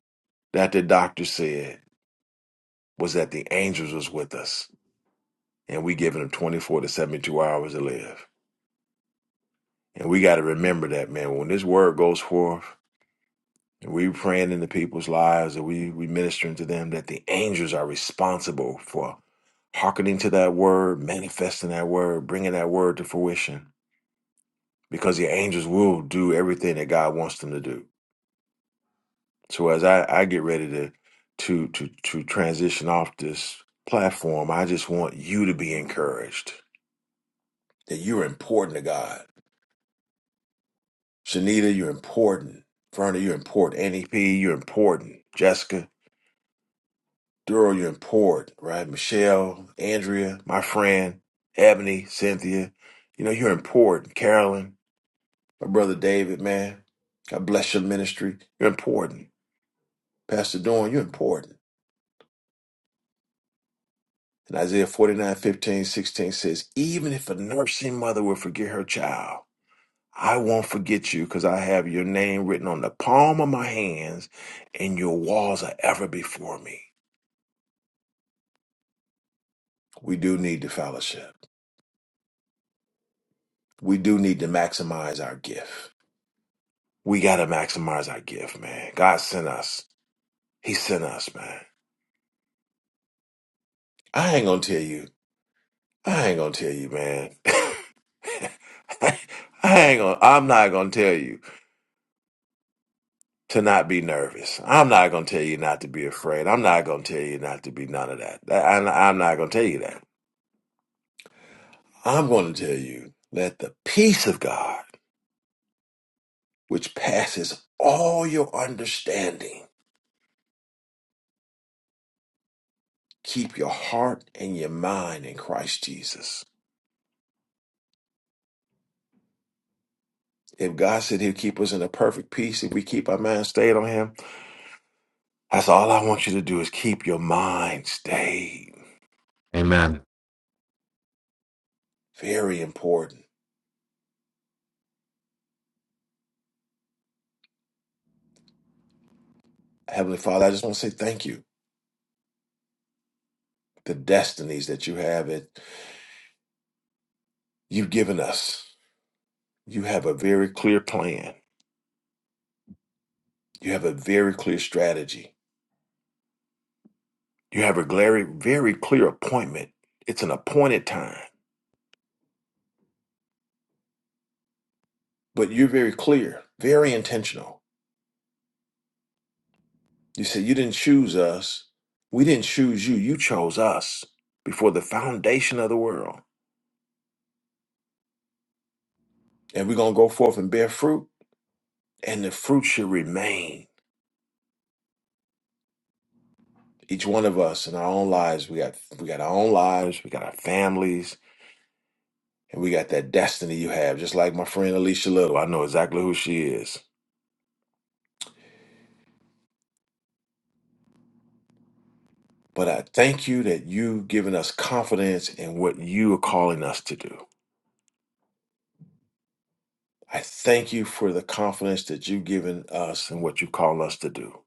that the doctor said was that the angels was with us and we giving them 24 to 72 hours to live and we got to remember that man when this word goes forth and we praying into people's lives and we we ministering to them that the angels are responsible for hearkening to that word manifesting that word bringing that word to fruition because the angels will do everything that god wants them to do So as I, I get ready to to to to transition off this platform, I just want you to be encouraged that you're important to God. Shanita, you're important. Verna, you're important. NEP, you're important. Jessica, Duro, you're important, right? Michelle, Andrea, my friend, Ebony, Cynthia, you know, you're important. Carolyn, my brother David, man. God bless your ministry. You're important. Pastor Dorn, you're important. And Isaiah 49 15 16 says, Even if a nursing mother will forget her child, I won't forget you because I have your name written on the palm of my hands and your walls are ever before me. We do need the fellowship. We do need to maximize our gift. We got to maximize our gift, man. God sent us. He sent us, man. I ain't going to tell you. I ain't going to tell you, man. <laughs> I ain't gonna, I'm not going to tell you to not be nervous. I'm not going to tell you not to be afraid. I'm not going to tell you not to be none of that. That- I'm I'm not going to tell you that. I'm going to tell you let the peace of God, which passes all your understanding, keep your heart and your mind in Christ Jesus. If God said He'll keep us in a perfect peace, if we keep our mind stayed on Him, that's all I want you to do is keep your mind stayed. Amen. Very important. Heavenly Father, I just want to say thank you. The destinies that you have it. you've given us. You have a very clear plan. You have a very clear strategy. You have a very, very clear appointment. It's an appointed time, but you're very clear, very intentional. You said you didn't choose us. We didn't choose you. You chose us before the foundation of the world. And we're going to go forth and bear fruit, and the fruit should remain. Each one of us in our own lives, we got we got our own lives, we got our families, And we got that destiny you have, just like my friend Alicia Little. I know exactly who she is. But I thank you that you've given us confidence in what you are calling us to do. I thank you for the confidence that you've given us in what you call us to do.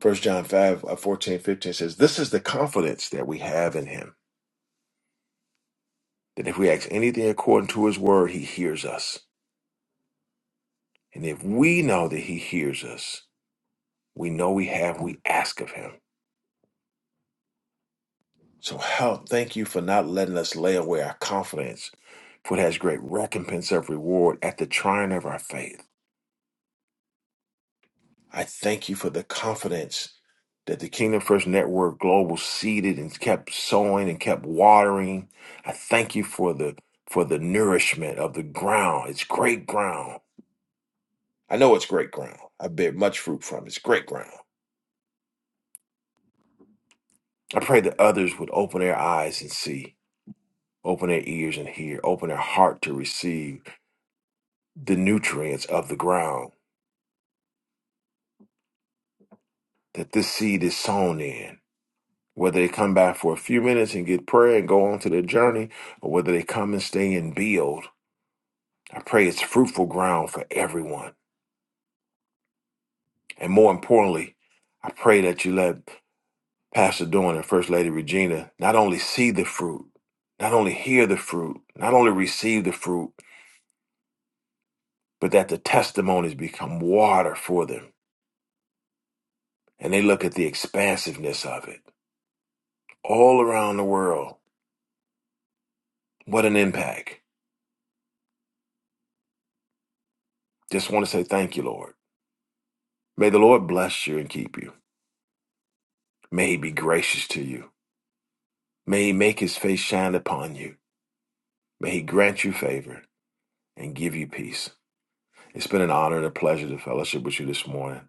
First John 5 uh, 14, fifteen says, This is the confidence that we have in him, that if we ask anything according to his word, he hears us. And if we know that he hears us, we know we have, we ask of him. So, help, thank you for not letting us lay away our confidence, for it has great recompense of reward at the trying of our faith. I thank you for the confidence that the Kingdom First Network Global seeded and kept sowing and kept watering. I thank you for the for the nourishment of the ground. It's great ground. I know it's great ground. I bear much fruit from it. It's great ground. I pray that others would open their eyes and see, open their ears and hear, open their heart to receive the nutrients of the ground that this seed is sown in. Whether they come back for a few minutes and get prayer and go on to their journey, or whether they come and stay and build, I pray it's fruitful ground for everyone. And more importantly, I pray that you let Pastor Dawn and First Lady Regina not only see the fruit, not only hear the fruit, not only receive the fruit, but that the testimonies become water for them. And they look at the expansiveness of it all around the world. What an impact. Just want to say thank you, Lord. May the Lord bless you and keep you. May he be gracious to you. May he make his face shine upon you. May he grant you favor and give you peace. It's been an honor and a pleasure to fellowship with you this morning.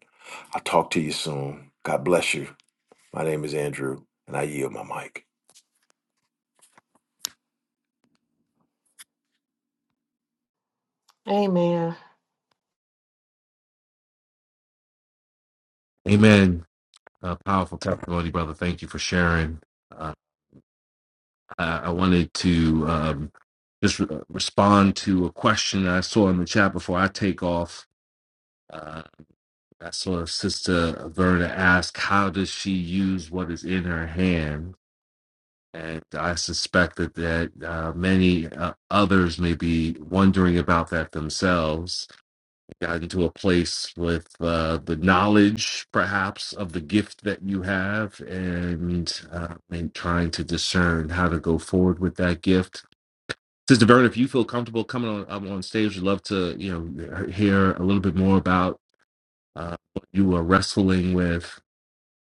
I'll talk to you soon. God bless you. My name is Andrew, and I yield my mic. Amen. Amen. Uh, powerful testimony, brother. Thank you for sharing. Uh, I, I wanted to um, just re- respond to a question I saw in the chat before I take off. I saw Sister Verna ask, "How does she use what is in her hand?" And I suspect that that uh, many uh, others may be wondering about that themselves. Got into a place with uh, the knowledge, perhaps, of the gift that you have, and uh, and trying to discern how to go forward with that gift. Sister Verna, if you feel comfortable coming on up on stage, we'd love to you know hear a little bit more about uh, what you are wrestling with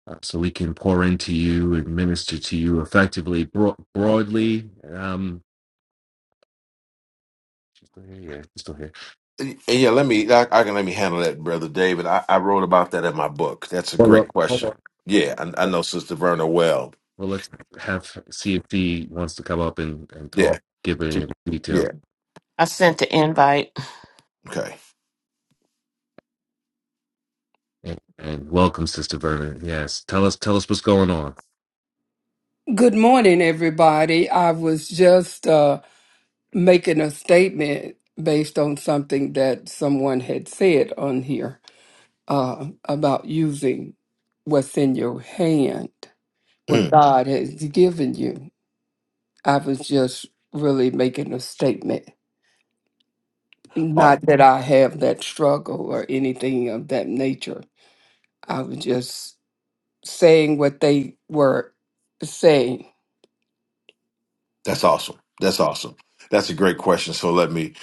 uh, so we can pour into you and minister to you effectively, bro- broadly. Um, she's still here, yeah, she's still here. And yeah, let me. I, I can let me handle that, brother David. I, I wrote about that in my book. That's a Well, great look, hold question. up. Hold- Yeah, I, I know Sister Verna well. Well, let's have see if he wants to come up and, and talk, Yeah, give any she- details. yeah. I sent the invite. Okay. And, and welcome, Sister Verna. Yes, tell us tell us what's going on. Good morning, everybody. I was just uh, making a statement based on something that someone had said on here uh, about using what's in your hand, what <clears throat> God has given you. I was just really making a statement. Not Oh. that I have that struggle or anything of that nature. I was just saying what they were saying That's awesome. That's awesome. That's a great question. So let me.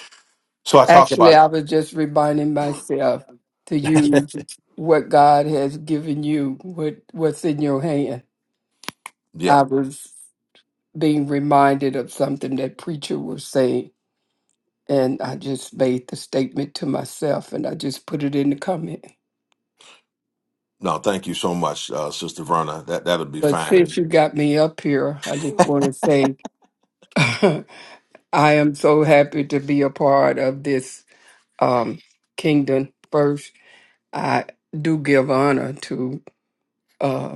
So I talk Actually, about. I was just reminding myself to <laughs> use what God has given you, what what's in your hand. yeah. I was being reminded of something that preacher was saying, and I just made the statement to myself, and I just put it in the comment. No, thank you so much, uh, Sister Verna. That that'll be But since fine. you got me up here, I just want to say <laughs> I am so happy to be a part of this um, kingdom. First, I do give honor to. uh,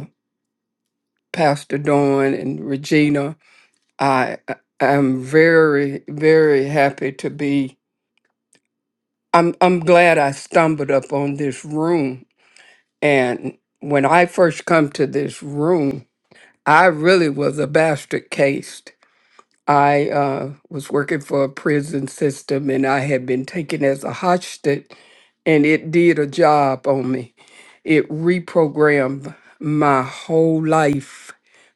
Pastor Dawn and Regina. I I- I'm very very happy to be. I'm I'm glad I stumbled up on this room. And when I first come to this room, I really was a bastard case. I uh, was working for a prison system and I had been taken as a hostage, and it did a job on me. It reprogrammed my whole life,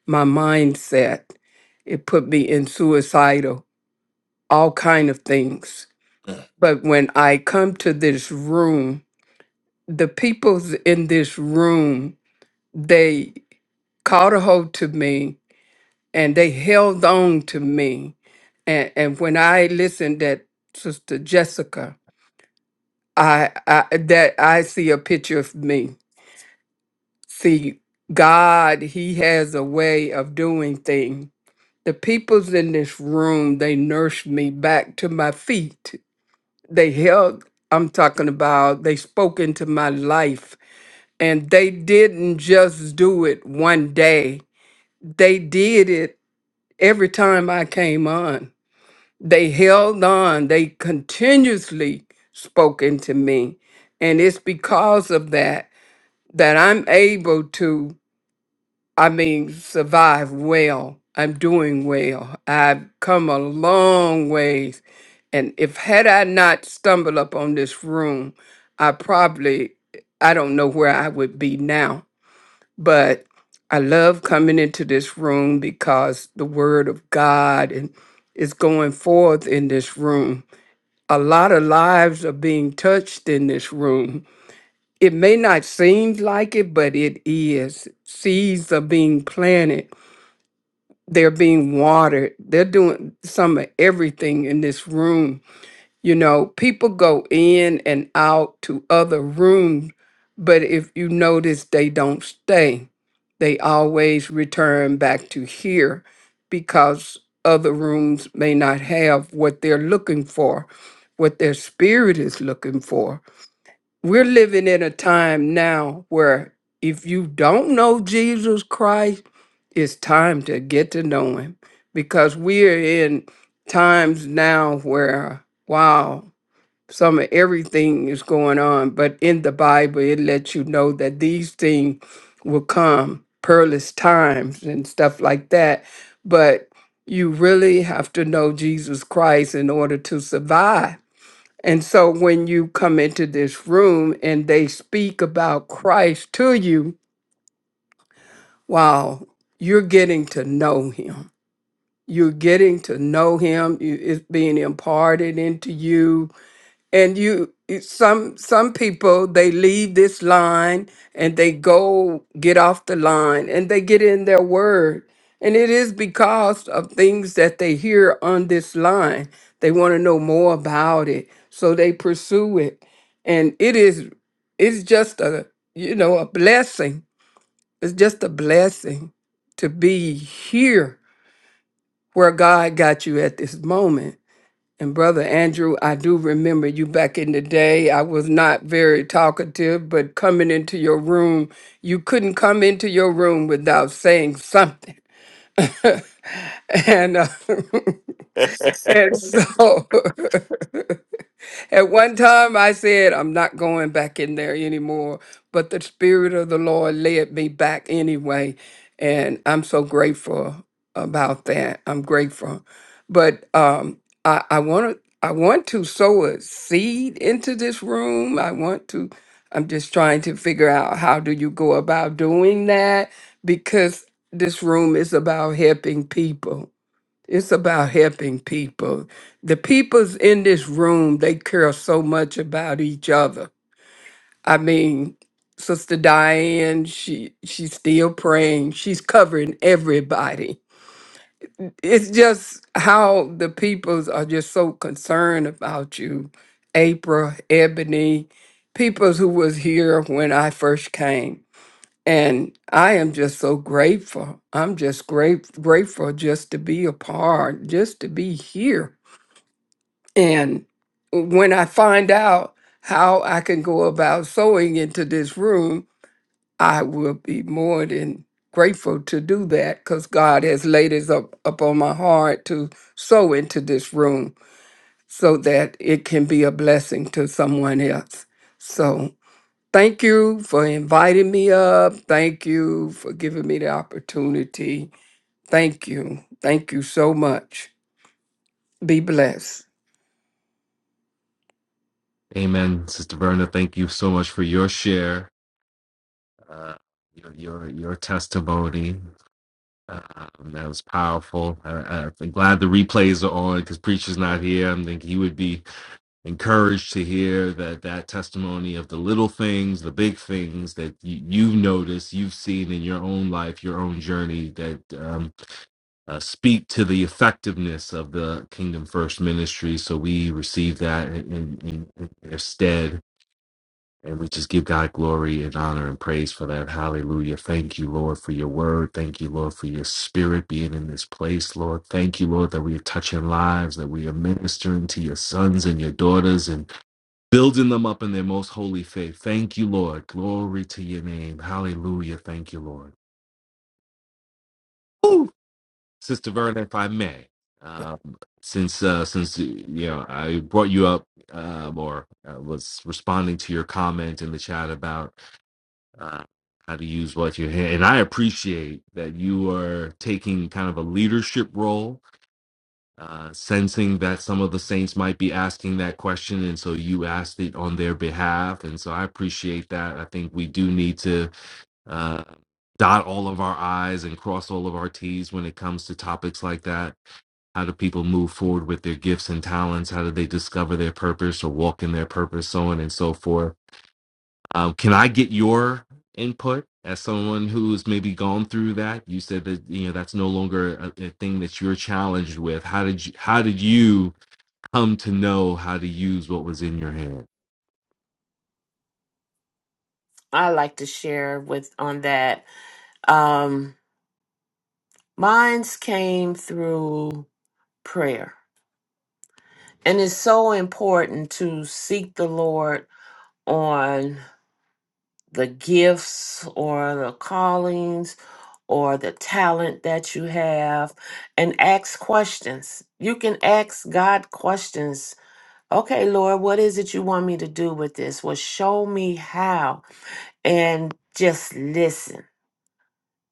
my mindset. It put me in suicidal, all kind of things. And But when I come to this room, the people's in this room, they caught a hold to me and they held on to me. And and when I listened at Sister Jessica, I, I that I see a picture of me. See, God, He has a way of doing things. The peoples in this room, they nursed me back to my feet. They held, I'm talking about, they spoke into my life. And they didn't just do it one day. They did it every time I came on they held on they continuously spoke into me and it's because of that that i'm able to i mean survive well i'm doing well i've come a long ways and if had i not stumbled up on this room i probably i don't know where i would be now but i love coming into this room because the word of god and is going forth in this room a lot of lives are being touched in this room. It may not seem like it, but it is. Seeds are being planted, they're being watered, they're doing some of everything in this room you know, people go in and out to other rooms, but if you notice, they don't stay. They always return back to here because other rooms may not have what they're looking for, what their spirit is looking for. We're living in a time now where if you don't know Jesus Christ, it's time to get to know him because we're in times now where, wow, some of everything is going on, but in the Bible, it lets you know that these things will come, perilous times and stuff like that. But you really have to know Jesus Christ in order to survive. And so when you come into this room and they speak about Christ to you, wow, you're getting to know him. You're getting to know him. You- It's being imparted into you and you you- some some people they leave this line and they go get off the line and they get in their word and it is because of things that they hear on this line they want to know more about it so they pursue it and it is it's just a you know a blessing it's just a blessing to be here where god got you at this moment and Brother Andrew, I do remember you back in the day. I was not very talkative, but coming into your room, you couldn't come into your room without saying something. <laughs> and uh, <laughs> and so <laughs> At one time, I said, I'm not going back in there anymore, but the Spirit of the Lord led me back anyway. And I'm so grateful about that. I'm grateful. But um, I, I want to. I want to sow a seed into this room. I want to, I'm just trying to figure out how do you go about doing that because this room is about helping people it's about helping people. The people's in this room, they care so much about each other. I mean, Sister Diane, she she's still praying. She's covering everybody. It's just how the peoples are just so concerned about you. April, Ebony, peoples who was here when I first came. And I am just so grateful. I'm just great, grateful just to be a part, just to be here And when I find out how I can go about sewing into this room, I will be more than grateful to do that because God has laid it up upon my heart to sow into this room so that it can be a blessing to someone else. So thank you for inviting me up. Thank you for giving me the opportunity. Thank you. Thank you so much. Be blessed. Amen, Sister Verna. Thank you so much for your share, uh, your your your testimony. Um, that was powerful. I, I- I'm glad the replays are on because preacher's not here. I think he would be encouraged to hear that that testimony of the little things the big things that you, you've noticed you've seen in your own life your own journey that um, uh, speak to the effectiveness of the kingdom first ministry so we receive that in, in, in their stead and we just give god glory and honor and praise for that hallelujah thank you lord for your word thank you lord for your spirit being in this place lord thank you lord that we are touching lives that we are ministering to your sons and your daughters and building them up in their most holy faith. Thank you, Lord. Glory to your name. Hallelujah. Thank you, Lord. Ooh. Sister Verna, if I may, um, since uh, since uh, you know I brought you up um, or uh, was responding to your comment in the chat about uh, how to use what you hand, and I appreciate that you are taking kind of a leadership role uh, sensing that some of the saints might be asking that question. And so you asked it on their behalf. And so I appreciate that. I think we do need to uh, dot all of our I's and cross all of our T's when it comes to topics like that. How do people move forward with their gifts and talents? How do they discover their purpose or walk in their purpose? So on and so forth. Um, can I get your input? As someone who's maybe gone through that, you said that you know that's no longer a, a thing that you're challenged with. How did you, how did you come to know how to use what was in your hand. I like to share with on that. Um Mine's came through prayer. And it's so important to seek the Lord on the gifts or the callings or the talent that you have and ask questions. You can ask God questions. Okay, Lord, what is it you want me to do with this? Well, show me how and just listen.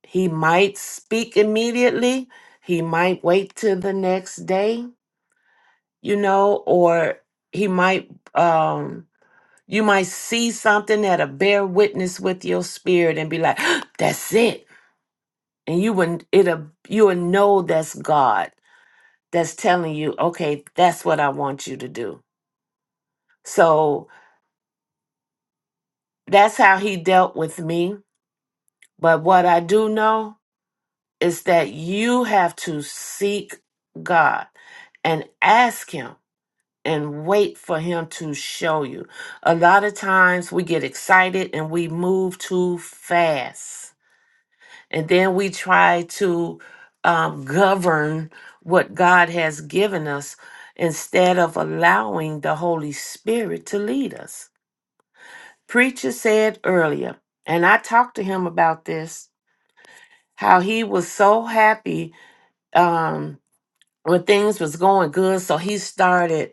He might speak immediately, he might wait till the next day you know, or he might um you might see something that'll bear witness with your spirit and be like, <gasps> that's it. And you would it'll you would know that's God that's telling you, okay, that's what I want you to do. So that's how he dealt with me. But what I do know is that you have to seek God and ask him and wait for him to show you. A lot of times we get excited and we move too fast. And then we try to um, govern what God has given us instead of allowing the Holy Spirit to lead us. Preacher said earlier, and I talked to him about this, how he was so happy um, when things was going good. So he started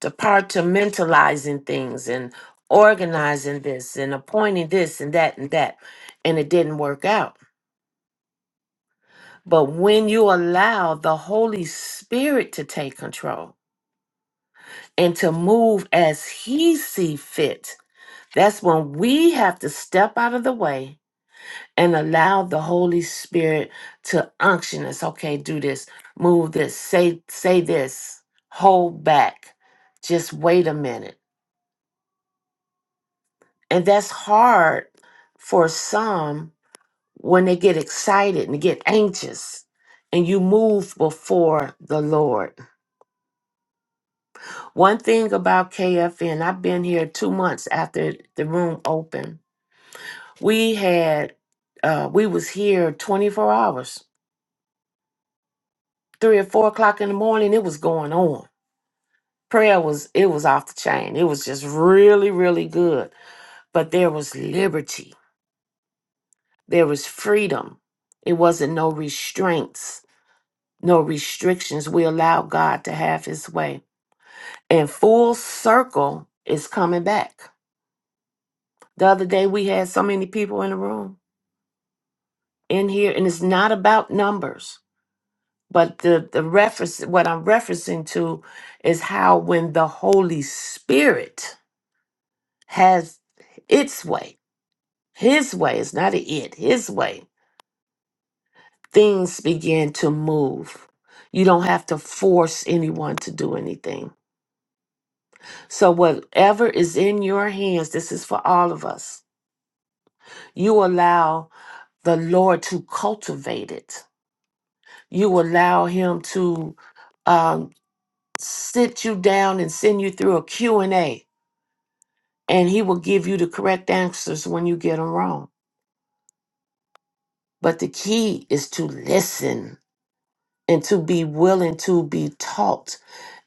departmentalizing things and organizing this and appointing this and that and that. And it didn't work out. But when you allow the Holy Spirit to take control and to move as He see fit, that's when we have to step out of the way and allow the Holy Spirit to unction us. Okay, do this, move this, say say this, hold back, just wait a minute And that's hard for some when they get excited and get anxious and you move before the Lord. One thing about KFN, I've been here two months after the room opened. We had, uh, we was here 24 hours, three or four o'clock in the morning. It was going on. Prayer was, it was off the chain. It was just really, really good. But there was liberty. There was freedom. It wasn't no restraints no restrictions. We allow God to have his way. And full circle is coming back. The other day we had so many people in the room in here, and it's not about numbers, but the, the reference what I'm referencing to is how when the Holy Spirit has its way, his way is not a it, his way, things begin to move. You don't have to force anyone to do anything So, whatever is in your hands, this is for all of us. You allow the Lord to cultivate it, you allow Him to um, sit you down and send you through a Q and a and He will give you the correct answers when you get them wrong. But the key is to listen and to be willing to be taught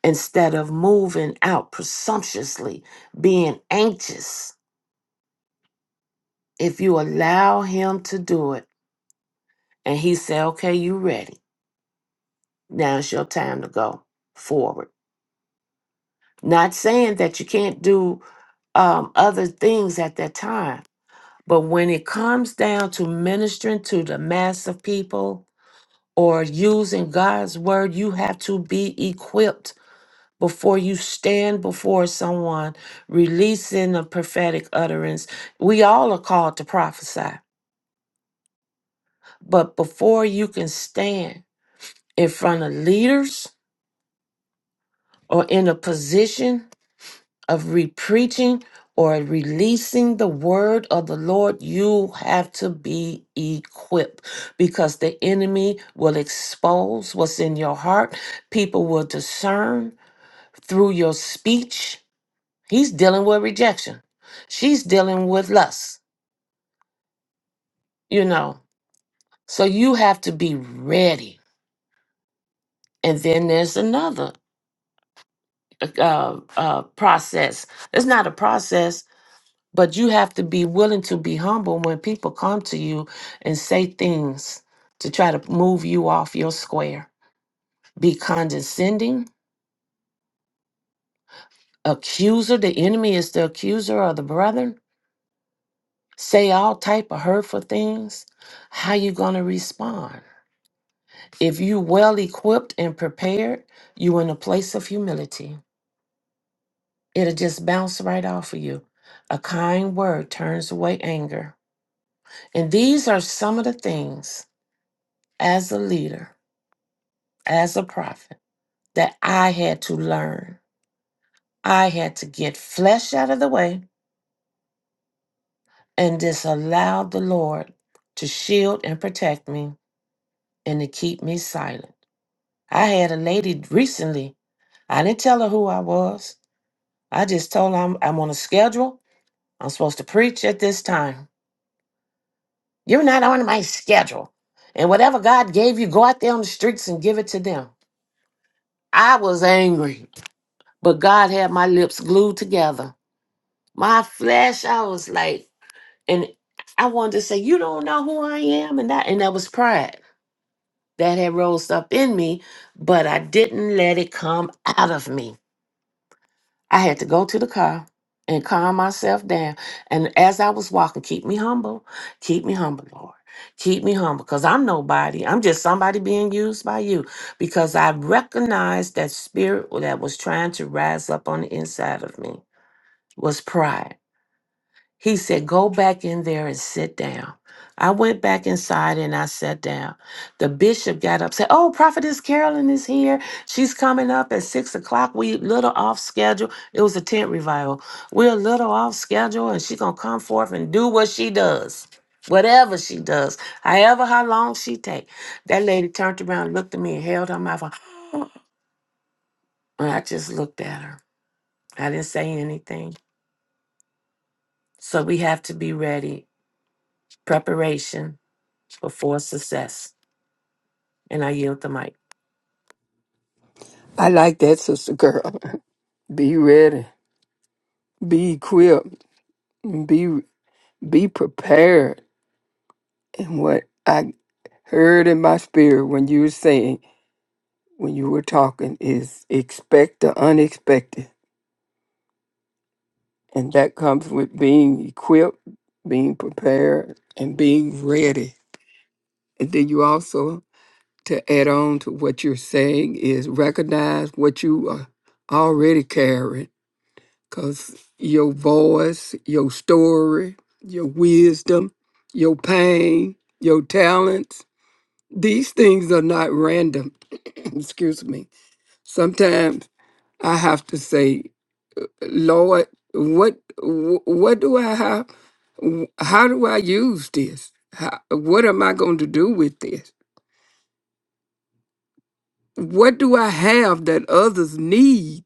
instead of moving out presumptuously, being anxious. If you allow Him to do it, And he said, Okay, you ready. Now it's your time to go forward. Not saying that you can't do um, other things at that time, but when it comes down to ministering to the mass of people or using God's word, you have to be equipped before you stand before someone releasing a prophetic utterance. We all are called to prophesy, but before you can stand in front of leaders or in a position of re-preaching or releasing the word of the Lord, you have to be equipped because the enemy will expose what's in your heart. People will discern through your speech. He's dealing with rejection. She's dealing with lust, you know. So you have to be ready. And then there's another uh, uh, process. It's not a process But you have to be willing to be humble when people come to you and say things to try to move you off your square. Be condescending, accuser. The enemy is the accuser of the brethren. Say all type of hurtful things. How you gonna respond? If you well equipped and prepared, you in a place of humility. It'll just bounce right off of you. A kind word turns away anger. And these are some of the things as a leader as a prophet that I had to learn. I had to get flesh out of the way and just allow the Lord to shield and protect me and to keep me silent. I had a lady recently, I didn't tell her who I was. I just told her I'm, I'm on a schedule. I'm supposed to preach at this time. You're not on my schedule. And whatever God gave you, go out there on the streets and give it to them. I was angry, but God had my lips glued together. My flesh, I was like, and I wanted to say, "You don't know who I am," and that and that was pride that had rose up in me, but I didn't let it come out of me. I had to go to the car and calm myself down. And as I was walking, keep me humble, keep me humble, Lord. Keep me humble because I'm nobody. I'm just somebody being used by you because I recognized that spirit that was trying to rise up on the inside of me was pride He said, Go back in there and sit down. I went back inside and I sat down. The bishop got up, said, Oh, Prophetess Carolyn is here. She's coming up at six o'clock. We little off schedule. It was a tent revival. We're a little off schedule, and she's gonna come forth and do what she does. Whatever she does, however how long she take. That lady turned around, looked at me, and held her mouth. <gasps> And I just looked at her. I didn't say anything. So we have to be ready. Preparation before success. And I yield the mic. I like that, sister girl. <laughs> Be ready. be equipped be be prepared and what i heard in my spirit when you were saying when you were talking is expect the unexpected and that comes with being equipped being prepared and being ready and then you also to add on to what you're saying is recognize what you are already carrying because your voice, your story, your wisdom, your pain, your talents, these things are not random. <clears throat> Excuse me. Sometimes I have to say, Lord, what wh- what do I have? Wh- How do I use this? How, what am I going to do with this? What do I have that others need?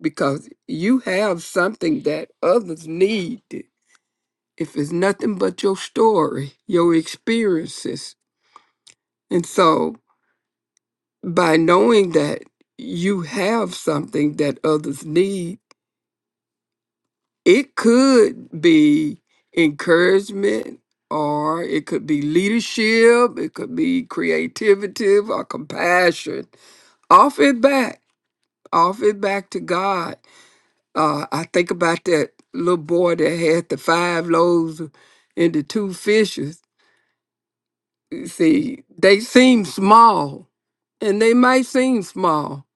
Because you have something that others need if it's nothing but your story, your experiences. And so, by knowing that you have something that others need, it could be encouragement or it could be leadership, it could be creativity or compassion. Off it back, off it back to God. Uh, I think about that little boy that had the five loaves and the two fishes You see, they seem small, and they might seem small,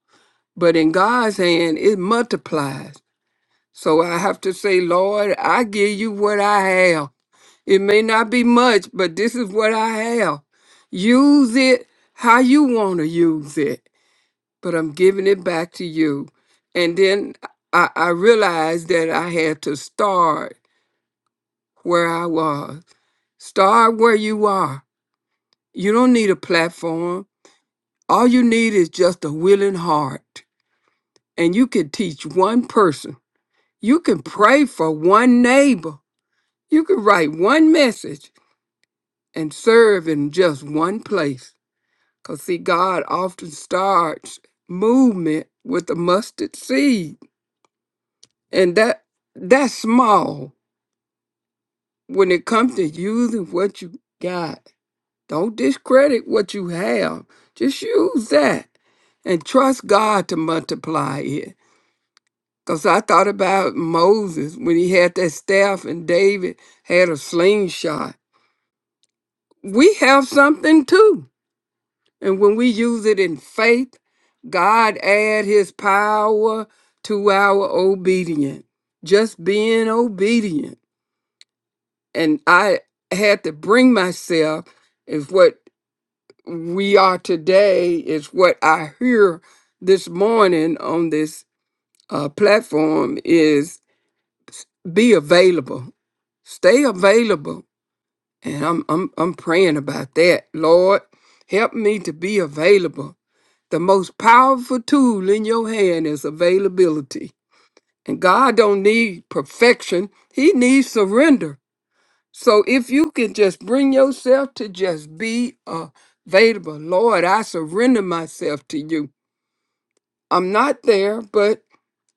but in God's hand, it multiplies. So I have to say, Lord, I give you what I have. It may not be much, but this is what I have. Use it how you want to use it, but I'm giving it back to you. And then I, I realized that I had to start where I was. Start where you are. You don't need a platform. All you need is just a willing heart. And you can teach one person. You can pray for one neighbor. You can write one message and serve in just one place. Because, see, God often starts movement with a mustard seed. And that that's small when it comes to using what you got. Don't discredit what you have. Just use that and trust God to multiply it. Because I thought about Moses when he had that staff and David had a slingshot. We have something too. And when we use it in faith, God add his power to our obedience. Just being obedient. And I had to bring myself is what we are today, is what I hear this morning on this uh, platform is be available. Stay available. And I'm I'm I'm praying about that. Lord, help me to be available. The most powerful tool in your hand is availability. And God don't need perfection. He needs surrender. So if you can just bring yourself to just be available, Lord, I surrender myself to you. I'm not there, but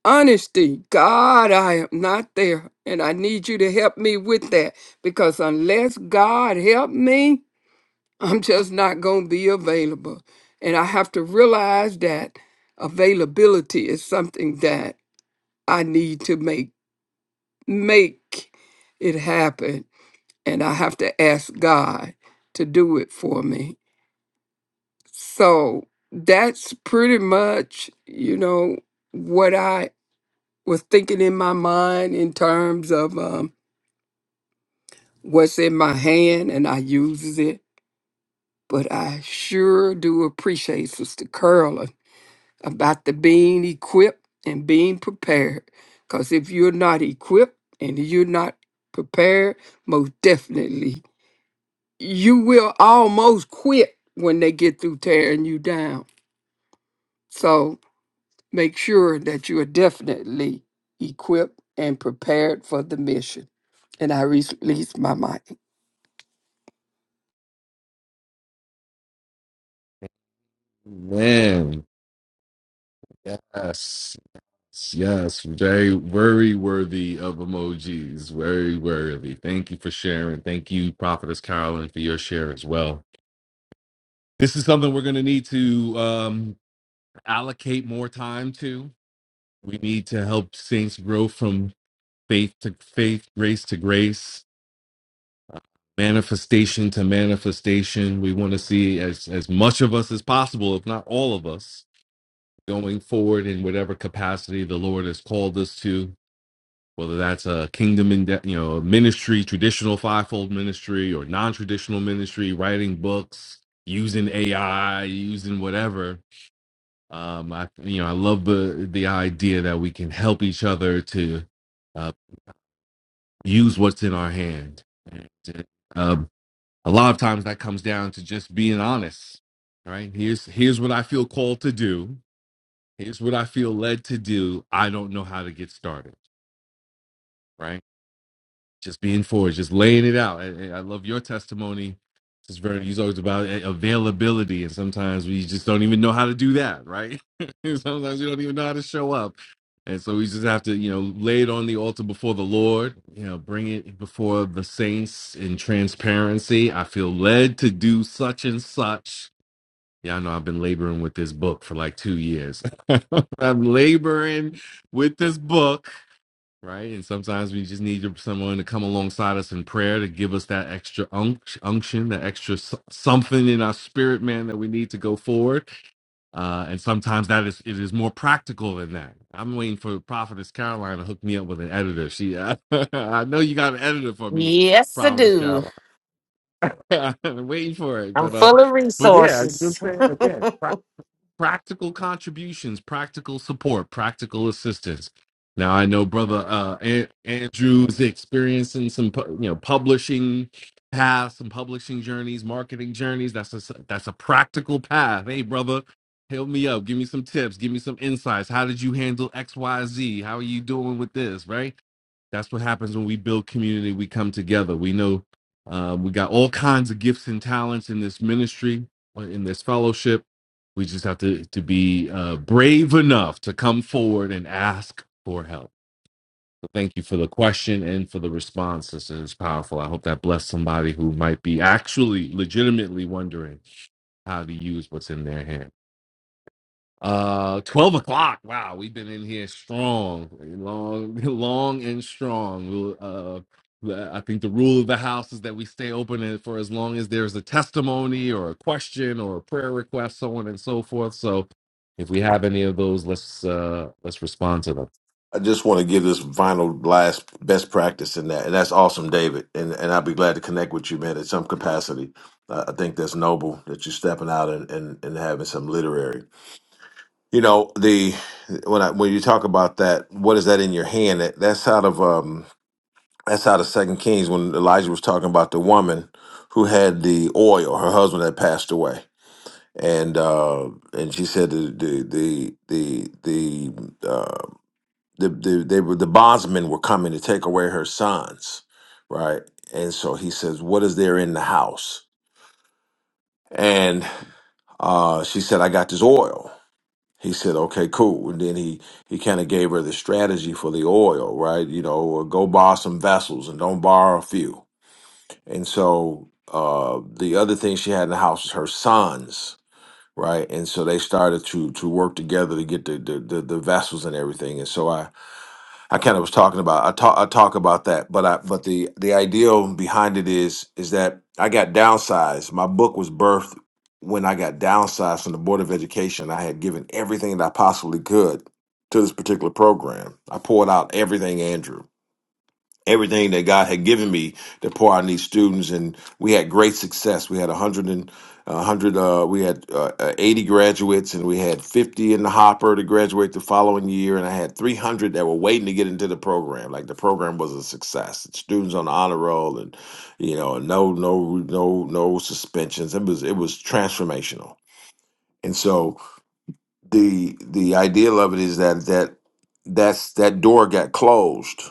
Honesty, God, I am not there. And I need you to help me with that because unless God help me, <laughs> I'm just not going to be available. And I have to realize that availability is something that I need to make make it happen. And I have to ask God to do it for me. So that's pretty much, you know, what I was thinking in my mind in terms of um, what's in my hand and I uses it. But I sure do appreciate Sister Curlin about the being equipped and being prepared. Because if you're not equipped and you're not prepared, most definitely you will almost quit when they get through tearing you down. So Make sure that you are definitely equipped and prepared for the mission. And I release my mic. Man, yes, yes, very very worthy of emojis, very worthy. Thank you for sharing. Thank you, Prophetess Carolyn, for your share as well. This is something we're going to need to um, allocate more time to. We need to help saints grow from faith to faith, grace to grace, manifestation to manifestation. We want to see as as much of us as possible, if not all of us, going forward in whatever capacity the Lord has called us to, whether that's a kingdom in de- you know ministry, traditional fivefold ministry, or non-traditional ministry, writing books, using AI, using whatever. Um, I you know I love the the idea that we can help each other to uh, use what's in our hand. And, uh, a lot of times that comes down to just being honest. All Right here's here's what I feel called to do here's what I feel led to do. I don't know how to get started, right? Just being forward, just laying it out. And- and I love your testimony. It's very, you talked about a- availability, and sometimes we just don't even know how to do that, right? <laughs> sometimes we don't even know how to show up. And so we just have to, you know, lay it on the altar before the Lord, you know, bring it before the saints in transparency. I feel led to do such and such yeah, I know I've been laboring with this book for like two years. <laughs> I'm laboring with this book, right? And sometimes we just need someone to come alongside us in prayer to give us that extra unc- unction, that extra s- something in our spirit, man, that we need to go forward. Uh, and sometimes that is it is more practical than that. I'm waiting for Prophetess Caroline to hook me up with an editor. She, <laughs> I know you got an editor for me, Yes, I Prophetess do. Caroline. <laughs> I'm waiting for it, I'm but uh, full of but yeah, you know resources. what I'm saying. Again, <laughs> practical contributions, practical support, practical assistance. Now I know brother uh, An- Andrew's experiencing some pu- you know publishing paths, some publishing journeys, marketing journeys. That's a s- that's a practical path. Hey brother, help me up. Give me some tips. Give me some insights. How did you handle X Y Z? How are you doing with this? Right that's what happens when we build community we come together we know uh, we got all kinds of gifts and talents in this ministry uh, in this fellowship we just have to to be uh, brave enough to come forward and ask for help so thank you for the question and for the response this is powerful i hope that blessed somebody who might be actually legitimately wondering how to use what's in their hand. Uh, twelve o'clock. Wow, we've been in here strong, long, <laughs> long and strong. We'll, uh, the- I think the rule of the house is that we stay open and for as long as there's a testimony or a question or a prayer request, so on and so forth. So, if we have any of those, let's uh, let's respond to them. I just want to give this final last best practice in that, and that's awesome, David. And and I'll be glad to connect with you, man, in some capacity. Uh, I think that's noble that you're stepping out and, and and having some literary. You know the when I when you talk about that, what is that in your hand? That, that's out of um That's out of Second Kings when Elijah was talking about the woman who had the oil, her husband had passed away, and uh, and she said the the the the the, uh, the, the they were the bondsmen were coming to take away her sons, right? And so he says, "What is there in the house?" And uh, she said, "I got this oil." He said, "Okay, cool." And then he he kind of gave her the strategy for the oil, right? You know, go borrow some vessels and don't borrow a few And so uh, the other thing she had in the house was her sons, right? And so they started to to work together to get the the, the, the vessels and everything. And so I I kind of was talking about I talk I talk about that, but I but the the ideal behind it is is that I got downsized. My book was birthed when I got downsized from the Board of Education. I had given everything that I possibly could to this particular program. I poured out everything, Andrew everything that God had given me to pour on these students, and we had great success. We had a hundred and a hundred, uh, we had uh, uh, eighty graduates, and we had fifty in the hopper to graduate the following year, and I had three hundred that were waiting to get into the program. Like the program was a success. Students on the honor roll, and you know, no, no, no, no suspensions. It was it was transformational, and so the the ideal of it is that that that's that door got closed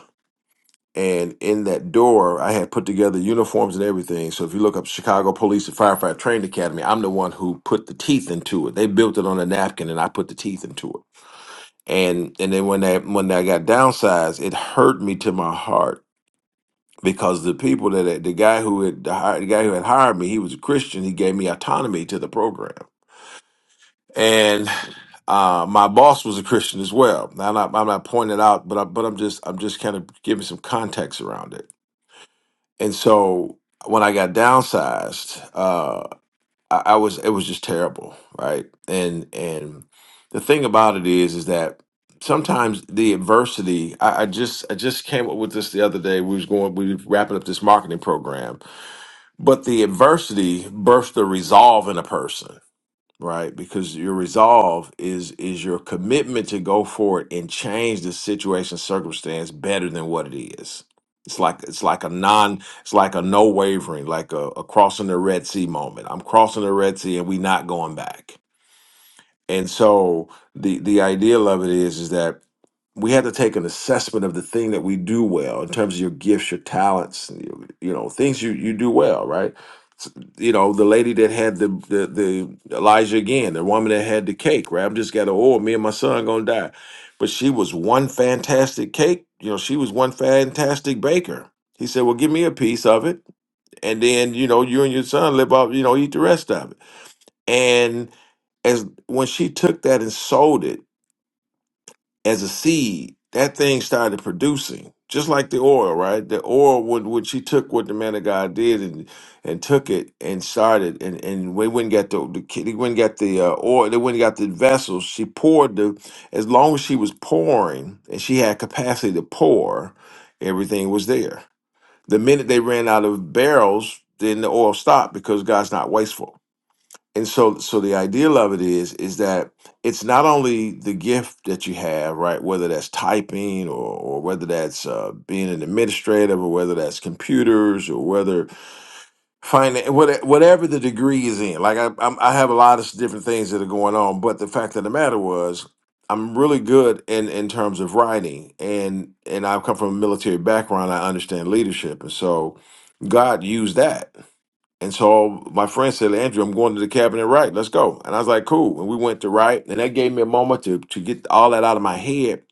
and in that door, I had put together uniforms and everything. So if you look up Chicago Police and Firefighter Training Academy, I'm the one who put the teeth into it. They built it on a napkin, and I put the teeth into it. And and then when that when I got downsized, it hurt me to my heart because the people that the guy who had the, hi- the guy who had hired me, he was a Christian. He gave me autonomy to the program, and uh, my boss was a Christian as well. Now I'm not, I'm not pointing it out, but I, but I'm just I'm just kind of giving some context around it And so when I got downsized, uh, I, I was it was just terrible, right? And and the thing about it is, is that sometimes the adversity. I, I just I just came up with this the other day. We was going we were wrapping up this marketing program, but the adversity birthed the resolve in a person right? Because your resolve is is your commitment to go forward and change the situation circumstance better than what it is. It's like it's like a non, it's like a no wavering, like a, a crossing the Red Sea moment. I'm crossing the Red Sea and we not going back and so the the idea of it is is that we have to take an assessment of the thing that we do well in terms of your gifts, your talents, and your, you know, things you you do well, right? S- You know, the lady that had the, the the Elijah again, the woman that had the cake, right? I'm just got to oh, me and my son gonna die, but she was one fantastic cake. You know, she was one fantastic baker. He said, well, give me a piece of it, and then you know, you and your son live off, you know, eat the rest of it and as when she took that and sold it as a seed, that thing started producing, just like the oil, right? The oil, when, when she took what the man of God did and and took it and started, and and we went and got the, the kid- they went and got the uh, oil, they went and got the vessels. She poured the, as long as she was pouring and she had capacity to pour, everything was there. The minute they ran out of barrels, then the oil stopped because God's not wasteful and so so the ideal of it is is that it's not only the gift that you have right whether that's typing or, or whether that's uh, being an administrative or whether that's computers or whether finance whatever the degree is in like I, I'm, I have a lot of different things that are going on but the fact of the matter was i'm really good in in terms of writing and and i've come from a military background i understand leadership and so god used that and so my friend said, Andrew, I'm going to the cabin cabinet right. Let's go. And I was like, cool. And we went to write. And that gave me a moment to, to get all that out of my head.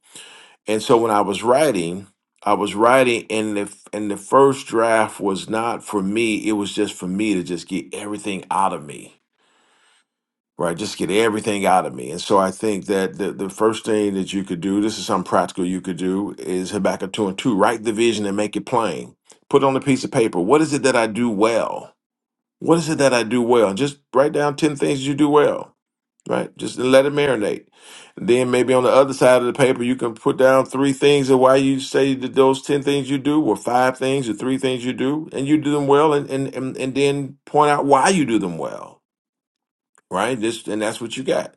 And so when I was writing, I was writing and the f- and the first draft was not for me. It was just for me to just get everything out of me. Right. Just get everything out of me. And so I think that the, the first thing that you could do, this is something practical you could do, is Habakkuk 2 and 2. Write the vision and make it plain. Put it on a piece of paper. What is it that I do well? What is it that I do well? Just write down 10 things you do well, right? Just let it marinate. And then maybe on the other side of the paper, you can put down three things of why you say that those 10 things you do, or five things, or three things you do, and you do them well, and, and, and, and then point out why you do them well, right? Just, and that's what you got.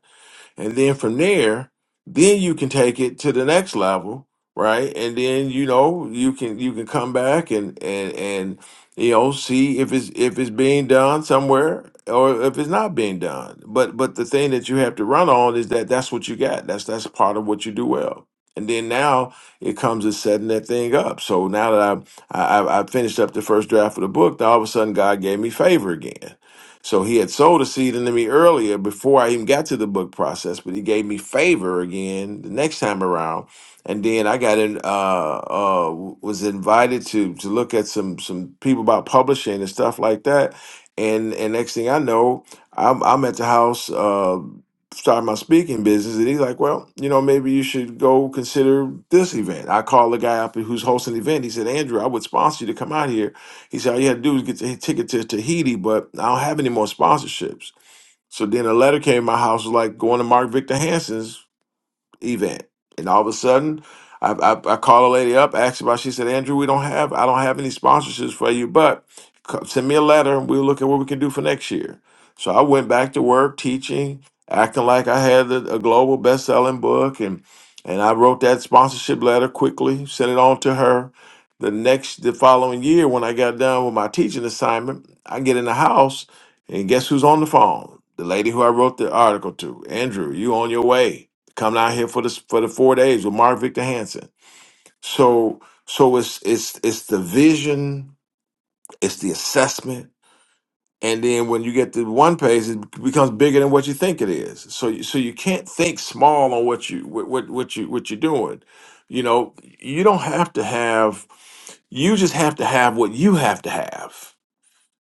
And then from there, then you can take it to the next level, right? And then you know you can you can come back and and and you know see if it's if it's being done somewhere or if it's not being done. But but the thing that you have to run on is that that's what you got. That's that's part of what you do well. And then now it comes to setting that thing up. So now that I I, I I finished up the first draft of the book, now all of a sudden God gave me favor again so he had sold a seed into me earlier before I even got to the book process, but he gave me favor again the next time around. And then I got in, uh, uh, was invited to to look at some some people about publishing and stuff like that. And and next thing I know, I'm I'm at the house uh, starting my speaking business, and he's like, "Well, you know, maybe you should go consider this event." I called the guy up who's hosting the event. He said, "Andrew, I would sponsor you to come out here." He said, All you had to do was get the ticket to Tahiti, but I don't have any more sponsorships. So then a letter came to my house, was like going to Mark Victor Hansen's event. And all of a sudden, I, I, I call a lady up, asked about. She said, "Andrew, we don't have, I don't have any sponsorships for you, but co- send me a letter, and we'll look at what we can do for next year." So I went back to work teaching, acting like I had a, a global best-selling book, and and I wrote that sponsorship letter quickly, sent it on to her. The next, the following year, when I got done with my teaching assignment, I get in the house, and guess who's on the phone? The lady who I wrote the article to, Andrew. You on your way? coming out here for the for the four days with Mark Victor Hansen. So so it's it's it's the vision, it's the assessment, and then when you get to one page, it becomes bigger than what you think it is. So you, so you can't think small on what you what what, what you what you're doing. You know, you don't have to have. You just have to have what you have to have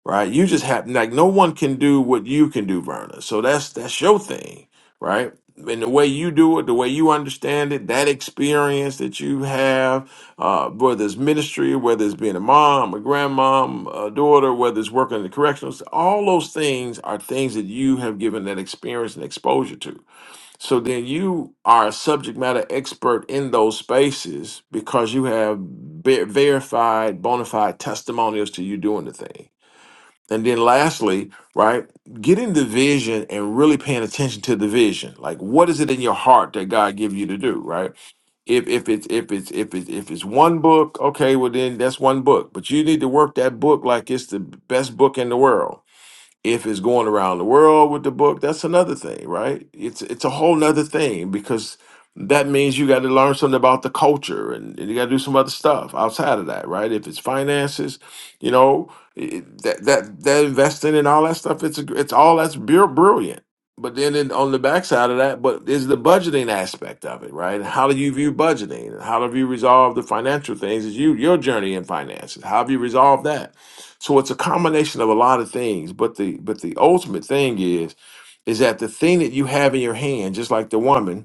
right? You just have like no one can do what you can do, Verna. So that's that's your thing, right? And the way you do it, the way you understand it, that experience that you have, uh, whether it's ministry, whether it's being a mom, a grandmom, a daughter, whether it's working in the corrections, all those things are things that you have given that experience and exposure to. So then you are a subject matter expert in those spaces because you have ver- verified, bona fide testimonials to you doing the thing and then lastly, right, getting the vision and really paying attention to the vision. Like what is it in your heart that God give you to do, right? If if it's if it's if it's if it's one book, okay, well then that's one book. But you need to work that book like it's the best book in the world if it's going around the world with the book, that's another thing, right? It's it's a whole nother thing because that means you got to learn something about the culture and, and you got to do some other stuff outside of that, right? If it's finances, you know, it- that that that investing and all that stuff, it's a, gr- it's all that's br- brilliant. But then in, on the backside of that, but is the budgeting aspect of it, right? How do you view budgeting? How do you resolve the financial things? Is you your journey in finances? How have you resolved that? So it's a combination of a lot of things, but the but the ultimate thing is is that the thing that you have in your hand, just like the woman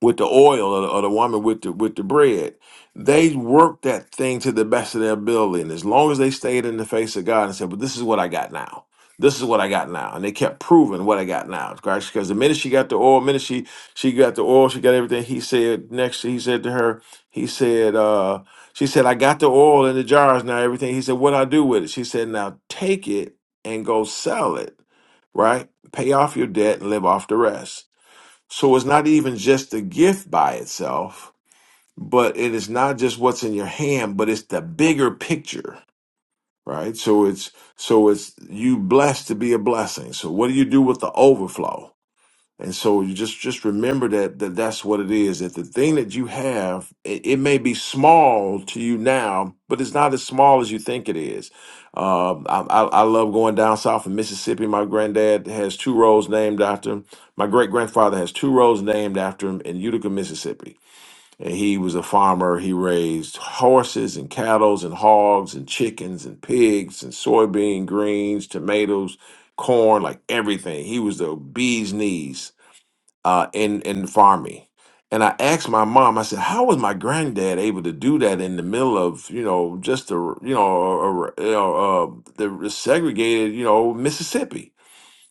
with the oil or the, or the woman with the with the bread. They worked that thing to the best of their ability. And as long as they stayed in the face of God and said, Well, this is what I got now. This is what I got now. And they kept proving what I got now. Because the minute she got the oil, minute she she got the oil, she got everything. He said next he said to her, he said, uh, she said, I got the oil in the jars now, everything. He said, What I do with it? She said, Now take it and go sell it, right? Pay off your debt and live off the rest. So it's not even just the gift by itself, but it is not just what's in your hand, but it's the bigger picture, right? So it's so it's you blessed to be a blessing. So what do you do with the overflow? And so you just just remember that that that's what it is. That the thing that you have, it, it may be small to you now, but it's not as small as you think it is. Um, I, I, I love going down south in Mississippi. My granddad has two roads named after him. My great grandfather has two roads named after him in Utica, Mississippi. And he was a farmer. He raised horses and cattle and hogs and chickens and pigs and soybean greens, tomatoes, corn, like everything. He was the bee's knees uh, in in farming. And I asked my mom, I said, "How was my granddad able to do that in the middle of you know just the you know, a a- you know uh, the segregated you know Mississippi?"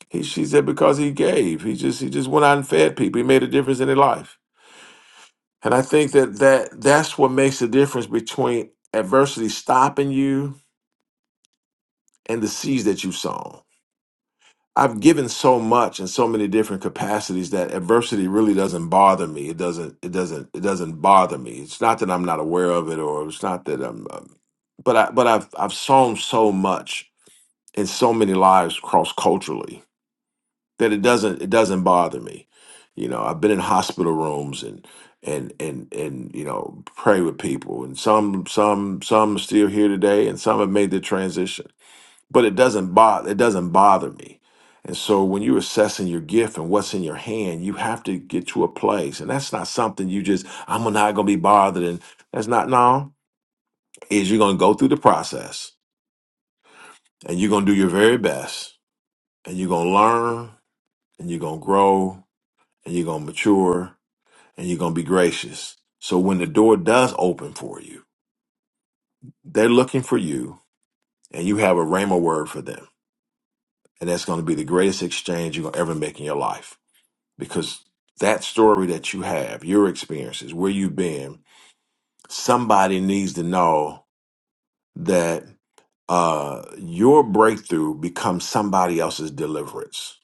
He, she said, "Because he gave. He just he just went out and fed people. He made a difference in their life." And I think that that that's what makes the difference between adversity stopping you and the seeds that you've sown I've given so much in so many different capacities that adversity really doesn't bother me. It doesn't. It doesn't. It doesn't bother me. It's not that I'm not aware of it, or it's not that I'm. Um, but I. But I've. I've sown so much in so many lives cross culturally that it doesn't. It doesn't bother me. You know, I've been in hospital rooms and and and and you know pray with people, and some some some are still here today, and some have made the transition but it doesn't bother it doesn't bother me and so when you're assessing your gift and what's in your hand you have to get to a place and that's not something you just i'm not going to be bothered and that's not no is you're going to go through the process and you're going to do your very best and you're going to learn and you're going to grow and you're going to mature and you're going to be gracious so when the door does open for you they're looking for you and you have a rhema word for them and that's going to be the greatest exchange you're going to ever make in your life because that story that you have, your experiences, where you've been, somebody needs to know that uh, your breakthrough becomes somebody else's deliverance.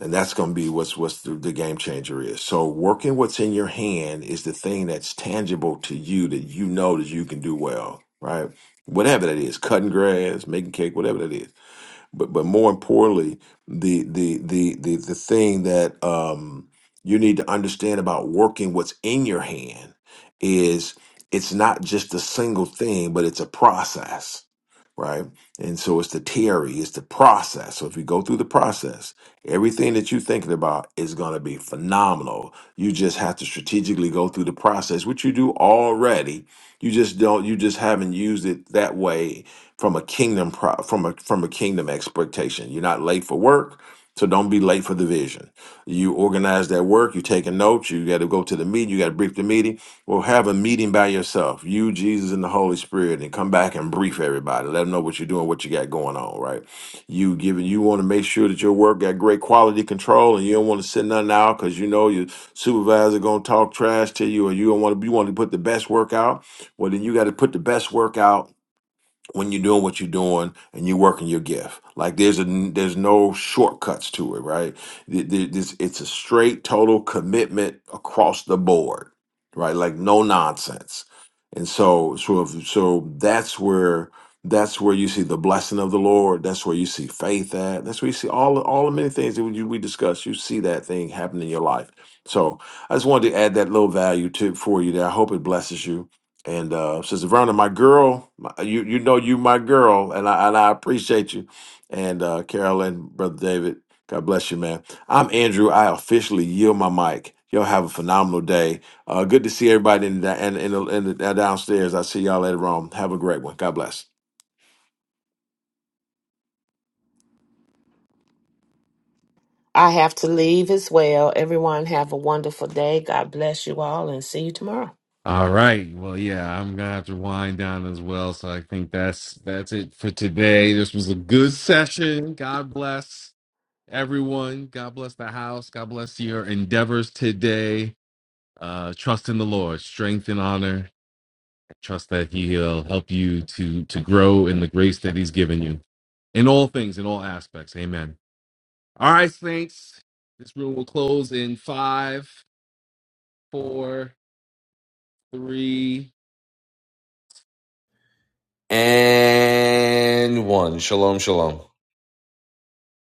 And that's going to be what's what's the, the game changer is. So working what's in your hand is the thing that's tangible to you that you know that you can do well, right? Whatever that is, cutting grass, making cake, whatever that is but but more importantly, the the the the the thing that um you need to understand about working what's in your hand is it's not just a single thing, but it's a process, right? And so it's the theory, it's the process. So if you go through the process, everything that you're thinking about is going to be phenomenal. You just have to strategically go through the process, which you do already. You just don't, you just haven't used it that way from a kingdom pro- from a from a kingdom expectation. You're not late for work, so don't be late for the vision. You organize that work. You take a note. You got to go to the meeting. You got to brief the meeting. Well, have a meeting by yourself, you, Jesus, and the Holy Spirit, and come back and brief everybody. Let them know what you're doing, what you got going on. Right? You giving. You want to make sure that your work got great quality control, and you don't want to send nothing out because you know your supervisor gonna talk trash to you, or you don't want to. You want to put the best work out. Well, then you got to put the best work out when you're doing what you're doing and you're working your gift. Like there's a there's no shortcuts to it, right? Th- th- this- It's a straight total commitment across the board, right? Like no nonsense. And so so if- so that's where that's where you see the blessing of the Lord. That's where you see faith at. That's where you see all all the many things that we we discussed. You see that thing happen in your life. So I just wanted to add that little value to for you. There, I hope it blesses you and uh, Sister Verna, my girl, my, you you know you my girl, and I and I appreciate you. And uh, Carolyn, brother David, God bless you, man. I'm Andrew. I officially yield my mic. Y'all have a phenomenal day. Uh, good to see everybody in the, in, in, the, in the downstairs. I see y'all later on. Have a great one. God bless. I have to leave as well. Everyone have a wonderful day. God bless you all and see you tomorrow. All right. Well, yeah, I'm gonna have to wind down as well. So I think that's that's it for today. This was a good session. God bless. everyone. God bless the house. God bless your endeavors today. Uh, trust in the Lord, strength and honor. Trust that He'll help you to to grow in the grace that He's given you in all things, in all aspects. Amen. All right, saints. This room will close in five, four, three, And one. Shalom, shalom.